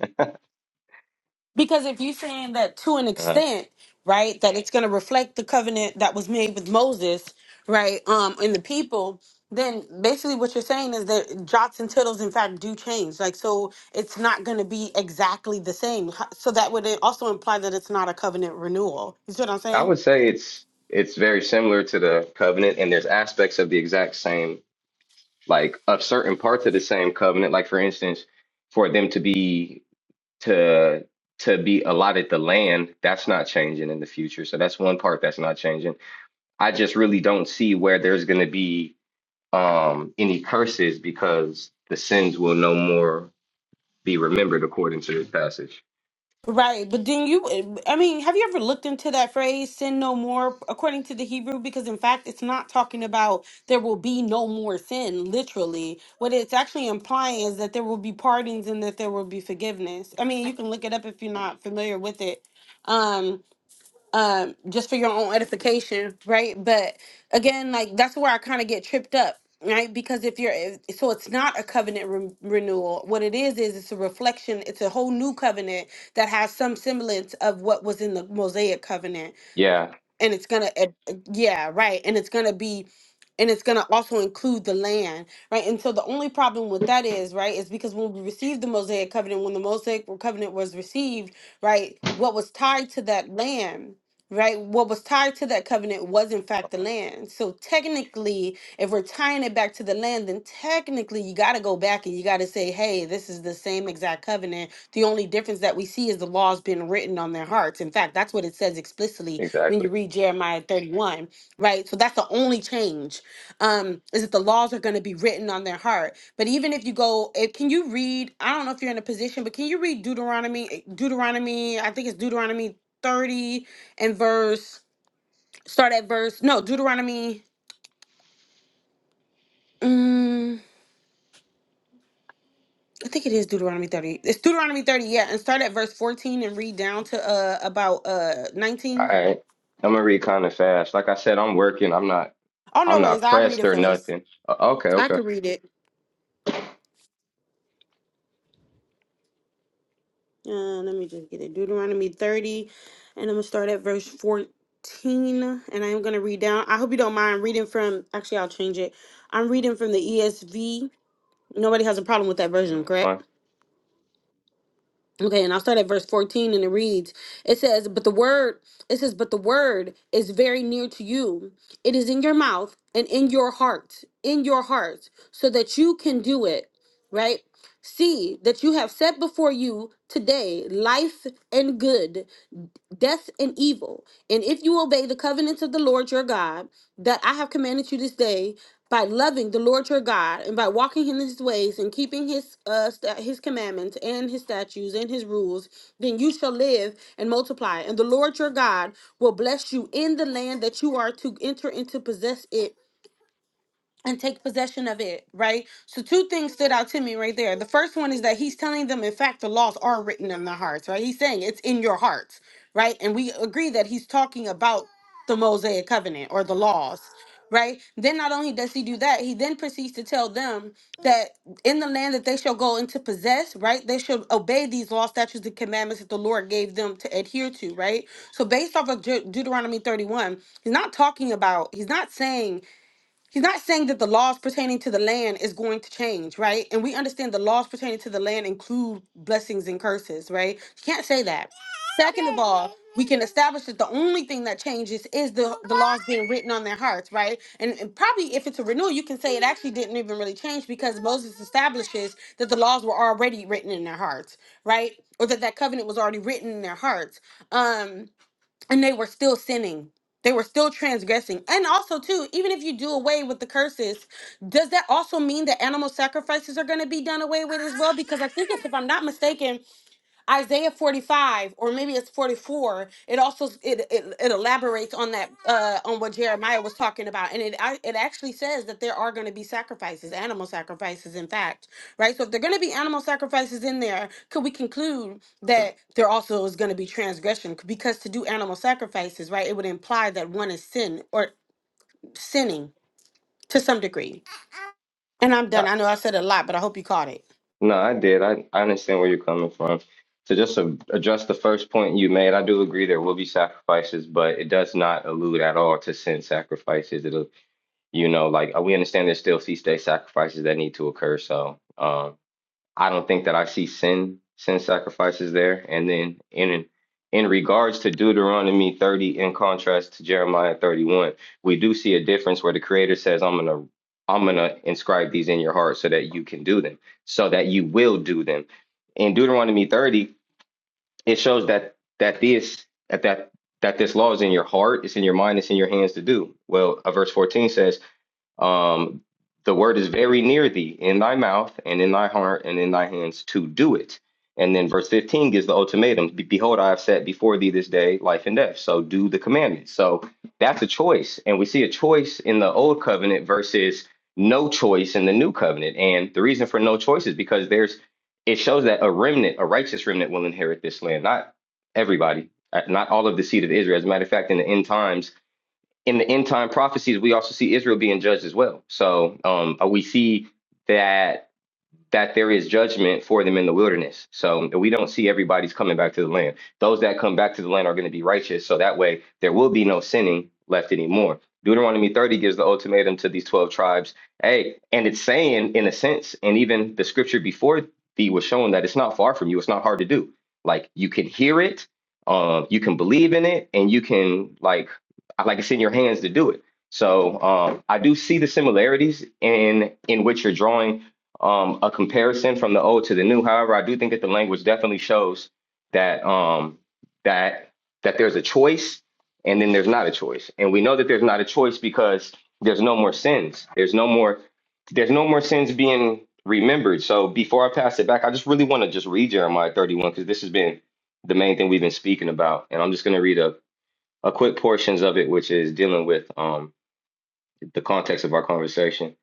Because if you're saying that to an
uh,
extent, right, that it's going to reflect the covenant that was made with Moses, right, um, and the people, then basically what you're saying is that jots and tittles, in fact, do change. Like, so it's not going to be exactly the same. H- So that would also imply that it's not a covenant renewal. You see what I'm
I
saying?
would say it's it's very similar to the covenant, and there's aspects of the exact same, like of certain parts of the same covenant. Like for instance, for them to be to to be allotted the land, that's not changing in the future. So that's one part that's not changing. I just really don't see where there's going to be um, any curses because the sins will no more be remembered according to this passage.
Right, but then you, I mean, have you ever looked into that phrase, sin no more, according to the Hebrew? Because in fact, it's not talking about there will be no more sin, literally. What it's actually implying is that there will be pardons and that there will be forgiveness. I mean, you can look it up if you're not familiar with it. Um, um, just for your own edification, right? But again, like that's where I kind of get tripped up, right? Because if you're, if, so it's not a covenant re- renewal. What it is is it's a reflection. It's a whole new covenant that has some semblance of what was in the Mosaic covenant
Yeah,
and it's gonna ad- yeah right and it's gonna be and it's gonna also include the land right and so the only problem with that is right is because when we received the mosaic covenant when the mosaic covenant was received right what was tied to that land right what was tied to that covenant was in fact the
uh-huh,
land so technically if we're tying it back to the land then technically you got to go back and you got to say hey this is the same exact covenant the only difference that we see is the laws being written on their hearts in fact that's what it says explicitly when you
exactly.
read Jeremiah 31, right? So that's the only change um, is that the laws are going to be written on their heart. But even if you go, if, can you read? I don't know if you're in a position, but can you read Deuteronomy? eh, Deuteronomy, I think it's Deuteronomy 30 and verse. Start at verse. No, Deuteronomy. mm, I think it is Deuteronomy 30. It's Deuteronomy 30, yeah. And start at verse 14 and read down to uh about uh
All
19.
right. I'm gonna read kind of fast. Like I said, I'm working. I'm not.
Oh no
I'm
worries,
not
I read
pressed
it
or
first.
nothing. Uh, okay,
I
okay,
can read it. Uh, let me just get it. Deuteronomy 30, and I'm gonna start at verse 14, and I am gonna read down. I hope you don't mind reading from. Actually, I'll change it. I'm reading from the ESV. Nobody has a problem with that version,
that's fine.
correct? Okay, and I'll start at verse 14, and it reads, "It says, but the word, it says, but the word is very near to you. It is in your mouth and in your heart, in your heart, so that you can do it." Right? See that you have set before you today life and good death and evil. And if you obey the covenants of the Lord your God that I have commanded you this day, by loving the Lord your God and by walking in his ways and keeping his uh, sta- his commandments and his statutes and his rules, then you shall live and multiply. And the Lord your God will bless you in the land that you are to enter into possess it and take possession of it, right? So two things stood out to me right there. The first one is that he's telling them, in fact, the laws are written in their hearts, right? He's saying it's in your hearts, right? And we agree that he's talking about the Mosaic covenant or the laws, right? Then not only does he do that, he then proceeds to tell them that in the land that they shall go into possess, right? They should obey these law statutes and commandments that the Lord gave them to adhere to, right? So based off of Deut- Deuteronomy 31, he's not talking about, he's not saying He's not saying that the laws pertaining to the land is going to change, right? And we understand the laws pertaining to the land include blessings and curses, right? You can't say that. Second of all, we can establish that the only thing that changes is the, the laws being written on their hearts, right? And, and probably if it's a renewal, you can say it actually didn't even really change because Moses establishes that the laws were already written in their hearts, right? Or that that covenant was already written in their hearts. Um and they were still sinning they were still transgressing and also too even if you do away with the curses does that also mean that animal sacrifices are going to be done away with as well because i think it's if i'm not mistaken Isaiah 45 or maybe it's 44 it also it, it, it elaborates on that uh on what Jeremiah was talking about and it I, it actually says that there are going to be sacrifices animal sacrifices in fact right so if there're going to be animal sacrifices in there could we conclude that there also is going to be transgression because to do animal sacrifices right it would imply that one is sin or sinning to some degree and I'm done
I,
I know I said a lot but I hope you caught it
no, I did. I, I understand where you're coming from. So just to address the first point you made, I do agree there will be sacrifices, but it does not allude at all to sin sacrifices. It'll, you know, like uh, we understand there's still feast day sacrifices that need to occur. So, um, I don't think that I see sin sin sacrifices there. And then in in regards to Deuteronomy 30, in contrast to Jeremiah 31, we do see a difference where the Creator says, "I'm gonna I'm gonna inscribe these in your heart so that you can do them, so that you will do them." In Deuteronomy 30, it shows that that this that that that this law is in your heart, it's in your mind, it's in your hands to do. Well, uh, verse 14 says. Um, the word is very near thee, in thy mouth and in thy heart and in thy hands to do it. And then verse 15 gives the ultimatum Be- Behold, I have set before thee this day life and death. So do the commandments. So that's a choice. And we see a choice in the old covenant versus no choice in the new covenant. And the reason for no choice is because there's, it shows that a remnant, a righteous remnant will inherit this land, not everybody, uh, not all of the seed of Israel. As a matter of fact, in the end times, in the end time prophecies, we also see Israel being judged as well. So um, uh, we see that that there is judgment for them in the wilderness. So we don't see everybody's coming back to the land. Those that come back to the land are going to be righteous. So that way there will be no sinning left anymore. Deuteronomy 30 gives the ultimatum to these 12 tribes. Hey, and it's saying, in a sense, and even the scripture before thee was showing that it's not far from you. It's not hard to do. Like you can hear it, um, you can believe in it, and you can like like it's in your hands to do it. So um, I do see the similarities in in which you're drawing um, a comparison from the old to the new. However, I do think that the language definitely shows that um, that that there's a choice, and then there's not a choice, and we know that there's not a choice because there's no more sins. There's no more there's no more sins being remembered. So before I pass it back, I just really want to just read Jeremiah 31 because this has been the main thing we've been speaking about, and I'm just going to read a a quick portions of it, which is dealing with um, the context of our conversation.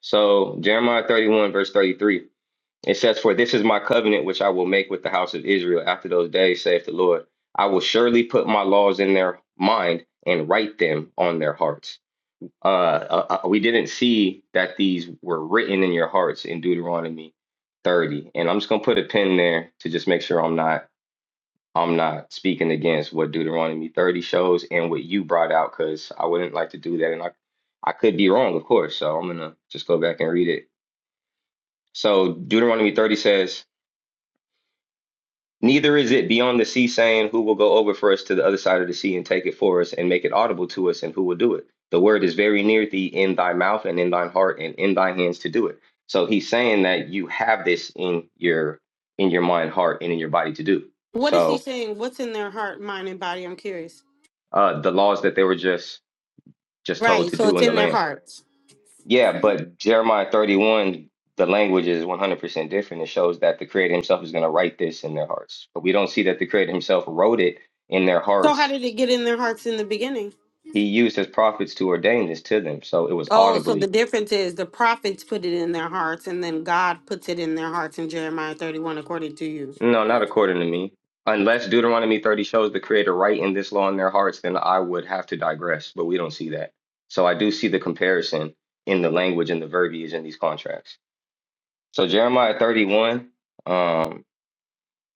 So Jeremiah 31 verse 33. It says, For this is my covenant which I will make with the house of Israel after those days, saith the Lord. I will surely put my laws in their mind and write them on their hearts. Uh, uh, uh, we didn't see that these were written in your hearts in Deuteronomy 30. And I'm just gonna put a pin there to just make sure I'm not I'm not speaking against what Deuteronomy 30 shows and what you brought out, because I wouldn't like to do that. And I I could be wrong, of course. So I'm gonna just go back and read it. So Deuteronomy 30 says, Neither is it beyond the sea saying, Who will go over for us to the other side of the sea and take it for us and make it audible to us, and who will do it? The word is very near thee in thy mouth and in thine heart and in thy hands to do it. So he's saying that you have this in your in your mind, heart, and in your body to do.
what is he
So
saying what's in their heart mind and body I'm curious
uh, the laws that they were just just told
Right.
to
So
do
it's
in the
in their
land.
hearts.
Yeah, but Jeremiah 31, the language is 100% different. It shows that the Creator Himself is going to write this in their hearts. But we don't see that the Creator Himself wrote it in their
So how
hearts
did it get in their hearts in the beginning?
He used his prophets to ordain this to them, so it was
Oh, so the
audibly.
difference is the prophets put it in their hearts and then God puts it in their hearts in Jeremiah 31 according to you.
No, not according to me. Unless Deuteronomy 30 shows the Creator writing this law in their hearts, then I would have to digress, but we don't see that. So I do see the comparison in the language and the verbiage in these contracts. So Jeremiah 31, um,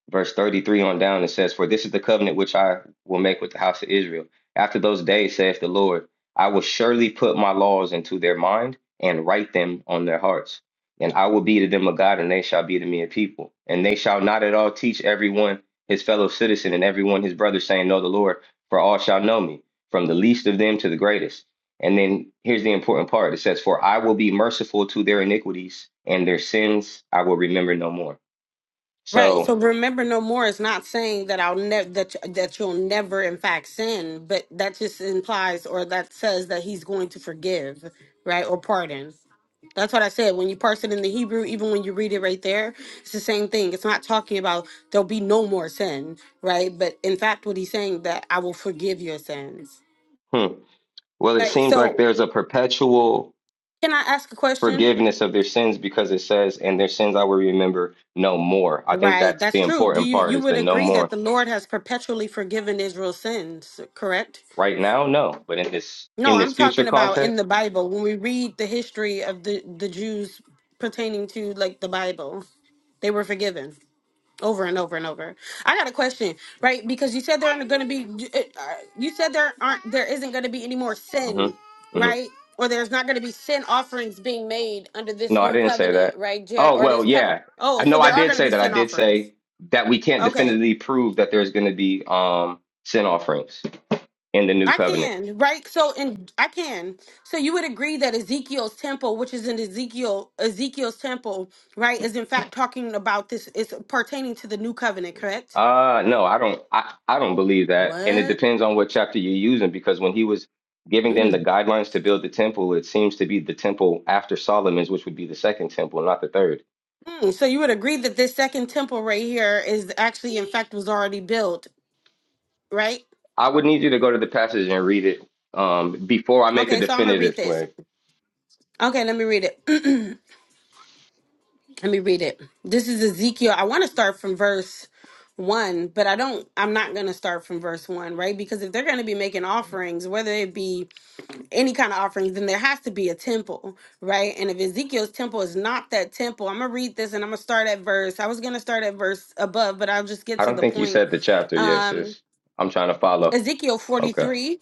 verse 33 on down, it says, For this is the covenant which I will make with the house of Israel. After those days, saith the Lord, I will surely put my laws into their mind and write them on their hearts. And I will be to them a God, and they shall be to me a people. And they shall not at all teach everyone his fellow citizen and everyone his brother, saying, Know the Lord, for all shall know me, from the least of them to the greatest. And then here's the important part it says, For I will be merciful to their iniquities, and their sins I will remember no more.
Right.
So,
So remember no more is not saying that I'll never that that you'll never in fact sin, but that just implies or that says that he's going to forgive, right? Or pardon. That's what I said. When you parse it in the Hebrew, even when you read it right there, it's the same thing. It's not talking about there'll be no more sin, right? But in fact, what he's saying that I will forgive your sins.
hmm. Well, it
Right.
seems like
So
there's a perpetual
can I ask a question?
forgiveness of their sins because it says, and their sins I will remember no more. I think
Right.
that's
That's
the
true. Do
important
you
part
you
is
would
the no
agree that
more.
the Lord has perpetually forgiven Israel's sins, correct?
Right now, no. But in this in
No,
this
I'm
future
talking about in
context,
the Bible when we read the history of the the Jews pertaining to like the Bible, they were forgiven over and over and over. I got a question, right? Because you said there aren't going to be you said there aren't there isn't going to be any more
hmm
sin,
hmm
right? Or there's not going to be sin offerings being made under this
no, I
new
didn't say that.
covenant, right? Jer-
Oh
Or
well,
this covenant.
yeah.
Oh,
I
so
know I
there are
did
going to
say
be
that. I
sin
did
offerings.
say that we can't
Okay,
definitively prove that there's going to be um sin offerings in the new
I
covenant.
can, right? So and I can. So you would agree that Ezekiel's temple, which is in Ezekiel Ezekiel's temple, right, is in fact talking about this is pertaining to the new covenant, correct?
Uh no, I don't I, I don't believe that. And it
What?
depends on what chapter you're using because when he was giving them the
Mm.
guidelines to build the temple, it seems to be the temple after Solomon's, which would be the second temple, not the third.
Mm, So you would agree that this second temple right here is actually in fact was already built, right?
I would need you to go to the passage and read it um before I make a
Okay, so I'm gonna read
definitive
this.
play.
Okay, let me read it. Let me read it. This is Ezekiel. I want to start from verse one, but I don't, I'm not going to start from verse one, right? Because if they're going to be making offerings, whether it be any kind of offerings, then there has to be a temple, right? And if Ezekiel's temple is not that temple, I'm going to read this and I'm going to start at verse, I was going to start at verse above, but I'll just get
I
to
don't
the
think you
point.
said the chapter, yes,
Um,
sis. I'm trying to follow.
Ezekiel
Okay.
43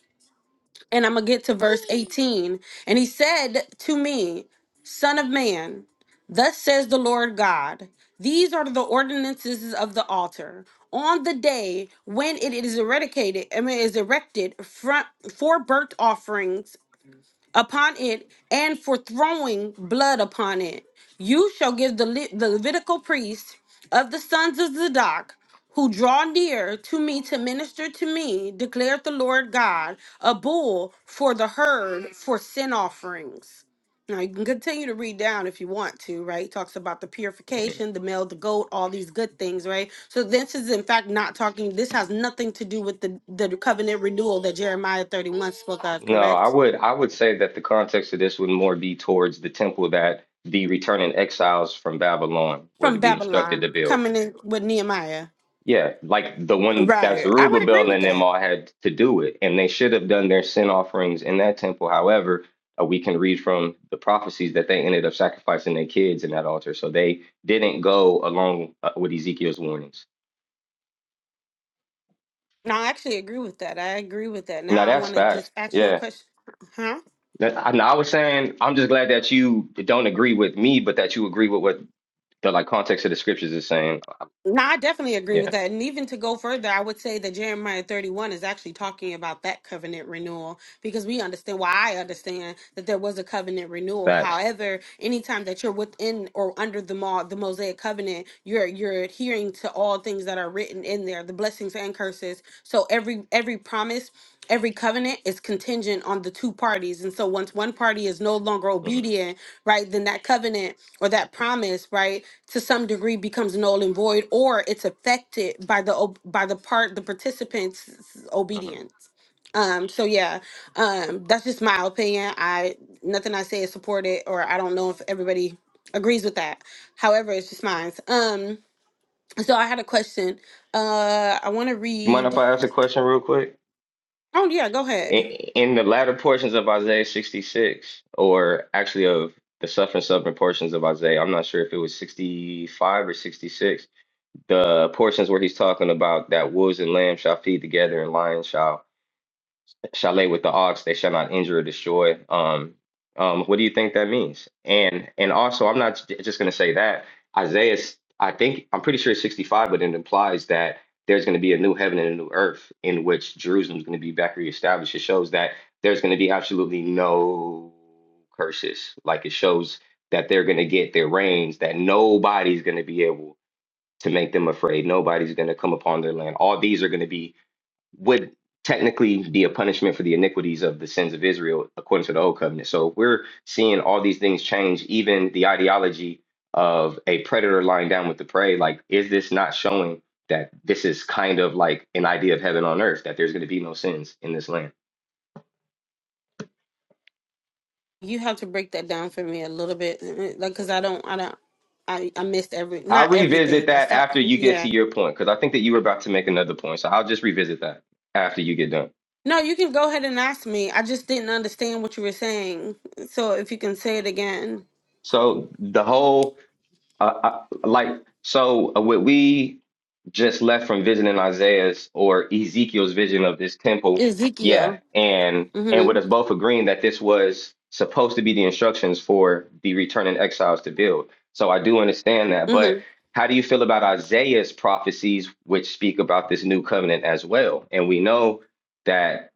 and I'm going to get to verse 18. And he said to me, Son of man, thus says the Lord God, these are the ordinances of the altar. On the day when it is eradicated, I mean, is erected front for burnt offerings upon it and for throwing blood upon it. You shall give the, Le- the Levitical priest of the sons of Zadok who draw near to me to minister to me, declared the Lord God, a bull for the herd for sin offerings. Now you can continue to read down if you want to, right? It talks about the
Mhm.
purification, the male, the goat, all these good things, right? So this is in fact not talking. This has nothing to do with the the covenant renewal that Jeremiah thirty one spoke of,
No, I
correct?
would I would say that the context of this would more be towards the temple that the returning exiles from Babylon were to
from
be instructed to
Babylon
build.
coming in with Nehemiah.
Yeah, like the one that
Right. I would agree
Zerubbabel
with
and them
that.
all had to do it, and they should have done their sin offerings in that temple. However, uh, we can read from the prophecies that they ended up sacrificing their kids in that altar, so they didn't go along uh, with Ezekiel's warnings.
No, I actually agree with that. I agree with that.
Now
Now I
that's
want to
facts.
just ask you a
Yeah,
question. Huh?
That- I, now, I was saying I'm just glad that you don't agree with me, but that you agree with what the like context of the scriptures is saying.
No, I definitely agree with
Yeah,
that. And even to go further, I would say that Jeremiah 31 is actually talking about that covenant renewal because we understand why I understand that there was a covenant renewal.
facts.
However, anytime that you're within or under the mo- the Mosaic covenant, you're you're adhering to all things that are written in there, the blessings and curses. So every every promise every covenant is contingent on the two parties and so once one party is no longer
hmm
obedient right then that covenant or that promise right to some degree becomes null and void or it's affected by the ob- by the part the participants
hmm
obedience um, so yeah, um, that's just my opinion. I nothing I say is supported, or I don't know if everybody agrees with that. However, it's just mine. Um, so I had a question. Uh, I want to
You mind if
read.
I ask a question real quick?
Oh yeah, go
in
ahead.
in the latter portions of Isaiah 66, or actually of the suffering suffering portions of Isaiah, I'm not sure if it was 65 or 66, the portions where he's talking about that wolves and lambs shall feed together and lions shall Chalet with the ox, they shall not injure or destroy. Um, um, what do you think that means? And and also, I'm not j- just going to say that Isaiah. I think I'm pretty sure it's 65, but it implies that there's going to be a new heaven and a new earth in which Jerusalem's going to be back reestablished. It shows that there's going to be absolutely no curses. Like it shows that they're going to get their reigns, that nobody's going to be able to make them afraid. Nobody's going to come upon their land. All these are going to be would technically be a punishment for the iniquities of the sins of Israel according to the old covenant. So we're seeing all these things change, even the ideology of a predator lying down with the prey, like is this not showing that this is kind of like an idea of heaven on earth, that there's going to be no sins in this land?
You have to break that down for me a little bit, uh, like because I don't, I don't, I I missed every not
I'll revisit
everything. I
that
start
after you get to
yeah.
your point, because I think that you were about to make another point. So I'll just revisit that after you get done.
No, you can go ahead and ask me. I just didn't understand what you were saying. So if you can say it again,
So the whole Uh, I, like so, uh, what we just left from visiting Isaiah's or Ezekiel's vision of this temple, yeah,
Ezekiel.
and and
Mm-hmm.
with us both agreeing that this was supposed to be the instructions for the returning exiles to build. So I do understand that, but how do you feel about Isaiah's prophecies, which speak about this new covenant as well? And we know that.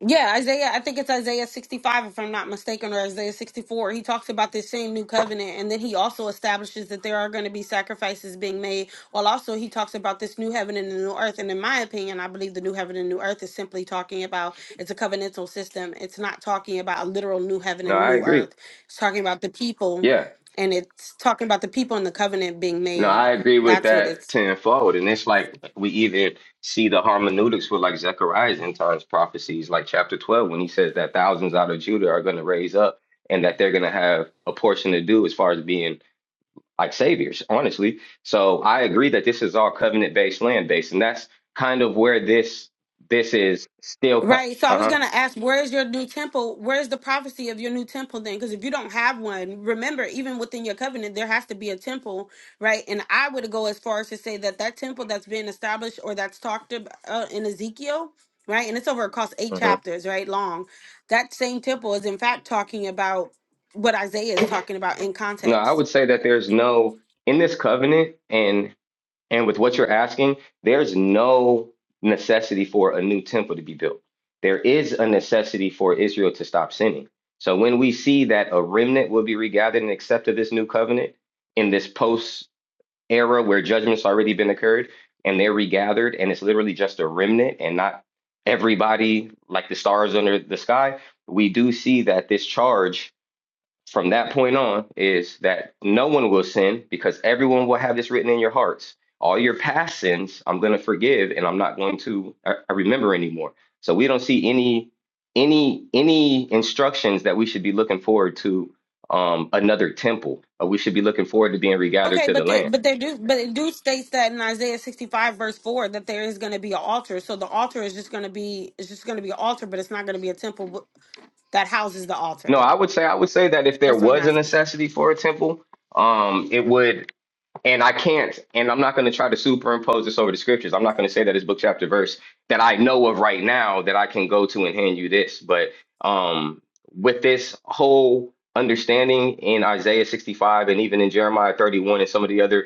Yeah, Isaiah, I think it's Isaiah 65, if I'm not mistaken, or Isaiah 64. He talks about this same new covenant, and then he also establishes that there are going to be sacrifices being made. While also, he talks about this new heaven and the new earth. And in my opinion, I believe the new heaven and new earth is simply talking about it's a covenantal system. It's not talking about a literal new heaven
No,
and
I
new
agree.
earth. It's talking about the people,
Yeah.
and it's talking about the people and the covenant being
No,
made.
I agree with
That's what
that
it's
tenfold. And it's like we even see the hermeneutics with like Zechariah's end times prophecies, like chapter 12, when he says that thousands out of Judah are going to raise up and that they're going to have a portion to do as far as being like saviors, honestly. So I agree that this is all covenant based, land based. And that's kind of where this this is still. Co-
Right. So I
uh huh.
was going to ask, where's your new temple? Where's the prophecy of your new temple then? Because if you don't have one, remember, even within your covenant, there has to be a temple, right? And I would go as far as to say that that temple that's being established or that's talked about uh, in Ezekiel, right? And it's over across eight
Uh-huh. uh-huh.
chapters, right? Long. That same temple is, in fact, talking about what Isaiah is talking about in
No, I
context.
would say that there's no in this covenant, and. And with what you're asking, there's no necessity for a new temple to be built. There is a necessity for Israel to stop sinning. So when we see that a remnant will be regathered and accepted this new covenant in this post era where judgment's already been occurred and they're regathered and it's literally just a remnant and not everybody like the stars under the sky, we do see that this charge from that point on is that no one will sin because everyone will have this written in your hearts. All your past sins, I'm going to forgive, and I'm not going to uh, uh, remember anymore. So we don't see any any any instructions that we should be looking forward to um, another temple. Or we should be looking forward to being regathered
Okay,
to the
but the,
land.
but they do but it do states that in Isaiah sixty five verse four that there is going to be an altar. So the altar is just going to be it's just going to be an altar, but it's not going to be a temple w- that houses the
No,
altar.
I would say I would say that if there
That's what I'm
was a
asking.
necessity for a temple, um, it would and I can't, and I'm not going to try to superimpose this over the scriptures. I'm not going to say that it's book, chapter, verse that I know of right now that I can go to and hand you this. But um, with this whole understanding in Isaiah 65 and even in Jeremiah 31 and some of the other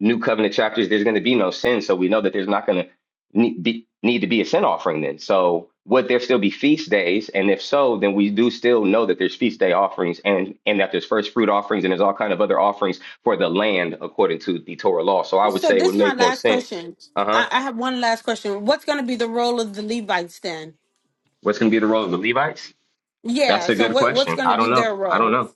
new covenant chapters, there's going to be no sin. So we know that there's not going to need, be, need to be a sin offering then. So would there still be feast days? And if so, then we do still know that there's feast day offerings and, and that there's first fruit offerings and there's all kind of other offerings for the land according to the Torah law. So I would
So
say it
this
would
is my
make more
last
sense.
question.
Uh
I,
huh.
I have one last question. What's going to be the role of the Levites then?
What's going to be the role of the Levites? That's
Yeah.
a
So
good
what what's
question.
going to
I
be
don't know.
their
I don't
role?
know.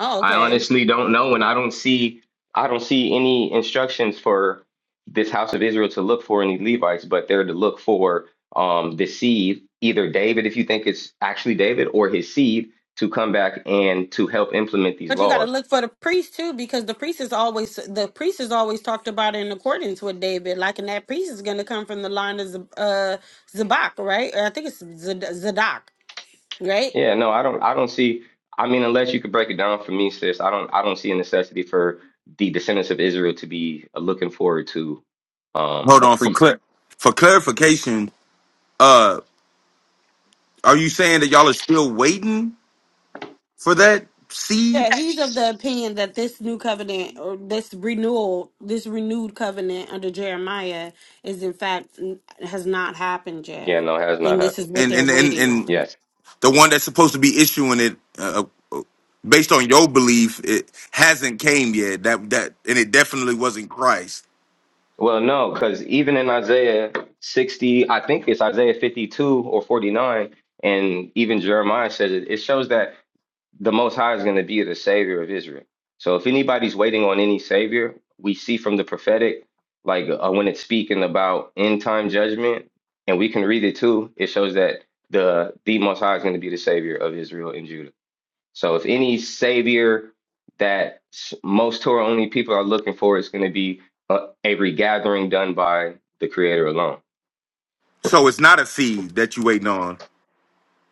Oh,
I
okay.
honestly don't know, and I don't see I don't see any instructions for this house of Israel to look for any Levites, but they're to look for um the seed, either David, if you think it's actually David, or his seed to come back and to help implement these
But you got to
laws.
look for the priest too, because the priest is always the priest is always talked about in accordance with David. Like, and that priest is going to come from the line of Z- uh, Zabak, right? Or I think it's Zad- Zadok, right?
Yeah, no, I don't I don't see I mean, unless you could break it down for me, sis, I don't I don't see a necessity for the descendants of Israel to be looking forward to um
Hold
a
on for
priest.
clar- for clarification. Uh, are you saying that y'all are still waiting for that seed
Yeah, he's of the opinion that this new covenant or this renewal, this renewed covenant under Jeremiah, is in fact n- has not happened yet,
Yeah, no, it has
and
not
this is
happened.
what
and
they're
and and,
waiting
and
on.
Yes.
the one that's supposed to be issuing it uh, uh, based on your belief it hasn't came yet. That that and it definitely wasn't Christ.
Well, no, because even in Isaiah 60, I think it's Isaiah 52 or 49, and even Jeremiah says it, it shows that the Most High is going to be the Savior of Israel. So if anybody's waiting on any Savior, we see from the prophetic, like uh, when it's speaking about end time judgment, and we can read it too, it shows that the, the Most High is going to be the Savior of Israel and Judah. So if any savior that most Torah only people are looking for is going to be a, a regathering done by the Creator alone.
So it's not a seed that you waiting on.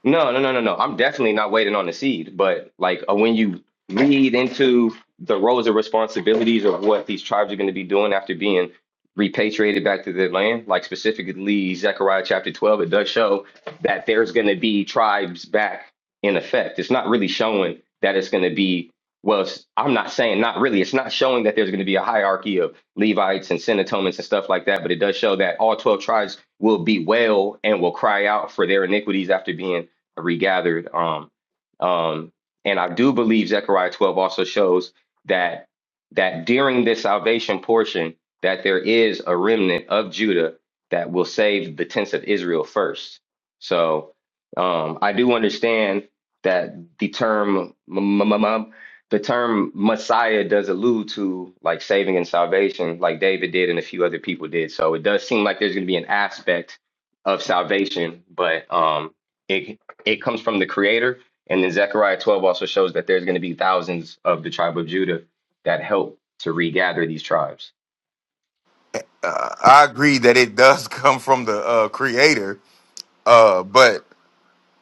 No, no, no, no, no. I'm definitely not waiting on the seed, but like uh, when you read into the roles and responsibilities of what these tribes are going to be doing after being repatriated back to their land, like specifically Zechariah chapter 12, it does show that there's going to be tribes back in effect. It's not really showing that it's going to be, well, it's, I'm not saying not really. It's not showing that there's going to be a hierarchy of Levites and Senatomites and stuff like that, but it does show that all 12 tribes will be well and will cry out for their iniquities after being regathered. Um, um, and I do believe Zechariah 12 also shows that that during this salvation portion, that there is a remnant of Judah that will save the tents of Israel first. So um, I do understand that the term m- m- m- the term Messiah does allude to like saving and salvation, like David did and a few other people did. So it does seem like there's going to be an aspect of salvation, but um, it it comes from the creator. And then Zechariah 12 also shows that there's going to be thousands of the tribe of Judah that help to regather these tribes.
Uh, I agree that it does come from the uh, Creator, Uh, but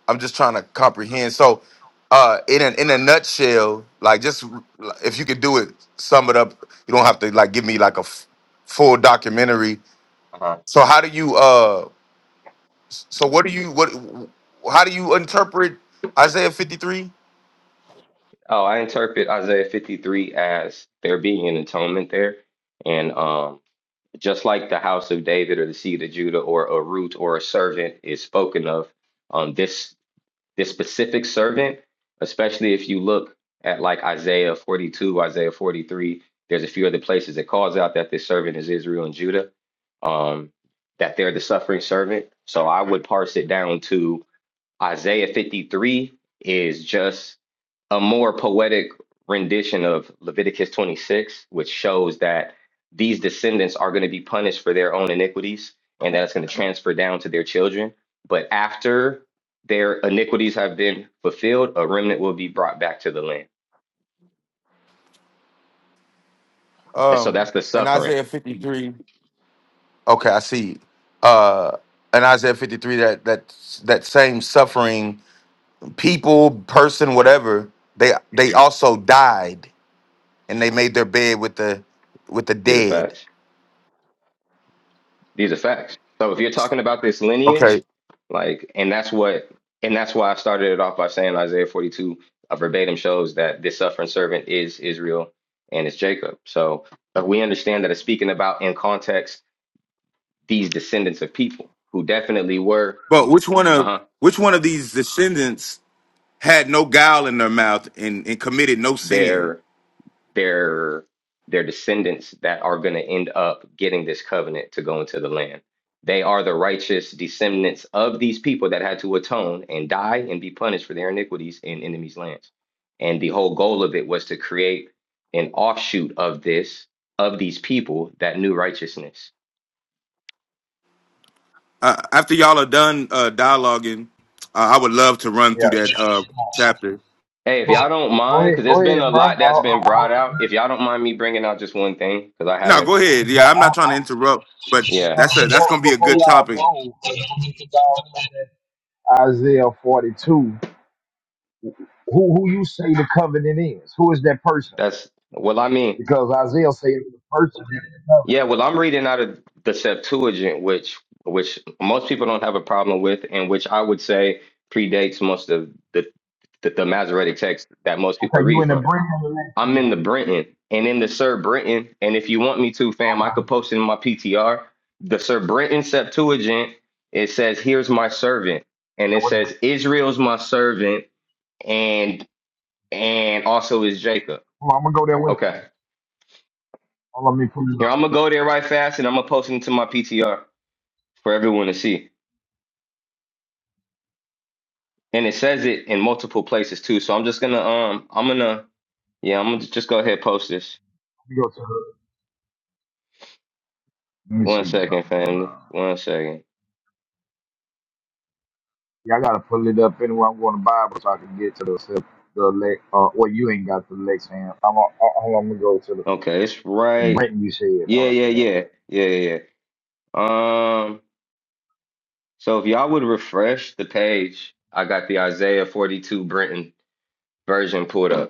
I'm just trying to comprehend. So, uh, in a, in a nutshell, like just r- if you could do it, sum it up. You don't have to like give me like a f- full documentary.
Uh-huh.
So how do you uh? So what do you what? How do you interpret Isaiah 53?
Oh, I interpret Isaiah 53 as there being an atonement there. And um, just like the house of David or the seed of Judah or a root or a servant is spoken of, um, this This specific servant, especially if you look at like Isaiah 42, Isaiah 43, there's a few other places that calls out that this servant is Israel and Judah, um, that they're the suffering servant. So I would parse it down to Isaiah 53 is just a more poetic rendition of Leviticus 26, which shows that these descendants are going to be punished for their own iniquities and that it's going to transfer down to their children. But after their iniquities have been fulfilled, a remnant will be brought back to the land. And so
Um,
that's the
in
suffering.
Isaiah 53. Okay, I see. Uh, in Isaiah 53, that that that same suffering people, person,
Mhm.
whatever, they they also died. and they made their bed with the with the
These are
dead.
facts. These are facts. So if you're talking about this
Okay,
lineage, like, and that's what, and that's why I started it off by saying Isaiah 42 uh, verbatim shows that this suffering servant is Israel and it's Jacob. So uh, we understand that it's speaking about in context these descendants of people who definitely were,
but which one
uh
of
huh,
which one of these descendants had no guile in their mouth and, and committed no sin?
there. their their descendants that are going to end up getting this covenant to go into the land. They are the righteous descendants of these people that had to atone and die and be punished for their iniquities in enemies' lands. And the whole goal of it was to create an offshoot of this, of these people that knew righteousness.
Uh, after y'all are done uh, dialoguing, uh, I would love to run
Yeah.
through that uh, chapter.
Hey, if
Go,
y'all don't
go
mind, because
ahead,
there's
go
been a
ahead, bro. I, I,
lot that's been
I,
brought out. If y'all don't mind me bringing out just one thing, because I
No,
haven't,
go ahead.
I,
Yeah, I'm not trying to interrupt, but
yeah,
that's a that's
before
gonna be a
before
good
y'all
topic
go, y'all know that Isaiah 42, who, who you say the covenant is? Who is that person?
that's well, I mean.
Because Isaiah said the person is the covenant.
Yeah, well, I'm reading out of the Septuagint, which which most people don't have a problem with, and which I would say predates most of the the, the Masoretic text that most people
Okay, you
read
in the
from.
bringing of the next
I'm in the
time.
Brenton and in the Sir Brenton, and if you want me to, fam, I could
Okay.
post it in my PTR. The Sir Brenton Septuagint, it says, "Here's my servant," and
Yeah,
it
what do you
says, "Israel's my servant," and and also is Jacob.
Hold on, I'm gonna go there with you.
Okay,
Hold on, let me pull it
here
up.
I'm gonna go there right fast, and I'm gonna post it into my PTR for everyone to see. and it says it in multiple places too. So I'm just gonna um I'm gonna yeah, I'm gonna just go ahead and post this.
Let me go to the. Let me
One
see
second,
something. I'm,
family.
uh,
One second.
yeah, I gotta pull it up anyway. I'm going to Bible so I can get to the sep- the lex. Uh, well, you ain't got the lex hand. I'm. going Uh, hold on, I'm gonna go to the,
Okay, it's
the
right.
Brent you said. I'm
Yeah,
gonna
yeah,
say one
yeah.
second.
Yeah, yeah, yeah. Um so if y'all would refresh the page, I got the Isaiah 42 Brenton version pulled up.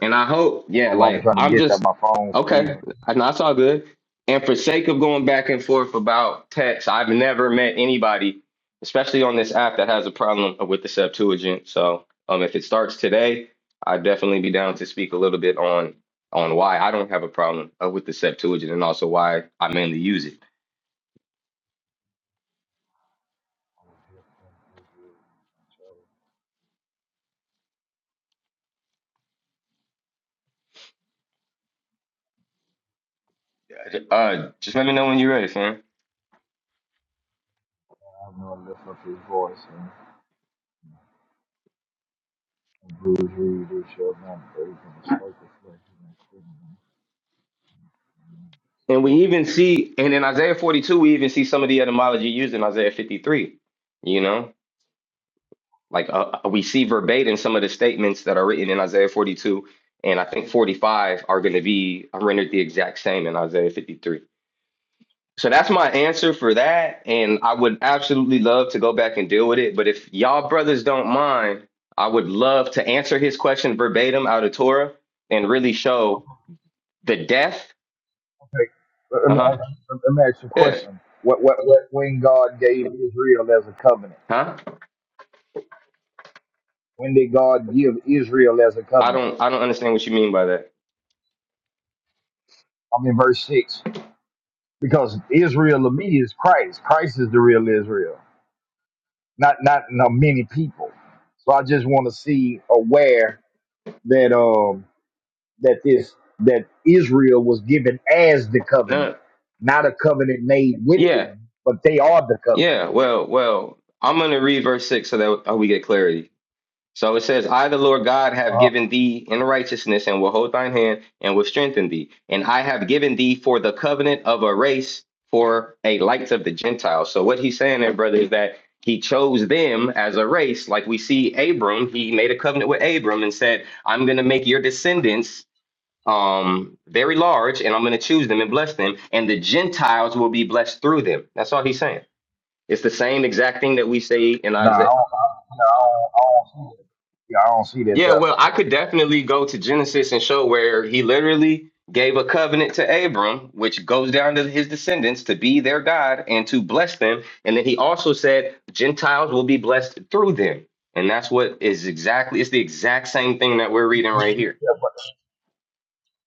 And I hope, yeah,
Hold on, I'm
like
trying to
I'm
get that
just
my phone free.
okay.
I
And that's all good. And for sake of going back and forth about text, I've never met anybody, especially on this app, that has a problem with the Septuagint. So um, if it starts today, I'd definitely be down to speak a little bit on on why I don't have a problem uh, with the Septuagint and also why I mainly use it. Uh, just let me know when you're ready, fam.
have no lift up his voice and and bruise read this show not break and strike the flesh
And
and
we even see, and
the
in Isaiah 42, we even see some of the etymology used in Isaiah 53. You know. Like uh, uh, we see verbatim some of the statements that are written in Isaiah 42 and I think 45 are going to be rendered the exact same in Isaiah 53. So that's my answer for that. And I would absolutely love to go back and deal with it. But if y'all brothers don't mind, I would love to answer his question verbatim out of Torah and really show the death.
Hey, let
Uh
me
huh.
ask you, let me ask you a
Yeah.
question. What, what, what, when God gave Israel as a covenant?
Huh?
When did God give Israel as a
I
covenant?
don't. I don't understand what you mean by that.
I'm in verse six. Because Israel of me is Christ. Christ is the real Israel, not not you many people. So I just want to see aware that um that this that Israel was given as the covenant,
No.
not a covenant made with
Yeah.
them, but they are the covenant.
Yeah. Well. Well. I'm gonna read verse six so that uh, we get clarity. So it says, I, the Lord God, have given thee in righteousness and will hold thine hand and will strengthen thee. And I have given thee for the covenant of a race for a light of the Gentiles. So what he's saying there, brother, is that he chose them as a race. Like we see Abram, he made a covenant with Abram and said, I'm going to make your descendants um very large and I'm going to choose them and bless them and the Gentiles will be blessed through them. That's all he's saying. It's the same exact thing that we say in
Nah, I don't,
Isaiah.
I, you know, I, don't, I don't see that. Yeah, I don't see that.
Yeah, well,
Though.
I could definitely go to Genesis and show where he literally gave a covenant to Abram, which goes down to his descendants to be their God and to bless them. And then he also said, Gentiles will be blessed through them. And that's what is exactly, it's the exact same thing that we're reading right here.
Yeah, but, but,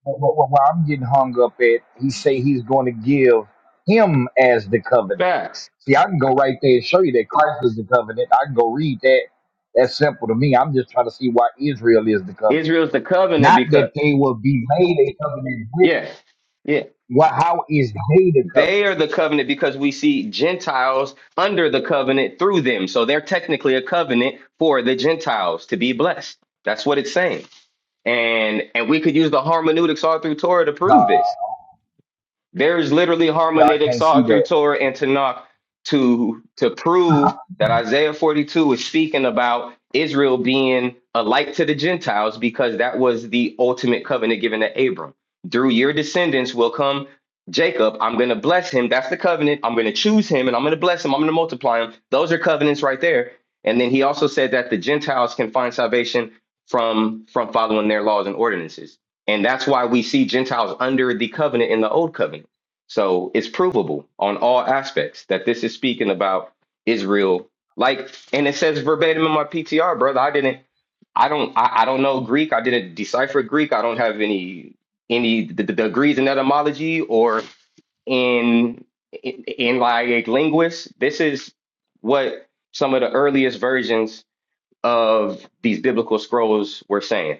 but, what I'm getting hung up at, he say he's going to give him as the covenant.
Facts.
See, I can go right there and show you that Christ is the covenant. I can go read that. That's simple to me. I'm just trying to see why Israel is the covenant.
Israel's the covenant
Not that
because,
they will be made a covenant with.
yeah, yeah.
Well, how is they the covenant?
They are the covenant because we see Gentiles under the covenant through them. So they're technically a covenant for the Gentiles to be blessed. That's what it's saying. And and we could use the hermeneutics all through Torah to prove this.
Nah,
There is literally
yeah, I
hermeneutics
can't see
all through
that.
Torah and Tanakh to to prove that Isaiah 42 is speaking about Israel being a light to the Gentiles because that was the ultimate covenant given to Abram. Through your descendants will come Jacob. I'm going to bless him. That's the covenant. I'm going to choose him and I'm going to bless him. I'm going to multiply him. Those are covenants right there. And then he also said that the Gentiles can find salvation from from following their laws and ordinances. And that's why we see Gentiles under the covenant in the old covenant. So it's provable on all aspects that this is speaking about Israel. Like, and it says verbatim in my PTR, brother. I didn't, I don't, I, I don't know Greek. I didn't decipher Greek. I don't have any any d- d- degrees in etymology or in in, in like linguists. This is what some of the earliest versions of these biblical scrolls were saying.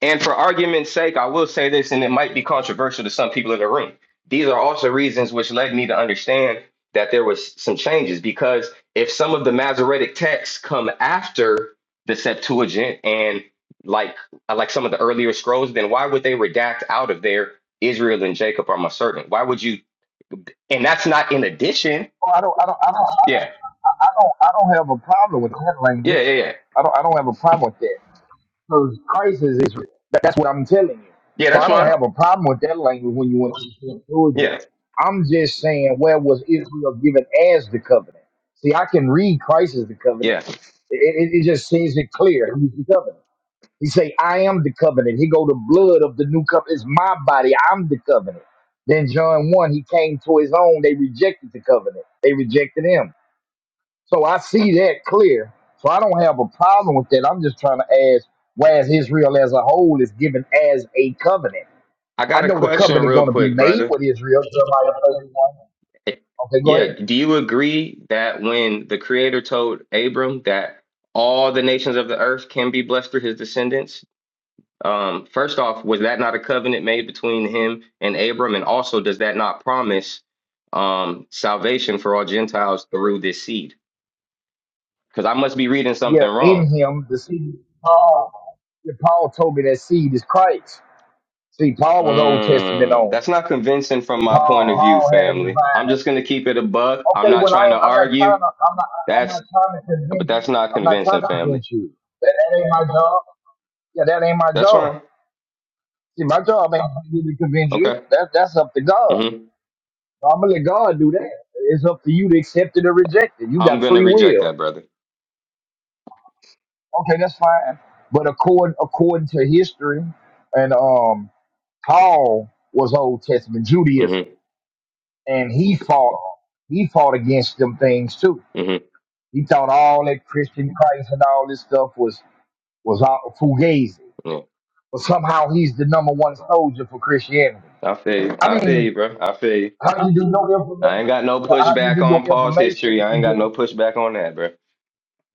And for argument's sake, I will say this, and it might be controversial to some people in the room. These are also reasons which led me to understand that there was some changes because if some of the Masoretic texts come after the Septuagint and like like some of the earlier scrolls, then why would they redact out of there Israel and Jacob are my servant? Why would you? And that's not in addition.
Well, I don't, I don't, I don't,
Yeah,
I I don't, I don't have a problem with that
yeah, yeah,
language.
yeah.
I don't, I don't have a problem with that because Christ is Israel. That, that's what I'm telling you.
Yeah,
So
that's
I don't
fine.
have a problem with that language when you went to Georgia.
Yeah,
I'm just saying, where was Israel given as the covenant? See, I can read Christ as the covenant.
yeah.
It, it, it just seems it clear. He's the covenant. He say, I am the covenant. He go the blood of the new covenant. It's my body. I'm the covenant. Then John 1, he came to his own. They rejected the covenant. They rejected him. So I see that clear. So I don't have a problem with that. I'm just trying to ask why is Israel as a whole is given as a covenant.
I
I
got a
know the
question
covenant
real
going to be
quick,
made
brother.
with Israel. Jeremiah 31. Okay, go ahead.
Yeah. Do you agree that when the Creator told Abram that all the nations of the earth can be blessed through his descendants? Um, first off, was that not a covenant made between him and Abram? And also, does that not promise um, salvation for all Gentiles through this seed? Because I must be reading
Yeah,
something
in
wrong.
him, the seed. Paul, Yeah, Paul told me that seed is Christ. See, Paul was Old Testament
Mm,
only.
that's not convincing from my point of
Paul,
view,
Paul had a
family.
divine.
I'm just going to keep it a buck. I'm
Okay,
not
well, I
trying to
am. I'm not
argue.
trying to. I'm not. I'm
That's,
not trying to
but
convince
that's
you.
not
I'm not trying
convincing,
to
family.
convince you. That, that ain't my job. Yeah, that ain't my
That's
job.
fine.
See, my job ain't to convince
Okay.
you. That that's up to God.
hmm
I'm gonna let God do that. It's up to you to accept it or reject it. You
I'm
got
gonna
free
reject
will.
that, brother.
Okay, that's fine. But according according to history, and um, Paul was Old Testament
hmm
Judaism, and he fought. He fought against them things too
hmm
He thought all that Christian Christ and all this stuff was was all fugazi,
Yeah.
but somehow he's the number one soldier for Christianity.
I feel you.
I
I feel
mean,
you, bro. I feel you.
how you do your
I
information?
ain't got no
Yeah, how you
pushback
do your
on Paul's
information?
history. I
you
ain't got
get-
no pushback on that, bro.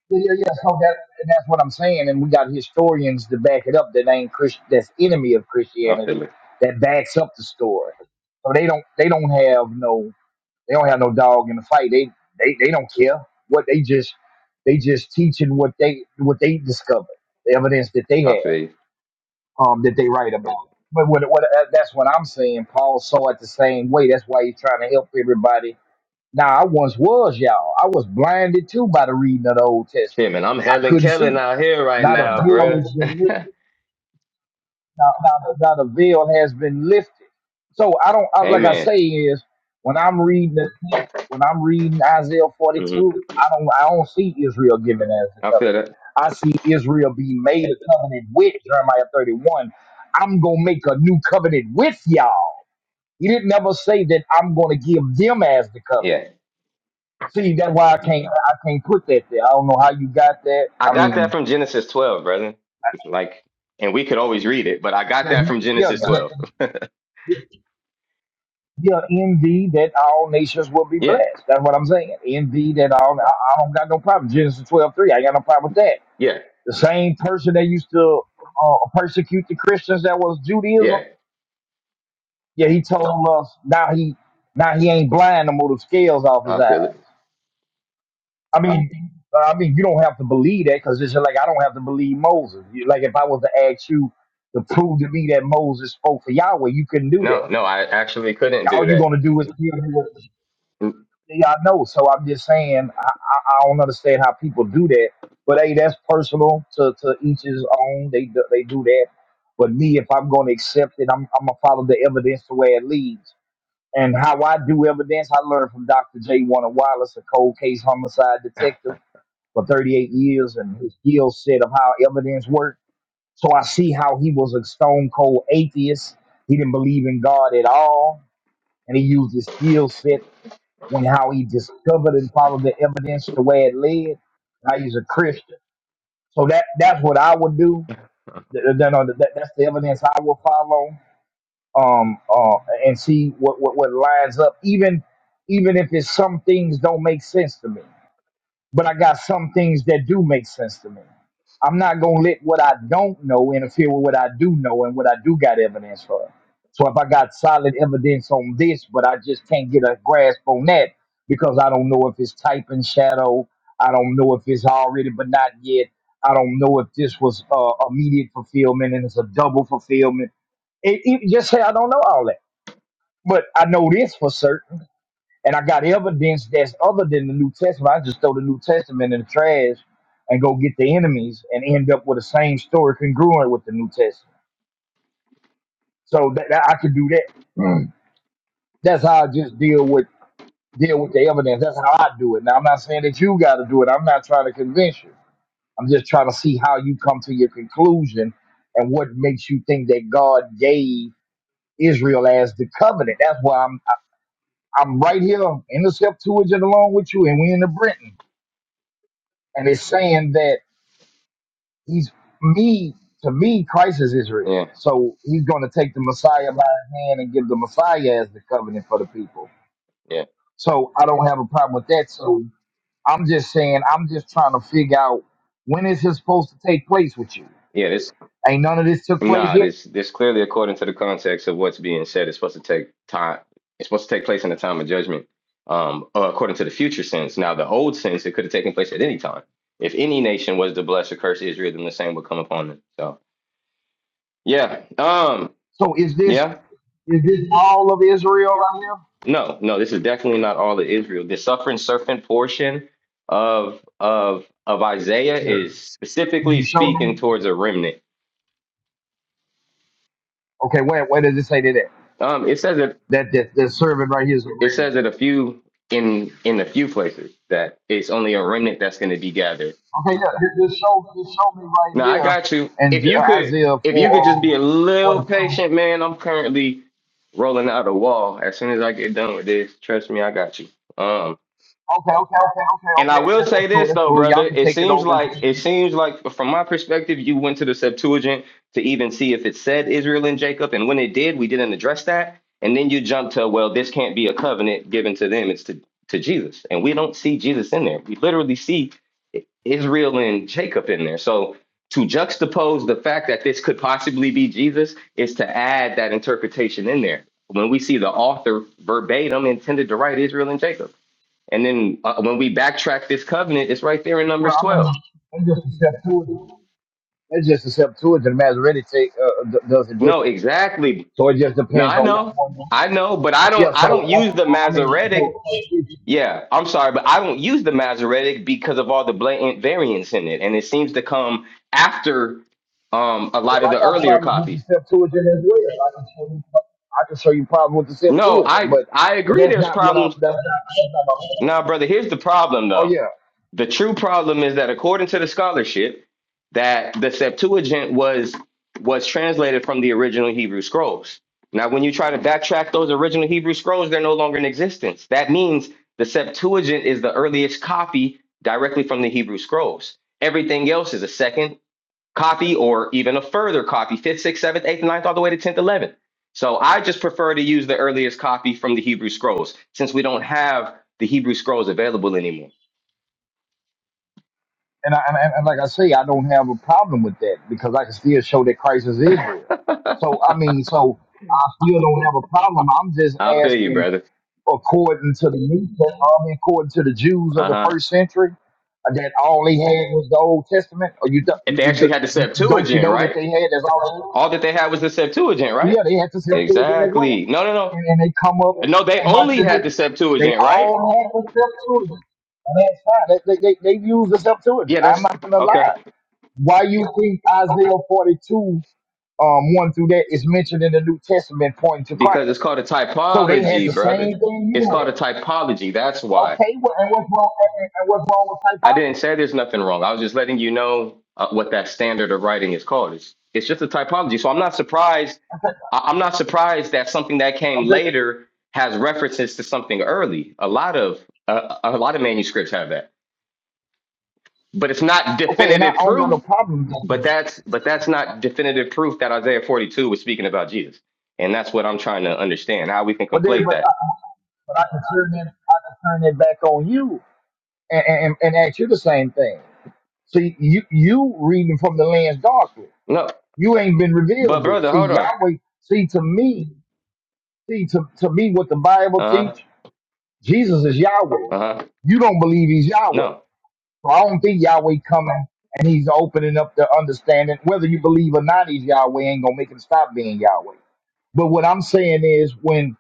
Yeah, yeah, yeah. So that and that's what I'm saying, and we got historians to back it up. That ain't Christ. That's enemy of
I
Christianity.
feel it.
That backs up the story. So they don't they don't have no. They don't have no dog in the fight. They they they don't care what they just they just teaching what they what they discovered, the evidence that they
I feel
have,
you.
um, that they write about. But what, what uh, that's what I'm saying. Paul saw it the same way. That's why he's trying to help everybody. Now I once was y'all. I was blinded too by the reading of the Old
Shit,
Testament.
man. I'm
I
Helen
couldn't
Kellen
see.
out here right
Not a
now, bro.
village now, now, the, now the veil has been lifted. So I don't I, like I
Amen.
say is when I'm reading the text, when I'm reading Isaiah
hmm
42, I don't I don't see Israel given as the
I feel
covenant.
that.
I see Israel being made a covenant with Jeremiah 31. I'm gonna make a new covenant with y'all. He didn't never say that I'm gonna give them as the covenant.
Yeah.
See, that's why I can't I can't put that there. I don't know how you got that.
I
I
got that
mean,
from Genesis 12, brother. Like, and we could always read it, but I got
yeah,
that
you-
from
yeah,
Genesis 12.
yeah. Yeah, in thee that all nations will be
yeah.
blessed. That's what I'm saying. In thee that all, I, I don't got no problem. Genesis twelve three. I ain't got no problem with that.
Yeah.
The same person that used to uh, persecute the Christians that was Judaism,
Yeah.
yeah, he told us now he now he ain't blind no more. The scales off his
I
eyes.
feel it.
I mean, I mean, you don't have to believe that because it's just like I don't have to believe Moses. You- Like if I was to ask you to prove to me that Moses spoke for Yahweh, you couldn't do that.
No, no, I actually couldn't
All
do
you're
that.
gonna do is kill me.
Mm,
Yeah, I know. So I'm just saying, I, I, I don't understand how people do that. But hey, that's personal to, to each his own. They do- they do that. But me, if I'm going to accept it, I'm, I'm gonna follow the evidence the way it leads. And how I do evidence, I learned from Dr. J. Warner Wallace, a cold case homicide detective for 38 years, and his skill set of how evidence worked. So I see how he was a stone cold atheist. He didn't believe in God at all, and he used his skill set when how he discovered and followed the evidence the way it led. Now he's a Christian. So that that's what I would do. Th- th- no, that- that's the evidence I will follow. Um, uh, and see what, what what lines up. Even even if it's some things don't make sense to me but I got some things that do make sense to me. I'm not gonna let what I don't know interfere with what I do know and what I do got evidence for. So if I got solid evidence on this, but I just can't get a grasp on that because I don't know if it's type and shadow, I don't know if it's already but not yet, I don't know if this was uh, immediate fulfillment and it's a double fulfillment. It, it, just say I don't know all that, but I know this for certain and I got evidence that's other than the New Testament. I just throw the New Testament in the trash and go get the enemies and end up with the same story congruent with the New Testament. So that, that- I could do that. That's how I just deal with deal with the evidence. That's how I do it. Now I'm not saying that you got to do it. I'm not trying to convince you. I'm just trying to see how you come to your conclusion and what makes you think that God gave Israel as the covenant. That's why I'm I- I'm right here in the Septuagint along with you, and we in the Britain, and it's saying that. he's me to me christ is israel
Yeah.
so he's going to take the messiah by his hand and give the messiah as the covenant for the people
Yeah.
so i don't have a problem with that so i'm just saying i'm just trying to figure out when is this supposed to take place with you
Yeah, this
ain't none of this took place
Nah,
yet
this this clearly according to the context of what's being said, it's supposed to take time. It's supposed to take place in the time of judgment, um, uh, according to the future sense. Now, the old sense, it could have taken place at any time. If any nation was to bless or curse Israel, then the same would come upon them. So, yeah, um,
so is this
yeah,
is this all of israel right here
no, no, this is definitely not all of Israel. The suffering serpent portion of of of Isaiah
yeah
is
Can
specifically
you show
speaking
me
towards a remnant.
okay where where does it say that at?
Um, it says that
that that, that servant right here is a
it
ram
says it a few in in a few places that it's only a remnant that's going to be gathered.
Hey, look, just show, just show me right
Now I
here
got you. If
and
you could,
Isaiah 4,
if you
uh,
could just be a little
42.
patient, man. I'm currently rolling out a wall. As soon as I get done with this, trust me, I got you. Um,
Okay, okay, okay, okay,
And I
okay.
will
That,
say
that's cool,
this
that's
though,
cool.
brother.
Y'all can
It
take it
seems
over. And,
like it seems like from my perspective, you went to the Septuagint to even see if it said Israel and Jacob, and when it did, we didn't address that. And then you jumped to, well, this can't be a covenant given to them; it's to to Jesus, and we don't see Jesus in there. We literally see Israel and Jacob in there. So to juxtapose the fact that this could possibly be Jesus is to add that interpretation in there when we see the author verbatim intended to write Israel and Jacob. And then uh, when we backtrack this covenant, it's right there in
well,
Numbers
I mean,
12.
it's just a Septuagint. It's just a Septuagint. Masoretic take, uh, uh, d- does it
No,
differently.
exactly.
So it just
No,
depends
I
on which
know.
one.
I know, but I don't
Yeah, so,
I don't
I,
use the
I mean, so,
Masoretic. Yeah, I'm sorry, but I don't use the Masoretic because of all the blatant variants in it. And it seems to come after um a
well,
lot of the
I got
earlier
problems with
copies.
the Septuagint as well. I can show you, I can show you problems with the
No,
Septuagint,
I
but,
I
but
agree
that's
there's
not what I'm,
problems.
that's not, that's not my,
Nah, brother, here's the problem
oh
though.
yeah,
The true problem is that according to the scholarship, that the Septuagint was was translated from the original Hebrew scrolls. Now, when you try to backtrack those original Hebrew scrolls, they're no longer in existence. That means the Septuagint is the earliest copy directly from the Hebrew scrolls. Everything else is a second copy or even a further copy, fifth, sixth, seventh, eighth, ninth, all the way to tenth, eleventh. So I just prefer to use the earliest copy from the Hebrew scrolls since we don't have the Hebrew scrolls available anymore.
and, I, and and like I say, I don't have a problem with that because I can still show that Christ is Israel. So I mean, so I still don't have a problem. I'm just
I feel you,
asking,
brother.
according to the New Testament, I mean, according to the Jews of
Uh
the
huh.
first century, uh, that all they had was the Old Testament. Or you, th-
If
you,
they
you
actually had the
you- don't you
Septuagint,
know that
right?
they had that's all? They had? Oh,
All that they had was the Septuagint, right?
Yeah, they had to say it as well,
Exactly. No, no, no.
and, and they come up
No, they
and watch
only
this.
had the
They
Septuagint, right?
all had the Septuagint. And That's fine. They, they, they, they use the Septuagint.
Yeah,
I'm
that's
not gonna lie.
okay.
Why you think Isaiah 42, um, 1 through that is mentioned in the New Testament pointing to
Because it's
Christ?
called a
So they had the
typology, brother.
same thing
It's
you
called a
had.
typology. That's why.
Okay, well, and what's wrong? And, and- what's wrong
I
with
didn't say there's nothing wrong. I was just letting you know uh, what that standard of writing is called. It's, it's just a typology. So I'm not surprised
typology?
I- I'm not surprised that something that came
Okay, okay,
later has references to something early. A lot of uh, a lot of manuscripts have that, but it's not
okay, and I,
definitive
I don't got
proof.
no problem with
But
that.
that's but that's not definitive proof that Isaiah 42 was speaking about Jesus, and that's what I'm trying to understand how we can
But then,
conflate
but
that.
I, but I can turn that, I can turn it back on you and, and, and ask you the same thing. See, you you reading from the lens darkly.
No,
You ain't been
but
revealed this.
brother,
See,
hold on.
Yahweh. See, to me, see to, to me what the Bible
Uh huh.
teach. Jesus is Yahweh.
Uh huh.
You don't believe he's Yahweh.
No.
So I don't think Yahweh coming and he's opening up the understanding. Whether you believe or not, he's Yahweh ain't gonna make him stop being Yahweh. But what I'm saying is when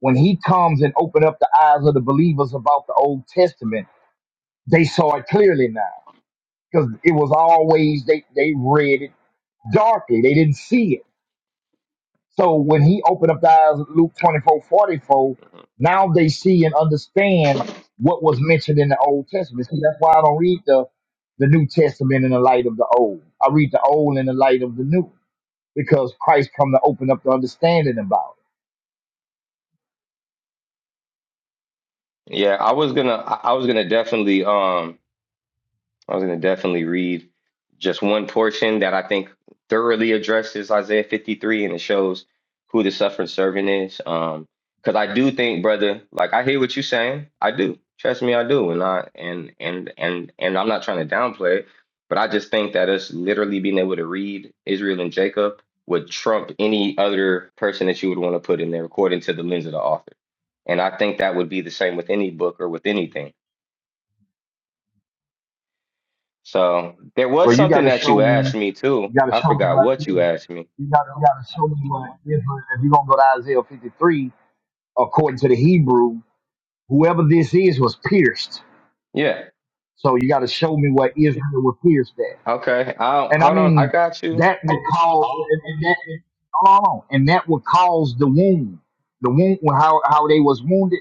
when he comes and open up the eyes of the believers about the Old Testament, they saw it clearly now. Because it was always they, they read it darkly. They didn't see it. So when he opened up the eyes, of Luke 24 44. now they see and understand what was mentioned in the Old Testament. See, that's why I don't read the, the New Testament in the light of the Old. I read the Old in the light of the New because Christ come to open up the understanding about it.
Yeah, I was gonna I I was gonna definitely um I was going to definitely read just one portion that I think thoroughly addresses Isaiah 53 and it shows who the suffering servant is. Um, because I do think, brother, like I hear what you're saying. I do. Trust me, I do. And I and and and and I'm not trying to downplay it, but I just think that us literally being able to read Israel and Jacob would trump any other person that you would want to put in there according to the lens of the author. And I think that would be the same with any book or with anything So there was
Well, you got
something
to
that
show
you asked
me,
me too.
you got to
I
show me
forgot
what
what
it
you
is.
asked me.
You got to, you got to show me what Israel, if you're going to go to Isaiah 53, according to the Hebrew, whoever this is was pierced.
Yeah.
So you got to show me what Israel was pierced at.
Okay. I'll
And I
hold on. I
mean,
got you.
that would cause, and and that, hold on, and that would cause the wound. The wound, how, how they was wounded,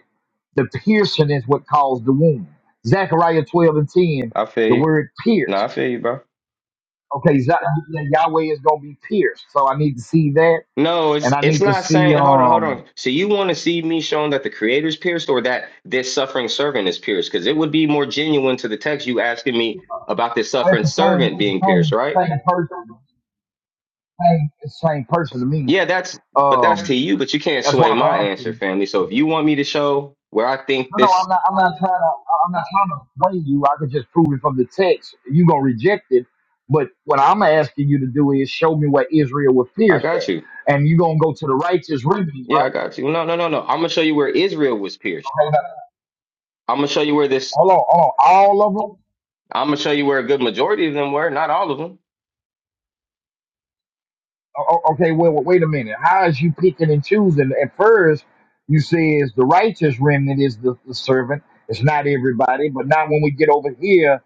the piercing is what caused the wound. Zechariah 12 and 10,
I feel
the
you.
word
No, I
pierced.
feel you, bro.
Okay, Za- Yahweh is going to be pierced. So I need to see that.
No,
And
it's
I
it's
need to
not
see,
saying hold on, hold
um,
on. So you want to see me showing that the creator is pierced or that this suffering servant is pierced? Because it would be more genuine to the text you asking me about this
well, it's
suffering
the same,
servant
it's
being
the
pierced,
same,
right?
same person, same, it's the same person to me.
Yeah, that's but that's to
Um,
you, but you can't
that's
sway
why
my
I'm
answer, family. So if
asking.
you want me to show where I think
No, no,
this
I'm not. I'm not trying to. I'm not trying to blame you. I could just prove it from the text. You gonna reject it, but what I'm asking you to do is show me where Israel was
I
pierced
got you.
at, and you gonna go to the righteous remedies,
Yeah, I
right?
got you. No, no, no, no. I'm gonna show you where Israel was pierced.
Okay, now,
I'm gonna show you where this.
hold on, hold on. All of them.
I'm gonna show you where a good majority of them were, not all of them.
O- o- okay, well, well, wait a minute. How is you picking and choosing? At first, you says the righteous remnant is the, the servant. It's not everybody, but now when we get over here,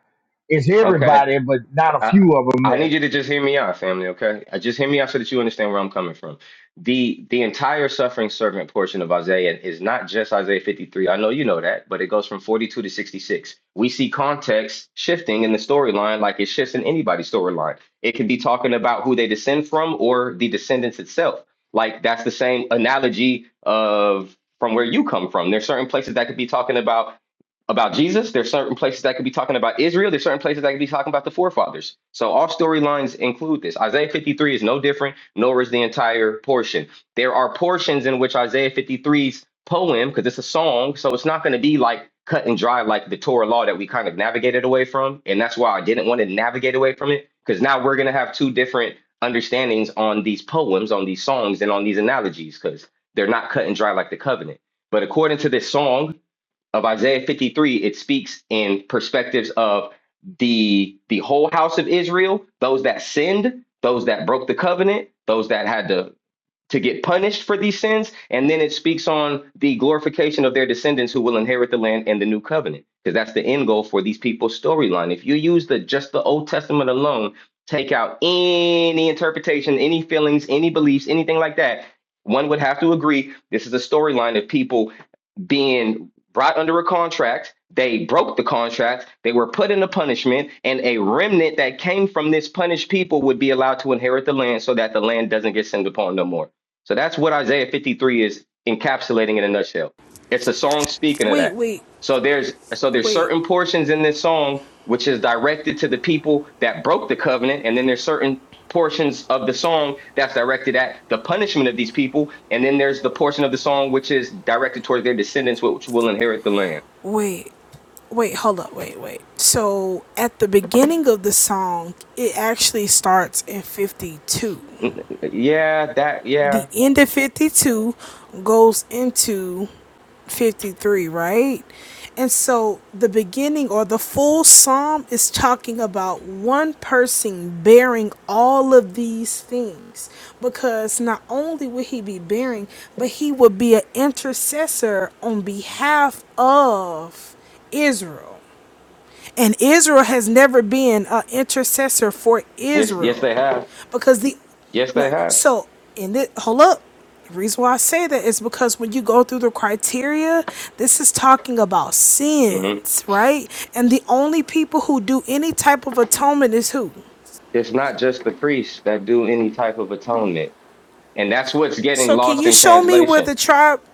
it's
Okay.
everybody, but not a
I,
few of them.
I need you to just hear me out, family, okay? I just hear me out so that you understand where I'm coming from. The the entire suffering servant portion of Isaiah is not just Isaiah 53. I know you know that, but it goes from 42 to 66. We see context shifting in the storyline like it shifts in anybody's storyline. It can be talking about who they descend from or the descendants itself. Like that's the same analogy of from where you come from. There's certain places that could be talking about about Jesus. There's certain places that could be talking about Israel. There's certain places that could be talking about the forefathers. So all storylines include this. Isaiah 53 is no different, nor is the entire portion. There are portions in which Isaiah 53's poem, because it's a song, so it's not going to be like cut and dry like the Torah law that we kind of navigated away from. And that's why I didn't want to navigate away from it, because now we're going to have two different understandings on these poems, on these songs, and on these analogies, because they're not cut and dry like the covenant. But according to this song, of Isaiah 53, it speaks in perspectives of the the whole house of Israel, those that sinned, those that broke the covenant, those that had to to get punished for these sins, and then it speaks on the glorification of their descendants who will inherit the land and the new covenant, because that's the end goal for these people's storyline. If you use the just the Old Testament alone, take out any interpretation, any feelings, any beliefs, anything like that, one would have to agree this is a storyline of people being brought under a contract. They broke the contract. They were put into punishment, and a remnant that came from this punished people would be allowed to inherit the land so that the land doesn't get sinned upon no more. So that's what Isaiah 53 is encapsulating in a nutshell. It's a song speaking of
Wait,
that.
wait,
So there's so there's
wait,
certain portions in this song which is directed to the people that broke the covenant, and then there's certain portions of the song that's directed at the punishment of these people, and then there's the portion of the song which is directed towards their descendants, which will inherit the land.
wait, wait. Hold up, wait, wait. So at the beginning of the song, it actually starts in fifty-two.
Mm, Yeah, that.
the
Yeah,
end of 52 goes into 53, right? And so the beginning or the full psalm is talking about one person bearing all of these things because not only would he be bearing, but he would be an intercessor on behalf of Israel. And Israel has never been an intercessor for
yes, yes,
Israel.
they have.
Because the
Yes,
no,
they have.
so in this hold up. The reason why I say that is because when you go through the criteria, this is talking about
hmm
sins, right? And the only people who do any type of atonement is who?
It's not just the priests that do any type of atonement, and that's what's getting
So can
lost
you
in
show me where
translation.
the tribe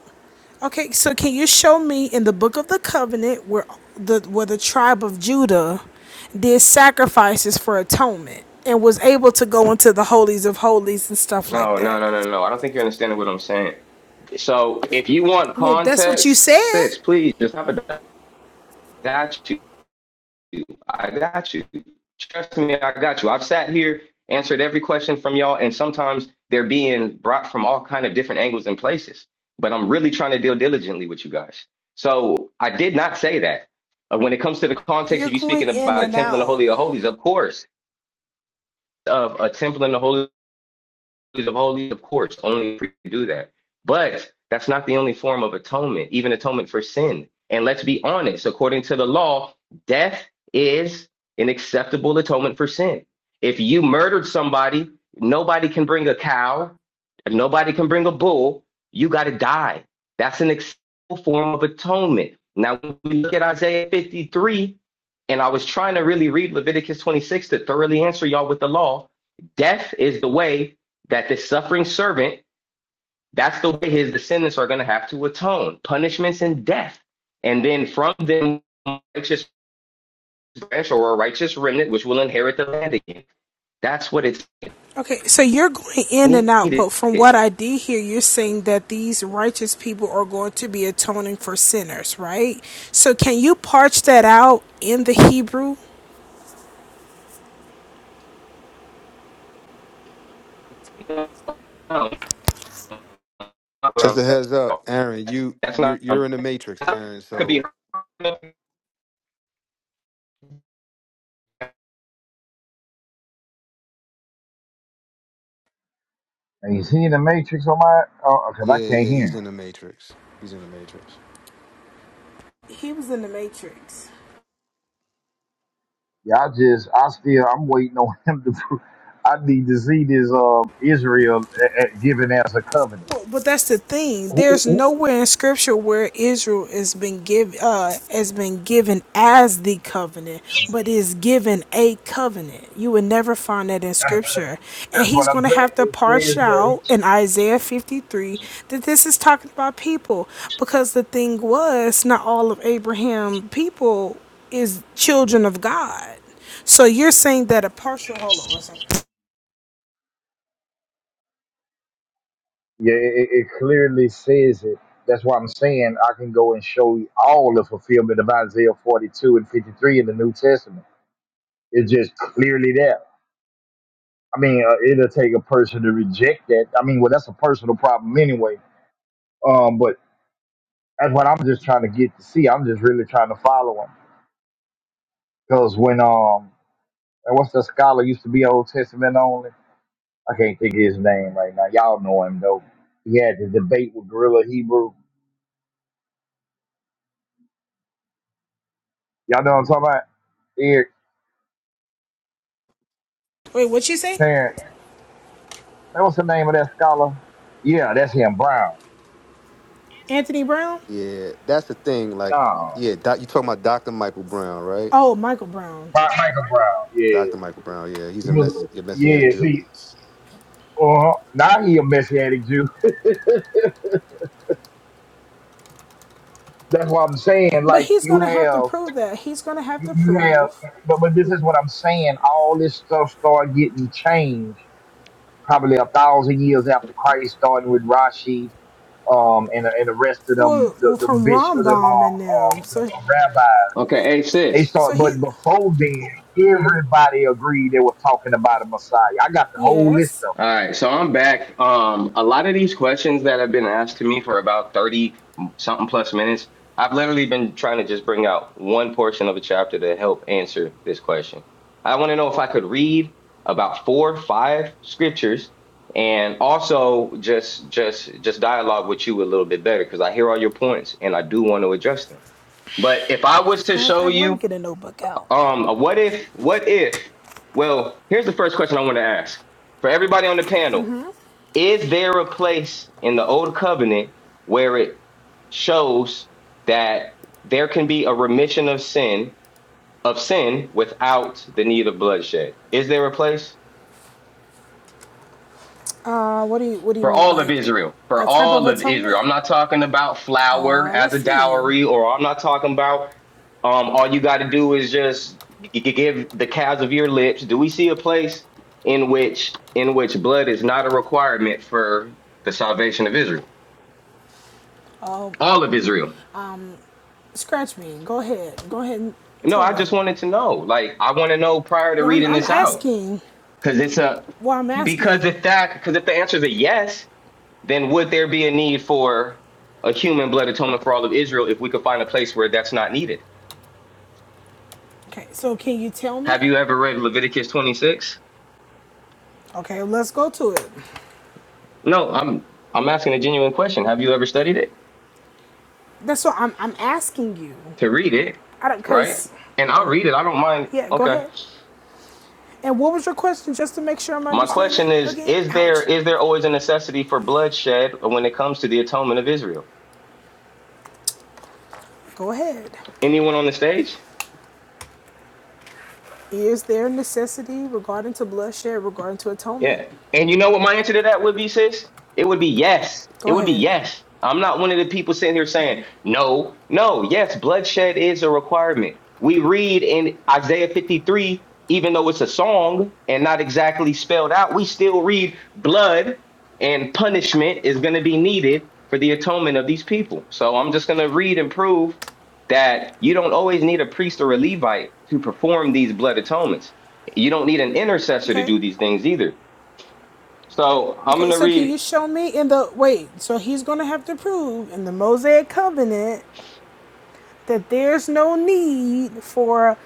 Okay, so can you show me in the book of the covenant where the where the tribe of Judah did sacrifices for atonement and was able to go into the holies of holies and stuff like
No, no,
that?
no, no, no. I don't think you're understanding what I'm saying. So, if you want
Well, that's what you
context,
said.
sis, please just have a got I got you. Trust me, I got you. I've sat here, answered every question from y'all, and sometimes they're being brought from all kind of different angles and places. But I'm really trying to deal diligently with you guys. So I did not say that. Uh, when it comes to the context
You're
of you
going
speaking
in
about a
and
temple in the
out.
Holy of Holies, of course, of a temple in the Holy of holies, of course, only a priest can do that. But that's not the only form of atonement, even atonement for sin. And let's be honest, according to the law, death is an acceptable atonement for sin. If you murdered somebody, nobody can bring a cow, nobody can bring a bull, you got to die. That's an acceptable form of atonement. Now, when we look at Isaiah 53, and I was trying to really read Leviticus 26 to thoroughly answer y'all with the law, death is the way that the suffering servant, that's the way his descendants are going to have to atone punishments and death. And then from them, righteous branch or a righteous remnant, which will inherit the land again. That's what it's
Okay, so you're going in and out,
needed.
but from what I did hear, you're saying that these righteous people are going to be atoning for sinners, right? So can you parch that out in the Hebrew?
Just a heads up, Aaron. You
That's
you're
not,
you're in the matrix,
that
Aaron.
could be.
So
Is he in the matrix or my? Oh, Because I
yeah,
can't
yeah,
hear him.
he's in the matrix. He's in the matrix.
He was in the Matrix.
Yeah, I just, I still, I'm waiting on him to. pro- I need to see this um Israel uh, uh, given as a covenant.
Well, But that's the thing.
Who- who-
There's
who-
nowhere in Scripture where Israel has been given uh, has been given as the covenant, but is given a covenant. You would never find that in Scripture, and
That's
He's
what
going
I'm
to
saying.
have to
It
parse
says
out
that.
in Isaiah 53 that this is talking about people, because the thing was not all of Abraham people is children of God. So you're saying that a partial hold on one second.
Yeah, it, it it clearly says it. That's why I'm saying I can go and show you all the fulfillment of Isaiah 42 and 53 in the New Testament. It's just clearly there. I mean, uh, it'll take a person to reject that. I mean, well, that's a personal problem anyway. Um, but that's what I'm just trying to get to see. I'm just really trying to follow him because when um And what's the scholar used to be Old Testament only? I can't think of his name right now. Y'all know him though. He had the debate with Gorilla Hebrew. Y'all know what I'm talking about? Eric
Wait, what you say,
Tarrant. Now, What's the name of that scholar? Yeah, that's him, Brown.
Anthony Brown?
Yeah, that's the thing. Like,
No,
yeah, doc, you talking about Doctor Michael Brown, right?
Oh, Michael Brown.
Mi- Michael Brown. Yeah,
Doctor Michael Brown. Yeah, he's
he
a mess,
was.
a messianic
Yes,
Jew.
he. Uh, now he a messianic Jew. that's what I'm saying.
But
Like
he's
you
going to have to
have,
prove that. He's going to have
you,
to
you have,
prove.
but but this is what I'm saying. All this stuff start getting changed probably a thousand years after Christ, starting with Rashi um, and and the rest of them,
Well,
the,
well
the
from
bishops, the, um,
Rambam and them.
um, the,
So,
the rabbis.
Okay, hey
They
sis.
so
start,
he,
but before then, everybody agreed they were talking about a Messiah. I got the whole list
yes.
of them.
All right, so I'm back. Um, a lot of these questions that have been asked to me for about 30 something plus minutes, I've literally been trying to just bring out one portion of a chapter to help answer this question. I want to know if I could read about four, five scriptures and also just just just dialogue with you a little bit better because I hear all your points and I do want to address them. But if I was to
Matter of
show
fact, let me
you
get a notebook out.
um a what if what if well, here's the first question I want to ask for everybody on the panel. Is there a place in the old covenant where it shows that there can be a remission of sin of sin without the need of bloodshed? Is there a place?
Uh, what do you, what do you
For
mean?
all of
Like
Israel. For
a type of
all of Israel.
atonement?
I'm not talking about flour
Uh,
as
let's
a
see.
dowry, or I'm not talking about um all you gotta do is just g- g- give the calves of your lips. Do we see a place in which in which blood is not a requirement for the salvation of Israel?
Oh,
All of Israel.
um, scratch me. Go ahead. Go ahead and
No,
tell
I
me.
just wanted to know. Like, I want to know prior to
No, I'm,
reading
I'm
this out,
asking.
because it's a
Well, I'm
because
asking.
if that because if the answer is a yes, then would there be a need for a human blood atonement for all of Israel if we could find a place where that's not needed?
Okay, so can you tell me?
Have you ever read Leviticus twenty six?
Okay, let's go to it.
No, I'm I'm asking a genuine question. Have you ever studied it
That's what I'm, I'm asking you.
to read it,
I don't,
right?
cause,
And I'll read it. I don't mind.
yeah, go
Okay.
ahead. And what was your question, just to make sure I'm
My question
understanding
is:
again?
Is there
Ouch.
is there always a necessity for bloodshed when it comes to the atonement of Israel?
Go ahead.
Anyone on the stage?
Is there necessity regarding to bloodshed, regarding to atonement?
Yeah. And you know what my answer to that would be, sis? It would be yes. It
Go
would be
ahead.
yes. I'm not one of the people sitting here saying, no, no, yes, bloodshed is a requirement. We read in Isaiah 53, even though it's a song and not exactly spelled out, we still read blood and punishment is going to be needed for the atonement of these people. So I'm just going to read and prove that you don't always need a priest or a Levite to perform these blood atonements. You don't need an intercessor to
Okay.
do these things either so I'm
Okay.
gonna
So can
read.
you show me in the wait? So he's going to have to prove in the Mosaic covenant that there's no need for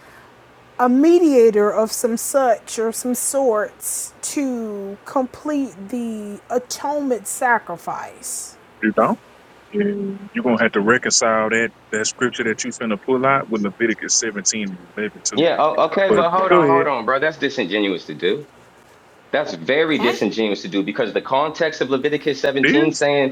a mediator of some such or some sorts to complete the atonement sacrifice.
You don't? And you're gonna have to reconcile that that scripture that you finna pull out with Leviticus 17 and 11 too.
Yeah, o- okay,
But
but hold
go
on, hold
ahead.
on, bro. That's disingenuous to do. That's very
Huh?
disingenuous to do because the context of Leviticus 17
This
saying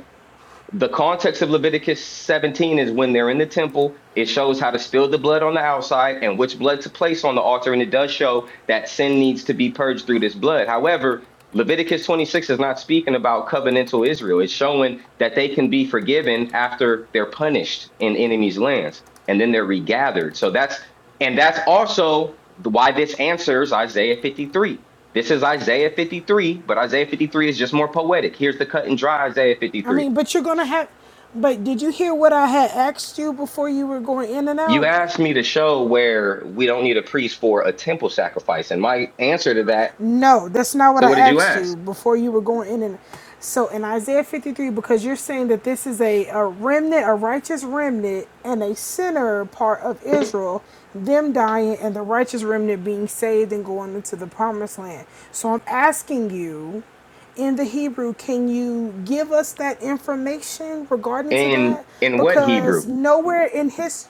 the context of Leviticus 17 is when they're in the temple, it shows how to spill the blood on the outside and which blood to place on the altar. And it does show that sin needs to be purged through this blood. However, Leviticus 26 is not speaking about covenantal Israel. It's showing that they can be forgiven after they're punished in enemies' lands and then they're regathered. So that's, and that's also why this answers Isaiah 53. This is Isaiah 53, but Isaiah 53 is just more poetic. Here's the cut and dry Isaiah
I
53.
mean, but you're gonna have. But did you hear what I had asked you before you were going in and
You
out?
asked me to show where we don't need a priest for a temple sacrifice, and my answer to that.
No, that's not what
So,
I
what did you
asked you
ask?
before you were going in and. So in Isaiah 53, because you're saying that this is a, a remnant, a righteous remnant, and a sinner part of Israel, them dying and the righteous remnant being saved and going into the promised land. So I'm asking you, in the Hebrew, can you give us that information regarding to
In
that?
in what
Because
Hebrew?
nowhere in his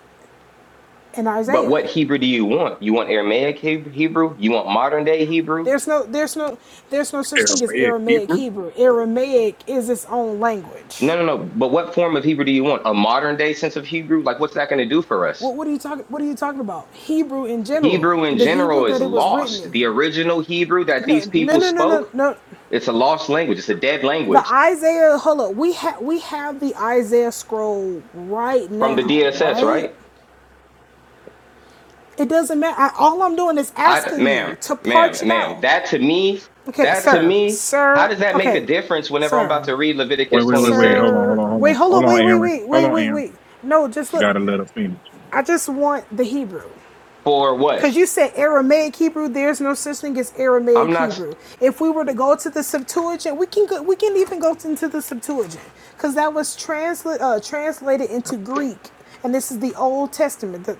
and
But
Isaiah.
what Hebrew do you want? You want Aramaic Heb- Hebrew? You want modern day Hebrew?
There's no there's no there's no such thing as
Aramaic
Aramaic
Hebrew.
Hebrew. Aramaic is its own language.
No, no, no. But what form of Hebrew do you want? A modern day sense of Hebrew? Like, what's that going to do for us?
What what are you talking what are you talking about? Hebrew in general.
Hebrew in
The Hebrew
general is
that it was written
lost.
in.
The original Hebrew that
No
these
no
people
no no no.
spoke,
no.
it's a lost language. It's a dead
The
language
Isaiah hold up. We have we have the Isaiah scroll right
from the
now,
DSS,
right?
right?
It doesn't matter. I, all I'm doing is
I,
asking
ma'am,
you to parch
ma'am,
it
ma'am,
out.
that to me,
Okay,
that to
sir.
me, how
Sir.
does that make
Okay.
a difference whenever I'm about
Sir.
to read
Wait,
Leviticus
wait, wait, wait.
26?
Hold on,
Sir,
hold on, hold
wait,
on,
hold
hold
on,
on,
wait, wait,
Aaron.
wait,
Hold
wait,
on,
wait,
Aaron.
wait. No, just
You
look.
gotta let her finish.
I just want the Hebrew.
For what?
Because you said Aramaic Hebrew, there's no such thing as
I'm
Aramaic
not,
Hebrew. If we were to go to the Septuagint, we can go, we can even go into the Septuagint because that was transla- uh, translated into Greek, and this is the Old Testament. The-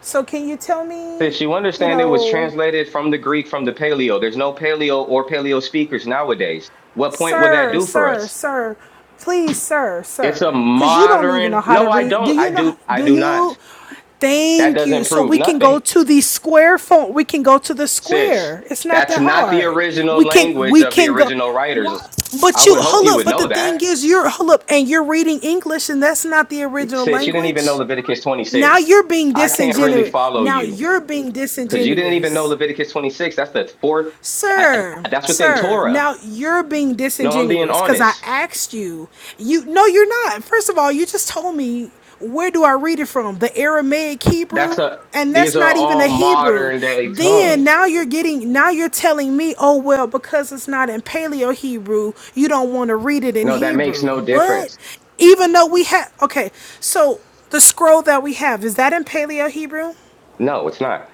so can you tell me,
sis, you
you
understand it was
know,
translated from the Greek, from the Paleo. There's no Paleo or Paleo speakers nowadays. What point would that
Sir,
do for
sir,
us?
sir, please, sir,
It's
sir,
a
because you don't even know
modern,
how to
no, I
read. Do
don't. I
you know?
do, I
Do
do not.
you?
That
Thank you.
doesn't
So
prove
we can go
nothing.
to the square font. We can go to the
Sis,
square. It's not
that's
that
not the
hard.
original
We can.
language
We
of the
can go.
original
Why?
writers.
But
I
you
would hope
hold
you
up.
would
But the
know
thing
that.
is, you're hold up, and you're reading English, and that's not the original
Sis, you didn't even know
language.
Leviticus
Now
26.
you're being
I can't really
disingenuous.
follow
Now
you
you're being
because you didn't even know
disingenuous.
Leviticus 26. That's the fourth. I,
Sir,
I- that's within
sir,
Torah.
now you're being
No, I'm being
disingenuous because I
honest.
asked you. You no, you're not. First of all, you just told me where do I read it from? The Aramaic Hebrew?
That's a.
And
These
that's
are
not even a
all
Hebrew.
modern day
Then
tongues.
now you're getting now you're telling me, oh well, because it's not in Paleo Hebrew, you don't want to read it in
No, that makes
Hebrew.
no
What?
difference.
Even though we have okay, so the scroll that we have, is that in Paleo Hebrew?
No, it's not.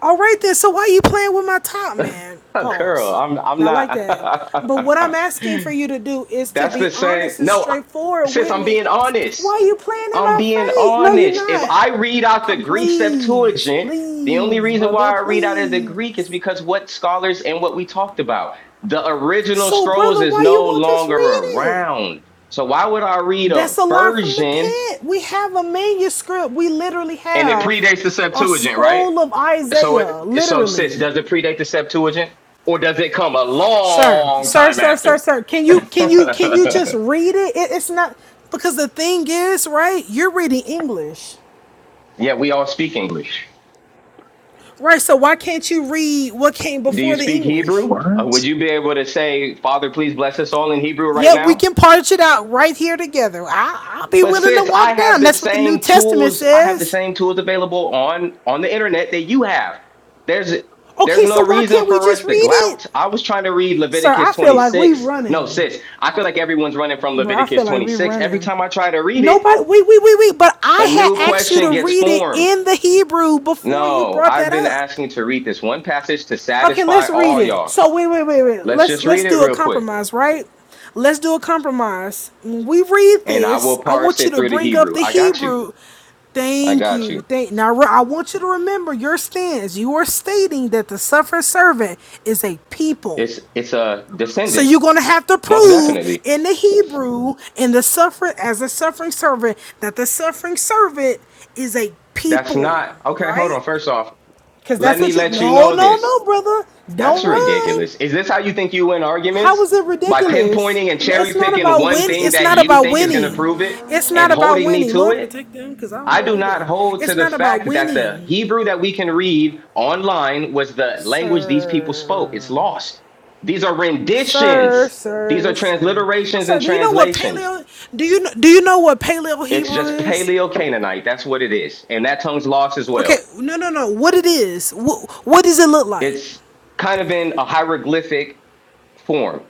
All right then. So why you playing with my top, man?
Girl,
Pause.
I'm. I'm
Not like
not.
that. But what I'm asking for you to do is to
that's
be
the same.
honest and
No,
straightforward
sis,
with
I'm
me.
being honest.
Why you playing in
I'm
my
being
face? No, you're
honest. If
not.
I read out the
Come,
Greek
please,
Septuagint, the only
please,
reason
brother,
why I read out of the
please.
Greek is because what scholars and what we talked about. The original
So,
scrolls
brother,
is
why you
no
won't just
longer
read it?
around. So why would I read a
That's a lie from the
version
pit. We have a manuscript. We literally
and it
have
predates the
a
Septuagint, right?
scroll of
So
Isaiah,
it so sis,
literally.
does it predate the Septuagint? Or does it come a
sir
long
sir
time
sir sir
after?
sir can you can you can you just read it? it it's not because the thing is right you're reading english
yeah, we all speak English.
right so why can't you read what came
Do
before
you
the
speak
english
Hebrew? Uh,
What?
would you be able to say, Father, please bless us all in Hebrew right
yep we
now?
can parch it out right here together I, i'll be
But
willing to
sis, I
walk
have
down
the
that's what the new
same
testament
tools. I have the
says
same tools available on on the internet that you have. There's there's
okay
no
so why
reason
can't we
for
just
us to
read it
glout. I was trying to read
sir
Leviticus
i feel like we
26. No,
running
sis, I feel like everyone's running from
bro i
Leviticus
feel like we
26. Every
running
time I try to read it,
Nobody, wait, wait, wait, wait. But
a
I had
new
asked you to
question gets
read it
formed.
in the Hebrew before you
No,
brought
I've
that
been
up.
asking to read this one passage to
Okay, let's
satisfy
read
all
it.
y'all.
So wait, wait, wait, wait.
Let's
Let's
just
let's
read it
do a
real quick.
compromise, right? Let's do a compromise. When we read
and I will
this, I
parse
want you
it
to
through the
bring up
Hebrew.
the
I got you.
Hebrew.
I
Thank
got
you.
you.
Thank now I want you to remember your stance. You are stating that the suffering servant is a people.
It's it's a
So
descendant,
you're gonna have to
most
prove
definitely.
in the Hebrew in the suffering as a suffering servant that the suffering servant is a
That's
people,
not okay. Hold
right?
on. First off,
Because
let
that's
me
what you.
let you
No,
know
no,
this.
no, brother.
That's
Don't run.
ridiculous. Is this how you think you win
How
arguments?
is it
By
ridiculous?
pinpointing and
No,
cherry
It's not
picking
about
one
win.
thing
It's
that
not
you
about
think is going to
winning.
prove it
It's not
and
about
holding me
winning.
to
Lord
it?
protect them, because I don't know
I
what
do
they're
not
doing.
hold to
It's
the
not about
fact that the
winning,
Hebrew that we can read online was the language these people spoke.
sir.
It's lost. These are
Sir,
renditions, these are
sir, sir,
transliterations and
sir. Do you know what
translations.
paleo? Do you kn- do you know what paleo
It's
Hebrew
just
is?
Paleo Canaanite. That's what it is. And that tongue's lost as
Okay,
well.
no, no, no. What it is? What, what does it look like?
It's kind of in a hieroglyphic form.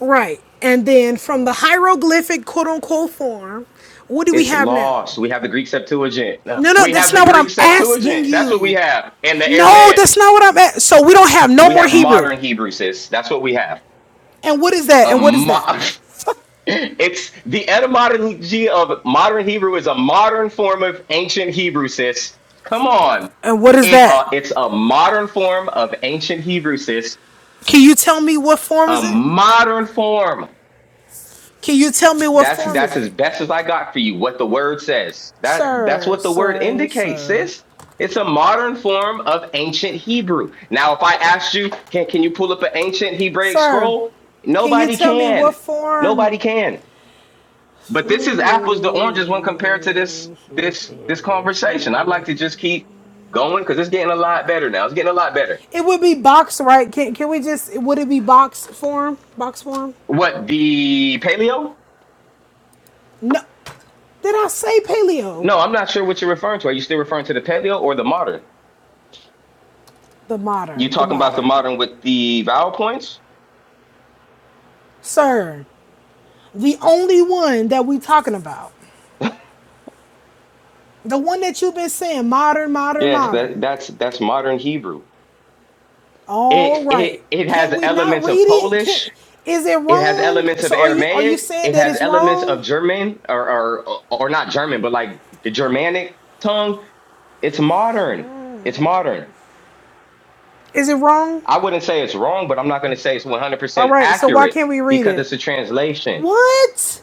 Right. And then from the hieroglyphic quote unquote form, what do we
It's
have now?
lost. We have the Greek Septuagint. No.
No, no,
We
that's
have the
not what I'm
Greek
asking
Septuagint. That's what we
you.
have. And the
No, that's
Aramaic.
not what I'm at. So we don't have no
We
more
have
Hebrew.
modern Hebrew, sis. That's what we have.
And what is that?
A
And what is that?
mo- It's the etymology of modern Hebrew is a modern form of ancient Hebrew, sis. Come on.
And what is
It,
that?
uh, it's a modern form of ancient Hebrew, sis.
Can you tell me what form
A
is it?
modern form.
Can you tell me what
That's
form is
that's as
it?
best as I got for you. What the word says. That that's
Sir,
what the word
sir,
indicates,
sir.
sis. It's a modern form of ancient Hebrew. Now, if I asked you, can can you pull up an ancient Hebraic
Sir,
scroll?
can you
Nobody
tell me what
can.
form?
Nobody can. But
It
this is apples to oranges when compared to this this this conversation. I'd like to just keep going because it's getting a lot better now. It's getting a lot better.
would be box, right? Can, can we just, would it be box form? Box form?
What the paleo?
No. Did I say paleo?
No, I'm not sure what you're referring to. Are you still referring to the paleo or the modern?
The
You
modern, the
talking about the
modern.
modern with the vowel points?
Sir, The only one that we talking about. The one that you've been saying, modern, modern,
Yes, that
modern.
that's that's modern Hebrew.
All
It
right.
it it
Can't
has
we not
elements
read
of
it? Can't
Polish.
is it
It has
wrong?
elements of
So are you are you
Aramaic.
saying
It
that
has
it's
elements of
wrong?
German or or or not German, but like the Germanic tongue It's modern. It's modern.
Is it wrong?
I wouldn't say it's wrong, but I'm not going to say it's
All
100%
right, so why
accurate
can't we read
because
it?
it's a translation.
What?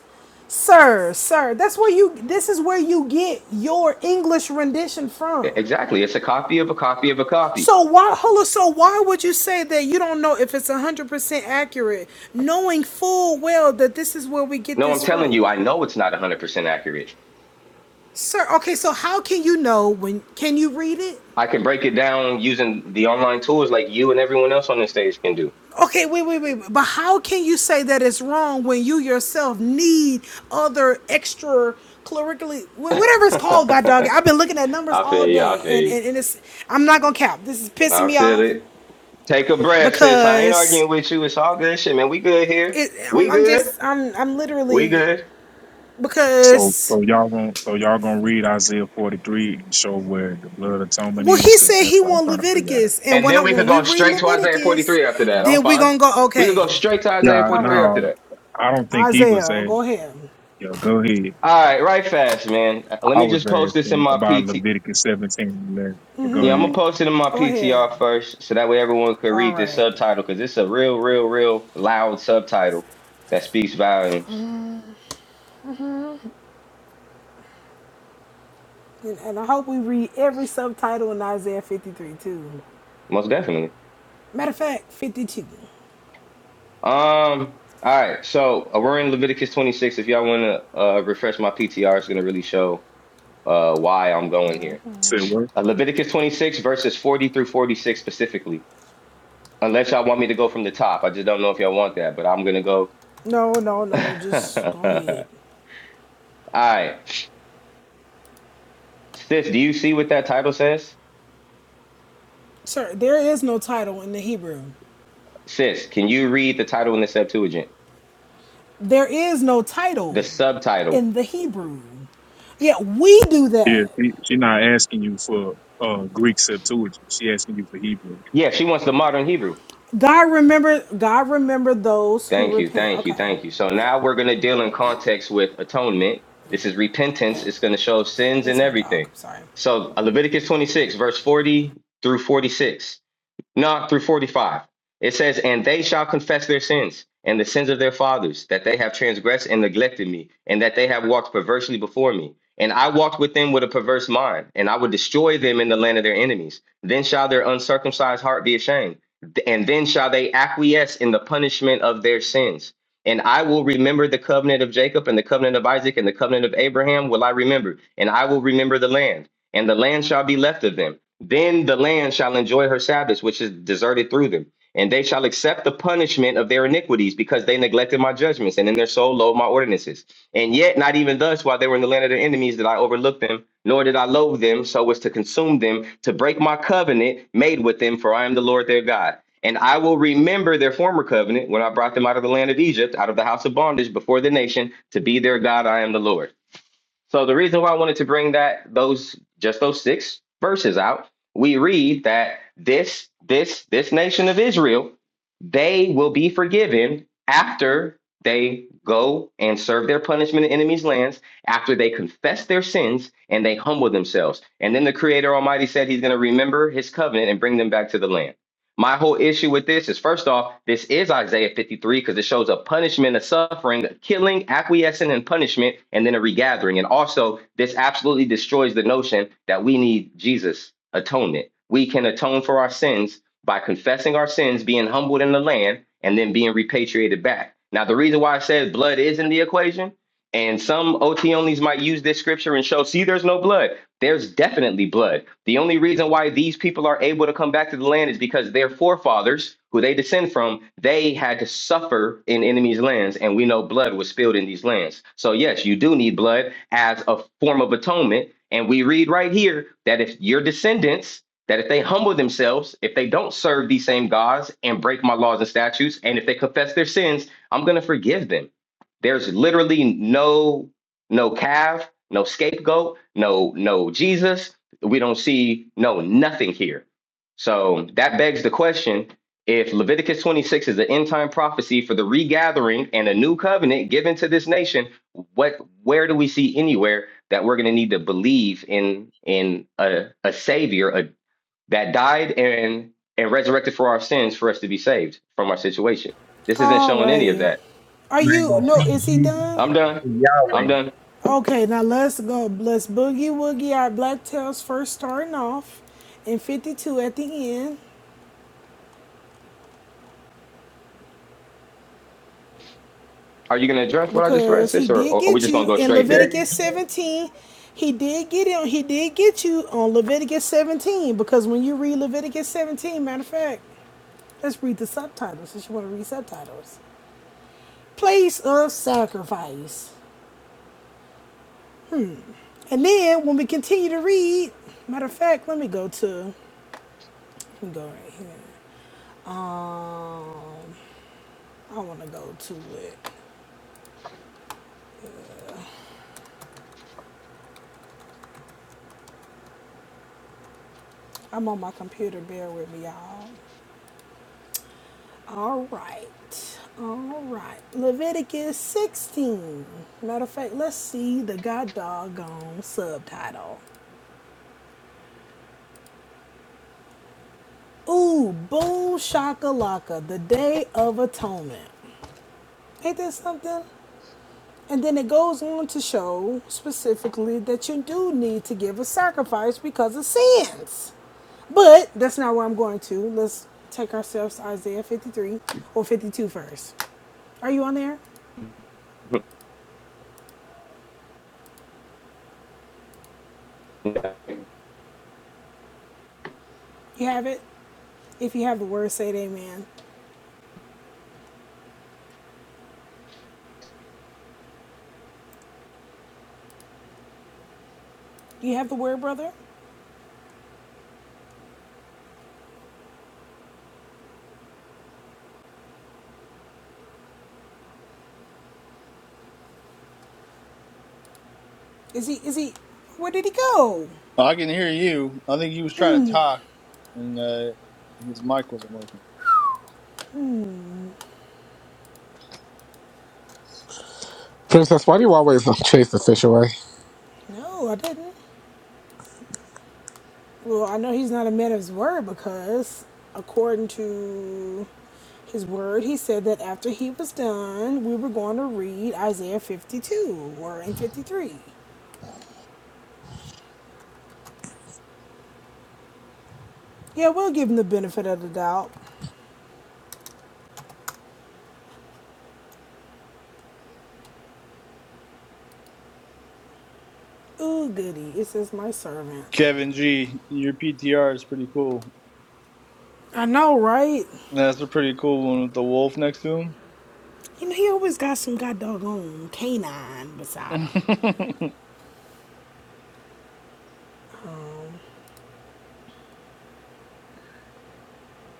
Sir, sir, that's where you this is where you get your English rendition
E-
from.
Exactly. It's a copy of a copy of a copy.
So why, hold on, so why would you say that you don't know if it's 100% accurate, knowing full well that this is where we get
No, I'm
this from?
telling you, I know it's not 100% accurate.
Sir, okay, so how can you know when, can you read it?
I can break it down using the online tools like you and everyone else on this stage can do.
Okay, wait, wait, wait, but how can you say that it's wrong when you yourself need other extra clerically, whatever it's
I
called, God dog, I've been looking at numbers
feel
all
you. I
day
feel
and,
you.
and, and it's, I'm not gonna cap, this is pissing
I
me
feel
off
it. Take a breath, sis. I ain't
because
arguing with you. It's all good shit, man. We good here.
it, I'm,
We
I'm
good.
just, I'm, I'm
We
literally,
good.
So,
because
so y'all gonna so y'all gonna read Isaiah 43 and show where the blood atonement
Well,
is,
he
because
said
that's
he
what I'm
want
trying to figure out.
Leviticus, and
And
when I,
then we could
when we
go
read
straight to Isaiah
Leviticus,
43 after that. I'm
then we
fine.
gonna go.
We could
Okay,
go straight to Isaiah
Yeah,
all
43
right,
after
no,
that.
I don't think he was
Isaiah,
a.
go ahead,
Yeah, go ahead.
All right, right fast, man. Uh, Let
I
me
was
just post this in
asking
my
about
PT.
Leviticus 17 and 11. But Go
Yeah, I'm gonna
ahead.
post it in my
go ahead.
PTR first, so that way everyone could
All
read this
right,
subtitle because it's a real, real, real loud subtitle that speaks volumes,
and, and I hope we read every subtitle in Isaiah fifty three too.
most definitely.
Matter of fact, fifty two.
Um, all right, so uh, we're in Leviticus 26. If y'all wanna uh, refresh my PTR, it's gonna really show uh, why I'm going here.
Say what?
Uh, Leviticus 26 verses 40 through 46 specifically. Unless y'all want me to go from the top. I just don't know if y'all want that, but I'm gonna go.
No, no, no. Just go ahead,
All right. Sis, do you see what that title says?
sir. There is no title in the Hebrew.
Sis, can you read the title in the Septuagint?
There is no
The
title
subtitle.
in the Hebrew. Yet we do
Yeah,
that.
she's not asking you for uh, Greek Septuagint. She asking you for Hebrew.
Yeah, she wants the modern Hebrew.
God remember God remember those who
Thank you,
repent.
thank you,
Okay.
thank you. So now we're gonna deal in context with atonement. This is repentance. It's gonna show sins and
That's my dog.
everything.
I'm sorry.
So uh, Leviticus 26, verse 40 through 46. No, through 45. It says, And they shall confess their sins and the sins of their fathers, that they have transgressed and neglected me, and that they have walked perversely before me. And I walked with them with a perverse mind, and I would destroy them in the land of their enemies. Then shall their uncircumcised heart be ashamed, and then shall they acquiesce in the punishment of their sins. And I will remember the covenant of Jacob and the covenant of Isaac and the covenant of Abraham will I remember, and I will remember the land, and the land shall be left of them then the land shall enjoy her Sabbaths, which is deserted through them. And they shall accept the punishment of their iniquities because they neglected my judgments and in their soul loathed my ordinances. And yet, not even thus, while they were in the land of their enemies, did I overlook them, nor did I loathe them so as to consume them, to break my covenant made with them, for I am the Lord their God. And I will remember their former covenant when I brought them out of the land of Egypt, out of the house of bondage before the nation, to be their God, I am the Lord. So the reason why I wanted to bring that those just those six verses out, we read that this this this nation of Israel, they will be forgiven after they go and serve their punishment in enemies' lands, after they confess their sins and they humble themselves. And then the Creator Almighty said He's going to remember His covenant and bring them back to the land. My whole issue with this is first off, this is Isaiah 53 because it shows a punishment, a suffering, a killing, acquiescing and punishment, and then a regathering. And also, this absolutely destroys the notion that we need Jesus' atonement. We can atone for our sins by confessing our sins, being humbled in the land, and then being repatriated back. Now, the reason why I said blood is in the equation, and some OT onlys might use this scripture and show, see, there's no blood. There's definitely blood. The only reason why these people are able to come back to the land is because their forefathers, who they descend from, they had to suffer in enemies' lands, and we know blood was spilled in these lands. So yes, you do need blood as a form of atonement. And we read right here that if your descendants that if they humble themselves, if they don't serve these same gods and break my laws and statutes, and if they confess their sins, I'm going to forgive them. There's literally no no calf, no scapegoat, no no Jesus. We don't see no nothing here. So that begs the question: If Leviticus 26 is an end time prophecy for the regathering and a new covenant given to this nation, what where do we see anywhere that we're going to need to believe in in a, a savior a, that died and and resurrected for our sins for us to be saved from our situation? This isn't showing any of
Alrighty.
that.
Are
You ain't
you
gonna
no,
see
is
Jesus,
he
you
done?
I'm
gonna
done.
see
I'm done.
Okay, now let's go. Let's boogie woogie our black tails first starting off and 52 at the end.
Are you gonna address what I just read,
Because he
sis, or,
did
or are we
get
just gonna
you
go
in
straight there?
Yahweh.
Leviticus 17. He did get him, he did get you on Leviticus 17. Because when you read Leviticus 17, matter of fact, let's read the subtitles. Since you want to read subtitles. place of sacrifice. And then when we continue to read, matter of fact, let me go to let me go right here. Um I wanna go to it. I'm on my computer, bear with me, y'all. All right. All right. Leviticus 16. Matter of fact, let's see the god doggone subtitle. Ooh, boom shakalaka, the day of atonement. Ain't that something? And then it goes on to show specifically that you do need to give a sacrifice because of sins. But that's not where I'm going to. Let's take ourselves to Isaiah 53 or 52 first. Are you on there? You have it? If you have the word, say it amen. Do you have the word, brother? Is he, is he, where did he go?
I can hear you. I think he was trying to talk, and uh, his mic wasn't working.
Princess, why do you always chase the fish away?
No, I didn't. Well, I know he's not a man of his word because, according to his word, he said that after he was done, we were going to read Isaiah 52 or in 53. Yeah, we'll give him the benefit of the doubt. Ooh, goody. It says my servant.
Kevin G, your PTR is pretty cool.
I know, right?
That's a pretty cool one with the wolf next to him.
You know, he always got some god doggone canine beside him.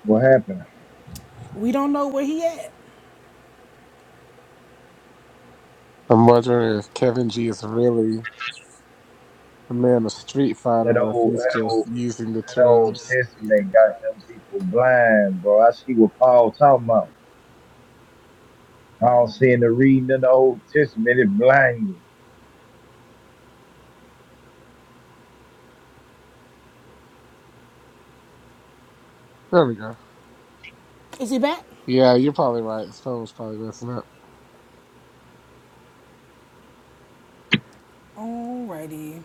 What happened?
We don't know where he at.
I'm wondering if Kevin G is really a man of street fighter
That
or if
old,
he's
that
just
old.
using the
That old
terms.
testament got them people blind, bro. I see what Paul talking about. Paul saying the reading of the Old Testament it blind you.
There we go.
Is he back?
Yeah, you're probably right. His phone was probably messing up.
Alrighty.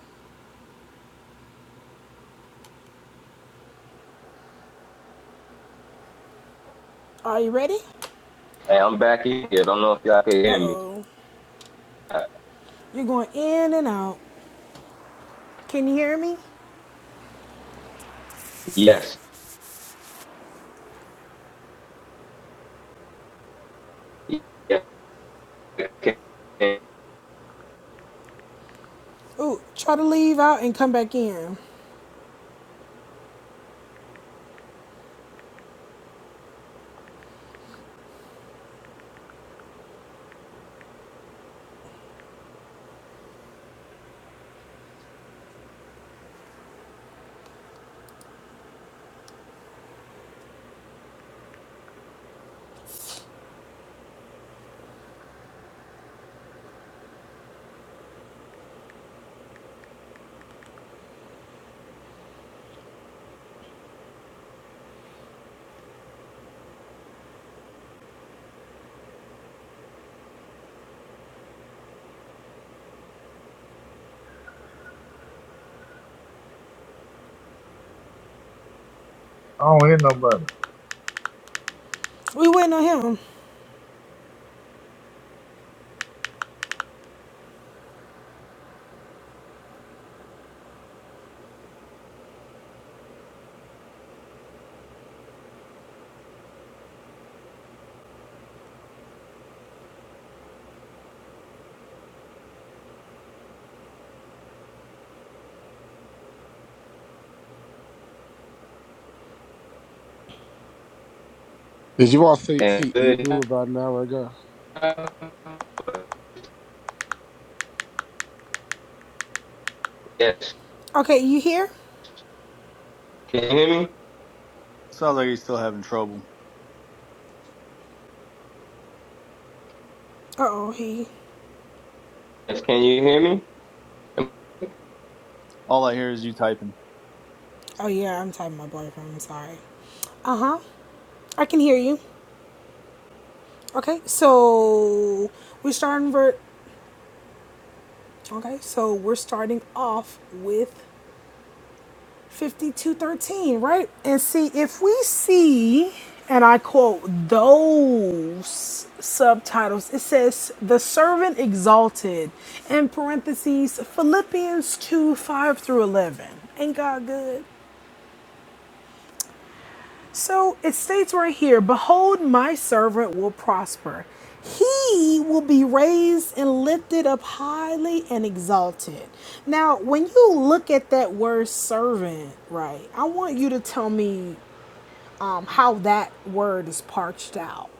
Are you ready?
Hey, I'm back here. I don't know if y'all can hear me.
Uh-oh.
Uh,
You're going in and out. Can you hear me?
yes. Yeah,
Ooh, try to leave out and come back in.
I don't hear nobody.
We waiting on him.
Did you all see,
And
see Ebru
good.
about an hour ago?
Yes.
Okay, you here?
Can you hear me?
Sounds like he's still having trouble.
Uh oh, he.
Yes. Can you hear me?
All I hear is you typing.
Oh yeah, I'm typing my boyfriend. I'm sorry. Uh huh. I can hear you. Okay, so we're starting ver. Okay, so we're starting off with 5213, right? And see, if we see, and I quote, those subtitles, it says, The Servant Exalted, in parentheses, Philippians 2 5 through 11. Ain't God good? So it states right here, Behold, my servant will prosper. He will be raised and lifted up highly and exalted. Now, when you look at that word servant, right, I want you to tell me um, how that word is parched out.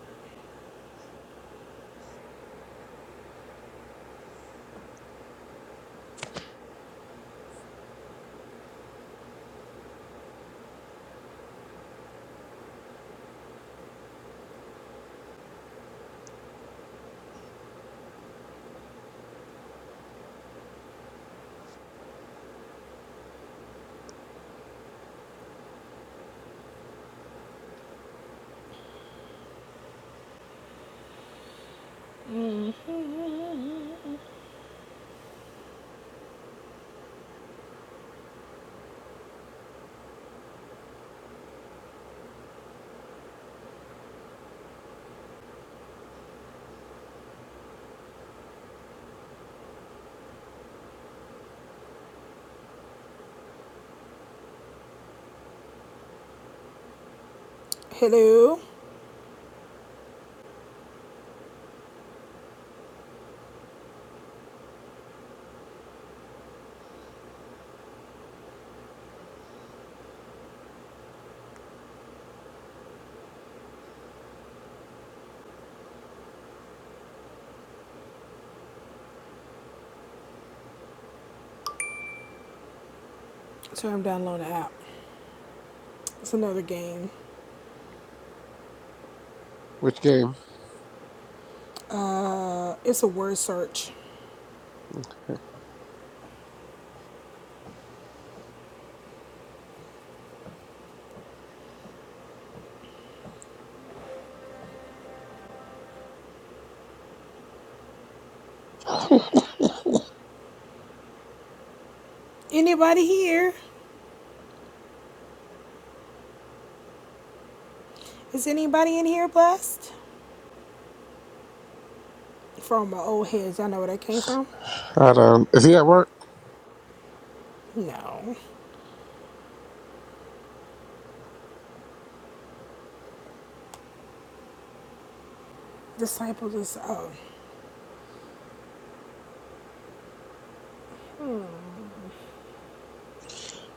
Hello. So I'm downloading the app. It's another game.
Which game?
Uh, it's a word search.
I
Anybody here? Is anybody in here blessed? From my old heads, Y'all know where that came from.
don't. Is he at work?
No. Disciples is, oh,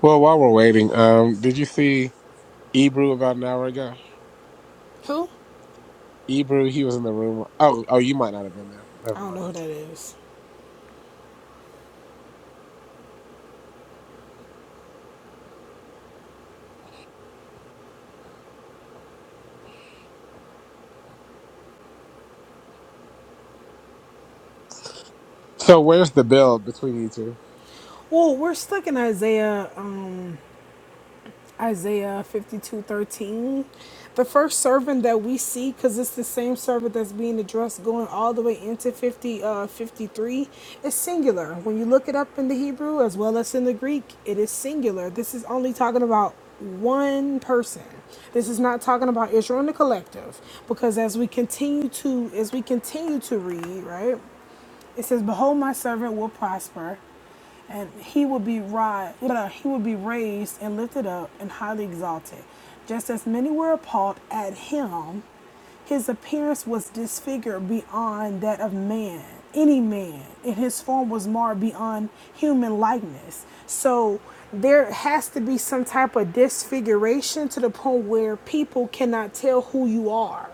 Well, while we're waiting, um, did you see? Ebru about an hour ago.
who?
Ebru, he was in the room. Oh, oh, you might not have been there.
I
Never
don't know who
mind.
that is.
So where's the build between you two?
Well, we're stuck in Isaiah. Um, Isaiah 52 13, The first servant that we see, because it's the same servant that's being addressed going all the way into 50, uh, 53, is singular. When you look it up in the Hebrew as well as in the Greek, it is singular. This is only talking about one person. This is not talking about Israel in the collective, because as we continue to as we continue to read, right? It says, "Behold, my servant will prosper, and he will be ri- but, uh, he will be raised and lifted up and highly exalted, just as many were appalled at him." His appearance was disfigured beyond that of man, any man, and his form was marred beyond human likeness. So there has to be some type of disfiguration to the point where people cannot tell who you are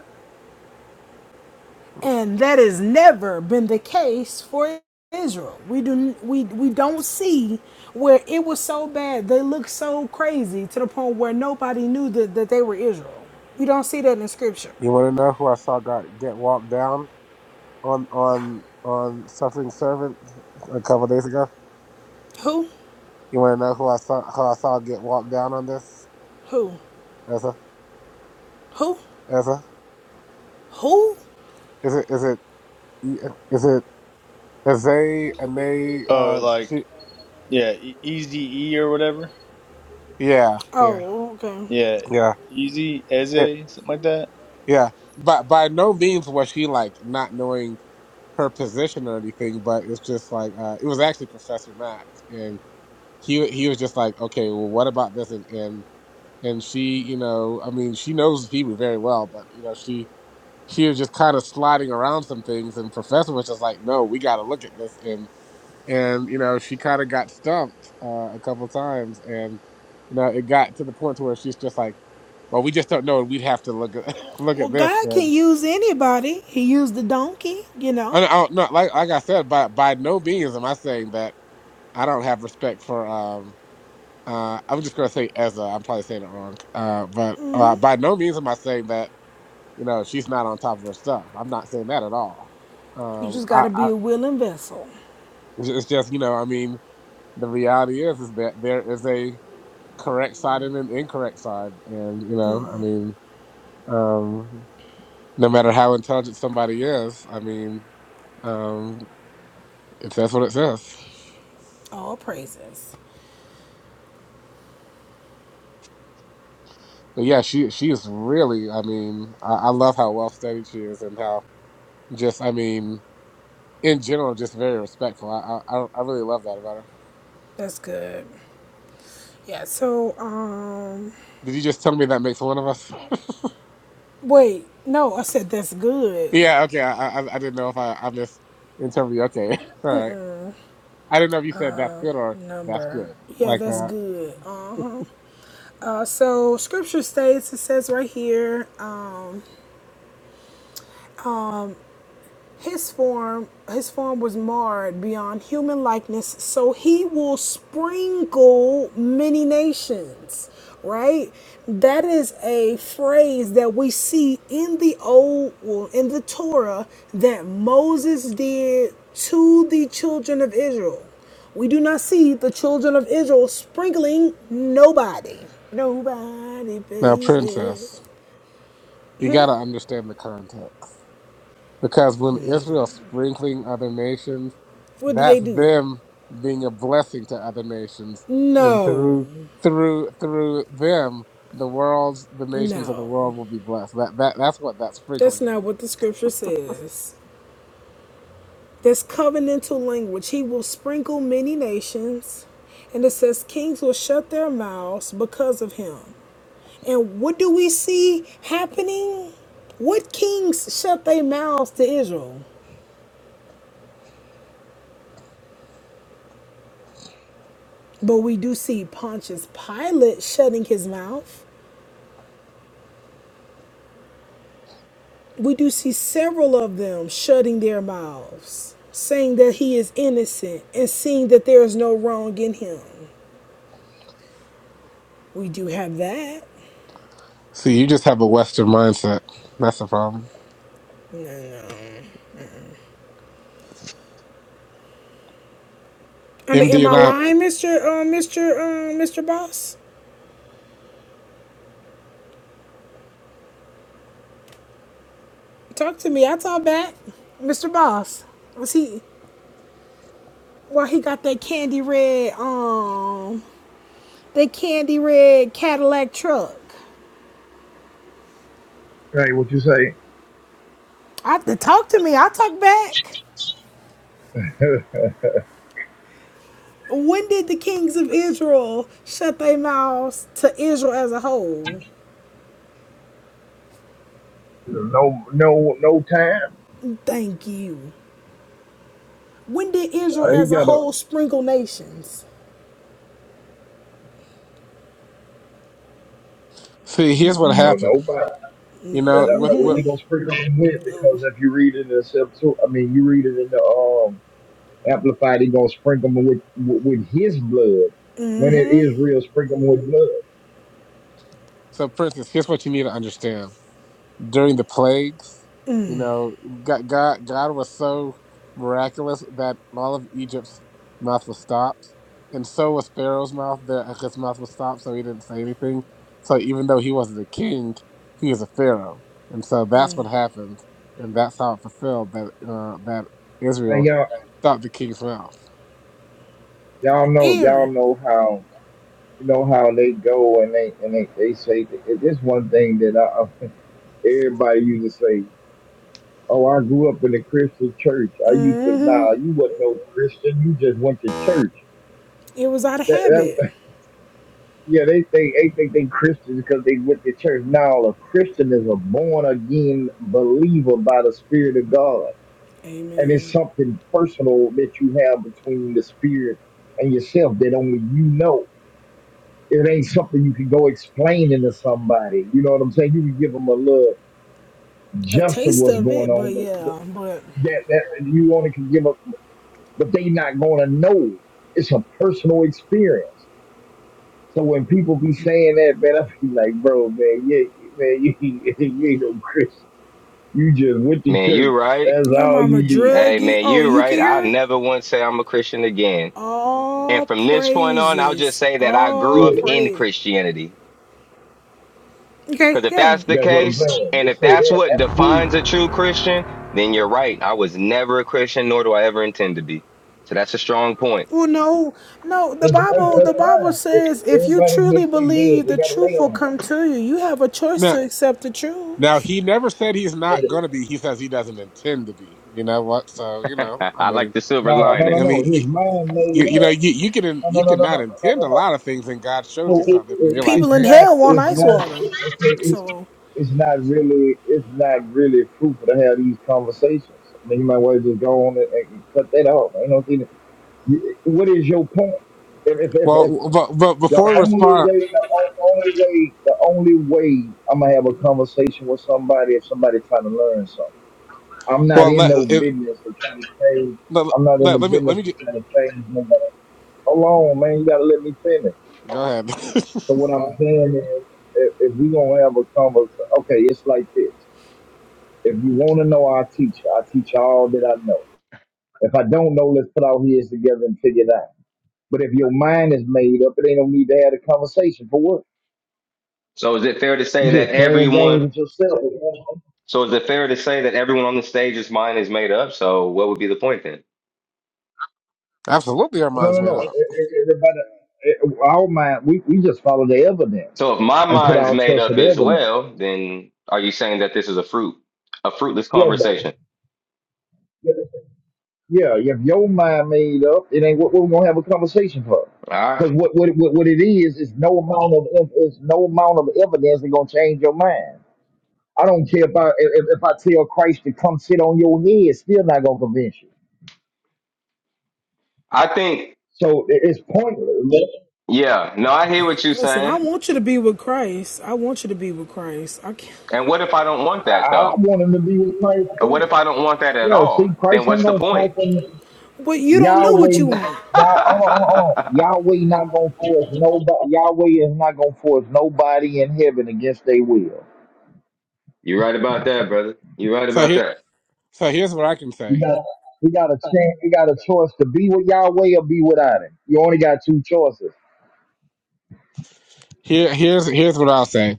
and that has never been the case for Israel. We do we we don't see where it was so bad. They looked so crazy to the point where nobody knew that, that they were Israel. You don't see that in scripture.
You want to know who I saw got get walked down on on on suffering servant a couple days ago?
Who?
You want to know who I saw who I saw get walked down on this?
Who?
Ezra,
Who?
Ezra,
Who?
is it is it is it Aze and they?
Oh,
Uh,
like
she,
yeah, e- Easy E or whatever.
yeah, yeah,
Oh, okay.
Yeah, Easy
yeah.
Eze, something like that.
Yeah, but by no means was she like not knowing her position or anything. But it's just like uh, it was actually Professor Mack, and he he was just like, okay, well, what about this? And and and she, you know, I mean, she knows Hebrew very well, but you know, she she was just kind of sliding around some things, and Professor was just like, no, we got to look at this, and and you know, she kind of got stumped uh, a couple times, and you know, it got to the point to where she's just like well, we just don't know, and we'd have to look at look
Well,
at
God
this.
can use anybody. He used the donkey, you know.
I, I don't know. Like like I said, by by no means am I saying that I don't have respect for. Um, uh, I'm just gonna say Ezra. I'm probably saying it wrong. Uh, but uh, by no means am I saying that you know she's not on top of her stuff. I'm not saying that at all.
You
Um,
just got
I,
to be
I
a willing vessel.
it's just you know I mean the reality is is that there is a correct side and an incorrect side, and you know I mean um, no matter how intelligent somebody is, I mean um, it says what it says.
All praises.
But yeah, she she is really. I mean, I, I love how well studied she is, and how just I mean, in general, just very respectful. I I, I I really love that about her.
That's good. Yeah, so um
Did you just tell me that makes one of us?
Wait, no, I said that's good.
yeah. Okay. I, I I didn't know if I I missed you. Okay. All right. I didn't know if you said that's good or that's
Number.
good
Yeah,
like
that's
that.
good. Uh-huh. Uh, so scripture states, it says right here. His form his form was marred beyond human likeness, so he will sprinkle many nations, right? That is a phrase that we see in the old well, in the Torah that Moses did to the children of Israel. We do not see the children of Israel sprinkling nobody. Nobody,
Now,
baby.
princess, you gotta understand the context. Because when Israel's sprinkling other nations,
What did they
that's
do?
them being a blessing to other nations. And
No,
through through through them, the world's the nations of the
no.
world will be blessed. That that that's what that
That's
sprinkling
not
means.
what the scripture says. This covenantal language, he will sprinkle many nations. And it says, kings will shut their mouths because of him. And what do we see happening? What kings shut their mouths to Israel? But we do see Pontius Pilate shutting his mouth. We do see several of them shutting their mouths, saying that he is innocent and seeing that there is no wrong in him. We do have that.
See, you just have a Western mindset. That's the problem.
I mean, am
MD
I
and I
lying, Mister um, Mister um, Mister Boss? Talk to me. I talk back, Mister Boss. Was he? Well, he got that candy red um, that candy red Cadillac truck.
Hey, what you say?
I talk to me. I talk back. When did the kings of Israel shut their mouths to Israel as a whole?
no, no, no time.
Thank you. When did Israel
Uh, he
as a
got a
whole sprinkle nations?
see here's what
no, no
happened.
time.
You know,
That, that,
with
what
with
they gonna sprinkle him with? Because if you read it in the Septu, I mean, you read it in the um amplified. He gonna sprinkle him with with, with his blood. When it is real, sprinkle him with blood.
so Princess, here's what you need to understand. during the plagues. You know, God, God, God was so miraculous that all of Egypt's mouth was stopped, and so was Pharaoh's mouth. That his mouth was stopped, so he didn't say anything. So even though he wasn't a king, he was a pharaoh, and so that's what happened, and that's how it fulfilled that uh, that
And
Israel
y'all,
stopped the king's mouth.
y'all know,
Aaron.
y'all know how you know how they go and they and they they say that- it- it's one thing that I, I- everybody used to say. Oh, I grew up in a Christian church. I used to. Nah,
Mm-hmm.
you wasn't no Christian. You just went to church.
It was out of
That,
habit.
that yeah, they think they think they Christians because they went to church. Now a Christian is a born again believer by the Spirit of God, and it's
Amen.
something personal that you have between the Spirit and yourself that only you know. It ain't something you can go explaining to somebody. You know what I'm saying? You can give them a little
a
just of
taste
what's
of
going
it,
on,
but
but, but
yeah, but
that that you only can give up. but they not gonna know. It's a personal experience. So when people be saying that, man, I be like, bro, man, yeah, man, you, ain't- you ain't no Christian. You just went to
Man, you
church.
right.
That's
your
all
mama
you did.
Hey,
drug you.
man,
Oh,
you
you
right.
can
I'll
hear it.
never once say I'm a Christian again. And
All
from this point on, I'll just
praises,
say that I grew
all
up
Yeah,
in
praise.
Christianity.
Okay,
Because if
yeah.
that's the
that's what I'm
case,
saying.
and if
Just say
that's
that.
what
That's cool.
defines a true Christian, then you're right. I was never a Christian, nor do I ever intend to be. So that's a strong point.
Well, no, no. The
That's, that's,
Bible,
that's
the Bible
fine. If
says, if you
Everybody
truly
makes their bed.
believe,
They
the
got to lay
truth will
on it.
come to you. You have a choice
Now,
to accept the
now
truth.
he never said he's
But
not
the-
going to be. He says he doesn't intend to be. You know what? So you know, I
I like
mean,
the silver
No, no, no,
lining.
I
no. His
mean.
mind
you,
made
you know
up.
you you can in-
No, no,
you
no, no,
cannot
no, no,
intend
no,
a
no.
lot of things and god shows
So
you
it,
something and
it,
you're like
it's
People in
hey
not,
hell want
it's
ice
not,
water.
okay, it's,
So,
it's not really, it's not really fruitful to have these conversations. I mean, you might want to just go on and, and cut that off. You know, you know, you- what is your point? If, if, if, if
well but but
the
before we
only
respond
way, the o- only way, the only way I'm gonna have a conversation with somebody if somebody trying to learn something. I'm not
well
in
let
no
it,
business of trying to change.
let,
I'm not in
let,
the
let me let
business
me
of
ju-
trying to change nobody. Hold on, man. You gotta let me finish.
go ahead
So what I'm saying is, if, if we gonna have a conversation, okay, it's like this. If you want to know I teach. I teach all that I know. If I don't know, let's put our heads together and figure it out. But if your mind is made up, it ain't no need to have a conversation. For what?
So is it fair to say
You
that
just playing games
everyone?
with yourself.
So is it fair to say that everyone on the stage's mind is made up? So what would be the point then?
absolutely our
No,
minds
no,
made
no. E-
up
e- Everybody, e- our mind, we, we just follow the evidence
So if my
and put
mind's
our
made
trust in
up
the
as
evidence.
well, then are you saying that this is a fruit, a fruitless
Yeah, bro.
conversation?
Yeah, yeah, if your mind made up. It ain't what we're gonna have a conversation for.
All right.
Because what, what what what it is is no amount of ev- is no amount of evidence is gonna change your mind. I don't care about if, if if I tell Christ to come sit on your head, it's still not gonna convince you.
I think,
So it- it's pointless.
yeah. No, I hear what you're
listen, I
saying.
want you to be with Christ. I want you to be with Christ. I can't.
And what if I don't want
I,
that
I
though?
want him to be with Christ
Or what
too.
if I don't want that at
Yeah, see,
all? Then
Christ ain't
what's the
gonna
point?
come from
But you don't know what you
Yahweh.
You're
want.
Yah, hold on, hold on, hold on. Yahweh not gonna force nobody. Yahweh is not gonna force nobody in heaven against their will.
right about that, brother. You're right
so
about
here
that.
so here's what i can
We
say
got we got a chance. We got a choice to be with Yahweh or be without Him. You only got two choices.
here here's here's what i'll say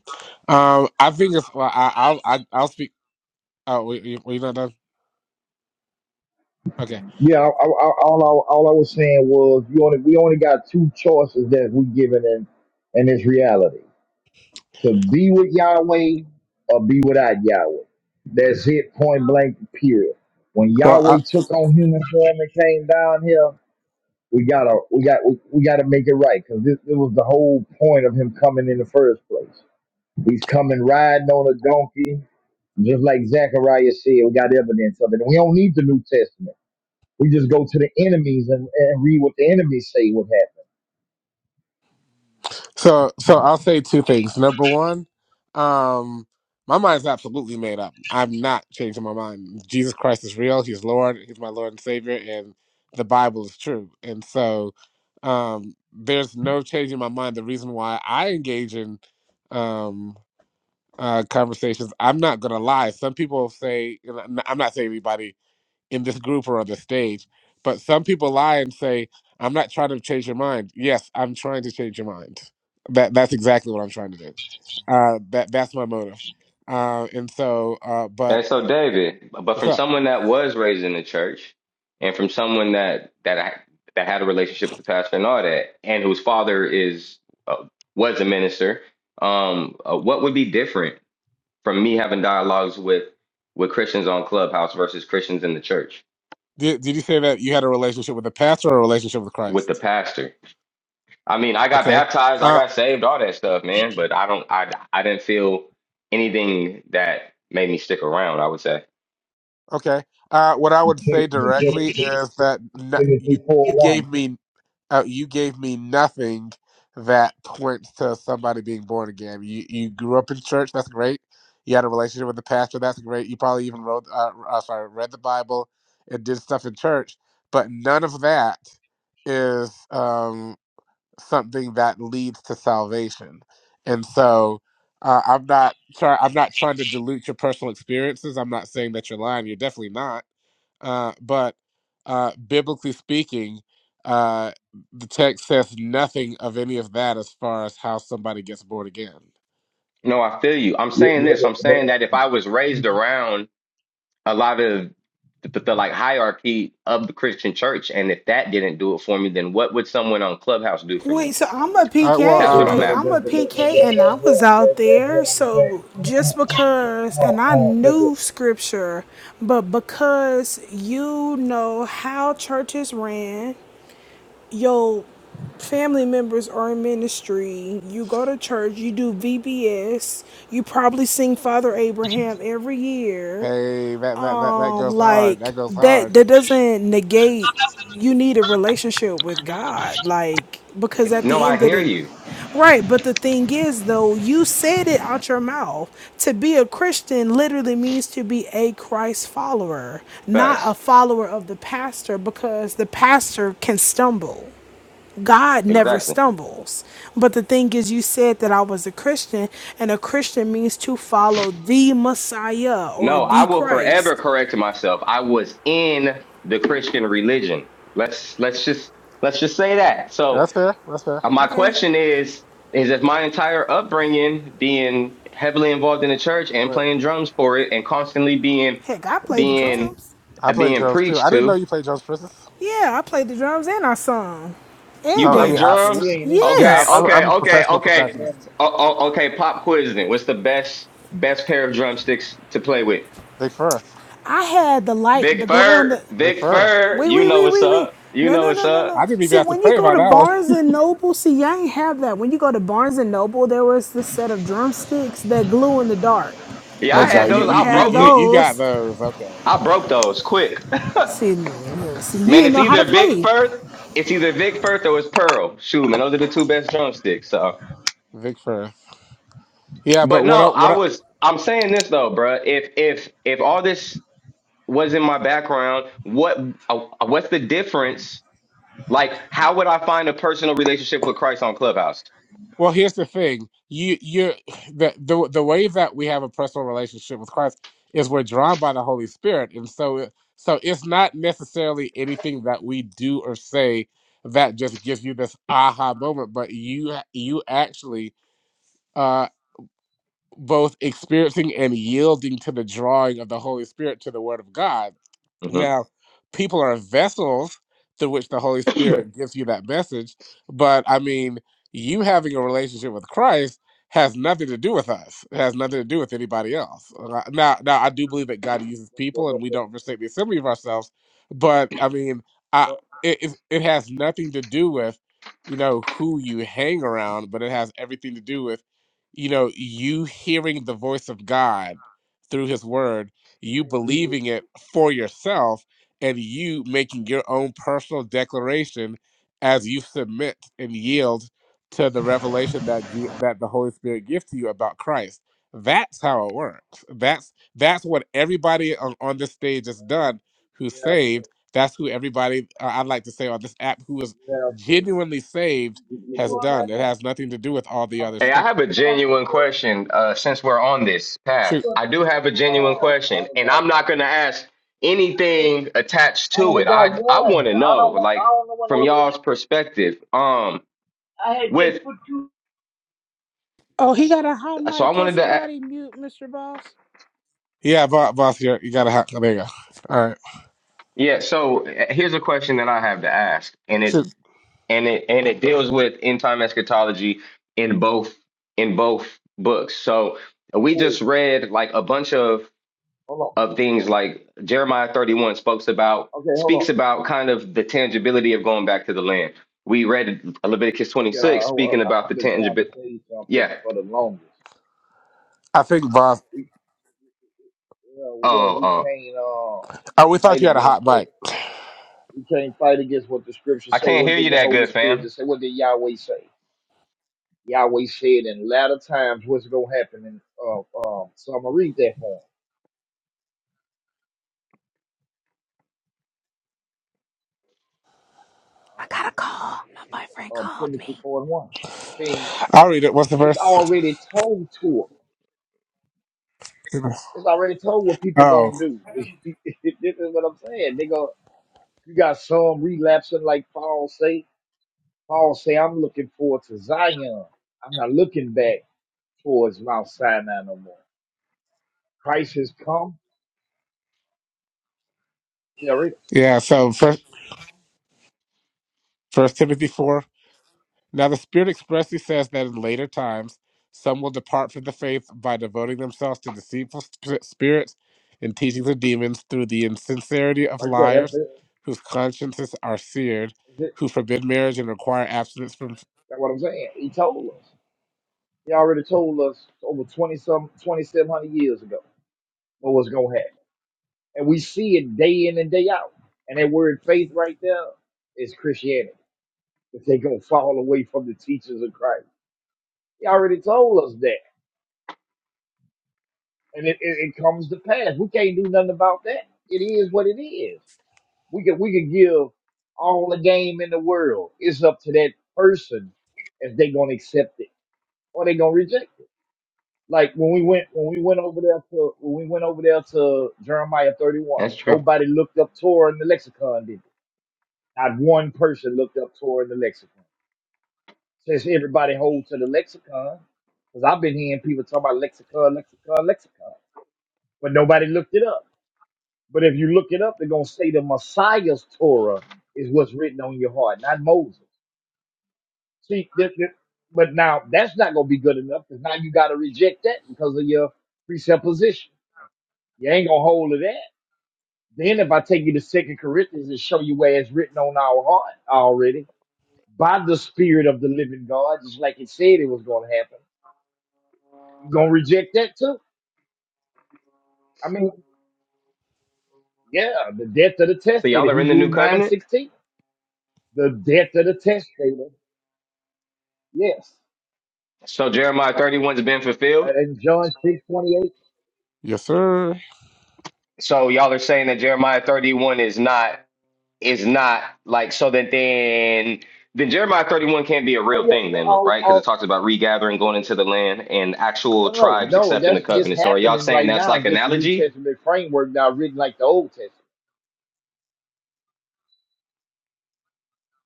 um i think it's well i i'll I, i'll speak oh we, we, we not done okay
Yeah, I, I, I, all I, all I was saying was you only we only got two choices that we given in in this reality to be with Yahweh or be without Yahweh. That's it, point blank. Period. When
well.
Yahweh took on human form and came down here, we gotta we got we, we gotta make it right because this, it was the whole point of him coming in the first place. He's coming riding on a donkey Just like Zechariah said, we got evidence of it. We don't need the New Testament. We just go to the enemies and, and read what the enemies say would happen.
So so I'll say two things. Number one, um, my mind's absolutely made up. I'm not changing my mind. Jesus Christ is real. He's Lord. He's my Lord and Savior, and the Bible is true. And so, um, there's no changing my mind. The reason why I engage in um, uh, conversations, I'm not gonna lie. Some people say, and i I'm not saying anybody in this group or on the stage. But some people lie and say, I'm not trying to change your mind. Yes, I'm trying to change your mind. That that's exactly what I'm trying to do. Uh, that that's my motive. Uh, and so, uh, but
And so, David, but
what's
from
up?
someone that was raised in the church, and from someone that that I, that had a relationship with the pastor and all that, and whose father is uh, was a minister, um, uh, what would be different from me having dialogues with with Christians on Clubhouse versus Christians in the church
Did, did you say that you had a relationship with the pastor or a relationship with
with the
Christ?
pastor? I mean, I got
Okay.
baptized, I
Uh,
got saved, all that stuff, man. But I don't, I, I didn't feel anything that made me stick around. I would say,
okay. Uh, what I would say
Take
directly
Timothy
is that n- you
four
you
one.
gave me. uh, you gave me nothing that points to somebody being born again. You you grew up in church, that's great. You had a relationship with the pastor, that's great. You probably even wrote, uh, uh, sorry, read the Bible and did stuff in church, but none of that is um, something that leads to salvation. And so, uh, I'm not trying. I'm not trying to dilute your personal experiences. I'm not saying that you're lying. You're definitely not uh, but uh, biblically speaking, uh, the text says nothing of any of that as far as how somebody gets born again.
no, I feel you. I'm
Yeah,
saying
but,
this. I'm
but,
saying that if I was raised around a lot of the, the like hierarchy of the Christian church, and if that didn't do it for me, then what would someone on Clubhouse do for
Wait,
me?
so I'm a
All right,
That's
PK.
well,
what
hey,
I'm
Wait,
brother,
I'm
asking.
that's,
a
that, that,
PK and I
that's
was
what
out
that, that's
there.
what I'm
So
saying.
just
Uh,
because,
uh, uh,
and I
uh, that's
knew
it.
scripture, but because you know how churches ran, your family members are in ministry, you go to church, you do VBS, you probably sing Father Abraham every
uh,
year
hey, that, that that that
um
goes hard.
like
That goes
that
hard.
that doesn't negate you need a relationship with God like because at
No,
the
I
end of
hear
the
you.
right but the thing is though you said it out your mouth to be a Christian literally means to be a Christ follower not a
Facts.
follower of the pastor because the pastor can stumble God never
Exactly.
stumbles. But the thing is, you said that I was a Christian, and a Christian means to follow the Messiah or
No, I
the
will
Christ.
forever correct myself. I was in the Christian religion. Let's let's just let's just say that.
Yeah,
So
that's fair. That's fair.
uh, my
Okay.
question is is if my entire upbringing being heavily involved in the church and
But
playing drums for it and constantly being
Heck, I played the
being
drums.
I
uh,
play
being
drums too.
preached
I didn't know
to,
you played drums, Princess.
Yeah, I played the drums and I sung
you
and
Uh, I
play
mean, I,
but
danced.
we
drums?
ain't into
yeah,
something
I,
Okay,
Yes.
I'm,
okay,
I'm a
okay,
professional
okay.
about them.
percussionist.
O- o- okay, pop quiz then. What's the best best pair of drumsticks to play with?
Vic Firth.
I had the light,
Big
the glow in the.
Fur,
Vic
Big
Firth.
Fur,
Wee,
you
wee,
know
wee,
what's
wee, wee.
up. You
No,
know
no,
what's
no, no, no.
I
up.
didn't even
See,
have to
when you
pray
go
about
to
that one.
Barnes and Noble, see, I ain't have that. When you go to Barnes and Noble, there was this set of drumsticks that glue in the dark.
Yeah,
Oh
I
Bet you
God,
had
ain't
you
those.
never
you
I
you
had
broke
you
them.
you got
those.
those. Okay,
I broke those quick. man,
See, look, see, you didn't
it's
know how to
either Big
play.
Firth, it's either Vic Firth or it's Pearl. Shoot, man, those are the two best drumsticks. So,
Vic Firth. Yeah, but
but
what I-
no, I
what I-
was. I'm saying this though, bruh. If if if all this was in my background, what uh, uh, what's the difference? Like, how would I find a personal relationship with Christ on Clubhouse?
Well, here's the thing. You you the the the way that we have a personal relationship with Christ is we're drawn by the Holy Spirit. And so it- so it's not necessarily anything that we do or say that just gives you this aha moment, but you you actually uh, both experiencing and yielding to the drawing of the Holy Spirit to the Word of God
Mhm.
now, people are vessels through which the Holy Spirit gives you that message, but I mean, you having a relationship with Christ has nothing to do with us. It has nothing to do with anybody else. Uh, Now, now I do believe that God uses
But but
people,
but,
and we don't forsake the assembly of ourselves. But I mean, I
but
it it it has nothing to do with you know who you hang around, but it has everything to do with you know you hearing the voice of God through His Word you
hey, we, we
believing it for yourself and you making your own personal declaration as you submit and yield to the revelation that you, that the Holy Spirit gives to you about Christ. That's how it works. That's that's what everybody on, on this stage has done
we
who's
have
saved. That's who everybody uh, I'd like to say on this app who is
we have to.
genuinely saved
We, we,
has
we,
done. It has nothing to do with all the other
Hey, I
stuff.
have a genuine question. Uh, since we're on this path,
Shoot.
I do have a
uh,
genuine
I
question,
only
and
got
I'm not going to
one.
ask anything attached
I
to
only
it.
got
I I
one.
want to
I
know,
don't want. I
like,
don't know what
from
no other one. is.
y'all's perspective. Um,
I had just
with
put two.
Oh, he got a hot
so I
mic. Can
wanted to, a-
somebody mute Mr. Boss?
Yeah, boss, boss you, you got to hot. There you go. All right.
yeah. So uh, here's a question that I have to ask, and it
Shoot.
and it and it deals with end time eschatology in both in both books. So we
Hey,
just read like a bunch of
hold on.
of things
Oh,
like Jeremiah 31 speaks about
Okay, hold on.
speaks about kind of the tangibility of going back to the land. We read Leviticus
Yeah,
26
I,
speaking
I,
about the
I've been trying to
tangibility.
tell you something
Yeah.
for the longest.
I think boss.
We, yeah, yeah,
Oh,
we
uh,
can't uh,
Oh, we thought
fight
you had a
against
hot
what
mic.
we can't fight against what the scriptures
I
say.
can't
What
hear you
did the
that
Holy
good,
Spirit
fam.
just say? What did Yahweh say? Yahweh said in latter times what's gonna happen. And uh, um, so I'm gonna read that for him.
I got a call. My boyfriend
Um,
called me.
Timothy four and one. I mean,
I'll read it. What's the
it's
verse?
already told to us. It's already told what people
Oh,
gonna do. this is what I'm saying. They go, you got some relapsing like Paul say. Paul say, I'm looking forward to Zion. I'm not looking back towards Mount Sinai no more. Christ has come. Yeah, right,
yeah. So first, First Timothy four. Now the Spirit expressly says that in later times some will depart from the faith by devoting themselves to deceitful sp- spirits and teachings of demons through the insincerity of
right there. That's
liars,
it.
whose consciences are seared,
That's it.
who forbid marriage and require abstinence from.
That's what I'm saying. He told us. He already told us over 20 some, 2700 years ago what was gonna happen. And we see it day in and day out. And that word faith right there is Christianity. If they gonna fall away from the teachings of Christ. He already told us that, and it, it, it comes to pass. We can't do nothing about that. It is what it is. We can we can give all the game in the world. It's up to that person if they gonna accept it or they gonna reject it. Like when we went when we went over there to when we went over there to Jeremiah thirty one,
That's true.
nobody looked up Torah in the lexicon, did they? Not one person looked up Torah in the lexicon. Since everybody holds to the lexicon, because I've been hearing people talk about lexicon, lexicon, lexicon, but nobody looked it up. But if you look it up, they're gonna say the Messiah's Torah is what's written on your heart, not Moses. See, th- th- but now that's not gonna be good enough because now you gotta reject that because of your presupposition. You ain't gonna hold to that. Then if I take you to Second Corinthians and show you where it's written on our heart already by the Spirit of the Living God, just like it said it was gonna happen, you gonna reject that too. I mean, yeah, the death of the
So y'all
testator,
are in the new
Hebrews nine
covenant.
sixteen, the death of the testator. Yes.
So Jeremiah 31's been
Uh,
fulfilled.
And John six twenty eight.
Yes, sir.
So y'all are saying that Jeremiah 31 is not. is not like so that then then Jeremiah 31 can't be a real
Oh yeah,
thing
yeah.
then,
oh
right? Because
oh
it talks about regathering, going into the land, and actual
No, no,
tribes
no.
accepting the
That's it's
covenant. So are y'all
happening
saying
right
that's
now.
like
Just the New
analogy?
Testament framework now written like the Old Testament.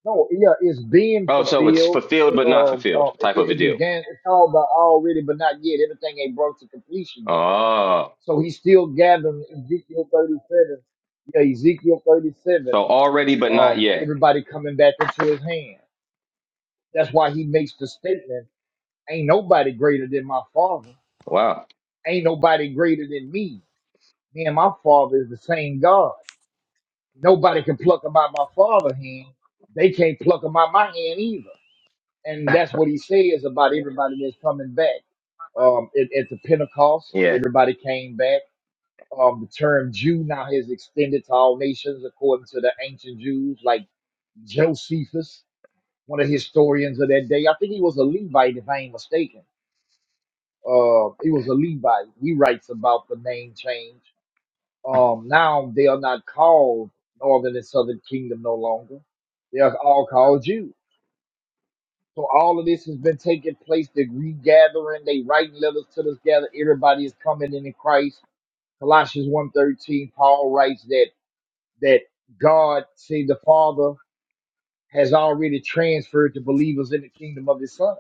No, yeah, it's being
Oh, so it's
fulfilled.
fulfilled but
Uh,
not
Um,
fulfilled
uh, it,
type of a
it
deal.
began. It's called the already, but not yet. Everything ain't brought to completion yet.
Oh,
So he's still gathering Ezekiel thirty seven. Yeah, Ezekiel thirty seven.
so already but not
Um,
yet.
everybody coming back into his hand. That's why he makes the statement: "Ain't nobody greater than my Father.
Wow.
Ain't nobody greater than me." Me and my father is the same God. Nobody can pluck them out my father's hand. They can't pluck them out my hand either. And that's what he says about everybody that's coming back. Um, at, at the Pentecost,
Yeah.
everybody came back. Um, the term Jew now has extended to all nations according to the ancient Jews, like Josephus, one of the historians of that day. I think he was a Levite, if I ain't mistaken. Uh, he was a Levite. He writes about the name change. Um, now they are not called Northern and Southern Kingdom no longer. They are all called Jews. So all of this has been taking place. They're regathering. They writing letters to this gather. Everybody is coming in in Christ. Colossians one thirteen, Paul writes that that God, see the Father, has already transferred the believers in the kingdom of his son.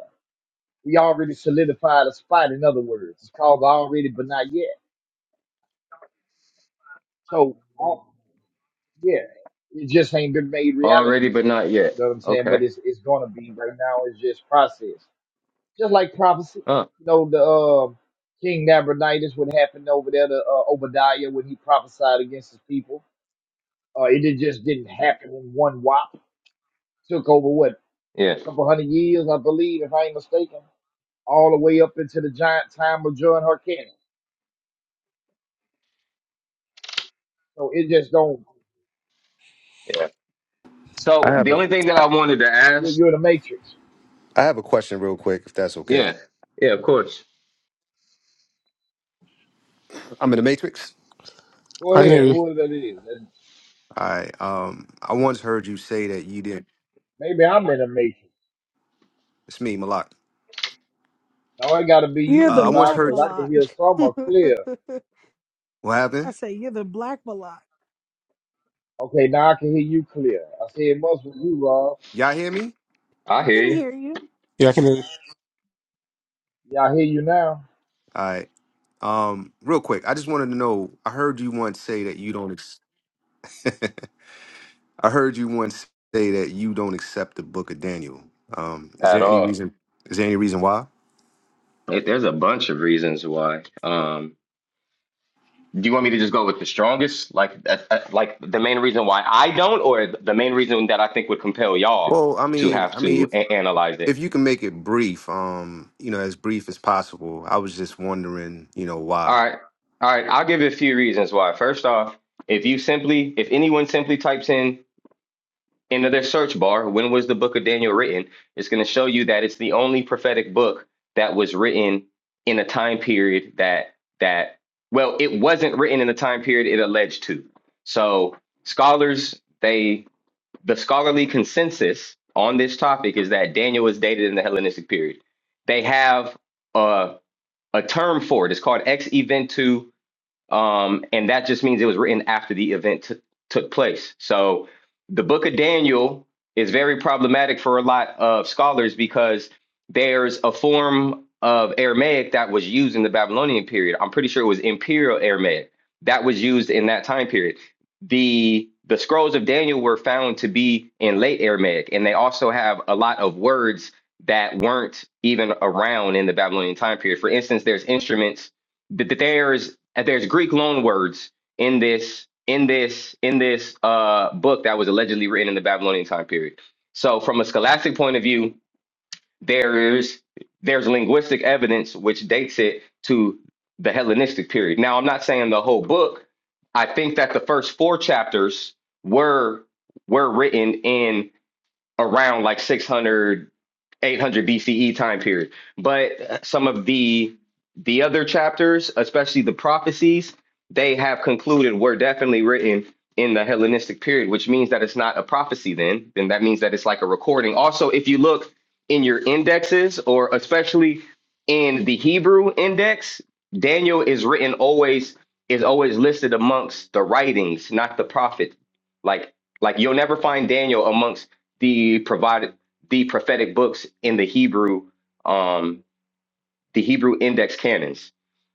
We already solidified a spot, in other words. It's called the already but not yet. So all, Yeah, it just ain't been made reality
Already but
yet.
not
You
yet.
know what I'm saying? But
Okay.
it's it's gonna be right now. It's just process, just like prophecy.
Huh.
You know the um, King Nabonidus, what happened over there to uh, Obadiah when he prophesied against his people. Uh, it did- just didn't happen in one whop. Took over what
Yeah.
couple hundred years, I believe, if I ain't mistaken, all the way up into the giant time of John Hyrcanus. So it just don't.
Yeah.
I
So
have
the
a,
only thing that I wanted to
You're,
ask,
you're the matrix.
I have a question, real quick, if that's okay.
yeah. Yeah, of course.
I'm in the Matrix.
Go
I can hear
ahead.
you.
Who that is?
All right. Um, I once heard you say that you didn't.
Maybe I'm in the matrix.
It's me, Malak.
No, it gotta be you,
You're the
Uh, I once
black
Malak, cause
heard.
I can
Malak.
hear
I
Summer clear.
What happened?
say, You're the black Malak.
Okay, now I can hear you clear. I said it must be you, Rob.
Y'all hear me?
I
I
hear
can
you.
hear you.
Yeah, I can hear you.
Yeah, I hear you now.
All right. Um, real quick, I just wanted to know. I heard you once say that you don't. Ex- I heard you once say that you don't accept the Book of Daniel. Um, is
At
there any
all.
reason? Is there any reason why?
It, there's a bunch of reasons why. Um Do you want me to just go with the strongest? Like, that- that- like the main reason why I don't, or the main reason that I think would compel y'all
Well, I
to
mean,
have
I mean,
to
if
a- analyze it?
if you can make it brief, um, you know, as brief as possible. I was just wondering, you know,
All
why.
right, all right. I'll give you a few reasons why. First off, if you simply, if anyone simply types in into their search bar, when was the book of Daniel written? It's going to show you that it's the only prophetic book that was written in a time period that that well, it wasn't written in the time period it alleged to. So scholars they the scholarly consensus on this topic is that Daniel was dated in the Hellenistic period. They have a, a term for it. It's called ex eventu um, and that just means it was written after the event t- took place. So the book of Daniel is very problematic for a lot of scholars because there's a form of Aramaic that was used in the Babylonian period. I'm pretty sure it was Imperial Aramaic that was used in that time period. The the scrolls of Daniel were found to be in late Aramaic, and they also have a lot of words that weren't even around in the Babylonian time period. For instance, there's instruments that that there's there's Greek loan words in this in this in this uh, book that was allegedly written in the Babylonian time period. So from a scholastic point of view, there's there's linguistic evidence which dates it to the Hellenistic period. Now I'm not saying the whole book. I think that the first four chapters were were written in around like 600 800 BCE time period. But some of the the other chapters, especially the prophecies, they have concluded were definitely written in the Hellenistic period, which means that it's not a prophecy then. Then that means that it's like a recording. Also, if you look in your indexes or especially in the Hebrew index, Daniel is written always is always listed amongst the writings, not the prophet. Like like you'll never find Daniel amongst the provided the prophetic books in the Hebrew, um, the Hebrew index canons.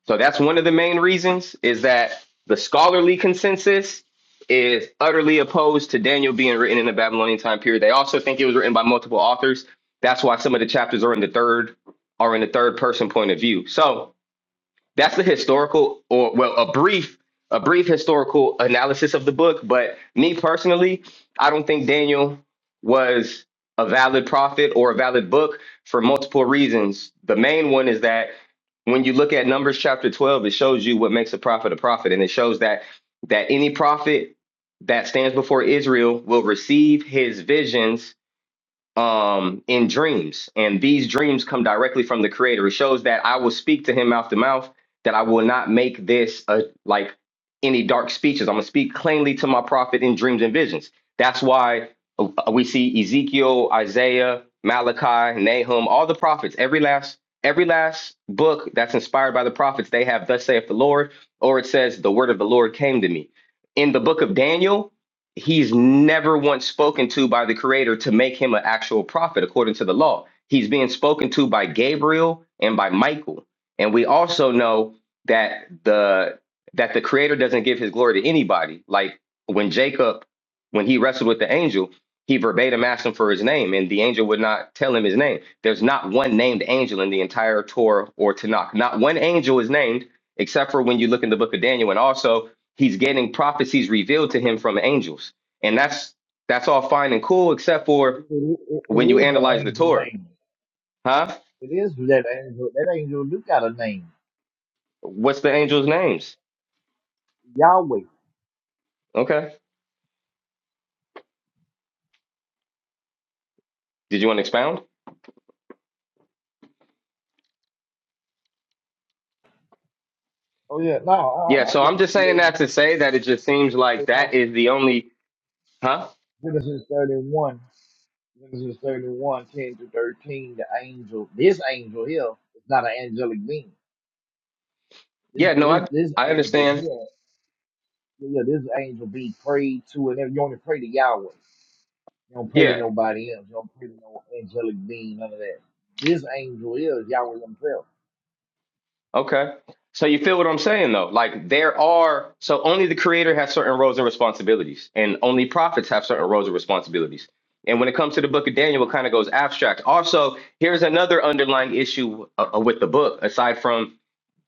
So that's one of the main reasons is that the scholarly consensus is utterly opposed to Daniel being written in the Babylonian time period. They also think it was written by multiple authors. That's why some of the chapters are in the third are in the third person point of view. So that's the historical or well a brief a brief historical analysis of the book but me personally i don't think daniel was a valid prophet or a valid book for multiple reasons the main one is that when you look at numbers chapter 12 it shows you what makes a prophet a prophet and it shows that that any prophet that stands before israel will receive his visions um, in dreams, and these dreams come directly from the Creator. It shows that I will speak to Him mouth to mouth. That I will not make this a, like any dark speeches. I'm gonna speak plainly to my prophet in dreams and visions. That's why uh, we see Ezekiel, Isaiah, Malachi, Nahum, all the prophets. Every last every last book that's inspired by the prophets, they have "Thus saith the Lord," or it says, "The word of the Lord came to me." In the book of Daniel, he's never once spoken to by the creator to make him an actual prophet according to the law he's being spoken to by gabriel and by michael and we also know that the that the creator doesn't give his glory to anybody like when jacob when he wrestled with the angel he verbatim asked him for his name and the angel would not tell him his name there's not one named angel in the entire torah or tanakh not one angel is named except for when you look in the book of daniel and also He's getting prophecies revealed to him from angels. And that's that's all fine and cool, except for
It, it, it it
when you
is the
analyze the
angel
Torah.
name.
Huh?
It is that angel. That angel do got a name.
What's the angels' names?
Yahweh.
Okay. Did you want to expound?
Oh yeah, no,
Yeah,
uh, I
so
just
I'm just
told you
saying
his
that to say
name.
that it just seems like
thirty-one.
that is the only huh?
Genesis 31. Genesis 31, 10 to 13. The angel, this angel here is not an angelic being. This
Yeah, no,
this
I
this
I
angel
understand.
here. yeah, yeah, this angel be prayed to, and every- you only pray to Yahweh. You don't pray to
Yeah.
nobody else. You don't pray to no angelic being, none of that. This angel is Yahweh himself.
Okay. So you feel what I'm saying though? Like there are so only the creator has certain roles and responsibilities, and only prophets have certain roles and responsibilities. And when it comes to the book of Daniel, it kind of goes abstract. Also, here's another underlying issue uh, uh, with the book, aside from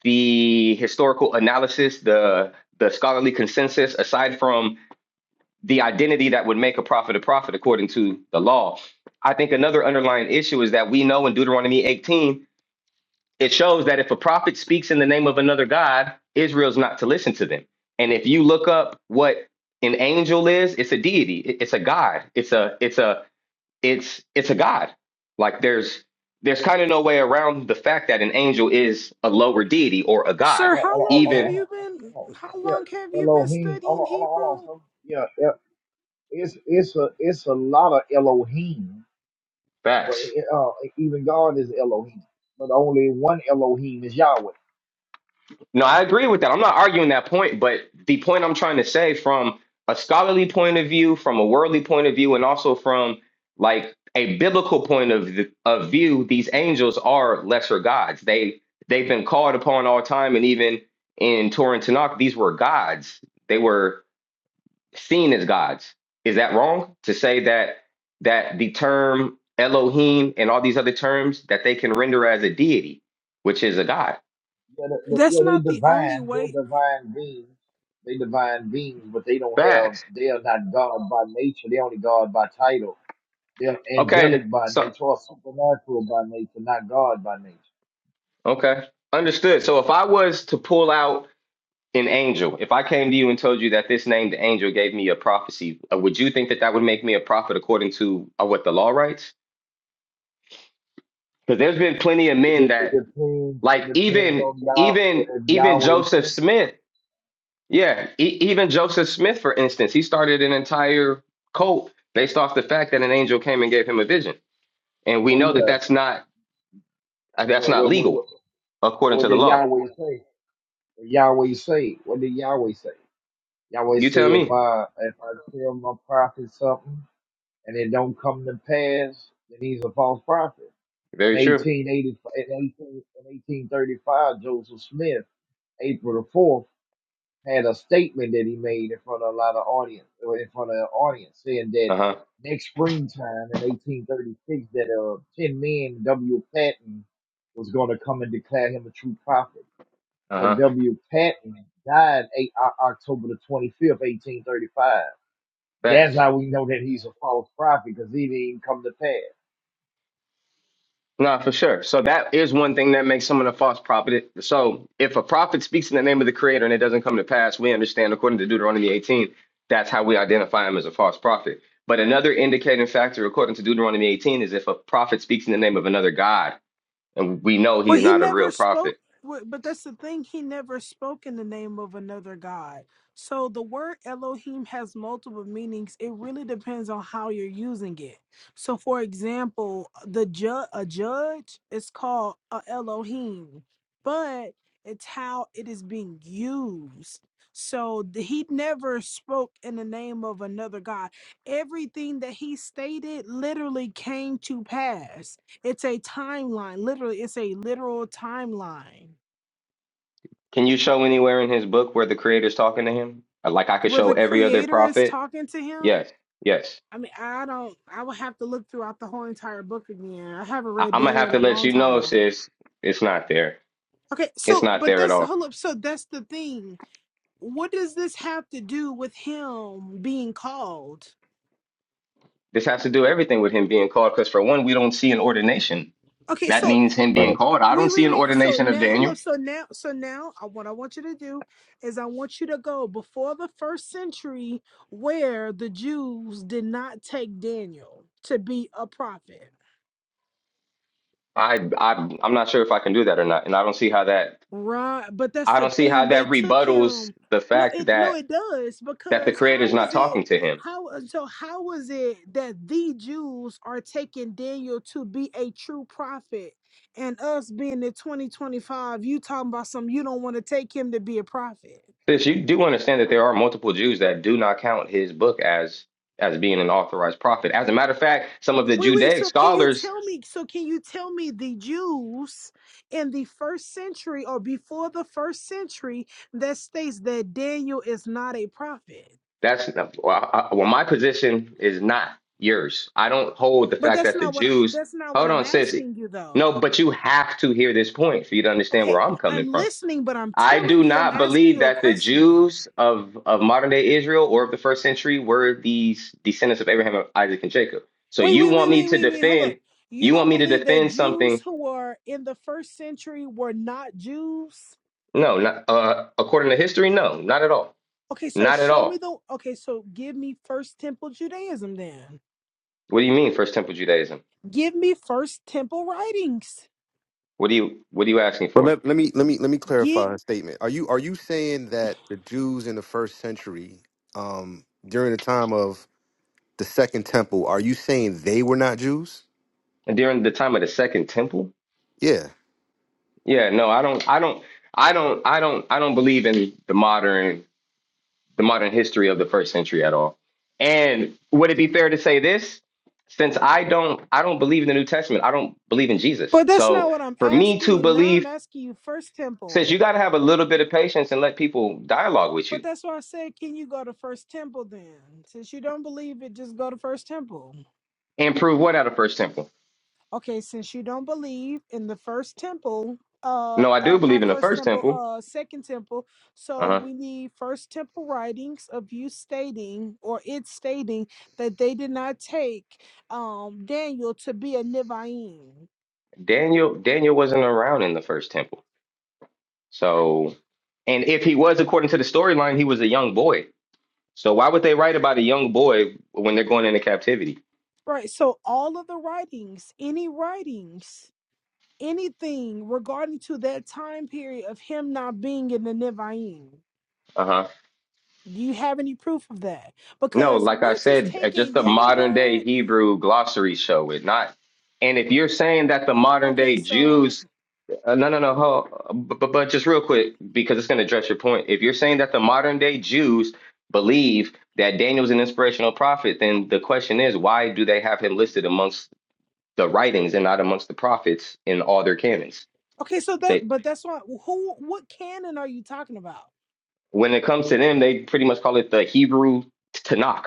the historical analysis, the the scholarly consensus, aside from the identity that would make a prophet a prophet according to the law. I think another underlying issue is that we know in Deuteronomy 18 it shows that if a prophet speaks in the name of another god, Israel's not to listen to them. And if you look up what an angel is, it's a deity. It- It's a god. It's a it's a it's it's a god. Like there's there's kind of no way around the fact that an angel is a lower deity or a god.
Hold
Sir,
on,
how
hold on, hold
long
on,
have
Even
hold
you
on,
been
hold on.
how long have
Yeah,
you been
Elohim. Hold
studying
on, hold on, hold on.
Hebrew?
Son. Yeah, yeah, it's it's a it's a lot of Elohim. But
facts.
it, uh, even God is Elohim, but only one Elohim is Yahweh.
No, I agree with that. I'm not arguing that point, but the point I'm trying to say from a scholarly point of view, from a worldly point of view, and also from like a biblical point of the, of view, these angels are lesser gods. They they've been called upon all time, and even in Torah and Tanakh, these were gods. They were seen as gods. Is that wrong to say that that the term Elohim and all these other terms that they can render as a deity, which is a god?
Yeah, they, they-
That's
yeah, they
not the only
divine. They're
way
divine beings. They divine beings, but they don't have.
Facts.
They are not God by nature. They only God by title. They're
Okay,
angelic by
so
nature or supernatural by nature, not God by nature.
Okay. Understood. So if I was to pull out an angel, if I came to you and told you that this name, the angel gave me a prophecy, uh, would you think that that would make me a prophet according to uh, what the law writes? Because there's
It,
been plenty of
it,
men
it
that,
depends. It
like
depends
even
on Yah.
even
If
even
Yahweh
Joseph
says,
Smith, yeah, e- even Joseph Smith, for instance, he started an entire cult based off the fact that an angel came and gave him a vision, and we
"Oh
know that that's
yeah,"
not uh, that's
what
not
what what,
legal
what,
according
what
to the
did
law.
Yahweh say? What Yahweh say? What did Yahweh say? Yahweh
You
say,
tell
"If
me.
I if I tell my prophet something." and it don't come to pass, then he's a false prophet.
Very
In
true.
1880, in 18, in 1835, Joseph Smith, April the 4th, had a statement that he made in front of a lot of audience, or in front of an audience, saying that
Uh huh.
next springtime in 1836, that uh, 10 men, W. Patton, was going to come and declare him a true prophet.
Uh
But
huh.
W. Patton died eight, O- October the 25th, 1835. That's
Facts.
how we know that he's a false prophet because he didn't even come to pass.
no, for sure. So that is one thing that makes someone a false prophet. So if a prophet speaks in the name of the creator and it doesn't come to pass, we understand according to Deuteronomy 18, that's how we identify him as a false prophet. But another indicating factor according to Deuteronomy 18 is if a prophet speaks in the name of another God and we know
Well,
he's
he
not a
never
real
spoke,
prophet.
w- but that's the thing. He never spoke in the name of another God. So the word Elohim has multiple meanings. It really depends on how you're using it. So, for example, the ju- a judge is called a Elohim, but it's how it is being used. So th- he never spoke in the name of another God. Everything that he stated literally came to pass it's a timeline. Literally, it's a literal timeline
Can you show anywhere in his book where the creator's talking to him? Like I could
where
show
the
every other
creator is
prophet?
talking to him.
Yes. Yes.
I mean, I don't, I would have to look throughout the whole entire book again. I haven't
I-
read
I'm gonna
Daniel
have
in
to
a
let
long
you know,
time.
sis. It's not there.
Okay,
It's
so,
not
but
there at
that's,
all.
hold up. So that's the thing. What does this have to do with him being called?
This has to do everything with him being called, because for one, we don't see an ordination.
Okay,
That
so
means him being
Right.
called. I don't
Wait,
see
wait,
an
wait. So
ordination of
now, hold up.
Daniel.
So now, so now, I, what I want you to do is I want you to go before the first century where the Jews did not take Daniel to be a prophet,
I, I I'm not sure if I can do that or not, and I don't see how that
right? But that's
I
the
don't see how
thing.
that
They took
rebuttals
him.
the
No,
fact
it no,
that
it does
that the
because how
creator's not
was
talking
it?
to him.
How uh, so? How was it that the Jews are taking Daniel to be a true prophet, and us being in twenty twenty five, you talking about some? You don't want to take him to be a prophet.
Sis, you do understand that there are multiple Jews that do not count his book as as being an authorized prophet. As a matter of fact, some of the
Wait, wait.
Judaic
So can you
scholars
tell me? So can you tell me the Jews in the first century or before the first century that states that Daniel is not a prophet?
That's not- well, I, well, my position is not yours. I don't hold the
But
fact
that's
that the
not what I,
Jews.
that's not what
Hold
I'm
on, sissy.
asking you though.
No, but you have to hear this point for you to understand where
Okay,
I'm
I'm
coming from.
listening, but I'm
I
telling
do
you, I'm
not
asking
believe
you a
that the
question.
Jews of of modern day Israel or of the first century were these descendants of Abraham, Isaac, and Jacob. So
Wait,
you
wait, wait,
want me
wait,
to
wait, wait. Hold
defend?
up. You
You want
don't
me to
believe that
defend
Jews
something?
who were in the first century were not Jews?
No, not uh, according to history. No, not at all.
Okay, so
Not at
show me
all.
the. Okay, so give me First Temple Judaism then.
What do you mean, First Temple Judaism?
Give me first temple writings.
What do you What are you asking
But
for?
let, let me let me let me
Get
clarify a statement. Are you are you saying that the Jews in the first century, um, during the time of the Second Temple, are you saying they were not Jews?
during the time of the second temple
Yeah,
yeah no i don't i don't i don't i don't i don't believe in the modern the modern history of the first century at all and would it be fair to say this since i don't i don't believe in the new testament i don't believe in jesus
but that's
so
not what I'm
for me
asking
to
you. Now I'm
believe
asking you first
since
temple.
you got to have a little bit of patience and let people dialogue with
But
you
that's why I said, can you go to first temple then? Since you don't believe it, just go to first temple.
and prove what out of first temple
Okay, since you don't believe in the first temple, uh,
no i
uh
do believe
not
in the
first
first
temple,
temple
uh second temple. So
uh-huh
we need first temple writings of you stating or it stating that they did not take um Daniel to be a Nivaim.
daniel daniel wasn't around in the first temple So, and if he was, according to the storyline, he was a young boy. So why would they write about a young boy when they're going into captivity?
Right. So all of the writings, any writings, anything regarding to that time period of him not being in the Nevi'im,
Uh huh.
do you have any proof of that?
No,
Because
like I
we're just
said, uh, just
taking
a
your
modern day
word.
Hebrew glossary show it not. And if you're saying that the modern
Okay,
day
so
Jews, uh, no, no, no, hold, but, but just real quick because it's going to address your point. If you're saying that the modern day Jews believe that Daniel's an inspirational prophet, then the question is, why do they have him listed amongst the writings and not amongst the prophets in all their canons?
okay, so that
They
but that's why who what canon are you talking about?
when it comes to them, they pretty much call it the Hebrew Tanakh.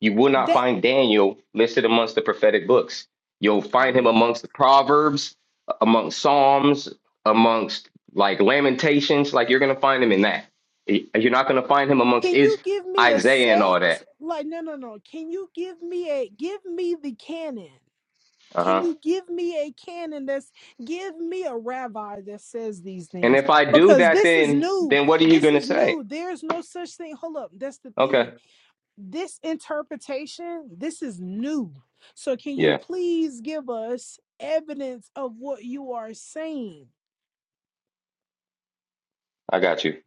You will not
That
find Daniel listed amongst the prophetic books. You'll find him amongst the Proverbs, amongst Psalms, amongst like Lamentations. Like you're gonna find him in that. Y- You're not gonna find him amongst
can you
is
give me a
Isaiah and all that.
sect? Like no no no. Can you give me a give me the canon?
Uh
Can
huh.
you give me a canon that's give me a rabbi that says these
And
things?
if I do
Because
that,
this is
then
new.
then what are you
This
gonna
is
say?
new. There's no such thing. Hold up. That's the
Okay.
thing. This interpretation, this is new. So can you
Yeah,
please give us evidence of what you are saying?
I got you.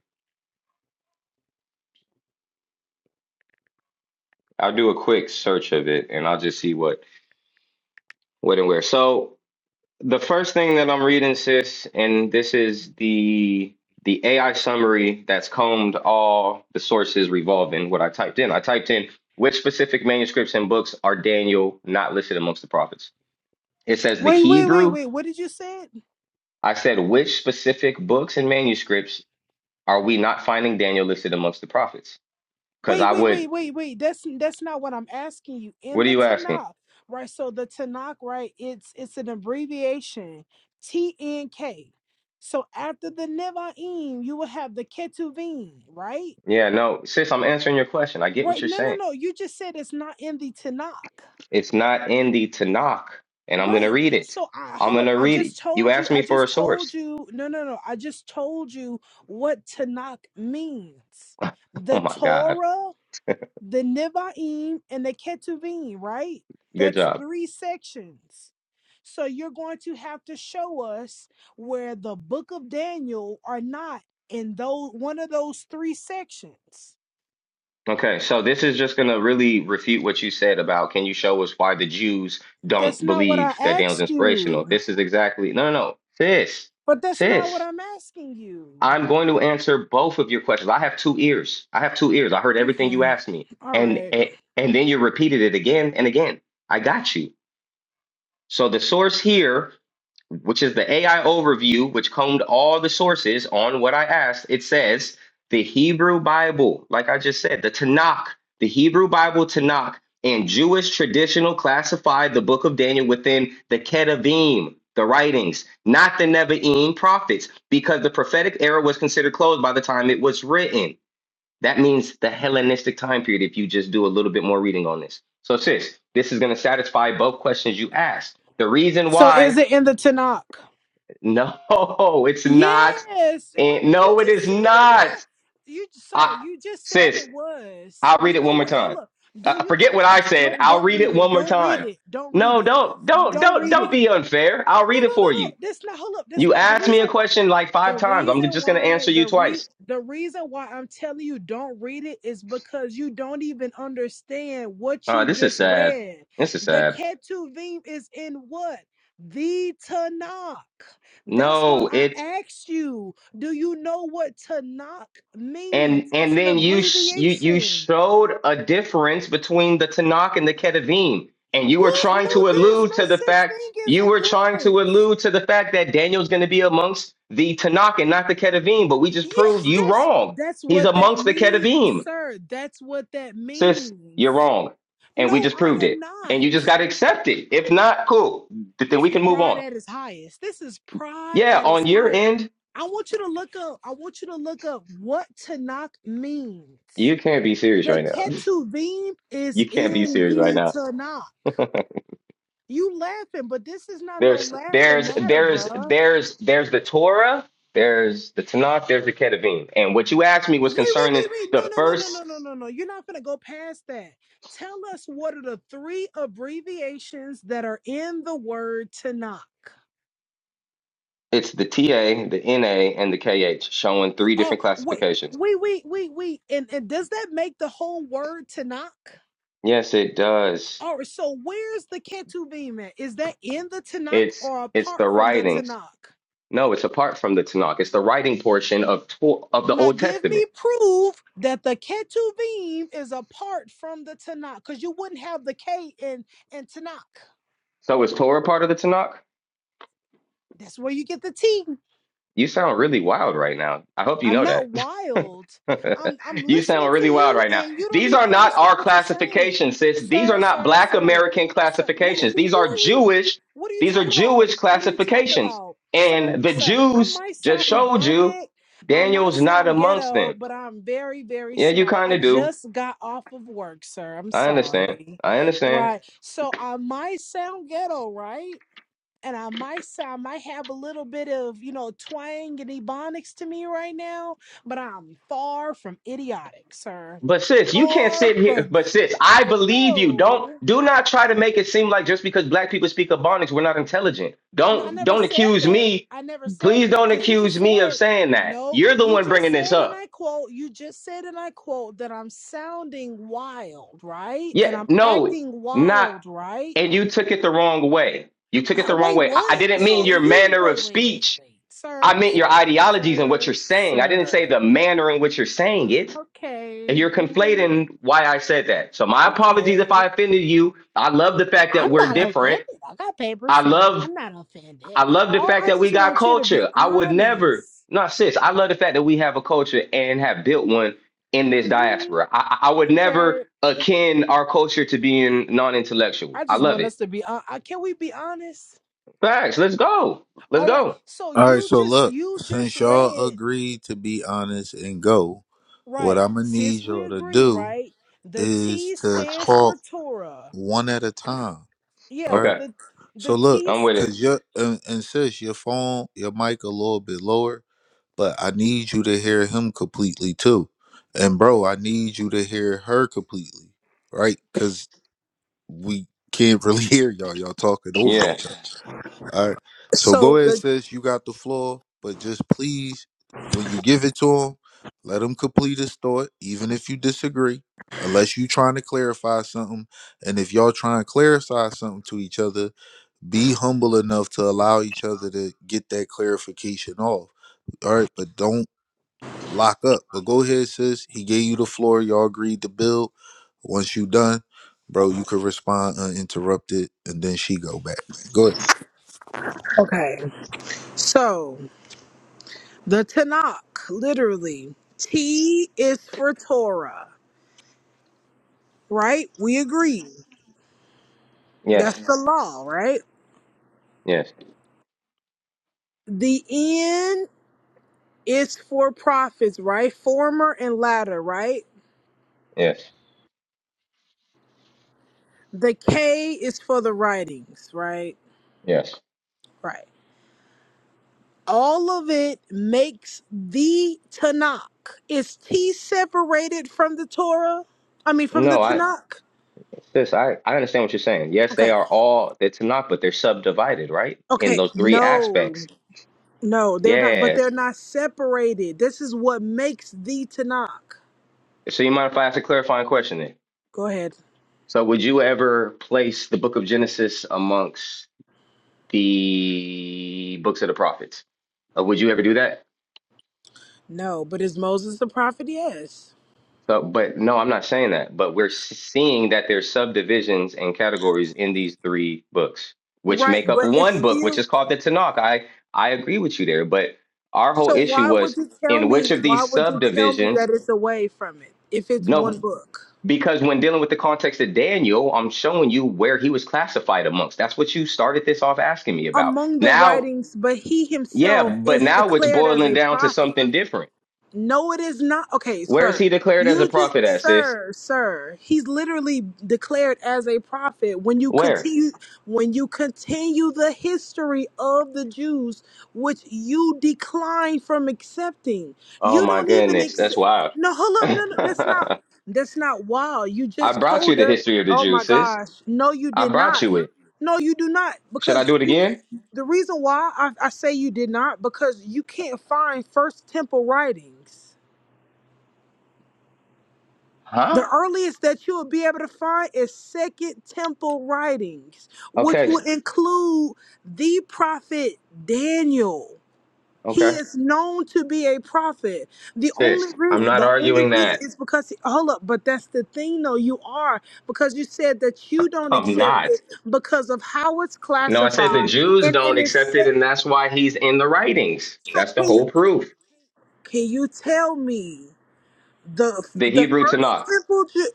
I'll do a quick search of it and I'll just see what what and where. So The first thing that I'm reading, sis, and this is the the AI summary that's combed all the sources revolving what I typed in. I typed in which specific manuscripts and books are Daniel not listed amongst the prophets. It says the
Wait, wait, wait,
Hebrew.
wait. What did you say?
I said which specific books and manuscripts are we not finding Daniel listed amongst the prophets? Because
Wait,
I
wait, wait,
would.
wait, wait. That's that's not what I'm asking you. In
What are
the
you asking?
Tanakh, right? So the Tanakh, right? It's it's an abbreviation, TNK. So after the Nevi'im, you will have the Ketuvim, right?
Yeah, no, sis, I'm answering your question. I get what
Right?
you're
No, no,
saying.
no. You just said it's not in the Tanakh,
It's not in the Tanakh, and I'm going to
right?
read it.
So I
I'm
hold
going
up.
to
I
read it.
just
You
told you.
asked
I
me for
just
a
told
source.
you. No, no, no. I just told you what Tanakh means. The
Oh my God.
Torah the Nevi'im and the Ketuvim, right?
Good
That's
job.
three sections. So you're going to have to show us where the book of Daniel are not in those one of those three sections.
Okay, so this is just going to really refute what you said about can you show us why the Jews
That's
don't
not what I
believe that Daniel's
asked
inspirational?
you.
This is exactly, no, no, no. Sis,
But that's not what
sis,
I'm asking you.
I'm going to answer both of your questions. I have two ears. I have two ears. I heard everything
Okay.
you asked me.
All
And,
right.
and, and then you repeated it again and again. I got you. So the source here which is the AI overview, which combed all the sources on what I asked, it says the Hebrew Bible, like I just said, the Tanakh, the Hebrew Bible Tanakh, and Jewish traditional classified the book of Daniel within the Ketuvim, the writings, not the Nevi'im prophets, because the prophetic era was considered closed by the time it was written. That means the Hellenistic time period, if you just do a little bit more reading on this. So, sis, this is going to satisfy both questions you asked. The reason
So
why
is it in the Tanakh?
no, it's not.
Yes, hold,
And
on. you
no, it
just
is
said it was.
not.
You, sir,
I,
you just said it
sis,
was.
I'll read
You
it one
know
more
what? Hold
time.
up. Do
Uh,
you?
forget what I
Hold up.
said.
Don't
I'll
don't
read
read
it
it.
one more
Don't read
time.
it. Don't read
No,
it.
don't,
You
don't,
Don't
don't,
read
don't
it.
be unfair. I'll
No,
read
no,
it for
no, no.
you.
That's not. Hold up. That's
You
not the
asked me a
reason
question like
the
five times. I'm
reason
just gonna
why
answer you
the re
twice.
the reason why I'm telling you don't read it is because you don't even understand what
Uh,
you
this is
just
sad.
read.
This is
The
sad.
Ketuvim is in what? The Tanakh. That's why
No,
I asked you, do you know what Tanakh
and
means? It's
and
an
then you sh- you you
abbreviation.
showed a difference between the Tanakh and the Ketuvim, and you were
What?
trying
No,
to
there's
allude
no
to the
such
fact
thing as
you
a
were trying
difference.
to allude to the fact that Daniel's going to be amongst the Tanakh and not the Ketuvim, but we just proved
Yeah,
you
that's
wrong.
that's
He's
what that
amongst the
means,
Ketuvim,
sir. That's what that
sis. You're
means.
wrong, and we
No,
just
I
proved
am
it,
not.
and you just got to accept it. If not, cool. Th- Then
This
we
is
can move
pride
on.
at its highest. This is pride
Yeah,
at its
on your
highest.
end,
I want you to look up. I want you to look up what Tanakh means.
you can't be serious
The
right now.
Ketuvim is
You can't be
in
serious right
the
now.
Tanakh. You laughing, but this is not no
There's
laughing
there's
matter,
there's
bruh.
there's there's the Torah, there's the Tanakh, there's the Ketuvim. And what you asked me was
Wait, wait, wait,
concerning
wait. No,
the
no, no, no,
first,
no, no, no, no. You're not gonna go past that. Tell us what are the three abbreviations that are in the word Tanakh.
it's the TA, the NA, and the KH, showing three
Oh,
different
wait,
classifications.
wait, wait, wait, wait. And and does that make the whole word Tanakh?
Yes, it does.
All right, so where's the Ketuvim at? Is that in the Tanakh
It's
or
it's the
apart from the
writings.
Tanakh?
No, it's apart from the Tanakh. It's the writing portion of Tor- of the
Now
Old
give me
Testament.
proof that the Ketuvim is apart from the Tanakh, because you wouldn't have the K in in Tanakh.
So is Torah part of the Tanakh?
That's where you get the T.
You sound really wild right now. I hope you
I'm
know that.
not wild. I'm I'm
you
listening
sound
to
really wild
you
right now.
and you don't
These are
even
not
understand
our
what you're saying.
classifications, sis. These
Sir,
are not
sir,
black
sir.
American
Sir, wh-
classifications.
who
These
who
are
are you?
Jewish,
What are you
these are
talking about?
Jewish
What are you talking
classifications.
about? Sir,
And the
sir. I
Jews
might
just
sound
showed you
ebonic, I might
Daniel's not
sound
amongst
ghetto,
them.
but I'm very very
Yeah, you
smart.
kind
I
of do.
just got off of work, sir. I'm
I understand.
sorry.
I understand.
Right. So I might sound ghetto, right? and I, might, sound might have a little bit of you know twang and ebonics to me right now, but I'm far from idiotic, sir.
But sis, you can't
Far
sit here.
from
But
it.
sis, I believe you. Don't
So
do not try to make it seem like just because black people speak Ebonics, we're not intelligent.
no, I
Don't
never
don't
said
accuse
that.
me.
I never said
Please
that
don't
because you just
accuse me of
said
saying that.
no.
You're the
You
one
just
bringing this
said, and
up.
I quote. You just said, and I quote, that I'm sounding wild, right? And
Yeah,
I'm
no,
acting
not.
wild, right?
And you took it the wrong way. You took
Uh,
it the wrong
wait,
way. I, I
what?
didn't mean
So
your
you
manner of
wait, wait, wait,
speech.
wait,
I
sir,
meant your
sir,
ideologies and what you're
sir,
saying. I didn't say the
sir.
manner in which you're saying it.
Okay.
And you're
mm,
conflating why I said that. So my apologies if
Okay.
I offended you. I love the fact that
I'm
we're
not
different.
offended. I got paper
I
saying
love
I'm not offended.
I love the
All
fact
I
that we
just
got
want you to be
culture. I would never
honest.
not sis. I love the fact that we have a culture and have built one in this
hmm
diaspora. I, I I would never
Okay.
akin our culture to being non-intellectual.
I
I
just
love
want us
it.
to be on. Can we be honest?
Facts. Let's go. Let's
All right.
go.
So
All right,
you
so
just
look,
you just
since y'all
read
agreed to be honest and go, what
right.
I'm gonna
Since
need
we
y'all to
agree,
do
right? The
is
T
to
stands for
talk
Torah.
one at a time.
Yeah.
All right.
Okay.
The
So
the
look,
T
I'm with
cause
it.
your and, and sis, your phone, your mic a little bit lower, but I need you to hear him completely too, and bro, I need you to hear her completely, right? Cause we can't really hear y'all. Y'all talking over
Yeah.
each other. All right. So go
So
ahead,
the
says you got the floor, but just please, when you give it to him, let him complete his thought, even if you disagree, unless you trying to clarify something. And if y'all trying to clarify something to each other, be humble enough to allow each other to get that clarification off. All right, but don't lock up. But go ahead, sis. He gave you the floor. Y'all agreed to build. Once you done, bro, you could respond uninterrupted, and then she go back. Go
Okay. so The Tanakh, literally. T is for Torah, right? We agree.
Yes.
That's the law, right?
Yes.
The N is for prophets, right? Former and latter, right?
Yes.
The K is for the writings, right?
Yes.
Right. All of it makes the Tanakh. Is T separated from the Torah? I mean, from the
No. I.
Tanakh?
Sis, I, I understand what you're saying. Yes, they
Okay.
are all it's not, but they're subdivided, right? In
Okay.
those three
No.
aspects.
No, they're not, but they're
Yes.
not separated. This is what makes the Tanakh.
So you mind if I ask a clarifying question then?
Go ahead.
So would you ever place the book of Genesis amongst the books of the prophets? Uh, would you ever do that?
No, but is Moses the prophet? Yes.
So, but no, I'm not saying that. But we're s- seeing that there's subdivisions and categories in these three books, which
Right,
make up
but it's
one book, which
still.
is called the Tanakh. I I agree with you there, but our whole
So
issue
why
was
would you tell
in which
me?
of
Why
these
would you tell me
subdivisions.
that it's away from it if it's one
No,
book
because when dealing with the context of Daniel, I'm showing you where he was classified amongst. That's what you started this off asking me about.
among the
Now,
writings? But he
yeah,
himself
but
is
now it's
declared as
boiling
a
down to
prophet.
something different.
No, it is not. Okay,
Where is
sir.
he declared as a
You just,
prophet at, sis?
sir, sir. He's literally declared as a prophet. When you
Where?
continue, when you continue the history of the Jews, which you decline from accepting,
Oh
you
my
don't even
goodness, that's
accept.
wild.
No, hold up. No, no, that's not.
I
That's not wow. You just
brought you
told
the
her.
history of the
Oh my
Jews, sis.
gosh. No, you
I
did
brought
not.
you it.
No, you do not.
Should I do
Because
it
you
again?
the reason why I, I say you did not, because you can't find First Temple writings. The
Huh?
earliest that you will be able to find is Second Temple writings, which
Okay,
will include the prophet Daniel. He
okay,
is known to be a prophet. The only
sis.
reason,
I'm not
the only
arguing
reason
that.
is because he, hold up, but that's the thing though. You are because you said that you don't
I'm
accept it
not.
because of how it's
No, I said the
classified,
Jews
and it
don't
is
accept it,
set.
and that's why he's in the writings.
So
That's the
can you?
whole proof.
Can you tell me the
The
the
Hebrew
first
Tanakh.
simple? Ju-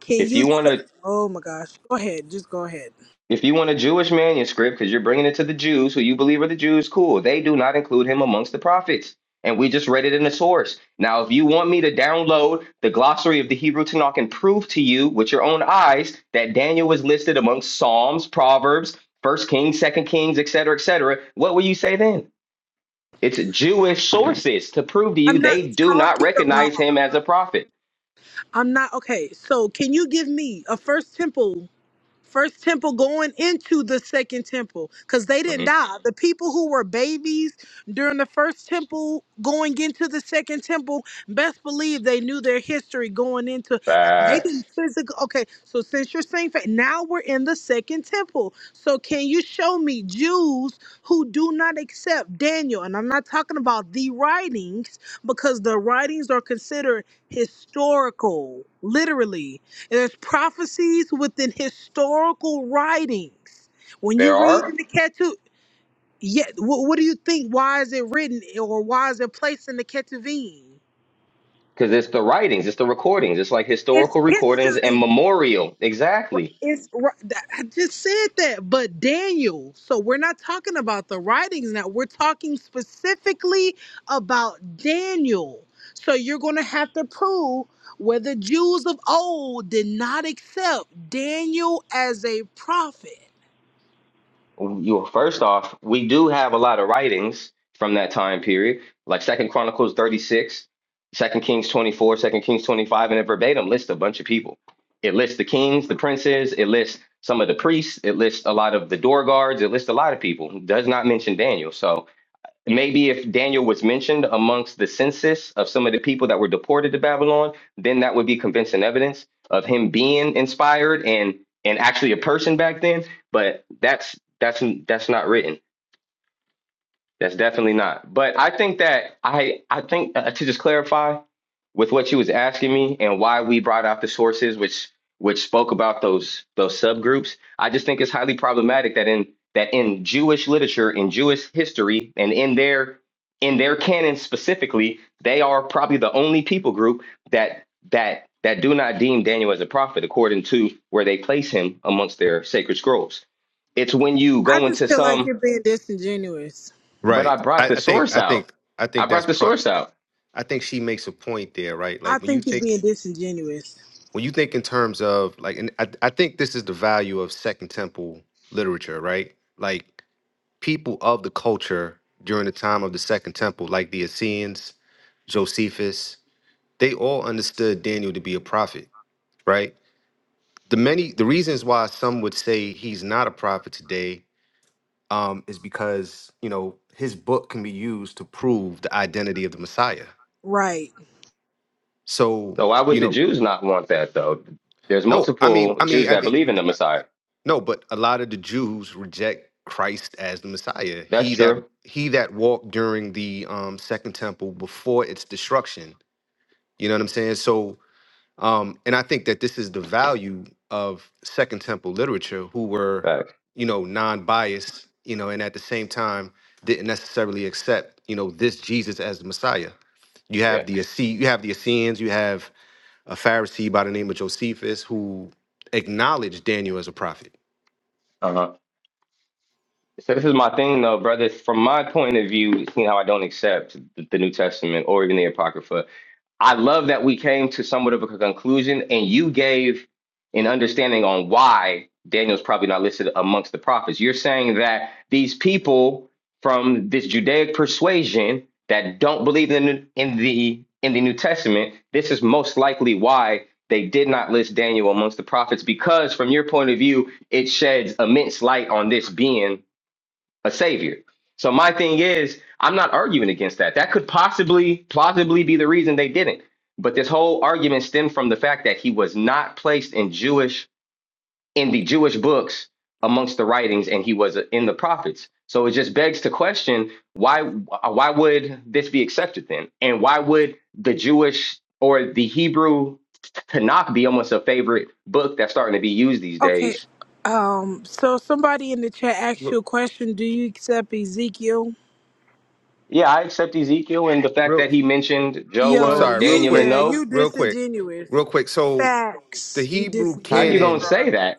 can
If
you?
you
T-
want to
oh my gosh! Go ahead, just go ahead.
If you want a Jewish manuscript, because you're bringing it to the Jews who you believe are the Jews, cool. They do not include him amongst the prophets. And we just read it in the source. Now, if you want me to download the glossary of the Hebrew Tanakh and prove to you with your own eyes that Daniel was listed amongst Psalms, Proverbs, First Kings, Second Kings, et cetera, et cetera, what will you say then? It's Jewish sources to prove to you
I'm not
they do not
talking about.
recognize him as a prophet.
I'm not okay. So can you give me a first simple? First temple going into the second temple because they didn't
Mhm.
die. The people who were babies during the first temple going into the second temple, best believe they knew their history going into. They
Facts.
didn't physically. Okay, so since you're saying fa- now we're in the second temple, so can you show me Jews who do not accept Daniel? And I'm not talking about the writings because the writings are considered historical, literally there's prophecies within historical writings. When
There
you read
are
in the Ketuvim, yeah, what, what do you think? Why is it written or why is it placed in the Ketuvim?
because it's the writings, it's the recordings, it's like
It's
historical recordings and
history.
memorial. Exactly.
It's ri- that- I just said that, but Daniel. So we're not talking about the writings now. We're talking specifically about Daniel. So you're going to have to prove whether Jews of old did not accept Daniel as a prophet.
You first off, we do have a lot of writings from that time period, like Second Chronicles 36, Second Kings 24, Second Kings 25, and it verbatim lists a bunch of people. It lists the kings, the princes, it lists some of the priests, it lists a lot of the door guards, it lists a lot of people. It does not mention Daniel. So maybe if Daniel was mentioned amongst the census of some of the people that were deported to Babylon, then that would be convincing evidence of him being inspired and and actually a person back then. But that's that's that's not written. That's definitely not. But I think that I I think uh, to just clarify with what you was asking me and why we brought out the sources which which spoke about those those subgroups. I just think it's highly problematic that in that in Jewish literature, in Jewish history, and in their in their canon specifically, they are probably the only people group that that that do not deem Daniel as a prophet according to where they place him amongst their sacred scrolls. It's when you
I
go
just
into
feel like
some
you're being disingenuous.
but I
right.
brought
I,
the
I think
source
I
out.
think I
I
think that's
brought the
pro.
source out.
I think she makes a point there, right? Like
I
when you
think you're
think
being disingenuous.
when you think in terms of like and I, I think this is the value of second temple literature right like people of the culture during the time of the second temple like the essenes josephus they all understood daniel to be a prophet right the many the reasons why some would say he's not a prophet today um, is because you know his book can be used to prove the identity of the messiah
Right.
so
So why
you
would the
know
Jews not want that though? There's
no i mean
multiple
i mean
Jews
i
that believe in
mean
the Messiah.
No, but a lot of the Jews reject Christ as the Messiah.
That's
He that
true.
he that walked during the um, second temple before its destruction. You know what I'm saying? So, um, and I think that this is the value of second temple literature, who were,
Facts.
you know, non-biased, you know, and at the same time didn't necessarily accept, you know, this Jesus as the Messiah. You have
Yeah.
the Essene- you have the Essenes, you have a Pharisee by the name of Josephus who acknowledged Daniel as a prophet.
Uh huh. So this is my thing though, brother. From my point of view, seeing how I don't accept the the New Testament or even the Apocrypha, I love that we came to somewhat of a conclusion and you gave an understanding on why Daniel's probably not listed amongst the prophets. You're saying that these people from this Judaic persuasion that don't believe in, in the in the New Testament, this is most likely why they did not list Daniel amongst the prophets because from your point of view, it sheds immense light on this being a savior. So my thing is, I'm not arguing against that. That could possibly, plausibly be the reason they didn't. But this whole argument stemmed from the fact that he was not placed in Jewish in the Jewish books amongst the writings, and he was uh, in the prophets. So it just begs to question why uh, why would this be accepted then, and why would the Jewish or the Hebrew Tanakh be almost a favorite book that's starting to be used these
Okay.
days
Um, so somebody in the chat asked
Real,
you a question, do you accept Ezekiel?
Yeah, I accept Ezekiel and the fact
real
that he mentioned
I'm
Yo,
Joah,
sorry, real
you
Daniel, and
quick,
yeah,
Nob.
you
real quick, real
disingenuous.
quick. So the
Facts. You
Hebrew
How you
disingenuous,
gonna
canon,
bro.
say that?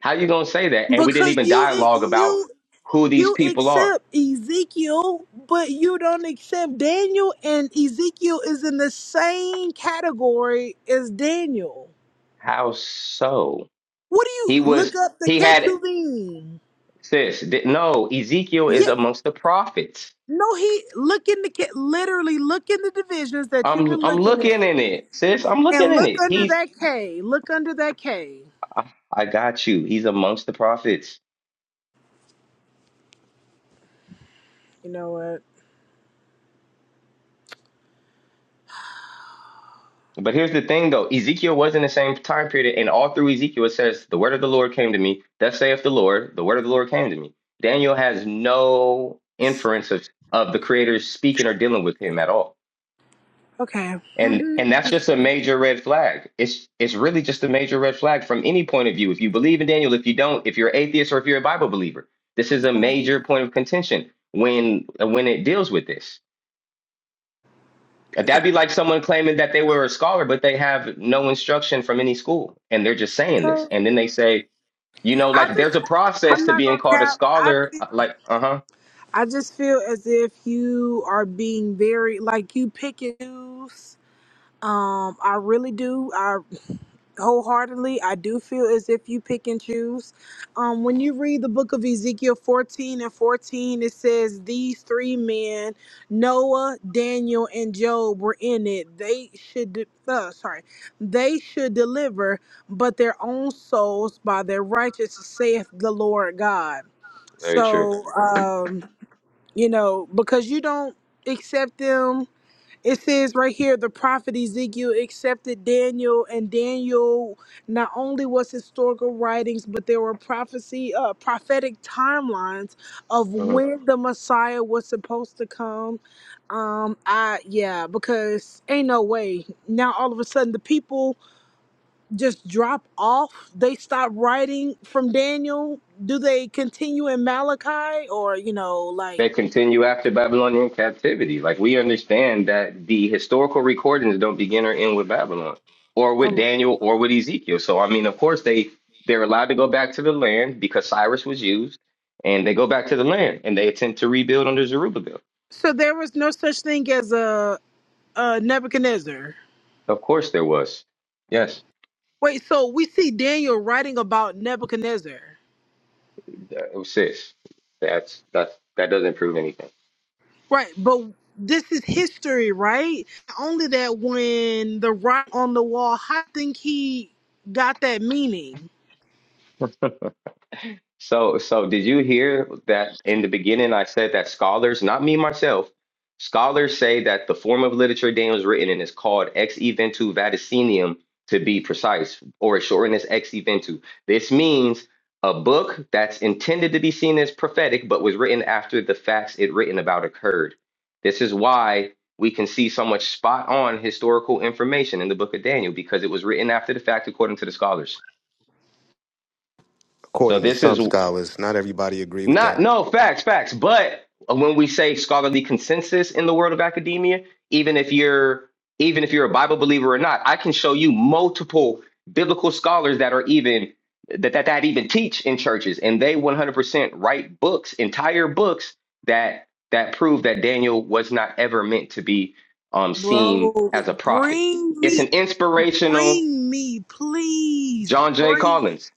How you gonna say that? And we didn't
Because
even
you e,
dialogue about
you
who these
you
people are.
accept Ezekiel, but you don't accept Daniel and Ezekiel is in the same category as Daniel.
How so?
What do you
He
look
was
up the
he had
Ketuvim?
sis. di- No, Ezekiel is
Yeah,
amongst the prophets.
no, he look in the Ke- literally look in the divisions that you were
I'm I'm
looking at,
looking in it, sis. I'm looking
and
in
look
it.
under
He's
that K. Look under that K.
I got you. He's amongst the prophets.
You know what?
But here's the thing though, Ezekiel was in the same time period, and all through Ezekiel it says, The word of the Lord came to me, thus saith the Lord, the word of the Lord came to me. Daniel has no
It's-
inference of, of the creator speaking or dealing with him at all.
Okay.
And
hmm
and that's just a major red flag. It's it's really just a major red flag from any point of view. If you believe in Daniel, if you don't, if you're atheist or if you're a Bible believer, this is a major point of contention when when it deals with this.
Okay.
That'd be like someone claiming that they were a scholar, but they have no instruction from any school, and they're just saying this.
Okay.
And then they say, you know,
I
like there's
just,
a process
I'm
to
not
being
gonna
called a
cap. I,
scholar.
fe-
Like, uh huh,
I just feel as if you are being very like you pick and choose. Um, I really do. I. wholeheartedly. I do feel as if you pick and choose. Um, when you read the book of Ezekiel 14 and 14, it says these three men, Noah, Daniel, and Job, were in it. They should, de- uh, sorry, they should deliver, but their own souls by their righteousness, saith the Lord God.
very true.
So, um, you know, because you don't accept them it says right here the prophet Ezekiel accepted Daniel, and Daniel not only was historical writings, but there were prophecy, uh, prophetic timelines of
Uh-huh.
when the Messiah was supposed to come. Um, I yeah, because ain't no way now all of a sudden the people just drop off. They stop writing from Daniel. Do they continue in Malachi or you know like
They continue after Babylonian captivity. Like we understand that the historical recordings don't begin or end with Babylon, or with
um?
Daniel, or with Ezekiel. So I mean, of course they they're allowed to go back to the land because Cyrus was used, and they go back to the land and they attempt to rebuild under Zerubbabel.
So there was no such thing as a uh, Nebuchadnezzar.
Of course there was. Yes.
Wait, so we see Daniel writing about Nebuchadnezzar,
uh, it was sis, that's that's that doesn't prove anything.
right? But this is history, right? Only that when the writing on the wall, I think he got that meaning,
So, so did you hear that in the beginning I said that scholars, not me myself, scholars say that the form of literature Daniel was written in is called ex eventu vaticinium to be precise, or it's shortened as ex eventu. This means a book that's intended to be seen as prophetic, but was written after the facts it written about occurred. This is why we can see so much spot on historical information in the book of Daniel because it was written after the fact according to the scholars. So
according to
this
some
is
scholars, not everybody agree with that.
Not no facts, facts. But when we say scholarly consensus in the world of academia, even if you're even if you're a Bible believer or not, I can show you multiple biblical scholars that are even that that, that even teach in churches, and they 100% write books, entire books that that prove that Daniel was not ever meant to be um, seen
bro.
as a prophet.
Bring
It's
me,
an inspirational
bring me, please,
John J.
bring.
Collins.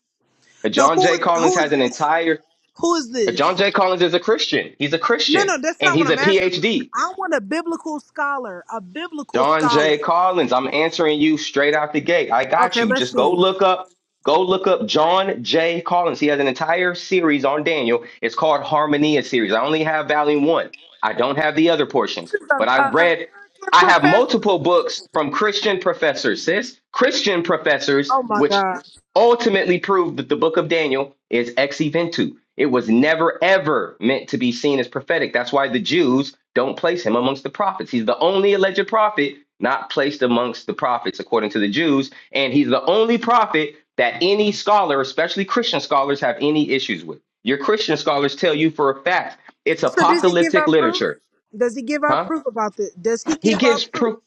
No,
John
who
J.
is
Collins
who
has
is
an
this?
entire
Who is
John
this?
J. Collins is a Christian. He's a
No,
Christian
no, that's
and
not what
he's
I'm
a
asking.
PhD.
I want a biblical scholar, a biblical
John J.
scholar.
Collins, I'm answering you straight out the gate. I got
Okay,
you.
let's
Just go
see.
look up, go look up John J. Collins. He has an entire series on Daniel. It's called Harmonia series. I only have volume one. I don't have the other portions,
This is an
but I read,
American
I have
professor.
multiple books from Christian professors, sis. Christian professors,
Oh my
which
God.
ultimately proved that the book of Daniel is ex eventu. It was never ever meant to be seen as prophetic. That's why the Jews don't place him amongst the prophets. He's the only alleged prophet not placed amongst the prophets, according to the Jews. And he's the only prophet that any scholar, especially Christian scholars, have any issues with. Your Christian scholars tell you for a fact it's
So does he give
apocalyptic
out proof?
literature,
Does he give out
huh?
proof about this? Does he
He
give out
gives
proof?
proof.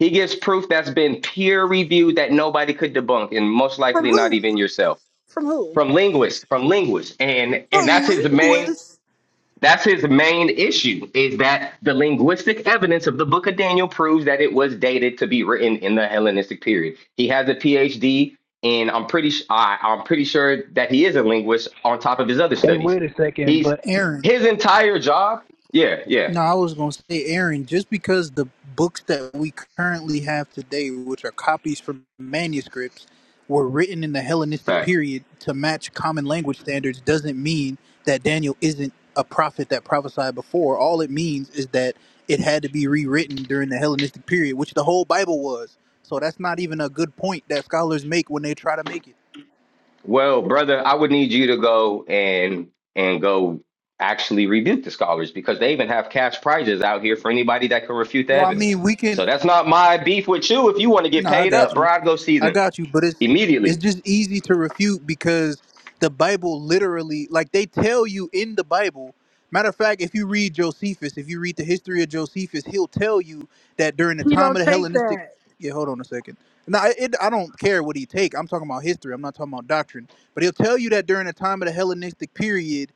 He gives proof that's been peer reviewed that nobody could debunk, and most
From
likely not
who?
even yourself
From who?
from linguists, from linguists, and and
From
that's his main
linguists.
that's his main issue is that the linguistic evidence of the Book of Daniel proves that it was dated to be written in the Hellenistic period. He has a PhD, and I'm pretty s- I, am pretty sure that he is a linguist on top of his other
Hey,
studies.
wait a second,
He's
but Aaron.
his entire job. Yeah,
No,
yeah,
I was gonna say Aaron. Just because the books that we currently have today, which are copies from manuscripts, were written in the Hellenistic period to match common language standards, doesn't mean that Daniel isn't a prophet that prophesied before. All it means is that it had to be rewritten during the Hellenistic period, which the whole Bible was. So that's not even a good point that scholars make when they try to make it.
Well, brother, I would need you to go and and go actually rebuke the scholars because they even have cash prizes out here for anybody that can refute the
No, I
evidence.
mean we can.
So that's not my beef with you. If you want to get
No, I
paid up,
got
bro,
you.
I'd go see
I
them
got you, but it's it's
immediately.
just easy to refute because the Bible literally like they tell you in the Bible. Matter of fact, if you read Josephus, if you read the history of Josephus, he'll tell you that during the
He
time of
don't
the
take
Hellenistic
that.
Yeah, hold on a second. No, I- it, I don't care what he take. I'm talking about history. I'm not talking about doctrine. But he'll tell you that during the time of the Hellenistic period,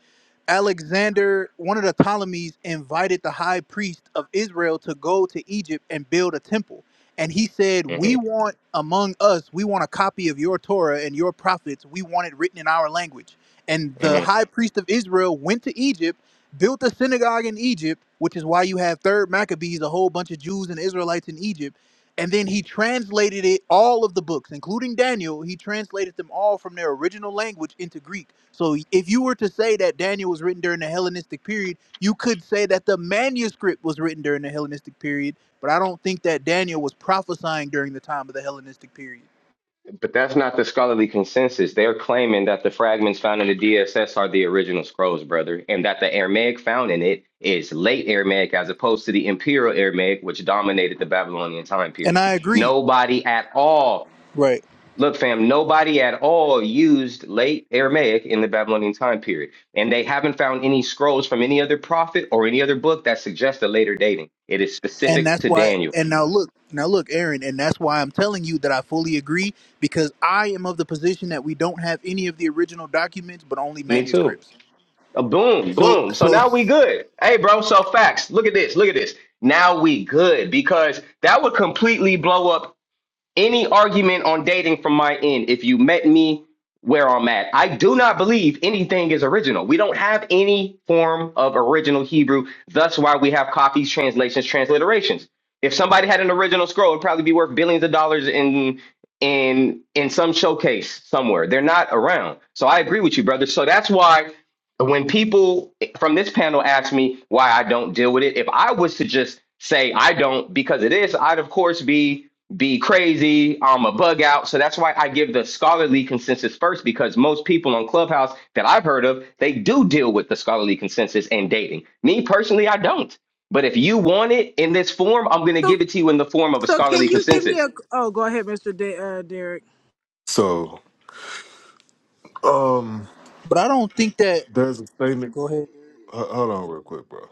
Alexander, one of the Ptolemies, invited the high priest of Israel to go to Egypt and build a temple and he said, We
hmm
want among us, we want a copy of your Torah and your prophets. We want it written in our language. And the
hmm
high priest of Israel went to Egypt, built a synagogue in Egypt, which is why you have third Maccabees, a whole bunch of Jews and Israelites in Egypt. And then he translated it, all of the books, including Daniel, he translated them all from their original language into Greek. So if you were to say that Daniel was written during the Hellenistic period, you could say that the manuscript was written during the Hellenistic period but I don't think that Daniel was prophesying during the time of the Hellenistic period.
But that's not the scholarly consensus. They're claiming that the fragments found in the DSS are the original scrolls, brother, and that the Aramaic found in it is late Aramaic as opposed to the Imperial Aramaic, which dominated the Babylonian time
And
period.
I agree.
Nobody at all
Right.
Look, fam, nobody at all used late Aramaic in the Babylonian time period, and they haven't found any scrolls from any other prophet or any other book that suggests a later dating. It is
And
specific
that's
to
why
Daniel.
and now look, now look, Aaron, and that's why I'm telling you that I fully agree because I am of the position that we don't have any of the original documents but only
Me too.
manuscripts.
Uh, boom,
So
boom. So
so
now we good. Hey, bro, so facts. Look at this. Look at this. Now we good because that would completely blow up any argument on dating from my end if you met me where I'm at. I do not believe anything is original. We don't have any form of original Hebrew. That's why we have copies, translations, transliterations. If somebody had an original scroll, it'd probably be worth billions of dollars in in in some showcase somewhere. They're not around. So I agree with you, brother. So that's why when people from this panel ask me why I don't deal with it, if I was to just say I don't because it is, I'd of course be be crazy. I'm a bug out. So that's why I give the scholarly consensus first because most people on Clubhouse that I've heard of, they do deal with the scholarly consensus and dating. Me personally, I don't. But if you want it in this form, I'm going to
So
give it to you in the form of a
so can
scholarly
you give me
consensus.
a oh go ahead, Mr. De- uh, Derek.
So, um,
but I don't think that
there's a statement.
Go ahead.
h- Hold on, real quick, bro.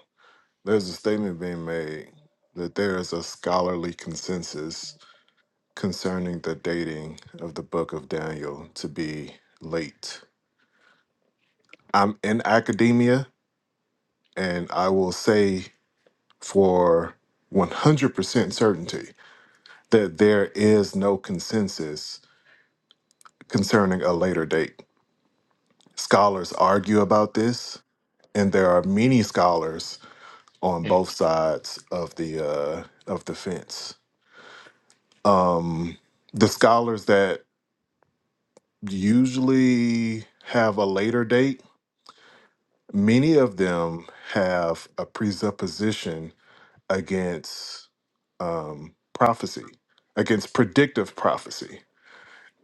There's a statement being made that there is a scholarly consensus concerning the dating of the Book of Daniel to be late. I'm in academia, and I will say for 100% certainty that there is no consensus concerning a later date. Scholars argue about this, and there are many scholars on both sides of the uh, of the fence. Um, the scholars that usually have a later date, many of them have a presupposition against um, prophecy, against predictive prophecy,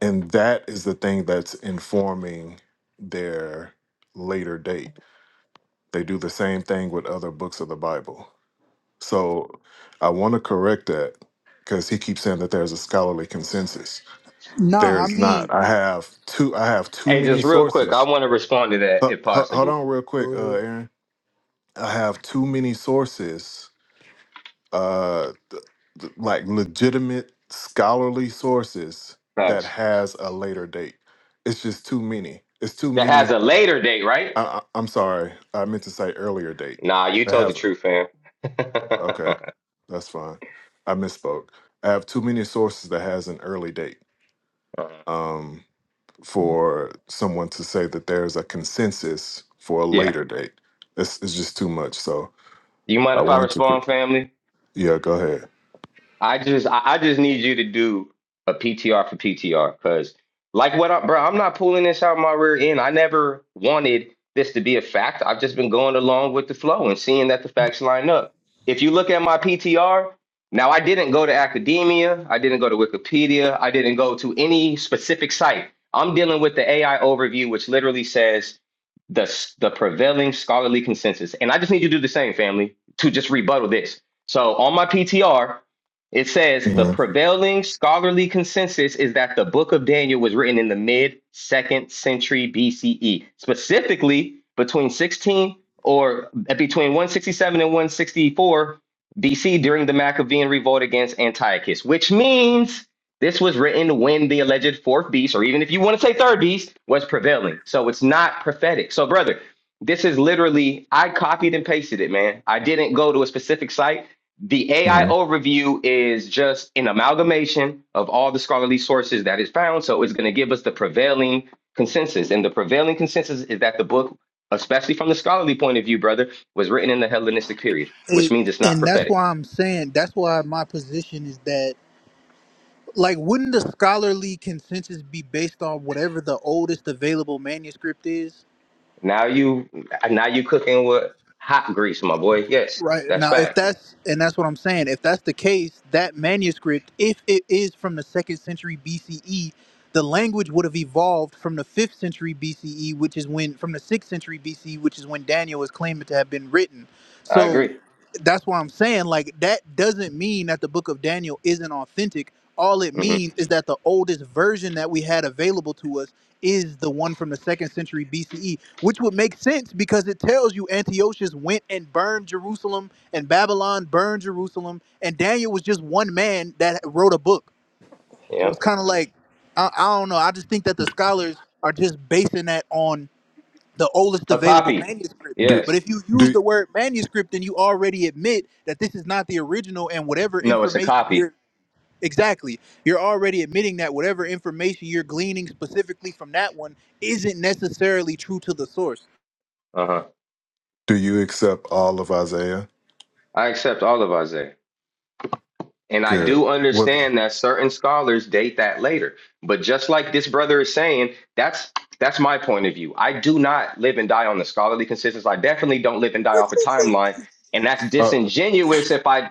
and that is the thing that's informing their later date. They do the same thing with other books of the Bible. So I want to correct that because he keeps saying that there's a scholarly consensus. There
Nah, I
is not.
mean
I have too. I have too
Hey,
many
just real quick, I
sources.
want to respond to that
H-
if
h- hold
possible.
on, real
Go
quick, uh,
ahead.
Aaron. I have too many sources, uh, th- like legitimate scholarly sources that
Thanks.
has a later date. It's just too many. It's too
That has
many.
a later date, right?
I, I, I'm sorry. I meant to say earlier date.
Nah, you
That
told the
has.
truth, fam.
Okay, that's fine. I misspoke. I have too many sources that has an early date
Uh,
um, for someone to say that there's a consensus for a
yeah.
later date. This is just too much. So
You mind
I
if I
wanted to. cor-
respond, family?
Yeah, go ahead.
I just I I just need you to do a PTR for PTR because like what I bro, I'm not pulling this out my rear end. I never wanted this to be a fact. I've just been going along with the flow and seeing that the facts line up. If you look at my PTR, now I didn't go to academia, I didn't go to Wikipedia, I didn't go to any specific site. I'm dealing with the AI overview, which literally says the s- the prevailing scholarly consensus. And I just need you to do the same, family, to just rebuttal this. So on my PTR, it says the
hmm
prevailing scholarly consensus is that the book of Daniel was written in the mid second century BCE, specifically between 16 or uh, between 167 and 164 BC during the Maccabean revolt against Antiochus, which means this was written when the alleged fourth beast, or even if you want to say third beast, was prevailing. So it's not prophetic. So, brother, this is literally, I copied and pasted it, man. I didn't go to a specific site. The AI
hmm
overview is just an amalgamation of all the scholarly sources that is found. So it's going to give us the prevailing consensus. And the prevailing consensus is that the book, especially from the scholarly point of view, brother, was written in the Hellenistic period, which
It,
means it's not
and that's
prophetic.
why I'm saying that's why my position is that like wouldn't the scholarly consensus be based on whatever the oldest available manuscript is?
Now you now you cooking with hot grease, my boy. Yes,
Right
that's
now, if
fact.
that's and that's what I'm saying, if that's the case, that manuscript, if it is from the second century BCE, the language would have evolved from the fifth century BCE, which is when from the sixth century BCE, which is when Daniel is claiming to have been written.
I
So
agree.
that's why I'm saying, like, that doesn't mean that the book of Daniel isn't authentic. All it
hmm
means is that the oldest version that we had available to us is the one from the second century BCE, which would make sense because it tells you Antiochus went and burned Jerusalem and Babylon burned Jerusalem, and Daniel was just one man that wrote a book. So
Yeah.
it's kind of like, I, I don't know. I just think that the scholars are just basing that on the oldest
A
available
copy.
manuscript.
Do
But
Yes.
if you use
do
the word manuscript, then you already admit that this is not the original, and whatever
No, it's a
information
copy.
you're Exactly. You're already admitting that whatever information you're gleaning specifically from that one isn't necessarily true to the source.
Uh-huh.
do you accept all of Isaiah?
I accept all of Isaiah. And I
Good.
do
What
understand that certain scholars date that later. But just like this brother is saying, that's that's my point of view. I do not live and die on the scholarly consensus. I definitely don't live and die
What
off a
you just-
timeline. And that's
uh,
disingenuous if I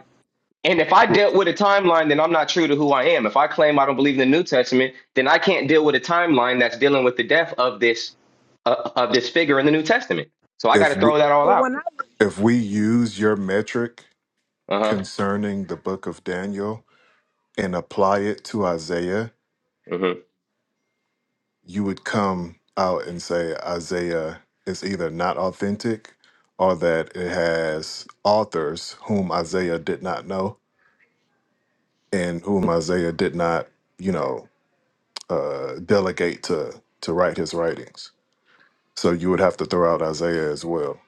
and if I dealt with a timeline, then I'm not true to who I am. If I claim I don't believe in the New Testament, then I can't deal with a timeline that's dealing with the death of this uh, of this figure in the New Testament. So I got
if
to
we,
throw that all
Well,
out.
when I,
if we use your metric
Uh huh.
concerning the book of Daniel and apply it to Isaiah?
Mm-hmm.
you would come out and say Isaiah is either not authentic or that it has authors whom Isaiah did not know and whom Isaiah did not, you know, uh, delegate to to write his writings. So you would have to throw out Isaiah as well.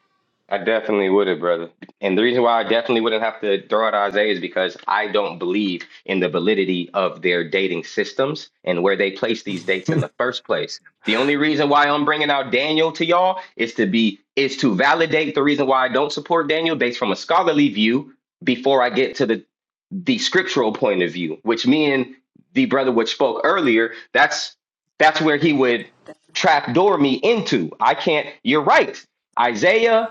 I definitely would have, brother. And the reason why I definitely wouldn't have to throw out Isaiah is because I don't believe in the validity of their dating systems and where they place these dates in the first place. The only reason why I'm bringing out Daniel to y'all is to be is to validate the reason why I don't support Daniel based from a scholarly view before I get to the the scriptural point of view, which me and the brother which spoke earlier, that's that's where he would trapdoor me into. I can't. You're right. Isaiah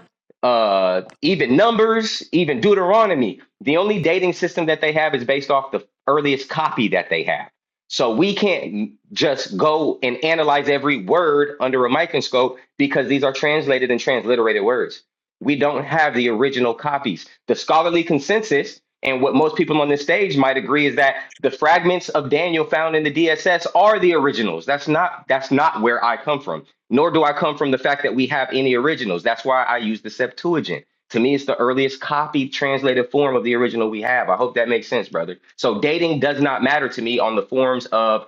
uh, even Numbers, even Deuteronomy. The only dating system that they have is based off the earliest copy that they have. So we can't just go and analyze every word under a microscope because these are translated and transliterated words. We don't have the original copies. The scholarly consensus and what most people on this stage might agree is that the fragments of Daniel found in the DSS are the originals. That's not that's not where I come from nor do I come from the fact that we have any originals. That's why I use the Septuagint. To me, it's the earliest copied translated form of the original we have. I hope that makes sense, brother. So dating does not matter to me on the forms of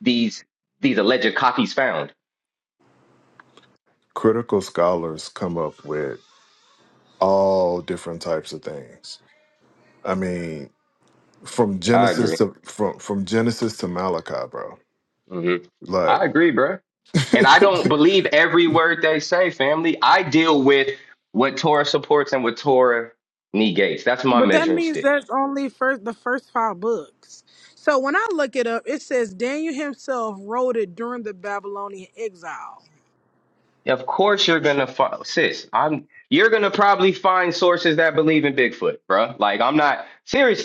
these these alleged copies found.
Critical scholars come up with all different types of things. I mean, from
I
Genesis
agree.
to from from Genesis to Malachi, bro.
hmm
Like,
I agree, bro. And I don't believe every word they say, family. I deal with what Torah supports and what Torah negates. That's my
but that
measuring
means
stick.
there's only first the first five books. So when I look it up, it says Daniel himself wrote it during the Babylonian exile.
Of course, you're gonna fi- sis. I'm. You're gonna probably find sources that believe in Bigfoot, bruh. Like I'm not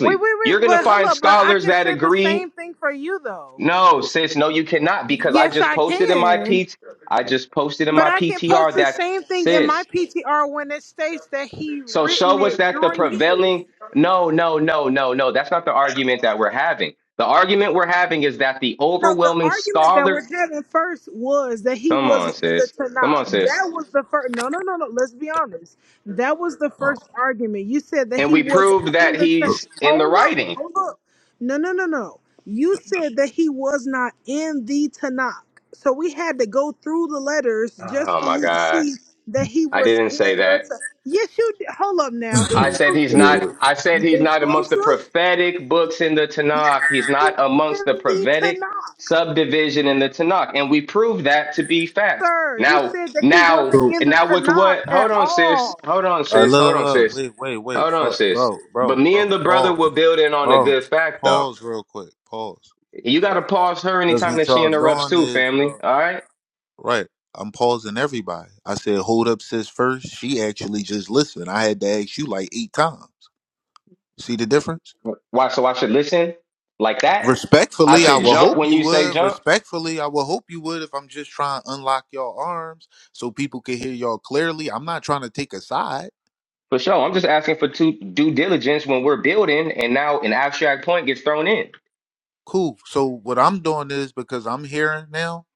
Wait, wait,
You're
wait,
gonna
but hold
find
up, but I
scholars
can
that
say the
agree.
same thing for you though.
No, sis. No, you cannot because I
Yes,
just
I
posted in my
can.
P. I just posted in
But
my
I can post
PTR
the
that
same thing in my
sis.
PTR when it states that he
So
written
show us
it
that the
during his.
prevailing. No, no, no, no, no. That's not the argument that we're having. The argument we're having is that the
No, the
overwhelming
argument that we're
scholar.
having first was that he
Come on,
wasn't in the
sis. Come on,
Tanakh.
sis.
That was the first. No, no, no, no. Let's be honest. That was the
ahead.
first argument. You said that
And
he
we
wasn't
proved that
in the. Tanakh.
he's in the
hold up,
writings.
hold up. No, no, no, no. You said that he was not in the Tanakh. So we had to go through the letters just
Oh
for
my
you to
God.
see that he
I
was
didn't
in
say
the.
that.
Tanakh. yes, you. Did. Hold up now.
I said he's
Exclusive.
not
Yeah.
I said he's not amongst the
Exclusive.
prophetic books in the Tanakh. He's
He
not
was
amongst
in
the
the
prophetic
Tanakh.
subdivision in the Tanakh. And we proved that to be fact.
sir. You
Now
said that he
now
wasn't
So,
in
and
the
now with
Tanakh
what
at
hold on, sis.
all.
Hold on,
uh, no,
sis. Hold on,
no, no.
sis.
Wait, wait, wait.
Hold on,
Fuck,
sis.
bro,
But
bro,
me and
bro.
the brother
Pause,
were building on a
bro.
good fact though.
Pause real quick. Pause.
You
Right.
gotta pause her
Because
anytime
what
that she
y'all
interrupts
doing
too,
is
family.
y'all-
All right?
right. I'm pausing everybody. I said, hold up, sis. First, she actually just listened. I had to ask you like eight times. See the difference?
Why so I should listen like that? I
Respectfully, I
should
will
jump
hope
when
you
you say
would.
jump.
Respectfully, I will hope you would. If I'm just trying to unlock your arms so people can hear y'all clearly, I'm not trying to take a side.
For sure. I'm just asking for two due diligence when we're building and now an abstract point gets thrown in.
Cool. So what I'm doing is because I'm hearing now,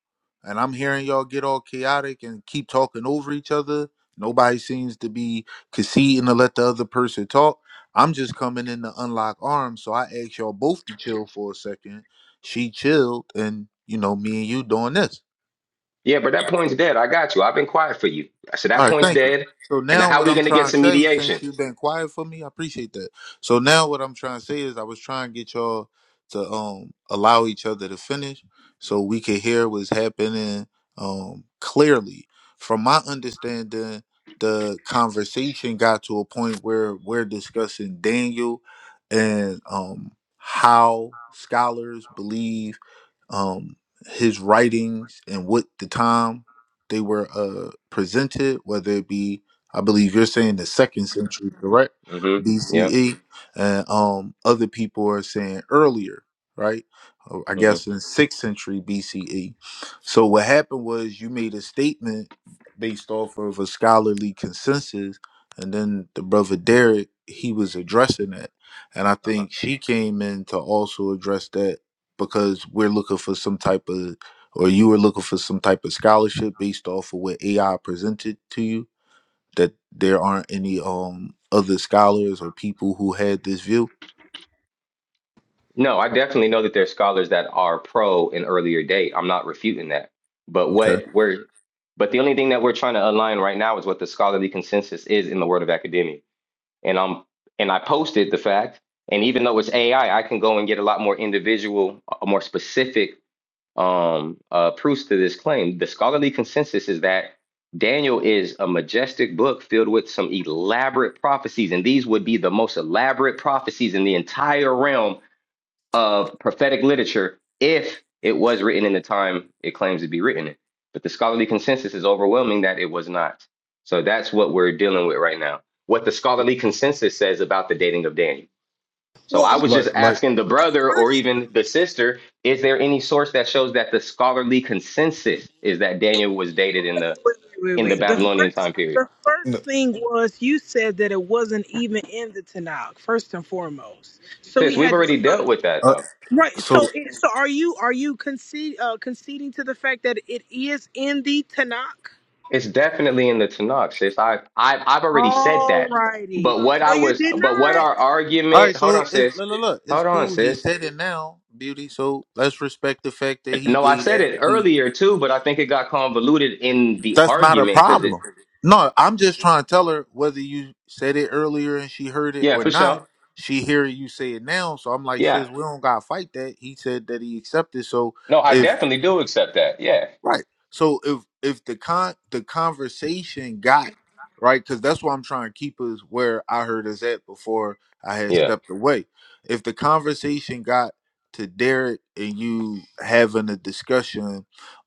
and I'm hearing y'all get all chaotic and keep talking over each other. Nobody seems to be conceding to let the other person talk. I'm just coming in to unlock arms, so I asked y'all both to chill for a second. She chilled, and you know, me and you doing this.
Yeah, but that point's dead. I got you. I've been quiet for you. I said that
All right,
point's
thank you.
dead.
So
And now
now
how are
what
we
I'm
gonna get
trying to
some
say,
mediation?
since you've been quiet for me, I appreciate that. So now what I'm trying to say is I was trying to get y'all to um allow each other to finish so we could hear what's happening um clearly. From my understanding, the conversation got to a point where we're discussing Daniel and um how scholars believe um, his writings and what the time they were uh, presented, whether it be, I believe you're saying the second century, correct?
Mm-hmm. Yep.
BCE, and um, other people are saying earlier, right? Or I
hmm
guess in sixth century BCE. So what happened was you made a statement based off of a scholarly consensus, and then the brother Derek he was addressing that, and I
uh
think she came in to also address that because we're looking for some type of or you were looking for some type of scholarship based off of what AI presented to you that there aren't any um other scholars or people who had this view.
No, I definitely know that there's scholars that are pro an earlier date. I'm not refuting that. But
Okay.
what we're but the only thing that we're trying to align right now is what the scholarly consensus is in the world of academia. and I'm and I posted the fact. And even though it's AI, I I can go and get a lot more individual, uh, more specific um, uh, proofs to this claim. The scholarly consensus is that Daniel is a majestic book filled with some elaborate prophecies, and these would be the most elaborate prophecies in the entire realm of prophetic literature if it was written in the time it claims to be written in. But the scholarly consensus is overwhelming that it was not. So that's what we're dealing with right now. What the scholarly consensus says about the dating of Daniel. So
Well,
I
the
was
like,
just
like.
asking the brother or
first
even the sister, is there any source that shows that the scholarly consensus is that Daniel was dated in the
wait, wait, wait.
in the
wait. The
Babylonian
first,
time period?
the first thing was you said that it wasn't even in the Tanakh. First and foremost, so he
Sis, we've
had to
already
show
dealt with that
Uh,
though.
you. right.
so
So, it, so are you are you concede, uh, conceding to the fact that it is in the Tanakh?
It's definitely in the Tanakh, sis. I, I I've already said that.
Alrighty.
But what
No,
I
you
was,
did
but what
not.
our
all right,
argument? Hold
so
on,
it's,
sis.
look, look, look, it's
Hold on,
cool. He
sis.
said it now, beauty. So let's respect the fact that he
No, I
gave
said it
that.
earlier too, but I think it got convoluted in the
That's not a
argument because it.
problem. No, I'm just trying to tell her whether you said it earlier and she heard it
Yeah,
or
for
not.
sure.
She hear you say it now, so I'm like,
Yeah.
sis, we don't gotta fight that. He said that he accepted. So
No, I
if
definitely do accept that. Yeah.
Right. So if if the con the conversation got right, because that's what I'm trying to keep us where I heard us at before I had
Yeah.
stepped away. If the conversation got to Derek and you having a discussion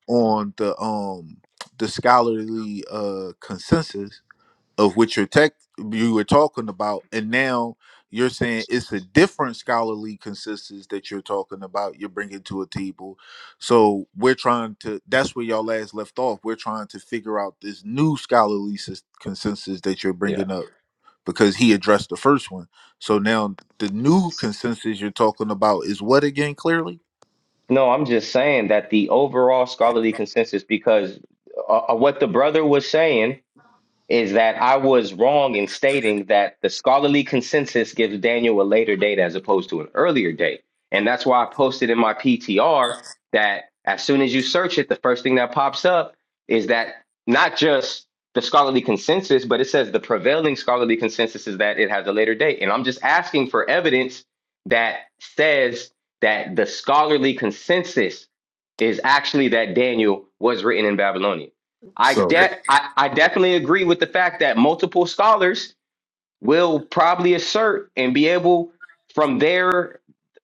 on the um the scholarly uh consensus, of which you're tech you were talking about, and now you're saying it's a different scholarly consensus that you're talking about. You're bringing to a table, so we're trying to. That's where y'all last left off. We're trying to figure out this new scholarly sys- consensus that you're
Yeah.
bringing up because he addressed the first one. So now the new consensus you're talking about is what again? Clearly,
No, I'm just saying that the overall scholarly consensus, because uh, uh, what the brother was saying is that I was wrong in stating that the scholarly consensus gives Daniel a later date as opposed to an earlier date. And that's why I posted in my PTR that as soon as you search it, the first thing that pops up is that not just the scholarly consensus, but it says the prevailing scholarly consensus is that it has a later date. And I'm just asking for evidence that says that the scholarly consensus is actually that Daniel was written in Babylonian. I
So,
de- I, I definitely agree with the fact that multiple scholars will probably assert and be able from their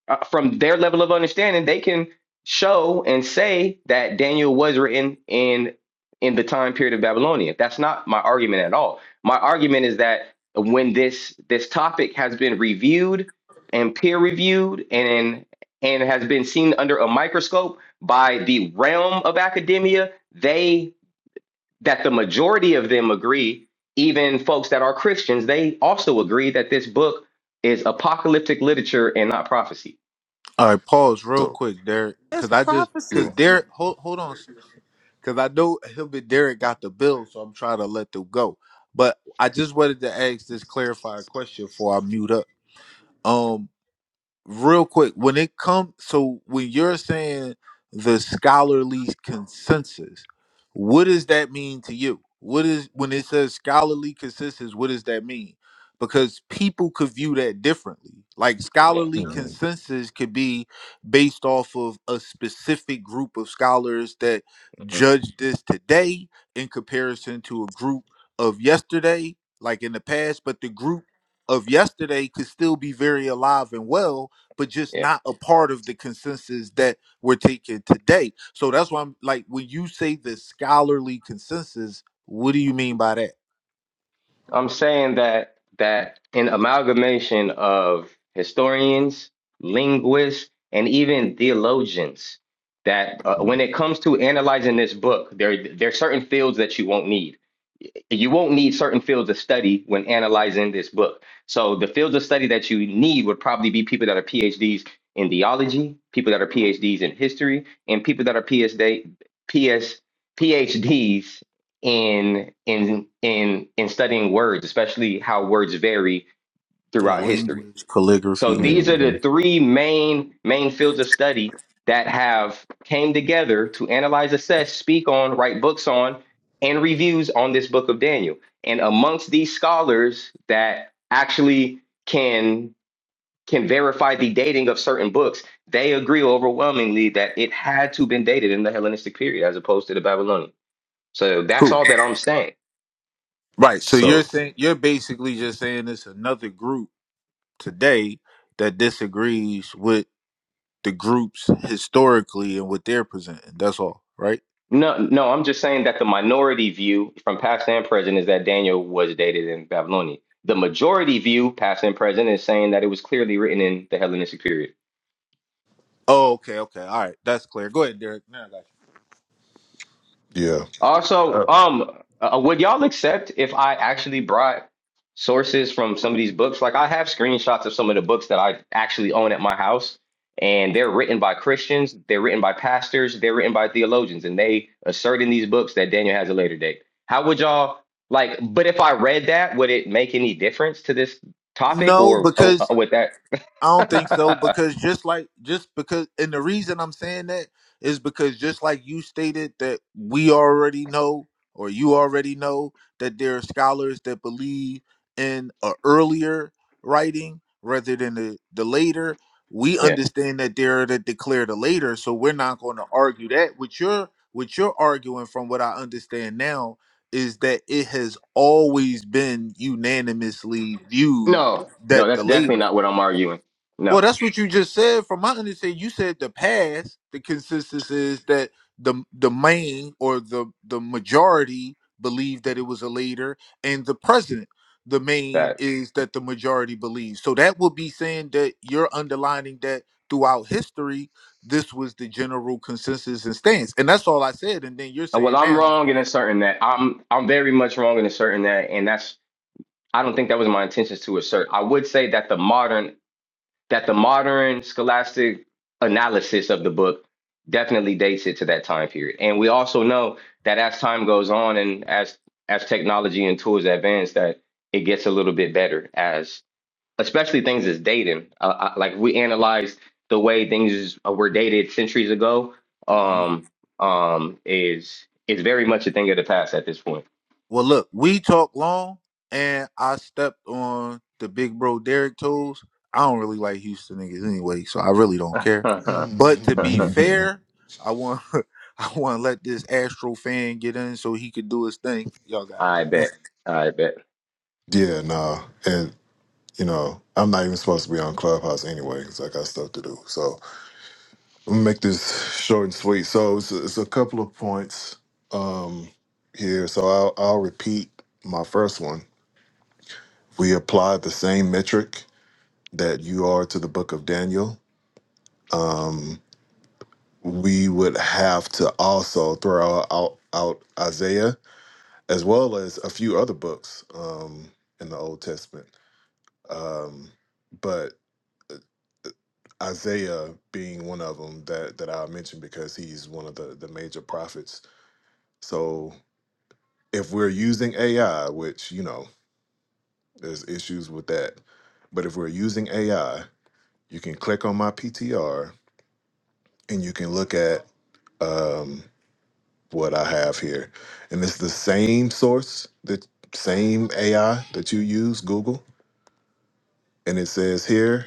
uh, from their level of understanding they can show and say that Daniel was written in in the time period of Babylonia. That's not my argument at all. My argument is that when this this topic has been reviewed and peer reviewed and and has been seen under a microscope by the realm of academia, they that the majority of them agree, even folks that are Christians, they also agree that this book is apocalyptic literature and not prophecy.
all right. Pause real
so
quick, Derek,
That's
because I just because
prophecy.
yeah,
Derek. Hold hold on, Cause I know him and Derek got the bill, so I'm trying to let them go. But I just wanted to ask this clarifying question before I mute up. Um real quick when it comes so when you're saying the scholarly consensus what does that mean to you what is when it says scholarly consensus what does that mean because people could view that differently like
Yeah.
scholarly
hmm
consensus could be based off of a specific group of scholars that
hmm
judge this today in comparison to a group of yesterday like in the past but the group of yesterday could still be very alive and well but just
Yeah.
not a part of the consensus that we're taking today. So that's why I'm like, when you say the scholarly consensus, what do you mean by that?
I'm saying that that an amalgamation of historians, linguists, and even theologians that uh, when it comes to analyzing this book, there there are certain fields that you won't need you won't need certain fields of study when analyzing this book. So the fields of study that you need would probably be people that are PhDs in theology, people that are PhDs in history, and people that are PSD, PS, PhDs in in in in studying words, especially how words vary
Yeah,
throughout history.
language, calligraphy.
So
Yeah.
these are
hmm
the three main main fields of study that have came together to analyze, assess, speak on, write books on, and reviews on this book of Daniel. And amongst these scholars that actually can can verify the dating of certain books, they agree overwhelmingly that it had to been dated in the Hellenistic period as opposed to the Babylonian. So that's
True.
all that I'm saying.
Right. So you're
so
saying you're basically just saying it's another group today that disagrees with the groups historically and what they're presenting. That's all, right?
No, no, I'm just saying that the minority view from past and present is that Daniel was dated in Babylonian. The majority view, past and present, is saying that it was clearly written in the Hellenistic period.
Oh, okay, okay, all right. That's clear. Go ahead, Derek. Now I got
yeah,
Also,
uh,
um, uh, uh, would y'all accept if I actually brought sources from some of these books? Like, I have screenshots of some of the books that I actually own at my house, and they're written by Christians, they're written by pastors, they're written by theologians, and they assert in these books that Daniel has a later date. How would y'all like? But if I read that, would it make any difference to this
you.
topic,
No,
or oh,
because
oh, with that?
I don't think so because just like just because and the reason I'm saying that is because just like you stated that we already know or you already know that there are scholars that believe in a earlier writing rather than the, the later. We
yeah,
understand that there are that declare the later, so we're not going to argue that. What you're what you're arguing from what I understand now is that it has always been unanimously viewed
no, no,
that the
that's definitely
later.
not what I'm arguing.
Well,
No,
that's what you just said. From my understanding, you said the past, the consensus is that the the main or the the majority believe that it was a later, and the present, the
that.
main is that the majority believes. So that would be saying that you're underlining that throughout history, this was the general consensus and stance, and that's all I said. And then you're
Uh, Well,
saying
I'm
now.
wrong in asserting that. I'm I'm very much wrong in asserting that, and that's I don't think that was my intentions to assert. I would say that the modern that the modern scholastic analysis of the book definitely dates it to that time period. And we also know that as time goes on and as as technology and tools advance, that it gets a little bit better as especially things as dating. Uh, I, like we analyze the way things were dated centuries ago, um, um, is is very much a thing of the past at this point.
Well, look, we talked long, and I stepped on the big bro Derek toes. I don't really like Houston niggas anyway, so I really don't care. But to be
Mhm.
fair, I want I want to let this Astro fan get in so he could do his thing. Y'all got it.
I bet. I bet.
yeah, nah, and you know, I'm not even supposed to be on Clubhouse anyway because I got stuff to do. So I'm gonna make this short and sweet. So it's, it's a couple of points um here. So I'll I'll repeat my first one. We applied the same metric that you are to the book of Daniel, we would have to also throw out, out Isaiah as well as a few other books um, in the Old Testament. Um, but Isaiah being one of them that, that I mentioned because he's one of the, the major prophets. So if we're using AI, which, you know, there's issues with that, but if we're using AI, you can click on my PTR and you can look at. Um, what I have here. And it's the same source, the same AI that you use, Google. And it says here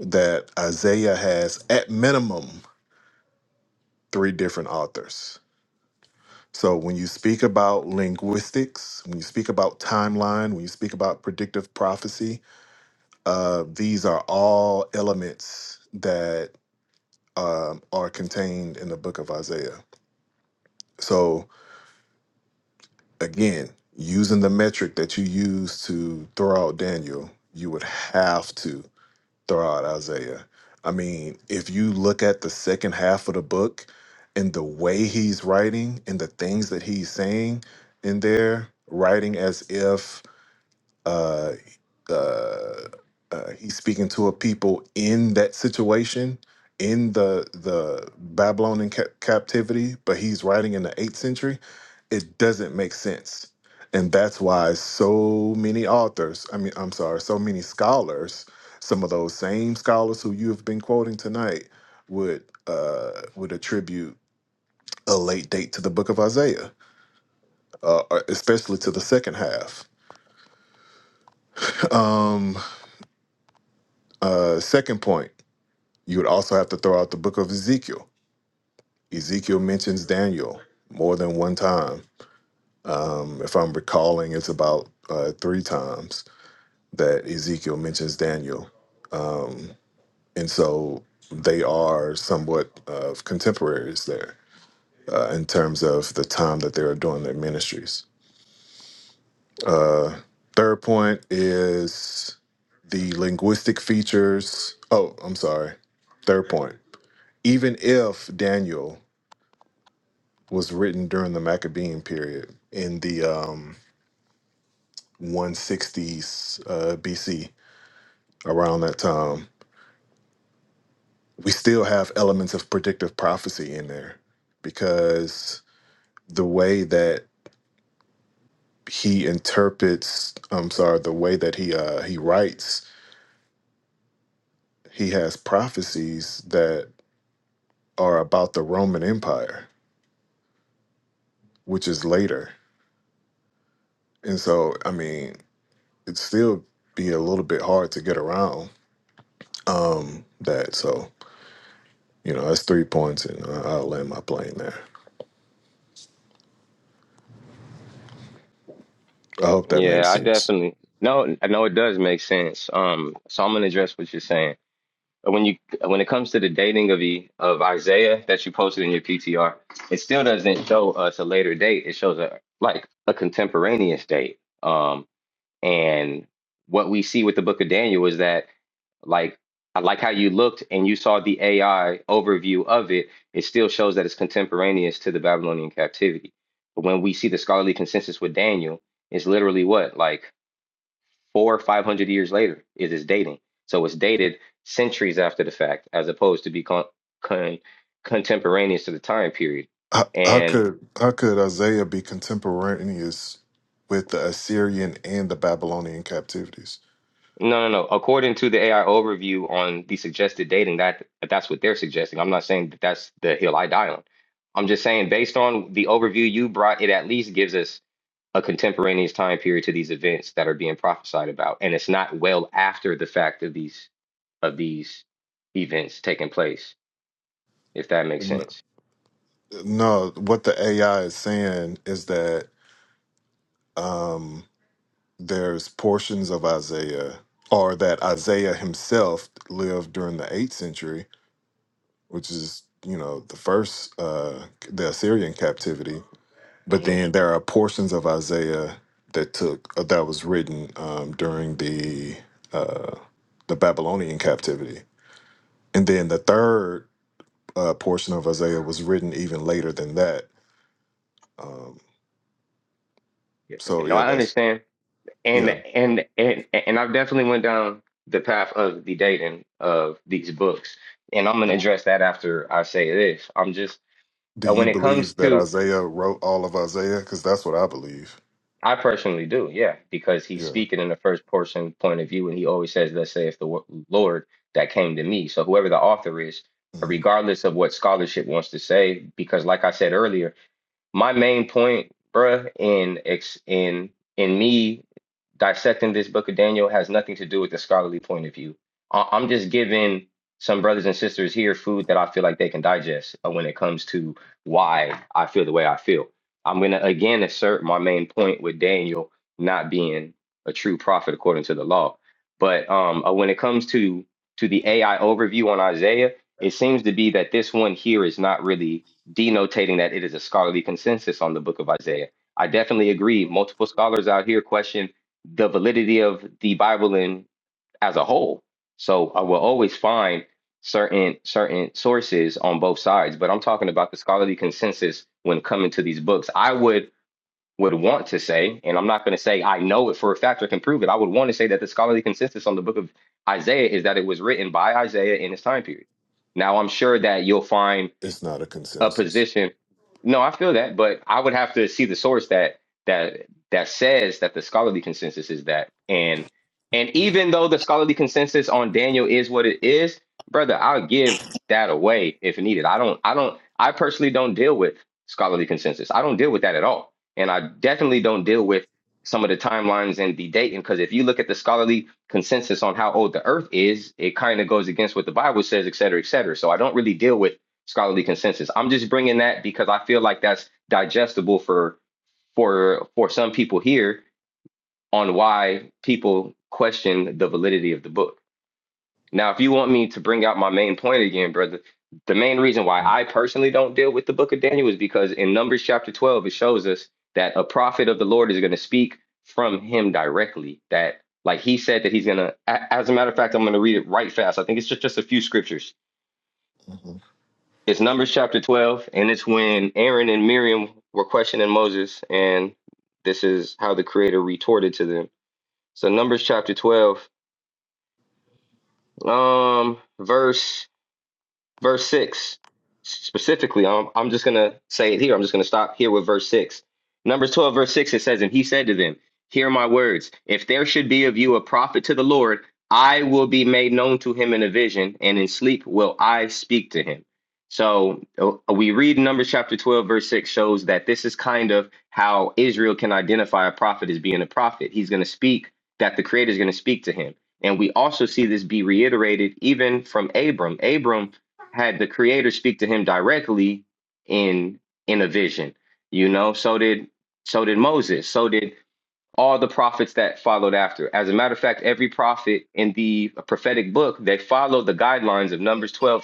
that Isaiah has at minimum three different authors. So when you speak about linguistics, when you speak about timeline, when you speak about predictive prophecy, uh, these are all elements that um, are contained in the book of Isaiah. So again, using the metric that you use to throw out Daniel, you would have to throw out Isaiah. I mean, if you look at the second half of the book and the way he's writing and the things that he's saying in there, writing as if uh, uh, uh, he's speaking to a people in that situation in the the Babylonian ca- captivity, but he's writing in the eighth century. It doesn't make sense, and that's why so many authors. I mean, I'm sorry, so many scholars. Some of those same scholars who you have been quoting tonight would uh, would attribute a late date to the Book of Isaiah, uh, uh, especially to the second half. Um, uh, second point. You would also have to throw out the book of Ezekiel. Ezekiel mentions Daniel more than one time. Um, if I'm recalling, it's about uh, three times that Ezekiel mentions Daniel. And so they are somewhat of contemporaries there uh, in terms of the time that they are doing their ministries. Uh, third point is the linguistic features. Oh, I'm sorry. Third point. Even if Daniel was written during the Maccabean period in the um, 160s uh, BC, around that time. We still have elements of predictive prophecy in there because the way that he interprets, I'm sorry, the way that he uh, he writes, he has prophecies that are about the Roman Empire, which is later. And so, I mean, it'd still be a little bit hard to get around um, that. So, You know, that's three points, and I- I'll land my plane there. I hope that makes
Yeah, I
sense.
definitely. No, I know it does make sense. Um, so I'm gonna address what you're saying. When you when it comes to the dating of e of Isaiah that you posted in your PTR, it still doesn't show us a later date. It shows a like a contemporaneous date. Um. And what we see with the book of Daniel is that like I like how you looked and you saw the AI overview of it. It still shows that it's contemporaneous to the Babylonian captivity. But when we see the scholarly consensus with Daniel, it's literally what like four or five hundred years later. It is dating, so it's dated centuries after the fact, as opposed to be con- con- contemporaneous to the time period.
How, how
And
could how could Isaiah be contemporaneous with the Assyrian and the Babylonian captivities?
No, no, no. According to the AI overview on the suggested dating, that that's what they're suggesting. I'm not saying that that's the hill I die on. I'm just saying based on the overview you brought, it at least gives us a contemporaneous time period to these events that are being prophesied about, and it's not well after the fact of these of these events taking place, if that makes
N-
sense.
No, what the AI is saying is that um, there's portions of Isaiah, or that Isaiah himself lived during the eighth century, which is you know the first uh, the Assyrian captivity, But
hmm
then there are portions of Isaiah that took uh, that was written um, during the uh, the Babylonian captivity, and then the third uh, portion of Isaiah was written even later than that. Um, so
No,
yeah,
I
that's
understand. and
yeah.
and and and I've definitely went down the path of the dating of these books, and I'm gonna address that after I say this. I'm just
Do
uh, when
you
it comes
believe that
to
Isaiah wrote all of Isaiah? Because that's what I believe.
I personally do, yeah, because he's
Yeah,
speaking in the first person point of view, and he always says, "Let's say if the wo- Lord that came to me." So whoever the author is,
hmm
regardless of what scholarship wants to say, because like I said earlier my main point, bruh, in ex in in me dissecting this book of Daniel has nothing to do with the scholarly point of view. I- I'm just giving some brothers and sisters here food that I feel like they can digest uh, when it comes to why I feel the way I feel. I'm gonna again assert my main point with Daniel not being a true prophet according to the law. But um, uh, when it comes to to the AI overview on Isaiah, it seems to be that this one here is not really denotating that it is a scholarly consensus on the book of Isaiah. I definitely agree. Multiple scholars out here question the validity of the Bible in as a whole. So I will always find certain certain sources on both sides, but I'm talking about the scholarly consensus when coming to these books. I would would want to say, and I'm not going to say I know it for a fact or can prove it. I would want to say that the scholarly consensus on the book of Isaiah is that it was written by Isaiah in his time period. Now I'm sure that you'll find
it's not a
a
consensus.
position. No, I feel that, but I would have to see the source that that that says that the scholarly consensus is that. And and even though the scholarly consensus on Daniel is what it is, brother, I'll give that away if needed. I don't I don't I personally don't deal with scholarly consensus. I don't deal with that at all. And I definitely don't deal with some of the timelines and the dating because if you look at the scholarly consensus on how old the earth is, it kind of goes against what the Bible says, et cetera, et cetera. So I don't really deal with scholarly consensus. I'm just bringing that because I feel like that's digestible for for for some people here on why people question the validity of the book. Now, if you want me to bring out my main point again, brother, the main reason why I personally don't deal with the book of Daniel is because in Numbers chapter 12 it shows us that a prophet of the Lord is going to speak from him directly that like he said that he's going to as a matter of fact I'm going to read it right fast. I think it's just just a few scriptures
hmm
It's Numbers chapter 12, and it's when Aaron and Miriam were questioning Moses, and this is how the Creator retorted to them. So, Numbers chapter 12, um, verse verse 6 specifically i'm, I'm just going to say it here i'm just going to stop here with verse 6 numbers 12 verse 6 it says and he said to them hear my words if there should be of you a prophet to the lord i will be made known to him in a vision and in sleep will i speak to him so uh, we read numbers chapter 12 verse 6 shows that this is kind of how israel can identify a prophet as being a prophet he's going to speak that the creator is going to speak to him and we also see this be reiterated even from abram abram had the creator speak to him directly in in a vision you know so did so did moses so did all the prophets that followed after. As a matter of fact, every prophet in the prophetic book, they follow the guidelines of Numbers 12:6,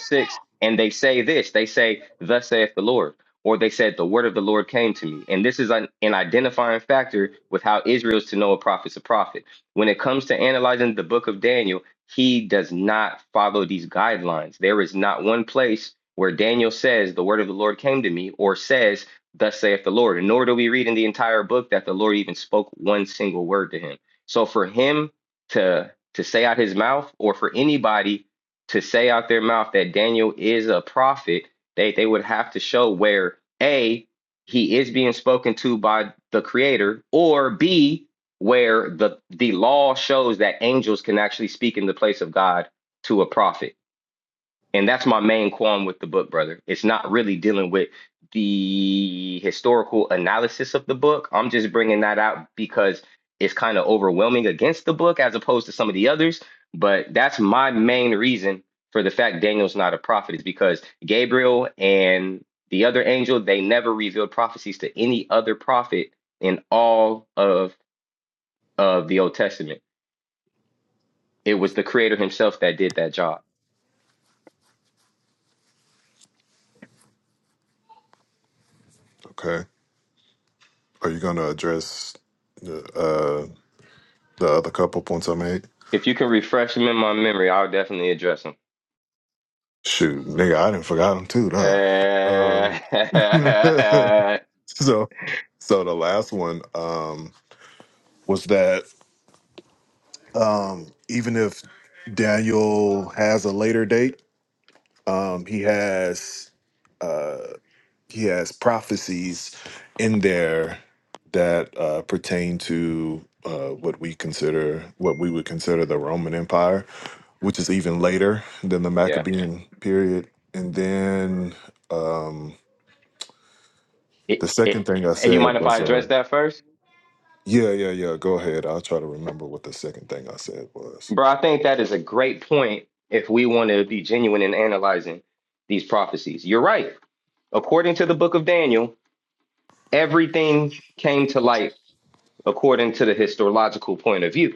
and they say this. They say, Thus saith the Lord. Or they said, The word of the Lord came to me. And this is an, an identifying factor with how Israel is to know a prophet's a prophet. When it comes to analyzing the book of Daniel, he does not follow these guidelines. There is not one place where Daniel says, The word of the Lord came to me, or says, thus saith the Lord. And nor do we read in the entire book that the Lord even spoke one single word to him. So for him to to say out his mouth, or for anybody to say out their mouth that Daniel is a prophet, they they would have to show where A, he is being spoken to by the creator, or B, where the the law shows that angels can actually speak in the place of God to a prophet and that's my main qualm with the book, brother. It's not really dealing with the historical analysis of the book. I'm just bringing that out because it's kind of overwhelming against the book as opposed to some of the others. But that's my main reason for the fact Daniel's not a prophet is because Gabriel and the other angel, they never revealed prophecies to any other prophet in all of, of the Old Testament. It was the creator himself that did that job.
Okay, are you going to address the uh, the other couple points I made?
If you can refresh him in my memory, I'll definitely address him.
Shoot, nigga, I didn't forgot them too,
Uh,
though. Um, so, so the last one um, was that um, even if Daniel has a later date, um, he has uh, he has prophecies in there that uh, pertain to uh, what we consider what we would consider the Roman Empire, which is even later than the
yeah.
Maccabean period, and then. Um, The
It,
second
it,
thing I
hey, you mind
said
if I
was, uh,
address that first?
yeah, yeah, yeah, go ahead. I'll try to remember what the second thing I said was.
Bro, I think that is a great point if we want to be genuine in analyzing these prophecies. You're right. According to the book of Daniel, everything came to light according to the historiological point of view.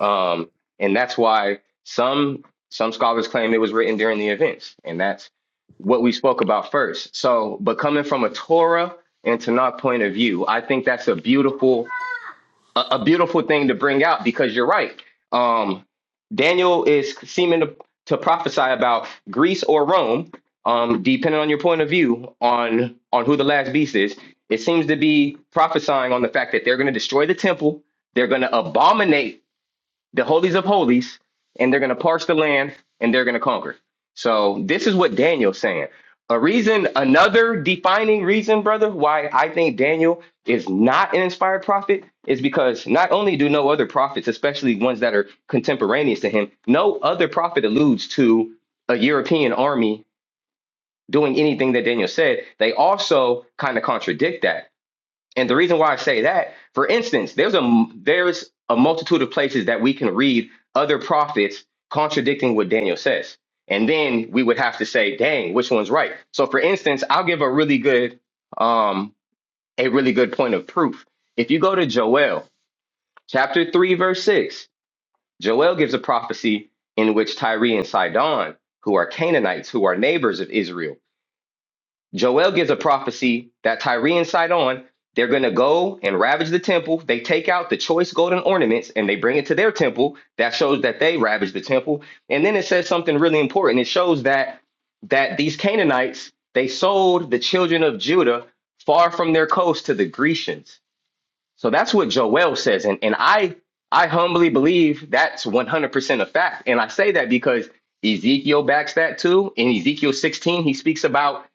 Um, and that's why some some scholars claim it was written during the events, and that's what we spoke about first. So, but coming from a Torah and Tanakh point of view, I think that's a beautiful a, a beautiful thing to bring out because you're right. Um, Daniel is seeming to, to prophesy about Greece or Rome, um, depending on your point of view on on who the last beast is. It seems to be prophesying on the fact that they're going to destroy the temple, they're going to abominate the holies of holies, and they're going to parse the land and they're going to conquer. So this is what Daniel's saying. A reason, another defining reason, brother, why I think Daniel is not an inspired prophet is because not only do no other prophets, especially ones that are contemporaneous to him, no other prophet alludes to a European army doing anything that Daniel said. They also kind of contradict that. And the reason why I say that, for instance, there's a there's a multitude of places that we can read other prophets contradicting what Daniel says. And then we would have to say, dang, which one's right? So for instance, I'll give a really good um a really good point of proof. If you go to Joel chapter 3 verse 6, Joel gives a prophecy in which Tyre and Sidon, who are Canaanites, who are neighbors of Israel, Joel gives a prophecy that Tyrians sight on. They're going to go and ravage the temple. They take out the choice golden ornaments and they bring it to their temple. That shows that they ravaged the temple. And then it says something really important. It shows that that these Canaanites they sold the children of Judah far from their coast to the Grecians. So that's what Joel says, and and I I humbly believe that's one hundred percent a fact, and I say that because Ezekiel backs that too. In Ezekiel sixteen, he speaks about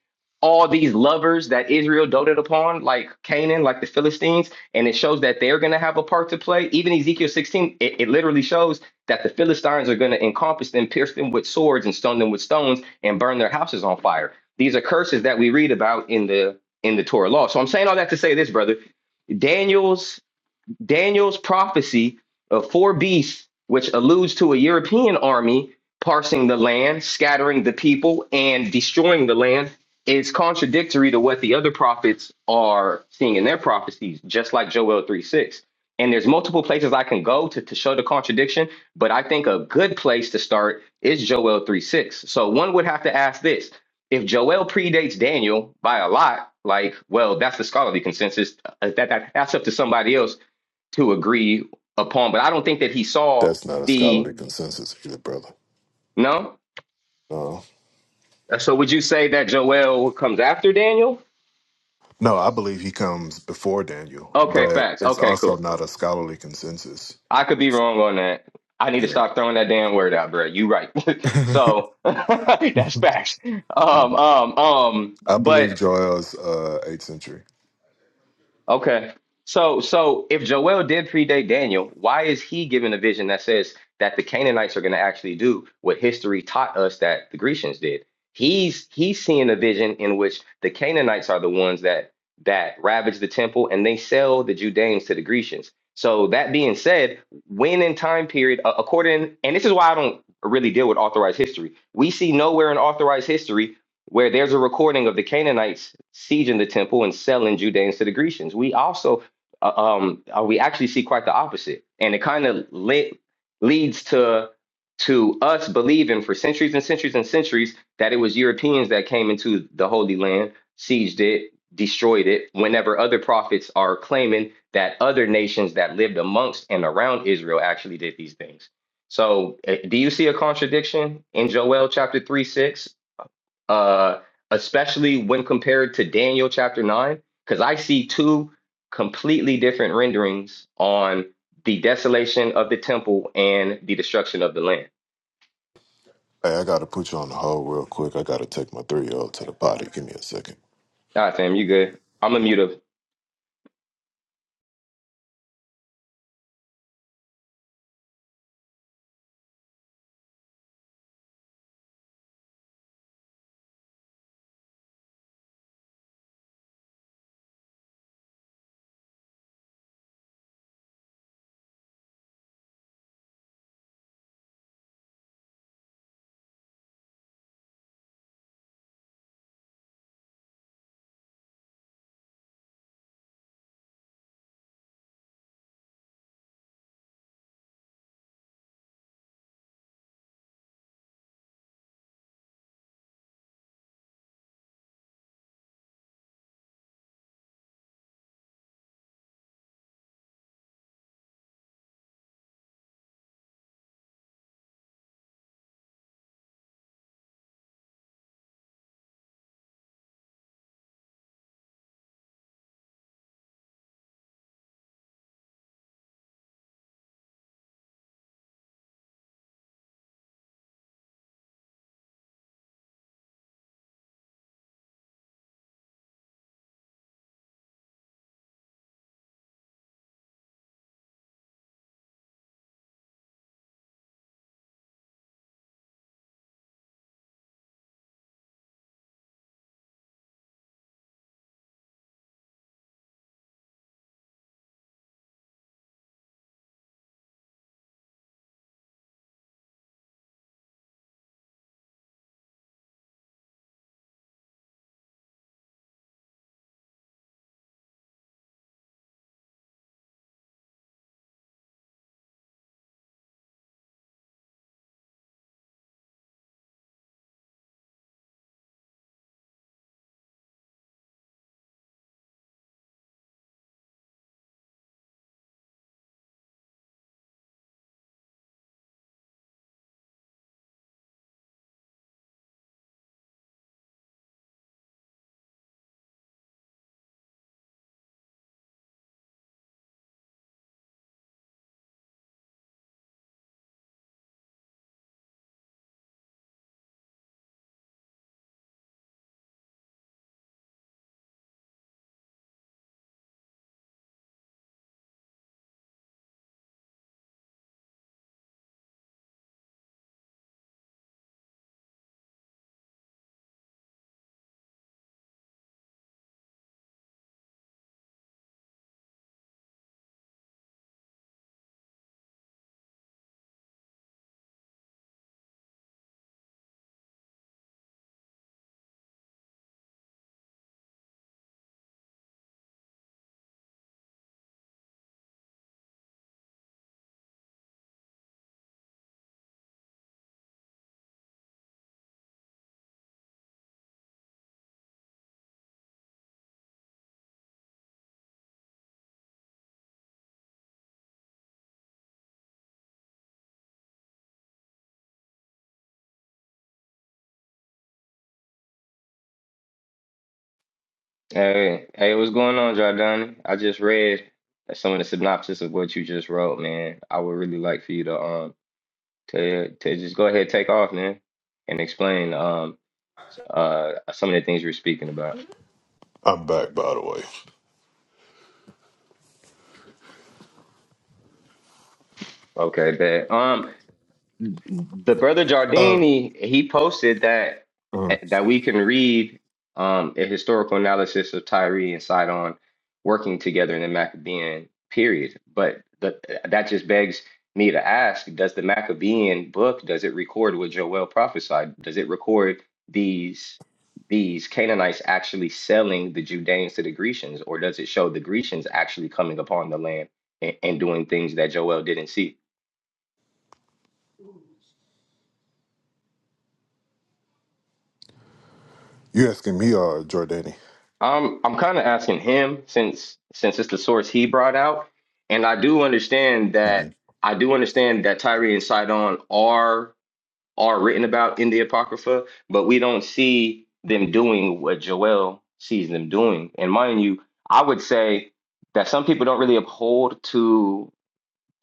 all these lovers that Israel doted upon, like Canaan, like the Philistines, and it shows that they're going to have a part to play. Even Ezekiel sixteen, it, it literally shows that the Philistines are going to encompass them, pierce them with swords, and stone them with stones, and burn their houses on fire. These are curses that we read about in the in the Torah law. So I'm saying all that to say this, brother Daniels Daniel's prophecy of four beasts, which alludes to a European army parsing the land, scattering the people, and destroying the land, is contradictory to what the other prophets are seeing in their prophecies, just like Joel 3 6. And there's multiple places I can go to, to show the contradiction, but I think a good place to start is Joel 3 6. So one would have to ask this if Joel predates Daniel by a lot, like, well, that's the scholarly consensus. uh, That, that, that's up to somebody else to agree upon. But I don't think that he saw
That's not a
the
scholarly consensus either, brother.
no.
No.
So would you say that Joel comes after Daniel?
No, I believe he comes before Daniel,
Okay,
but
facts.
it's
Okay,
also
cool.
not a scholarly consensus.
I could be wrong on that. I need to
Yeah.
stop throwing that damn word out, bro. You right. so that's facts. Um,
Mhm.
um, um.
I
But
believe Joel's uh, 8th century.
Okay. So so if Joel did predate Daniel, why is he given a vision that says that the Canaanites are going to actually do what history taught us that the Grecians did? He's he's seeing a vision in which the Canaanites are the ones that that ravage the temple and they sell the Judeans to the Grecians. So that being said, when in time period, a- according and this is why I don't really deal with authorized history. We see nowhere in authorized history where there's a recording of the Canaanites sieging the temple and selling Judeans to the Grecians. We also, uh, um, uh, we actually see quite the opposite, and it kind of le- leads to to us believing for centuries and centuries and centuries that it was Europeans that came into the Holy Land, sieged it, destroyed it. Whenever other prophets are claiming that other nations that lived amongst and around Israel actually did these things. So, uh, do you see a contradiction in Joel chapter 3 6 uh, especially when compared to Daniel chapter 9, because I see two completely different renderings on the desolation of the temple and the destruction of the land.
Hey, I got to put you on the hold real quick. I got to take my three year old to the potty. Give me a second.
All right, fam, you good. I'm a mute up. Hey, hey, what's going on, Jordan? I just read some of the synopsis of what you just wrote, man. I would really like for you to um to to just go ahead take off, man, and explain um uh some of the things you're speaking about.
I'm back, by the way.
Okay, bet. Um, the brother
Uh,
Jardini he posted that
uh,
that we can read um, a historical analysis of Tyree and Sidon working together in the Maccabean period. But the, that just begs me to ask: Does the Maccabean book does it record what Joel prophesied? Does it record these these Canaanites actually selling the Judeans to the Grecians, or does it show the Grecians actually coming upon the land and, and doing things that Joel didn't see?
you asking me or Jordani?
I'm I'm kind of asking him since since it's the source he brought out, and I do understand that I do understand that Tyree and Sidon are are written about in the Apocrypha, but we don't see them doing what Joel sees them doing. And mind you, I would say that some people don't really uphold to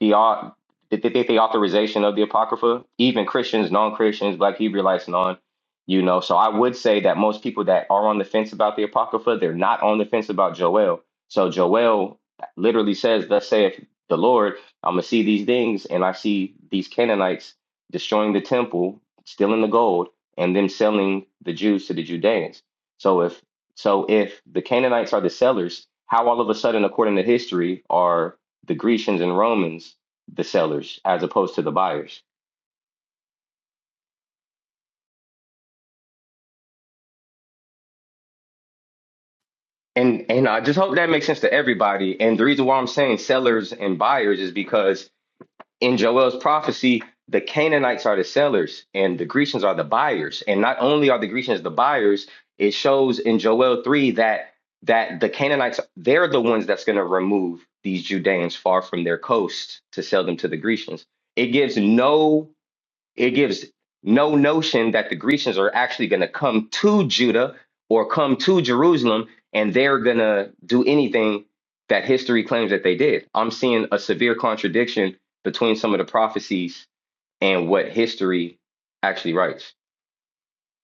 the au- the, the, the authorization of the apocrypha even christians non-christians black hebrewites non you know so i would say that most people that are on the fence about the apocrypha they're not on the fence about joel so joel literally says thus saith the lord i'm gonna see these things and i see these canaanites destroying the temple stealing the gold and then selling the jews to the judeans so if so if the canaanites are the sellers how all of a sudden according to history are the Grecians and Romans, the sellers, as opposed to the buyers. And and I just hope that makes sense to everybody. And the reason why I'm saying sellers and buyers is because in Joel's prophecy, the Canaanites are the sellers and the Grecians are the buyers. And not only are the Grecians the buyers, it shows in Joel 3 that that the Canaanites, they're the ones that's going to remove these Judeans far from their coast to sell them to the Grecians. It gives no it gives no notion that the Grecians are actually going to come to Judah or come to Jerusalem and they're going to do anything that history claims that they did. I'm seeing a severe contradiction between some of the prophecies and what history actually writes.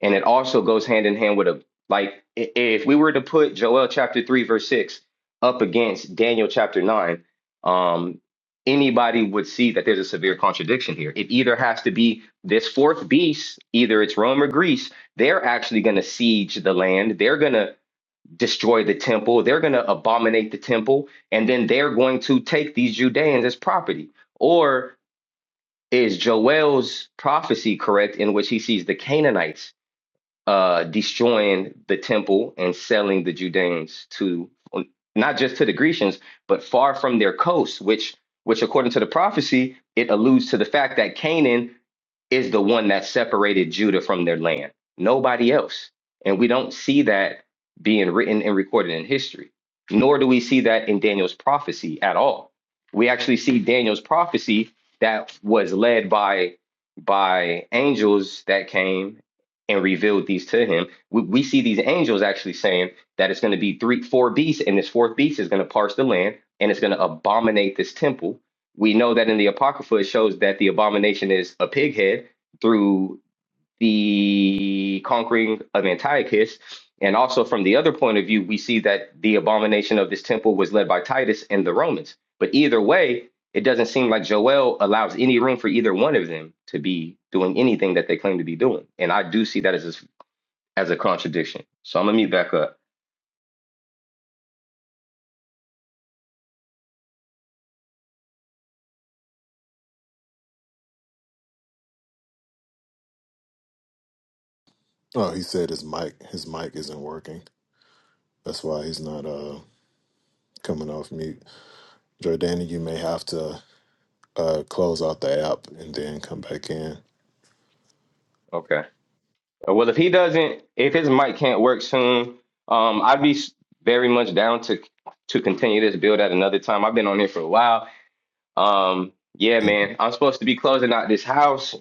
And it also goes hand in hand with a like i- if we were to put Joel chapter three verse six up against Daniel chapter nine, um, anybody would see that there's a severe contradiction here. It either has to be this fourth beast, either it's Rome or Greece. They're actually going to siege the land. They're going to destroy the temple. They're going to abominate the temple, and then they're going to take these Judeans as property. Or is Joel's prophecy correct in which he sees the Canaanites? uh, destroying the temple and selling the Judeans to not just to the Grecians, but far from their coast, which which according to the prophecy, it alludes to the fact that Canaan is the one that separated Judah from their land, nobody else. And we don't see that being written and recorded in history, nor do we see that in Daniel's prophecy at all. We actually see Daniel's prophecy that was led by by angels that came and revealed these to him. We, we see these angels actually saying that it's going to be three, four beasts, and this fourth beast is going to parse the land and it's going to abominate this temple we know that in the apocrypha it shows that the abomination is a pig head through the conquering of antiochus and also from the other point of view we see that the abomination of this temple was led by titus and the romans but either way it doesn't seem like joel allows any room for either one of them to be doing anything that they claim to be doing and i do see that as a, as a contradiction so i'm gonna mute back up
Oh, he said his mic his mic isn't working. That's why he's not uh coming off mute. Jordana, you may have to uh close out the app and then come back in.
okay Well, if he doesn't, if his mic can't work soon, um, I'd be s- very much down to to continue this build at another time. I've been on here for a while. Um, yeah, man, I'm supposed to be closing out this house.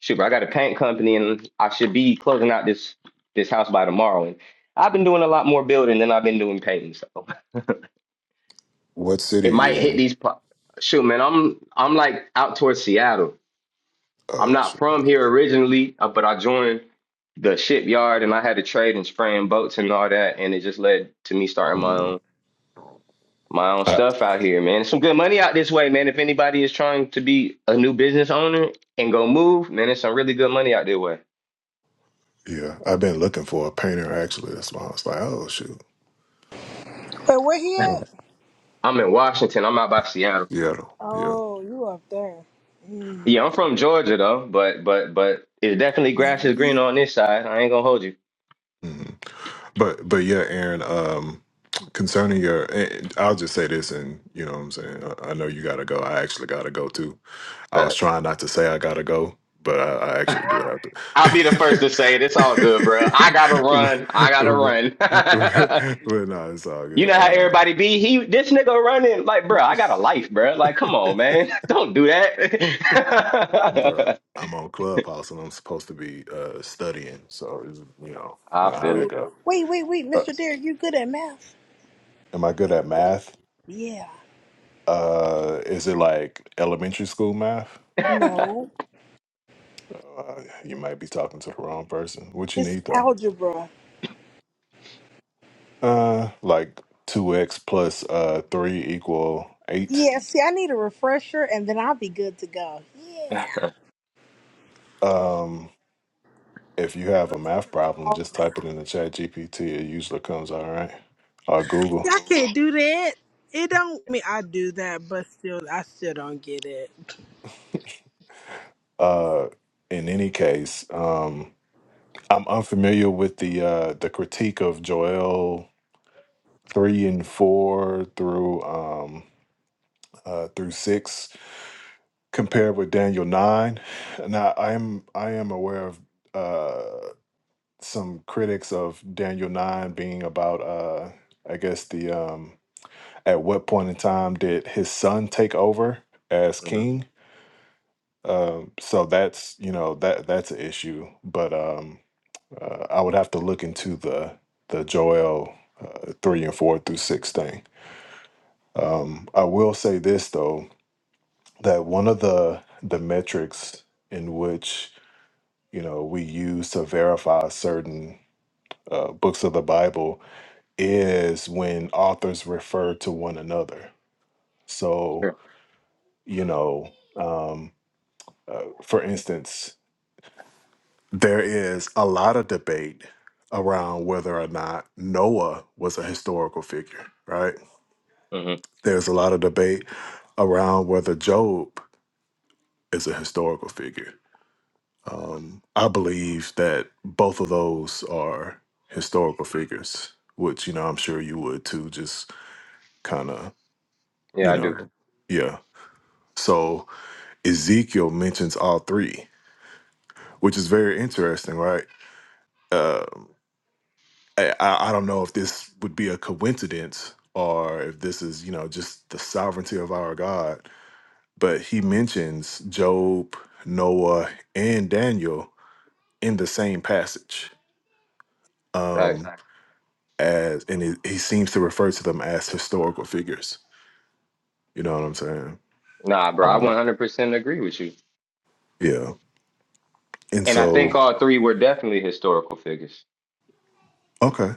Shoot, I got a paint company, and I should be closing out this this house by tomorrow. And I've been doing a lot more building than I've been doing painting, so
What
it
city are you
might hit
in?
these. pro- Shoot, man, I'm I'm like out towards Seattle. I'm
Oh,
not
shit.
from here originally, uh, but I joined the shipyard and I had to trade and spraying boats and all that, and it just led to me starting my
hmm
own my own
I,
stuff out here, man. It's some good money out this way, man. If anybody is trying to be a new business owner and go move, man, it's some really good money out there way.
yeah, I've been looking for a painter actually. That's why I was like, oh shoot,
Wait, where he
oh,
at?
I'm in Washington. I'm out by Seattle.
Seattle, yeah.
Oh, you up there. Mm.
Yeah, I'm from Georgia though, but but but it's definitely grass is green on this side. I ain't gonna hold you.
hmm But but yeah, Aaron. Um, concerning your, and I'll just say this, and you know what I'm saying. I, I know you gotta go. I actually gotta go too. I was
But
trying not to say I gotta go, but I, I actually do have to.
I'll be the first to say it. It's all good, bro. I gotta run. I gotta
but, but,
run.
no, it's all
You
good.
know how
Uh,
everybody be. He this nigga running like, bro. I got a life, bro. Like, come on, man. Don't do
bro,
that.
I'm on Clubhouse and I'm supposed to be uh, studying, so it's, you know, you know
I
how
feel
that
it.
go.
Wait, wait, wait,
Uh,
Mr. Derek, you good at math?
am I good at math?
Yeah.
Uh, is it like elementary school math?
No,
Uh, you might be talking to the wrong person. What you
it's
need though?
algebra.
Uh, like two x plus uh three equal eight.
Yeah, see, I need a refresher and then I'll be good to go. Yeah.
Um, if you have a math problem, just type it in the chat GPT. It usually comes all right. Or Google.
I can't do that. It don't I mean I do that, but still, I still don't get it.
Uh, in any case, um, I'm unfamiliar with the uh, the critique of Joel three and four through um, uh, through six compared with Daniel nine. Now I am I am aware of uh, some critics of Daniel nine being about uh, I guess the um, At what point in time did his son take over as
hmm
king? Um, so that's you know that that's an issue. But um, uh, I would have to look into the the Joel uh, three and four through six thing. Um, I will say this though that one of the the metrics in which you know we use to verify certain uh, books of the Bible is when authors refer to one another. So
Sure.
you know. Um, Uh, for instance, there is a lot of debate around whether or not Noah was a historical figure, right?
hmm
There's a lot of debate around whether Job is a historical figure. Um, I believe that both of those are historical figures, which, you know, I'm sure you would too, just kind of,
Yeah,
you
I
know,
do.
Sure. yeah. So Ezekiel mentions all three, which is very interesting, right? Um, I, I I don't know if this would be a coincidence or if this is, you know, just the sovereignty of our God, but he mentions Job, Noah, and Daniel in the same passage.
Like,
Um, as and he, he seems to refer to them as historical figures. You know what I'm saying?
nah, bro. I
Um,
one hundred percent agree with you.
yeah. And
And I think
so,
all three were definitely historical figures.
okay,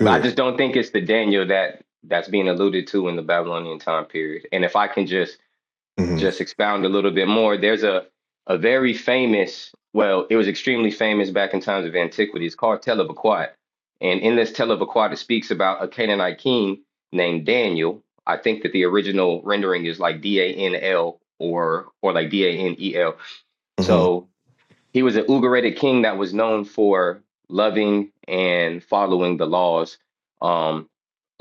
But I just don't think it's the Daniel that that's being alluded to in the Babylonian time period. And if I can just
hmm
just expound a little bit more, there's a, a very famous, well, it was extremely famous back in times of antiquity. It's called Tell of Aquat. And in this Tell of Aquat, it speaks about a Canaanite king named Daniel. I think that the original rendering is like D A N L or or like D A N E L.
hmm
So he was an Ugaritic king that was known for loving and following the laws. Um,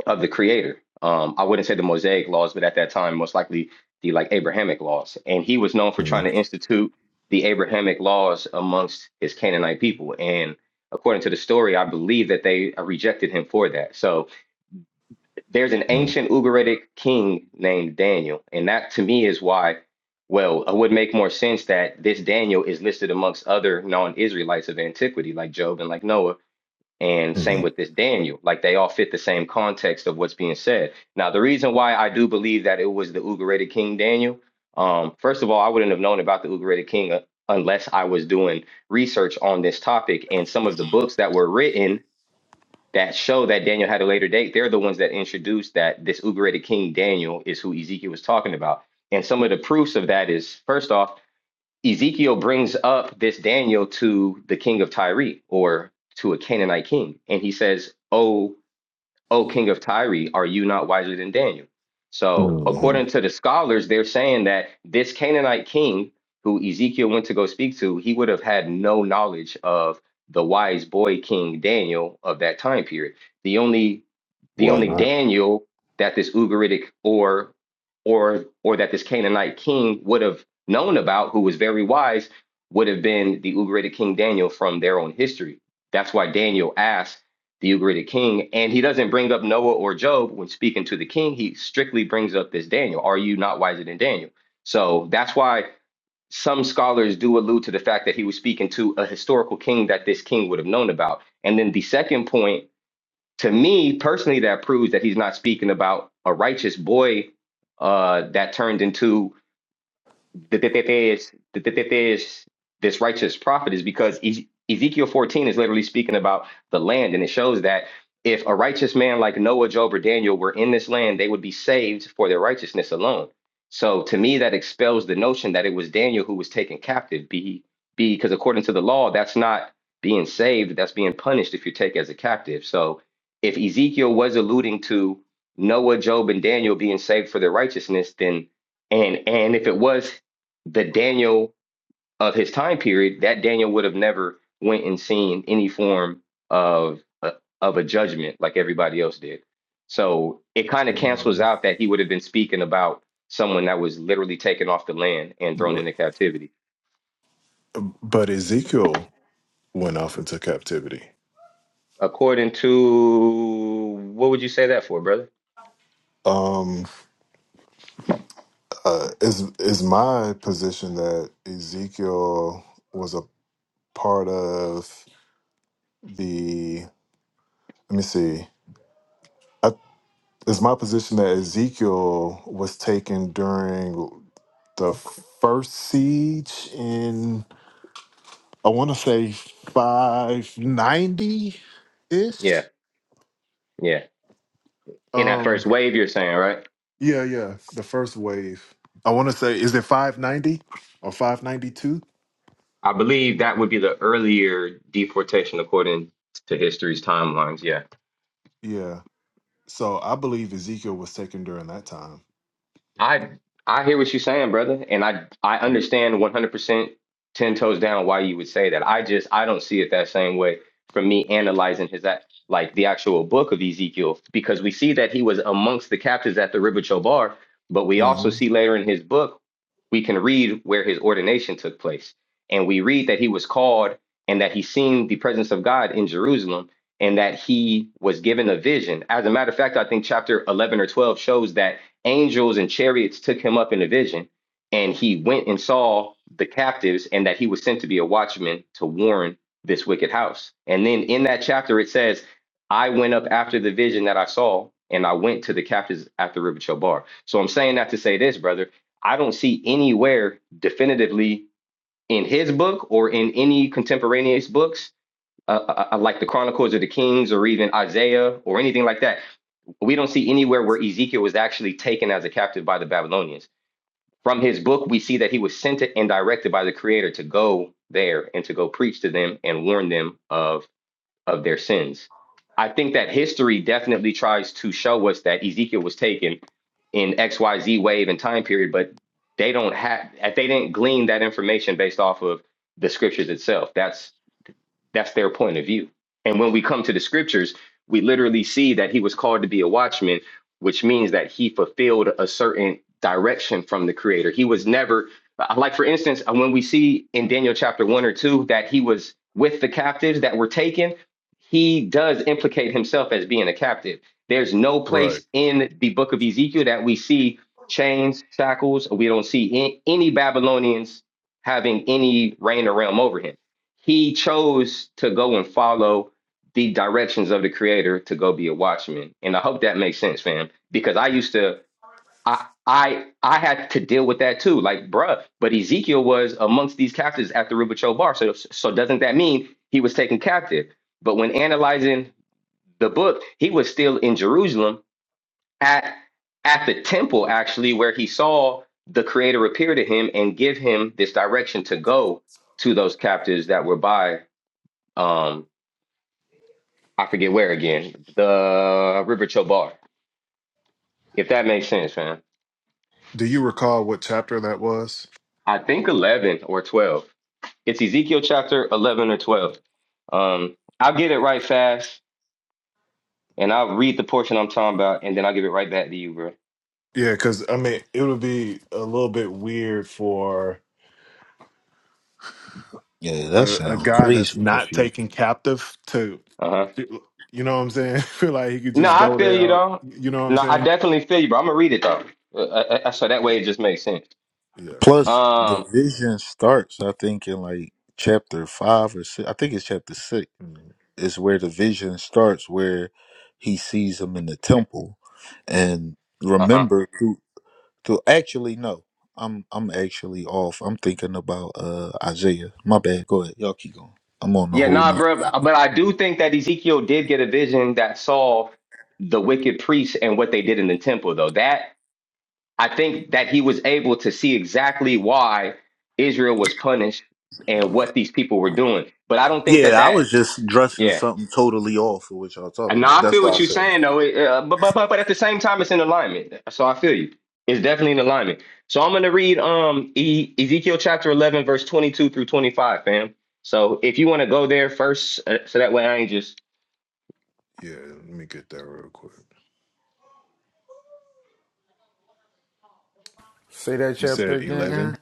of the creator. Um, I wouldn't say the Mosaic laws, but at that time, most likely the like Abrahamic laws. And he was known for
hmm
trying to institute the Abrahamic laws amongst his Canaanite people. And according to the story, I believe that they rejected him for that. So there's an
hmm
ancient Ugaritic king named Daniel. And that to me is why, well, it would make more sense that this Daniel is listed amongst other non Israelites of antiquity, like Job and like Noah and same
hmm
with this Daniel. Like they all fit the same context of what's being said. Now, the reason why I do believe that it was the Ugaritic king Daniel, um, first of all, I wouldn't have known about the Ugaritic king uh, unless I was doing research on this topic. And some of the books that were written that show that Daniel had a later date, they're the ones that introduced that this Ugaritic king Daniel is who Ezekiel was talking about. And some of the proofs of that is first off, Ezekiel brings up this Daniel to the king of Tyre or to a Canaanite king, and he says, "Oh." O king of Tyre, are you not wiser than Daniel? So,
hmm
according to the scholars, they're saying that this Canaanite king who Ezekiel went to go speak to, he would have had no knowledge of the wise boy king Daniel of that time period. The only the
Why
only
not?
Daniel that this Ugaritic or or or that this Canaanite king would have known about, who was very wise, would have been the Ugaritic king Daniel from their own history. That's why Daniel asked the Ugaritic king? And he doesn't bring up Noah or Job when speaking to the king. He strictly brings up this Daniel. Are you not wiser than Daniel? So that's why some scholars do allude to the fact that he was speaking to a historical king that this king would have known about. And then the second point, to me personally, that proves that he's not speaking about a righteous boy uh, that turned into that that- that there's that that- that there's this righteous prophet is because Ez- Ezekiel 14 is literally speaking about the land, and it shows that if a righteous man like Noah, Job, or Daniel were in this land, they would be saved for their righteousness alone. So to me, that expels the notion that it was Daniel who was taken captive. Be be because according to the law, that's not being saved; that's being punished if you're taken as a captive. So if Ezekiel was alluding to Noah, Job, and Daniel being saved for their righteousness, then and and if it was the Daniel of his time period, that Daniel would have never went and seen any form of a, of a judgment like everybody else did. So it kind of cancels
Mhm.
out that he would have been speaking about someone that was literally taken off the land and thrown
But,
into captivity.
but Ezekiel went off into captivity.
According to what would you say that for, brother?
Um, uh, is is my position that Ezekiel was a part of the? Let me see. I, is my position that Ezekiel was taken during the first siege in? I want to say five ninety ish.
Yeah, yeah. In that
Um,
first wave, you're saying, right?
yeah, yeah, the first wave. I want to say is it five ninety or five ninety two?
I believe that would be the earlier deportation according to history's timelines. Yeah.
Yeah. So I believe Ezekiel was taken during that time.
I I hear what you're saying, brother, and I I understand 100% 10 toes down why you would say that. I just I don't see it that same way From me analyzing his act like the actual book of Ezekiel because we see that he was amongst the captives at the river Chobar, but we also
hmm
see later in his book we can read where his ordination took place. And we read that he was called and that he seen the presence of God in Jerusalem and that he was given a vision. As a matter of fact, I think chapter 11 or 12 shows that angels and chariots took him up in a vision, and he went and saw the captives, and that he was sent to be a watchman to warn this wicked house. And then in that chapter, it says, I went up after the vision that I saw, and I went to the captives at the river Chobar. So I'm saying that to say this, brother. I don't see anywhere definitively in his book or in any contemporaneous books, uh, uh, uh, like the Chronicles of the Kings or even Isaiah or anything like that we don't see anywhere where Ezekiel was actually taken as a captive by the Babylonians. From his book, we see that he was sent and directed by the Creator to go there and to go preach to them and warn them of, of their sins. I think that history definitely tries to show us that Ezekiel was taken in XYZ wave and time period, but they don't have they didn't glean that information based off of the scriptures itself. That's that's their point of view. And when we come to the scriptures, we literally see that he was called to be a watchman, which means that he fulfilled a certain direction from the creator. He was never, like, for instance, when we see in Daniel chapter one or two that he was with the captives that were taken, he does implicate himself as being a captive. There's no place
Right.
in the book of Ezekiel that we see chains, shackles. We don't see a- any Babylonians having any reign or realm over him he chose to go and follow the directions of the creator to go be a watchman and i hope that makes sense fam because i used to i i i had to deal with that too like bruh but ezekiel was amongst these captives at the Rubacho bar so so doesn't that mean he was taken captive but when analyzing the book he was still in jerusalem at at the temple actually where he saw the creator appear to him and give him this direction to go to those captives that were by um I forget where again, the River Bar. if that makes sense, fam.
Do you recall what chapter that was?
I think eleven or twelve. It's Ezekiel chapter eleven or twelve. Um, I'll get it right fast, and I'll read the portion I'm talking about, and then I'll give it right back to you, bro.
Yeah, because I mean, it would be a little bit weird for
Yeah, that
a, a
sounds
guy that's
crazy
not
confused.
taken captive to,
Uh huh.
you know what I'm saying? Feel like he could
No,
just
I
go
feel
there
you
out.
though.
You know what I'm
No, I
saying?
definitely feel you, bro. I'm gonna read it though, uh, uh, uh, so that way it just makes sense.
Yeah.
Plus, the
Um,
vision starts. I think in like chapter five or six. I think it's chapter six
Mm,
is where the vision starts, where he sees him in the temple, and
uh huh.
remember. So actually, no. I'm I'm actually off. I'm thinking about uh Isaiah. My bad. Go ahead. Y'all keep going. I'm on the
Yeah,
whole
nah,
nother.
bro. But I do think that Ezekiel did get a vision that saw the wicked priests and what they did in the temple, though. That I think that he was able to see exactly why Israel was punished and what these people were doing. But I don't think that
Yeah, I was
that,
just dressing
yeah.
something totally off of what y'all talking
And
about.
now I
That's
feel
why
what
I
you're
said
saying
that.
though. It, uh, but, but but but at the same time, it's in alignment. So I feel you. It's definitely in alignment. So I'm gonna read um e- Ezekiel chapter 11 verse 22 through 25, fam. So if you want to go there first, uh, so that way I ain't just
Yeah. Let me get that real quick.
Say that
You
chapter
said
again, Aaron.
11?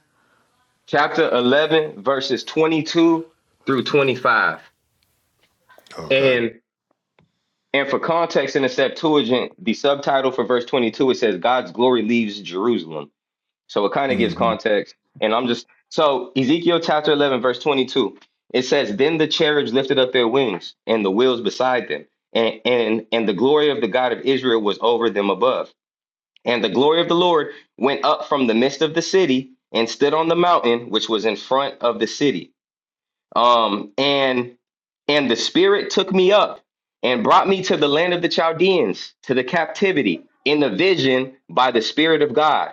chapter 11 verses 22 through 25.
Okay.
And for context in the Septuagint, the subtitle for verse 22, it says, God's glory leaves Jerusalem. So it kind of gives
hmm
context. And I'm just, so Ezekiel chapter 11, verse 22, it says, Then the cherubs lifted up their wings and the wheels beside them. And, and, and the glory of the God of Israel was over them above. And the glory of the Lord went up from the midst of the city and stood on the mountain which was in front of the city. Um, and and the spirit took me up and brought me to the land of the Chaldeans, to the captivity, in the vision by the Spirit of God.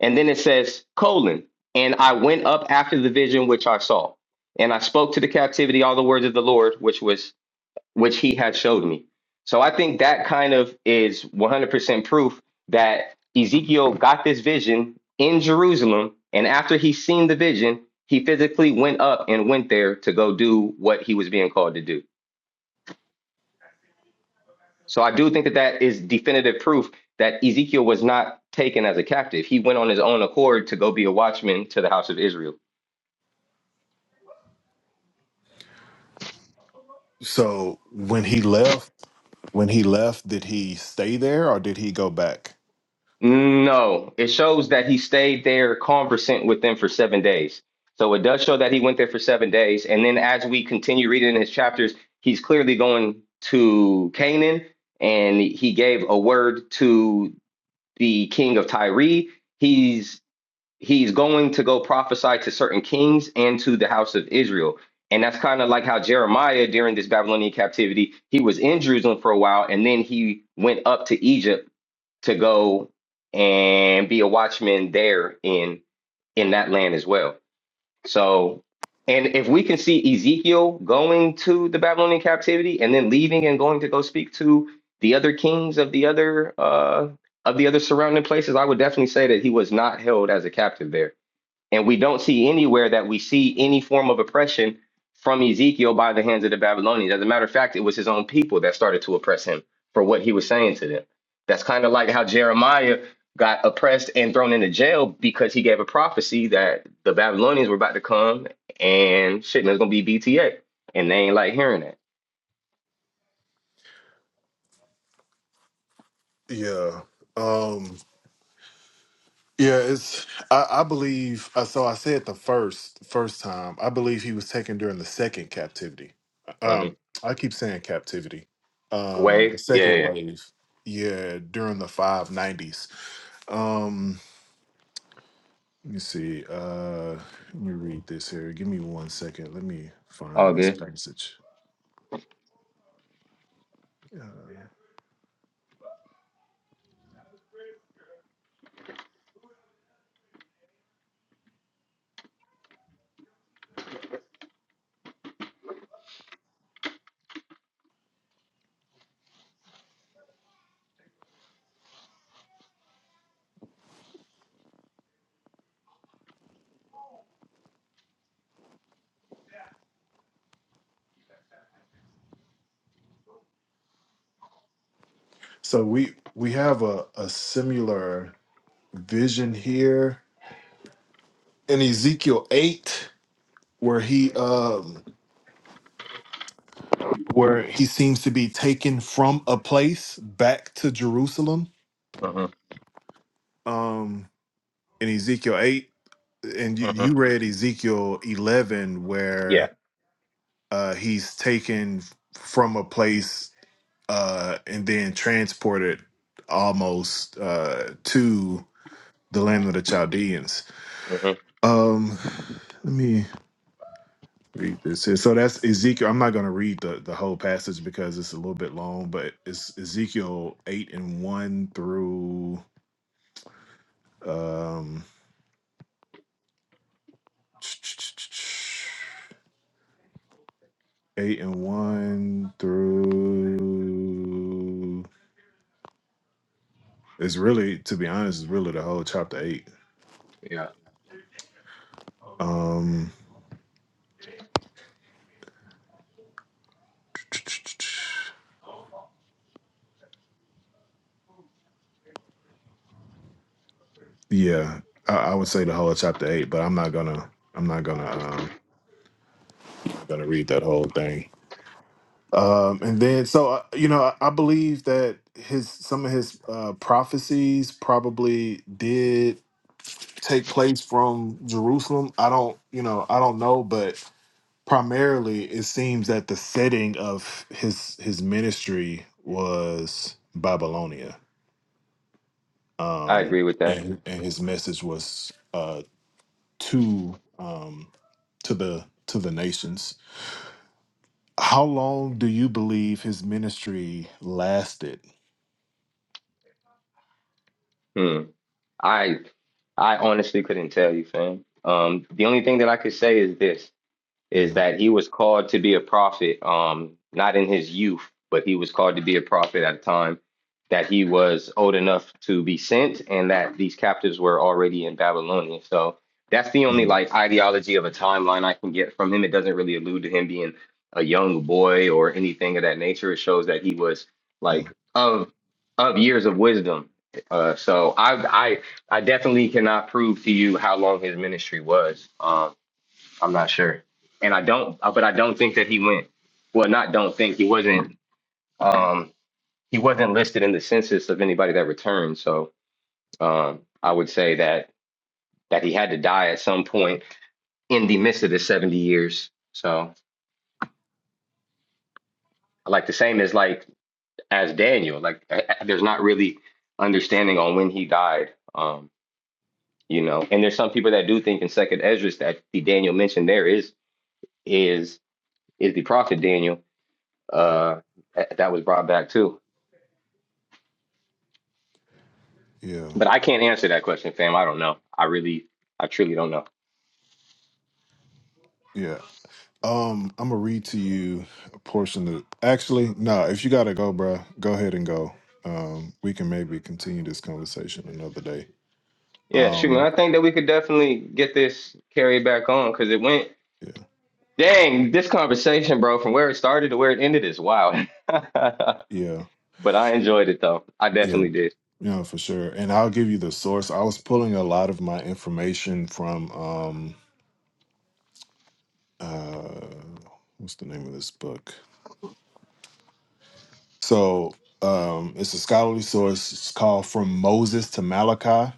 And then it says, colon, and I went up after the vision which I saw. And I spoke to the captivity all the words of the Lord, which was which he had showed me. So I think that kind of is 100% proof that Ezekiel got this vision in Jerusalem. And after he seen the vision, he physically went up and went there to go do what he was being called to do. So I do think that that is definitive proof that Ezekiel was not taken as a captive. He went on his own accord to go be a watchman to the house of Israel.
So when he left, when he left, did he stay there or did he go back?
No, it shows that he stayed there conversant with them for seven days. So it does show that he went there for seven days. And then as we continue reading in his chapters, he's clearly going to Canaan and he gave a word to the king of Tyre. He's he's going to go prophesy to certain kings and to the house of Israel. And that's kind of like how Jeremiah during this Babylonian captivity, he was in Jerusalem for a while and then he went up to Egypt to go and be a watchman there in in that land as well. So, and if we can see Ezekiel going to the Babylonian captivity and then leaving and going to go speak to the other kings of the other uh, of the other surrounding places, I would definitely say that he was not held as a captive there and we don't see anywhere that we see any form of oppression from Ezekiel by the hands of the Babylonians. As a matter of fact, it was his own people that started to oppress him for what he was saying to them. That's kind of like how Jeremiah got oppressed and thrown into jail because he gave a prophecy that the Babylonians were about to come and shit, and it's going to be BTA. And they ain't like hearing that.
Yeah. Um yeah, it's I, I believe uh, so I said the first first time. I believe he was taken during the second captivity.
hmm
Um I keep saying captivity. Um the
Wave? Yeah,
second
yeah.
wave. Yeah, during the 590s. Um let me see. Uh let me read this here. Give me one second. Let me find
All
this
good.
passage. Uh, so we we have a, a similar vision here in Ezekiel 8 where he um where he seems to be taken from a place back to Jerusalem
hmm
um in Ezekiel 8 and you,
hmm
you read Ezekiel 11
Yeah.
where uh he's taken from a place uh and then transported almost uh to the land of the Chaldeans
hmm
um let me read this here. So that's Ezekiel. I'm not going to read the, the whole passage because it's a little bit long, but it's Ezekiel 8 and 1 through um 8 and 1 through it's really to be honest, it's really the whole chapter 8.
Yeah.
Um yeah, I, I would say the whole chapter 8, but I'm not going to I'm not going to um going to read that whole thing. Um, and then, so uh, you know, I, I believe that his some of his uh, prophecies probably did take place from Jerusalem. I don't, you know, I don't know, but primarily it seems that the setting of his his ministry was Babylonia,
I
um,
agree with that.
and and his message was uh, to um, to the to the nations. How long do you believe his ministry lasted?
Hmm. I I honestly couldn't tell you, fam. Um, the only thing that I could say is this is
Hmm.
that he was called to be a prophet, um, not in his youth, but he was called to be a prophet at a time that he was old enough to be sent and that these captives were already in Babylonia. So that's the only
Mm,
like ideology of a timeline I can get from him. It doesn't really allude to him being a young boy or anything of that nature. It shows that he was like
mm,
of of years of wisdom. Uh, so I I I definitely cannot prove to you how long his ministry was. Um, I'm not sure, and I don't, uh, but I don't think that he went. Well, not don't think he wasn't. Um, he wasn't listed in the census of anybody that returned. So um, I would say that that he had to die at some point in the midst of the 70 years. So like the same as like as Daniel, like I- I- there's not really understanding on when he died. Um, you know, and there's some people that do think in Second Esdras that the Daniel mentioned there is is is the prophet Daniel.
mm.
Uh, that that was brought back too.
Yeah,
But I can't answer that question, fam. I don't know. I really, I truly don't know.
yeah. Um, I'm gonna read to you a portion of. Actually, no. If you gotta go, bruh, go ahead and go. Um, we can maybe continue this conversation another day.
Yeah, shoot,
Um,
man. I think that we could definitely get this carried back on because it went,
yeah,
dang, this conversation, bro, from where it started to where it ended is wild. but
yeah,
I enjoyed it, though. I
yeah.
definitely did.
Yeah, for sure. And I'll give you the source. I was pulling a lot of my information from um, uh, what's the name of this book? So, um, it's a scholarly source. It's called From Moses to Malachi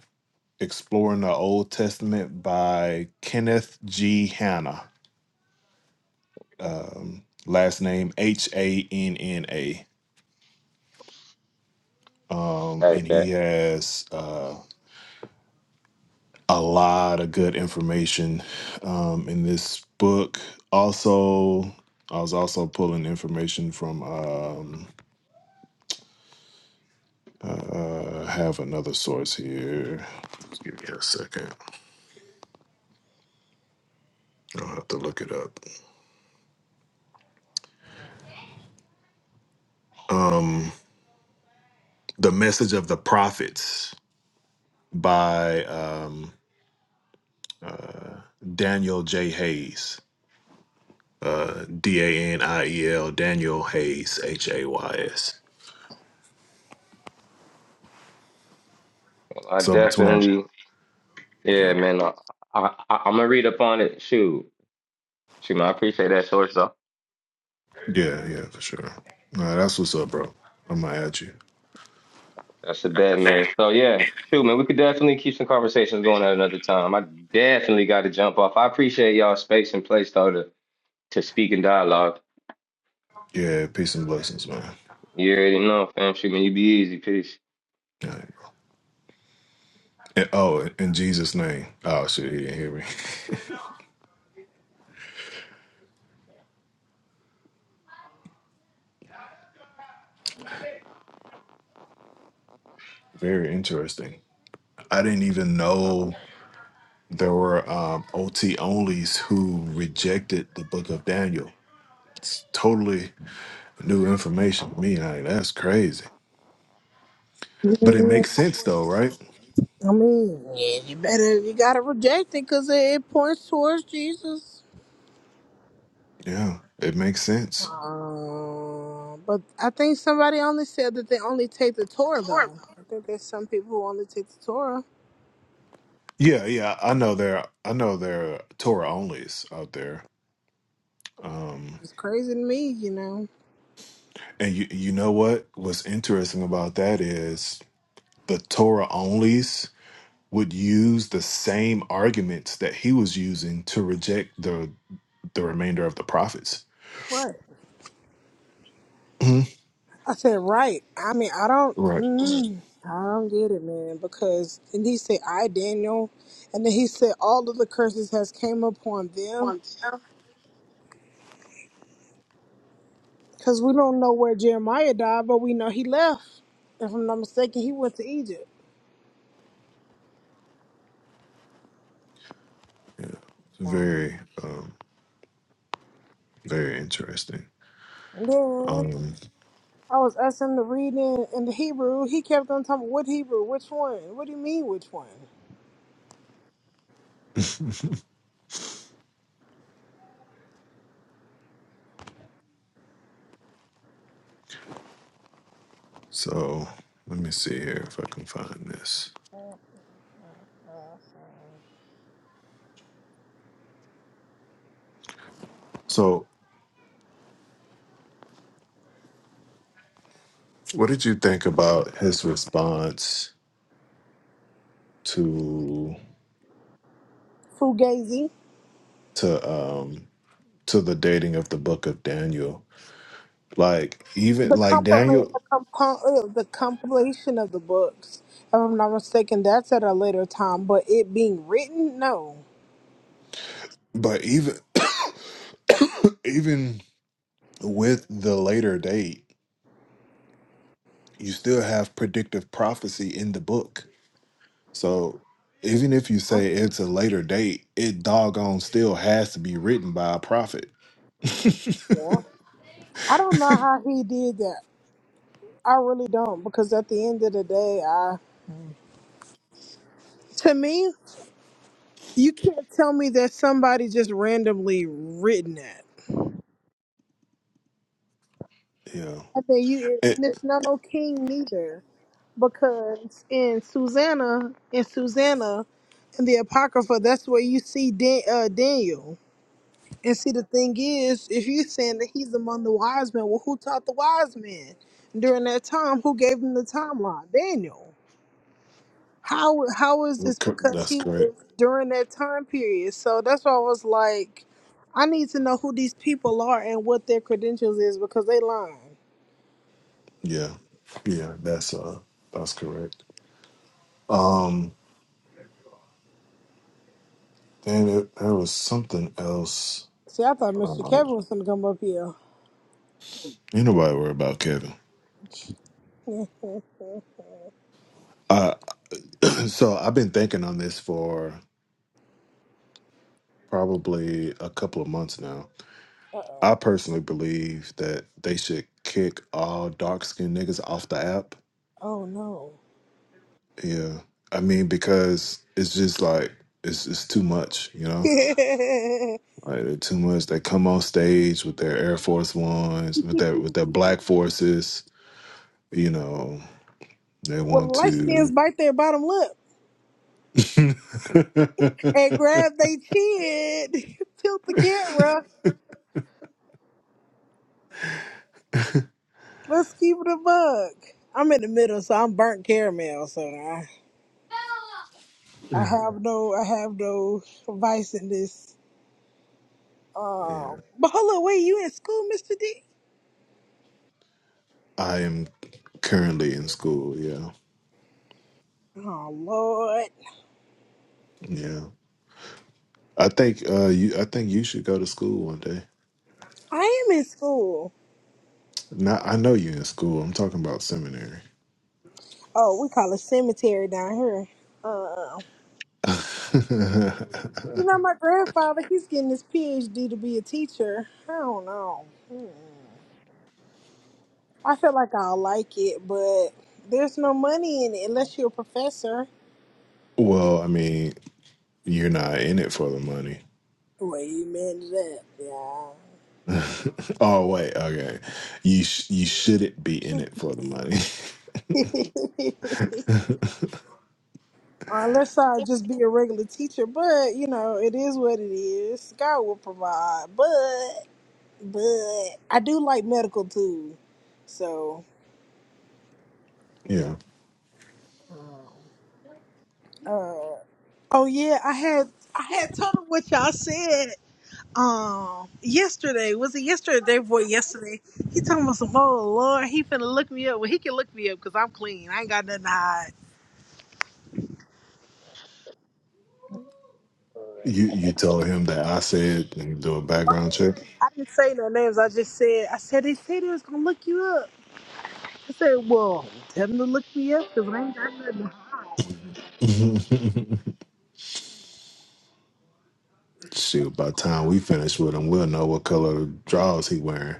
Exploring the Old Testament by Kenneth G. Hanna. Um, last name H A N N A. Um,
I
and he
bet.
has uh, a lot of good information um, in this book. Also, I was also pulling information from. Um, uh, I have another source here. Just give me a second. I'll have to look it up. The Message of the Prophets by uh, Daniel J. Hayes. D A N I E L Daniel Hayes H A Y S.
I
So I between definitely.
definitely, yeah,
yeah,
man. I, I, I, I'm going to read up on it. Shoot. Shoot, man. I appreciate that source, though.
yeah, yeah, for sure. Nah, that's what's up, bro. I'm gonna add you.
That's a
That's a
bet, man.
Danny.
So yeah, shoot, man, we could definitely keep some conversations going at another time. I definitely got to jump off. I appreciate y'all space and place though to to speak and dialogue.
Yeah, peace and blessings, man. All
You already know, fam. Shoot, man, you be easy. Peace.
right, bro. And- oh, in Jesus' name. Oh shit, he didn't hear me. Very interesting. I didn't even know there were um, OT onlys who rejected the Book of Daniel. It's totally new information to me. Like that's crazy, but it
Yeah,
makes sense though, right?
I mean, yeah, you better, you gotta reject it because it, it points towards Jesus.
Yeah, it makes sense.
Uh, but I think somebody only said that they only take the Torah, though. I think there's some people who only take the Torah.
Yeah, yeah, I know there. I know there are Torah onlys out there. Um,
It's crazy to me, you know.
and you, you know what? What's interesting about that is the Torah onlys would use the same arguments that he was using to reject the the remainder of the prophets.
What?
Mhm.
I said, right. I mean, I don't,
Right.
mm, I don't get it, man. Because and he said, I Daniel, and then he said, all of the curses has came upon them. Because we don't know where Jeremiah died, but we know he left. If I'm not mistaken, he went to Egypt.
Yeah. very, um, very interesting.
And then
Um,
I was asking him to read in, in the Hebrew. He kept on talking, what Hebrew? Which one? What do you mean, which one?
so let me see here if I can find this.
Uh, uh, uh.
So. What did you think about his response to
Fugazi.
to um to the dating of the book of Daniel? Like even
The
like
compilation,
Daniel,
the, compo- uh, the compilation of the books, if I'm not mistaken, that's at a later time. But it being written, no.
but even even with the later date, you still have predictive prophecy in the book. So even if you
Oh,
say it's a later date, it doggone still has to be written by a prophet.
yeah. I don't know how he did that. I really don't, because at the end of the day, I to me, you can't tell me that somebody just randomly written that.
yeah.
I think you,
It,
and it's not no king neither, because in Susanna, in Susanna, in the Apocrypha, that's where you see Dan, uh, Daniel. And see, the thing is, if you're saying that he's among the wise men, well, who taught the wise men during that time? Who gave them the timeline? Daniel. How how is this? Because
that's
he
correct.
was during that time period. So that's why I was like, I need to know who these people are and what their credentials is because they lying.
Yeah, yeah, that's uh, that's correct. Um, and it, there was something else.
See, I thought Mr.
Um,
Kevin was gonna come up here.
ain't nobody worry about Kevin.
uh
Uh, so I've been thinking on this for probably a couple of months now.
oh.
I personally believe that they should kick all dark skinned niggas off the app.
Oh no.
Yeah, I mean because it's just like it's it's too much, you know. Like they're too much. They come on stage with their Air Force Ones, with their with their Black Forces you know they want
well, light skins
to
bite their bottom lip.
yeah
and grab their chin, tilt the camera. Let's keep it a bug. I'm in the middle, so I'm burnt caramel. So I, I have no, I have no vice in this. Um, but hold on, wait, you in school, Mister D?
i am currently in school yeah
Oh Lord,
yeah i think uh you i think you should go to school one day
I am in school.
Not. i know you're in school i'm talking about seminary
Oh, we call it cemetery down here. Uh, you know, my grandfather, he's getting his PhD to be a teacher. I don't know. Hmm. I feel like I'll like it, but there's no money in it unless you're a professor.
well i mean you're not in it for the money
Wait a minute, yeah.
oh wait okay you sh- you shouldn't be in it for the money
unless I just be a regular teacher, but you know, it is what it is. God will provide, but but I do like medical too, so.
yeah
Uh, oh yeah, I had I had told them what y'all said. um yesterday was it yesterday or the day before yesterday he talking about some oh lord he finna look me up well he can look me up because i'm clean i ain't got nothing to hide
You you told him that I said and do a
Well, I didn't
background check.
say I didn't say no names. I just said, I said, they said they was going to look you up. I said, well, tell them to look me up because I ain't got nothing to hide.
Shoot, by the time we finish with him, we'll know what color drawers he wearing.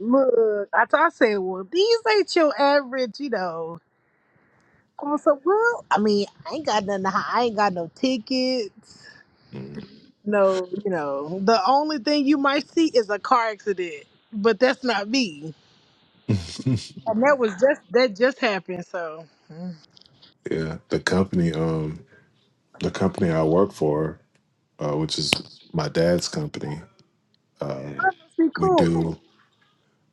Look, I thought I said, well, these ain't your average, you know. I was like, well, I mean, I ain't got nothing to hide. I ain't got no tickets.
Mm.
no, you know, the only thing you might see is a car accident, but that's not me. And that was just that just happened. So mm.
yeah, the company um the company I work for, uh, which is my dad's company, uh,
that must be
we
cool.
do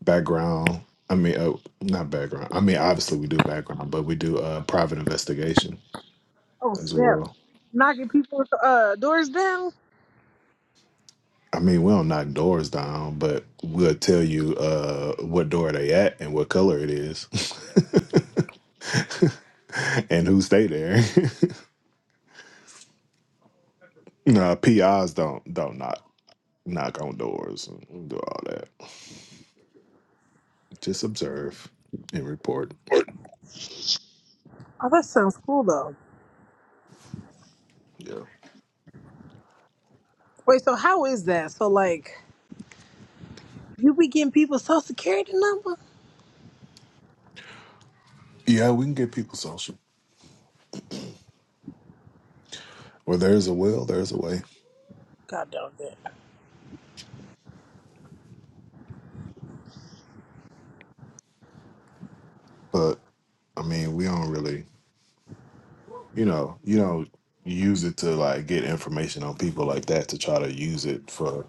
background. I mean, uh, not background. I mean, obviously we do background, but we do uh, private investigation
Oh
as
snap!
well.
Knocking people's uh, doors down.
I mean, we don't knock doors down, but we'll tell you uh, what door they at and what color it is, and who stay there. nah, PIs don't don't knock knock on doors and do all that. Just observe and report.
Oh, that sounds cool though. Wait, so how is that? So like, you be getting people's social security number?
Yeah, we can get people social. Where there's a will, there's a way.
God damn
But I mean, we don't really, you know, you don't use it to like get information on people like that to try to use it for.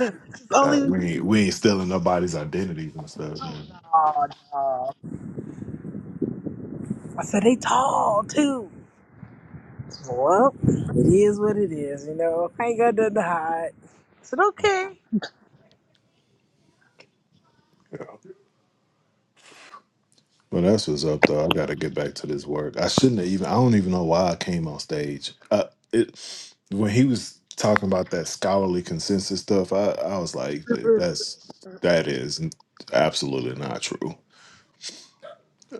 it!
Uh,
only.
we ain't, we ain't stealing nobody's identities and stuff, you know.
Oh no! I said they tall too. Well, it is what it is. You know, I ain't got nothing to hide. I said okay.
Well, that's what's up, though. I got to get back to this work. I shouldn't have even. I don't even know why I came on stage. Uh, it when he was talking about that scholarly consensus stuff, I I was like, "Th- that's that is n- absolutely not true.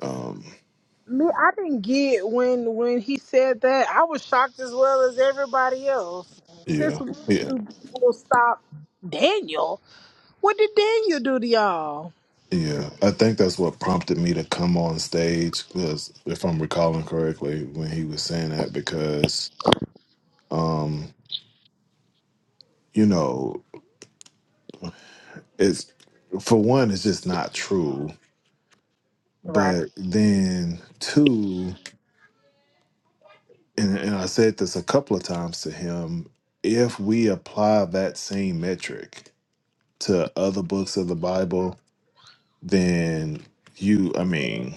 Um,
Me, I didn't get when when he said that. I was shocked as well as everybody else. Since
yeah,
when
yeah,
do people stop Daniel? What did Daniel do to y'all?
yeah. I think that's what prompted me to come on stage because, if I'm recalling correctly, when he was saying that, because um, you know. It's for one, it's just not true.
Right.
But then two, and, and I said this a couple of times to him, if we apply that same metric to other books of the Bible, then you, I mean,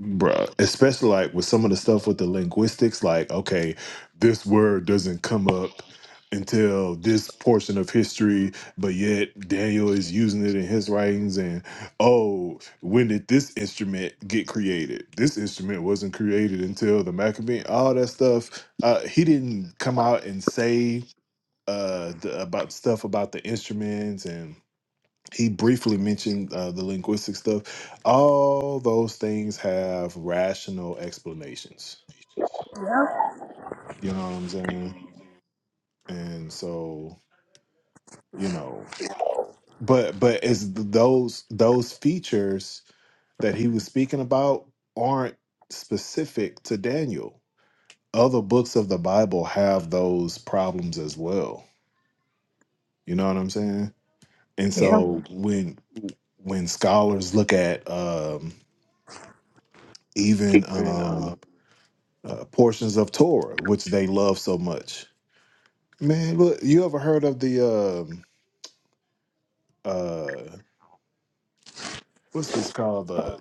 Bruh, especially like with some of the stuff with the linguistics, like, okay, this word doesn't come up until this portion of history, but yet Daniel is using it in his writings. And oh, when did this instrument get created? This instrument wasn't created until the Maccabean, all that stuff. Uh, he didn't come out and say uh, the, about stuff about the instruments and he briefly mentioned uh, the linguistic stuff. All those things have rational explanations. You know what I'm saying? And so, you know, but but it's th- those those features that he was speaking about aren't specific to Daniel. Other books of the Bible have those problems as well. You know what I'm saying? And
Yeah.
so when when scholars look at um, even um, uh, portions of Torah, which they love so much. Man, look, you ever heard of the um, uh, what's this called the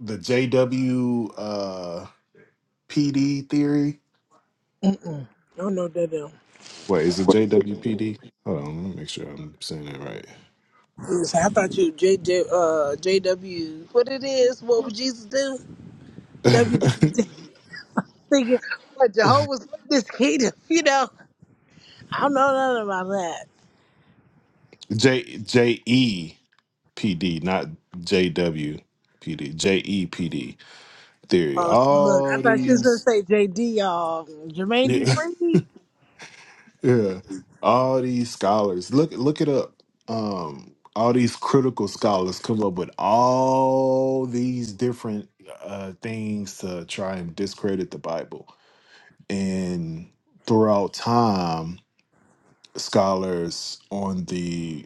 the JW uh, PD theory?
I don't know that. um,
Wait, is it JWPD? Hold on, let me make sure I'm saying that
yes, I thought you JJ uh JW. What it is? What would Jesus do? W.
right.
W. thinking what Jehovah's Witness kingdom. You know, I don't know nothing about that.
J J E P D, not J W P D. J E P D theory.
Oh, see, look, I
All
thought she was gonna
these
say JD. Um, Jermaine Dupri.
Yeah, all these scholars look look it up. Um, all these critical scholars come up with all these different uh, things to try and discredit the Bible. And throughout time, scholars on the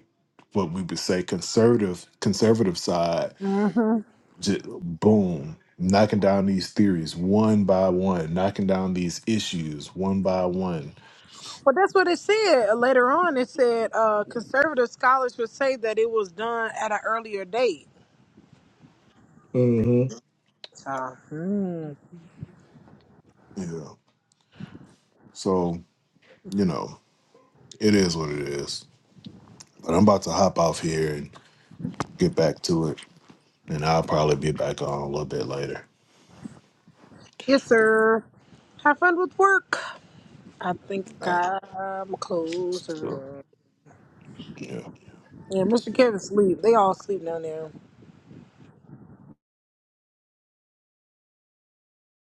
what we would say conservative conservative side,
Mm-hmm.
just boom, knocking down these theories one by one, knocking down these issues one by one.
Well, that's what it said. Later on, it said uh, conservative scholars would say that it was done at an earlier date.
hmm
Hmm.
Yeah. So you know, it is what it is. But I'm about to hop off here and get back to it, and I'll probably be back on a little bit later.
Yes, sir. Have fun with work. I think
All right.
I'm a closer.
Yeah.
Yeah, Mr. Kevin sleep. They all sleep down there.